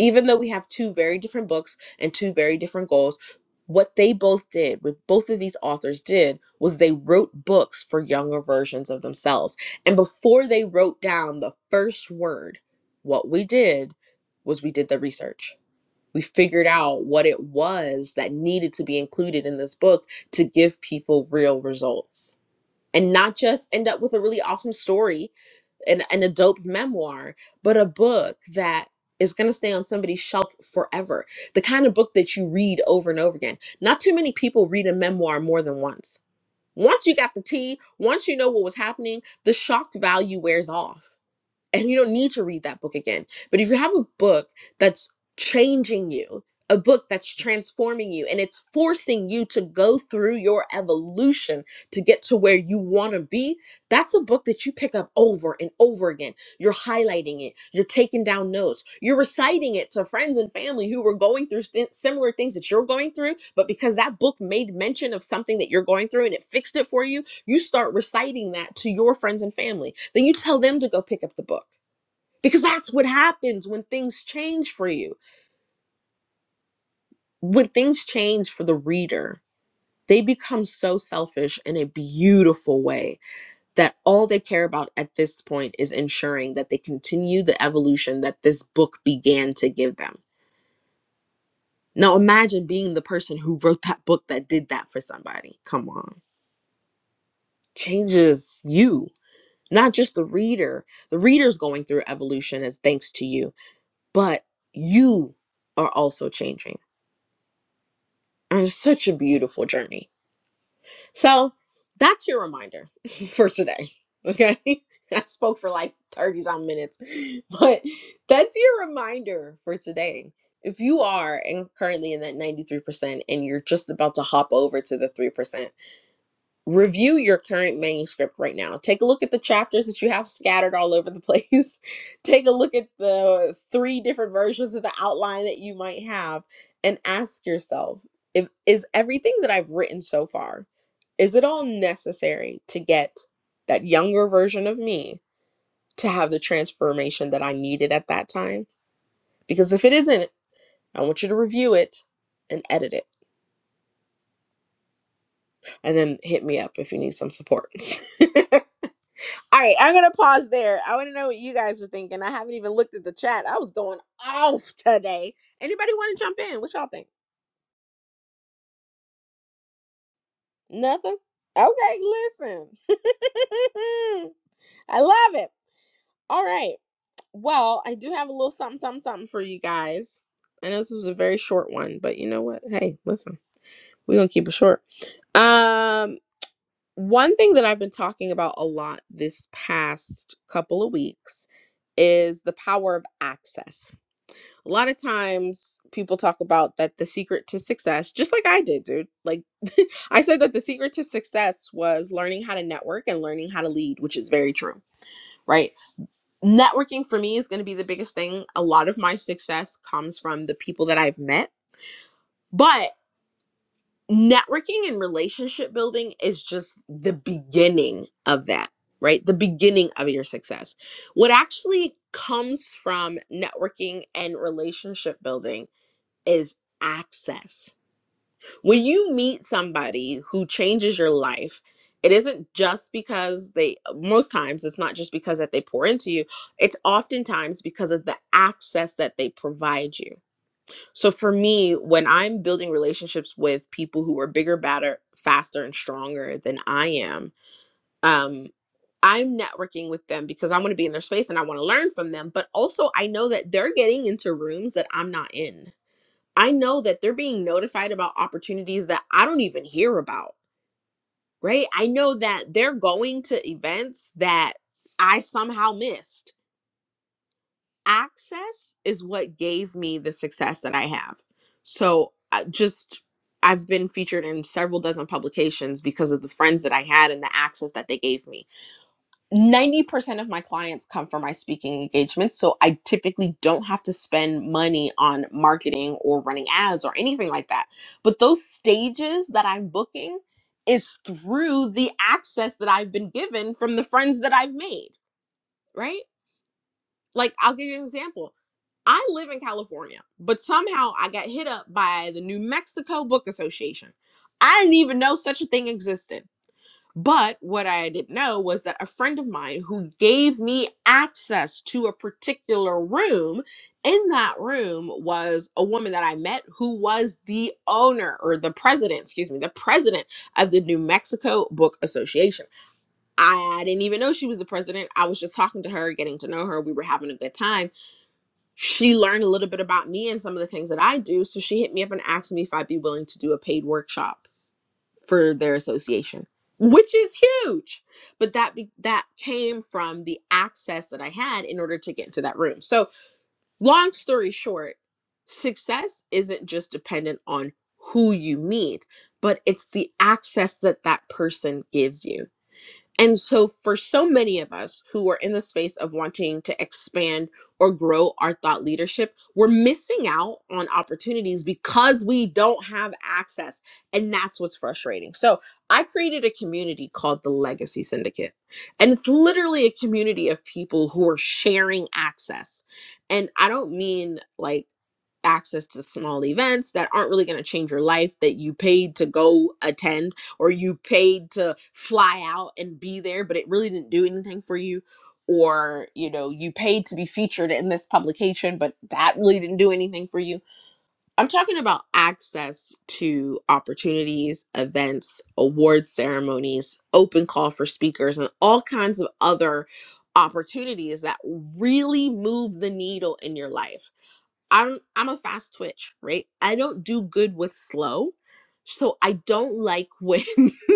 Even though we have two very different books and two very different goals, what they both did, what both of these authors did, was they wrote books for younger versions of themselves. And before they wrote down the first word, what we did was we did the research we figured out what it was that needed to be included in this book to give people real results and not just end up with a really awesome story and, and a dope memoir but a book that is going to stay on somebody's shelf forever the kind of book that you read over and over again not too many people read a memoir more than once once you got the tea once you know what was happening the shock value wears off and you don't need to read that book again. But if you have a book that's changing you, a book that's transforming you, and it's forcing you to go through your evolution to get to where you want to be, that's a book that you pick up over and over again. You're highlighting it, you're taking down notes, you're reciting it to friends and family who were going through sti- similar things that you're going through. But because that book made mention of something that you're going through and it fixed it for you, you start reciting that to your friends and family. Then you tell them to go pick up the book. Because that's what happens when things change for you. When things change for the reader, they become so selfish in a beautiful way that all they care about at this point is ensuring that they continue the evolution that this book began to give them. Now imagine being the person who wrote that book that did that for somebody. Come on. Changes you not just the reader the reader's going through evolution as thanks to you but you are also changing and it's such a beautiful journey so that's your reminder for today okay i spoke for like 30 some minutes but that's your reminder for today if you are and currently in that 93% and you're just about to hop over to the 3% review your current manuscript right now. Take a look at the chapters that you have scattered all over the place. Take a look at the three different versions of the outline that you might have and ask yourself, if, is everything that I've written so far, is it all necessary to get that younger version of me to have the transformation that I needed at that time? Because if it isn't, I want you to review it and edit it and then hit me up if you need some support. All right, I'm gonna pause there. I want to know what you guys are thinking. I haven't even looked at the chat. I was going off today. Anybody want to jump in? What y'all think? Nothing. Okay, listen. I love it. All right. Well, I do have a little something, something, something for you guys. I know this was a very short one, but you know what? Hey, listen, we're gonna keep it short. Um, one thing that I've been talking about a lot this past couple of weeks is the power of access a lot of times people talk about that the secret to success, just like I did, dude. Like I said that the secret to success was learning how to network and learning how to lead, which is very true, right? Networking for me is going to be the biggest thing. A lot of my success comes from the people that I've met, but networking and relationship building is just the beginning of that, right? The beginning of your success. What actually comes from networking and relationship building is access. When you meet somebody who changes your life, it isn't just because they, most times, it's not just because that they pour into you. It's oftentimes because of the access that they provide you. So for me, when I'm building relationships with people who are bigger, badder, faster, and stronger than I am, um, I'm networking with them because I want to be in their space and I want to learn from them. But also, I know that they're getting into rooms that I'm not in I know that they're being notified about opportunities that I don't even hear about, right? I know that they're going to events that I somehow missed. Access is what gave me the success that I have. So, I just I've been featured in several dozen publications because of the friends that I had and the access that they gave me 90% of my clients come from my speaking engagements. So I typically don't have to spend money on marketing or running ads or anything like that. But those stages that I'm booking is through the access that I've been given from the friends that I've made, right? Like, I'll give you an example. I live in California, but somehow I got hit up by the New Mexico Book Association. I didn't even know such a thing existed. But what I didn't know was that a friend of mine who gave me access to a particular room, in that room was a woman that I met who was the owner or the president, excuse me, the president of the New Mexico Book Association. I didn't even know she was the president. I was just talking to her, getting to know her. We were having a good time. She learned a little bit about me and some of the things that I do. So she hit me up and asked me if I'd be willing to do a paid workshop for their association, which is huge. But that be- that came from the access that I had in order to get into that room. So, long story short, success isn't just dependent on who you meet, but it's the access that that person gives you. And so, for so many of us who are in the space of wanting to expand or grow our thought leadership, we're missing out on opportunities because we don't have access. And that's what's frustrating. So, I created a community called the Legacy Syndicate. And it's literally a community of people who are sharing access. And I don't mean like, access to small events that aren't really going to change your life that you paid to go attend or you paid to fly out and be there, but it really didn't do anything for you, or you know, you paid to be featured in this publication, but that really didn't do anything for you. I'm talking about access to opportunities, events, award ceremonies, open call for speakers, and all kinds of other opportunities that really move the needle in your life. I'm I'm a fast twitch, right? I don't do good with slow. So I don't like when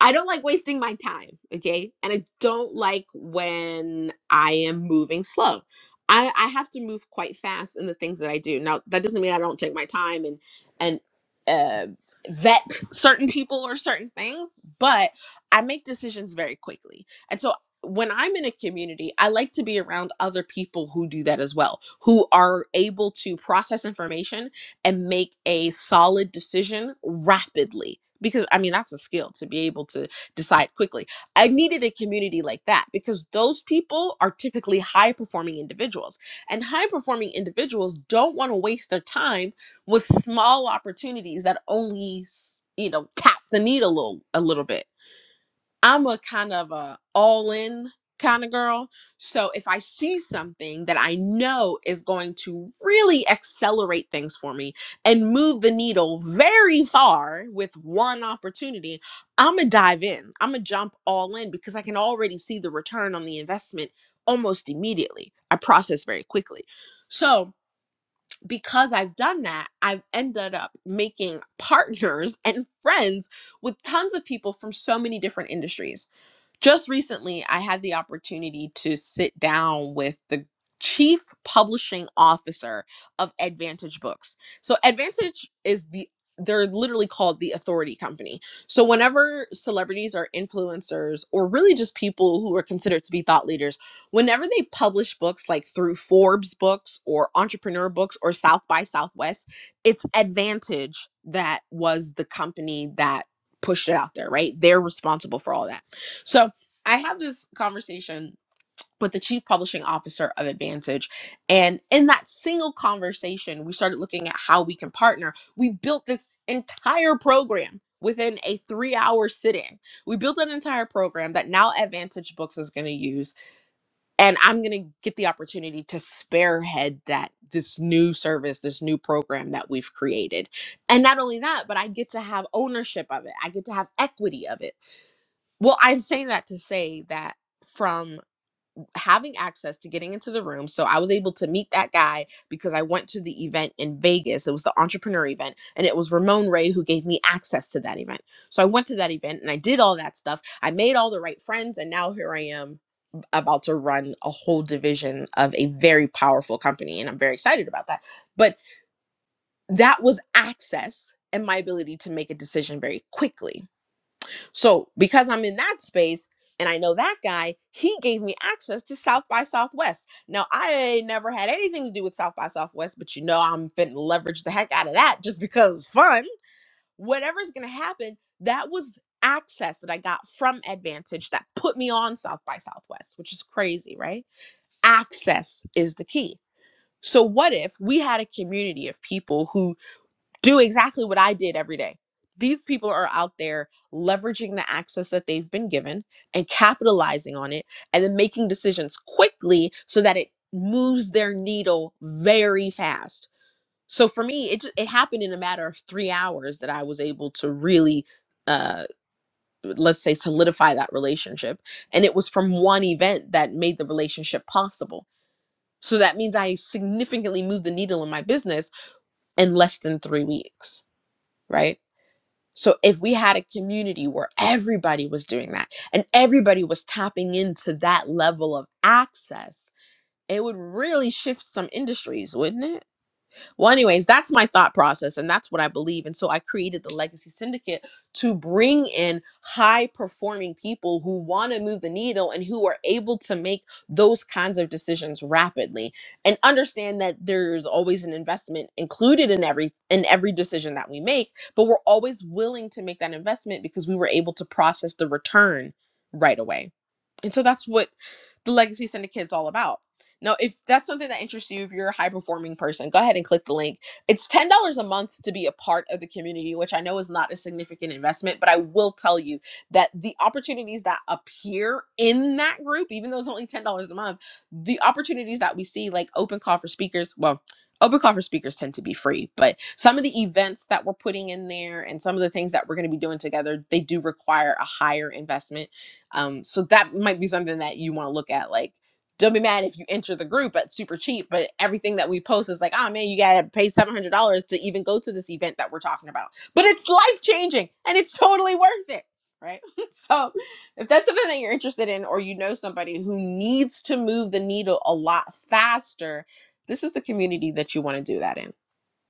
I don't like wasting my time, okay? And I don't like when I am moving slow. I, I have to move quite fast in the things that I do. Now that doesn't mean I don't take my time and and uh, vet certain people or certain things, but I make decisions very quickly. And so when I'm in a community, I like to be around other people who do that as well, who are able to process information and make a solid decision rapidly because I mean that's a skill to be able to decide quickly. I needed a community like that because those people are typically high performing individuals and high performing individuals don't want to waste their time with small opportunities that only s- you know tap the need a little a little bit I'm a kind of a all in kind of girl. So if I see something that I know is going to really accelerate things for me and move the needle very far with one opportunity, I'm going to dive in. I'm going to jump all in because I can already see the return on the investment almost immediately. I process very quickly. So because I've done that, I've ended up making partners and friends with tons of people from so many different industries just recently, I had the opportunity to sit down with the chief publishing officer of Advantage Books. So, Advantage is the they're literally called the authority company. So, whenever celebrities or influencers, or really just people who are considered to be thought leaders, whenever they publish books like through Forbes books or Entrepreneur books or South by Southwest, it's Advantage that was the company that pushed it out there, right? They're responsible for all that. So I have this conversation with the chief publishing officer of Advantage. And in that single conversation, we started looking at how we can partner. We built this entire program within a three hour sit in. We built an entire program that now Advantage Books is going to use. And I'm going to get the opportunity to spearhead that this new service, this new program that we've created. And not only that, but I get to have ownership of it, I get to have equity of it. Well, I'm saying that to say that. From having access to getting into the room. So I was able to meet that guy because I went to the event in Vegas. It was the entrepreneur event, and it was Ramon Ray who gave me access to that event. So I went to that event and I did all that stuff. I made all the right friends, and now here I am about to run a whole division of a very powerful company, and I'm very excited about that. But that was access and my ability to make a decision very quickly so because I'm in that space and I know that guy, he gave me access to South by Southwest. Now I ain't never had anything to do with South by Southwest, but you know I'm finna leverage the heck out of that just because it's fun. Whatever's gonna happen, that was access that I got from Advantage that put me on South by Southwest, which is crazy, right? Access is the key. So what if we had a community of people who do exactly what I did every day. These people are out there leveraging the access that they've been given and capitalizing on it and then making decisions quickly so that it moves their needle very fast. So for me, it just, it happened in a matter of 3 hours that I was able to really uh let's say solidify that relationship and it was from one event that made the relationship possible. So that means I significantly moved the needle in my business in less than 3 weeks, right? So if we had a community where everybody was doing that and everybody was tapping into that level of access, it would really shift some industries, wouldn't it? Well, anyways, that's my thought process and that's what I believe. And so I created the Legacy Syndicate to bring in high performing people who want to move the needle and who are able to make those kinds of decisions rapidly and understand that there's always an investment included in every in every decision that we make, but we're always willing to make that investment because we were able to process the return right away. And so that's what the Legacy Syndicate is all about no, if that's something that interests you, if you're a high performing person, go ahead and click the link. It's $10 a month to be a part of the community, which I know is not a significant investment, but I will tell you that the opportunities that appear in that group, even though it's only $10 a month, the opportunities that we see, like open call for speakers, well, open call for speakers tend to be free, but some of the events that we're putting in there and some of the things that we're going to be doing together, they do require a higher investment. Um, so that might be something that you want to look at. Like, don't be mad if you enter the group at super cheap, but everything that we post is like, oh man, you gotta pay seven hundred dollars to even go to this event that we're talking about. But it's life changing and it's totally worth it, right? so if that's something that you're interested in, or you know somebody who needs to move the needle a lot faster, this is the community that you want to do that in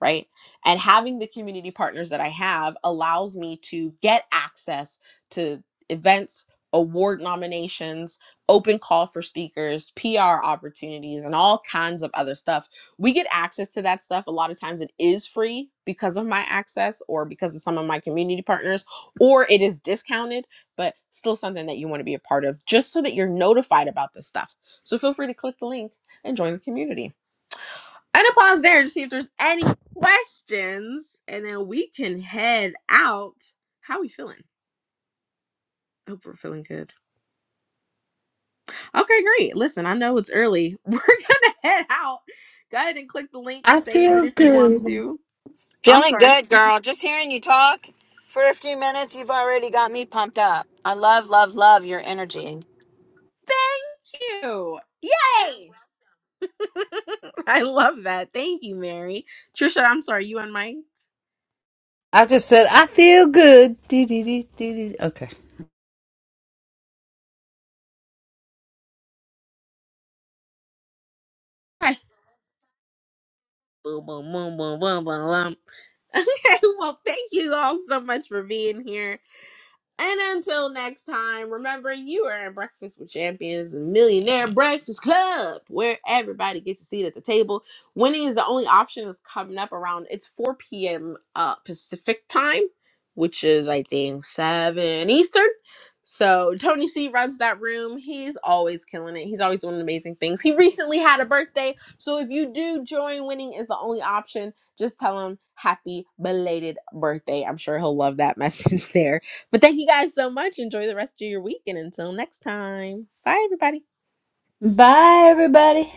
right? And having the community partners that I have allows me to get access to events, award nominations, open call for speakers, PR opportunities, and all kinds of other stuff. We get access to that stuff. A lot of times it is free because of my access or because of some of my community partners, or it is discounted, but still something that you want to be a part of just so that you're notified about this stuff. So feel free to click the link and join the community. I'm gonna pause there to see if there's any questions, and then we can head out. How we feeling? Hope we're feeling good. Okay, great. Listen, I know it's early. We're gonna head out. Go ahead and click the link. Save it
Feel
if you want
good.
to. I'm
Feeling
sorry.
good,
Thank
girl. Just hearing you talk for a few minutes, you've already got me pumped up. I love, love, love your energy.
you. Yay! I love that. Thank you, Mary. Trisha, I'm sorry. You on mic?
I just said I feel good. Dee, dee, dee, dee, dee. Okay.
Hi. Boom, boom, boom, boom, boom, boom, boom. Okay. Well, thank you all so much for being here. And until next time, remember you are in Breakfast with Champions and Millionaire Breakfast Club, where everybody gets a seat at the table. Winning is the only option that's coming up around it's 4 p.m. Uh, Pacific time, which is I think 7 Eastern. So Tony C runs that room. He's always killing it. He's always doing amazing things. He recently had a birthday. So if you do join winning is the only option, just tell him happy belated birthday. I'm sure he'll love that message there. But thank you guys so much. Enjoy the rest of your week. And until next time, bye, everybody.
Bye, everybody.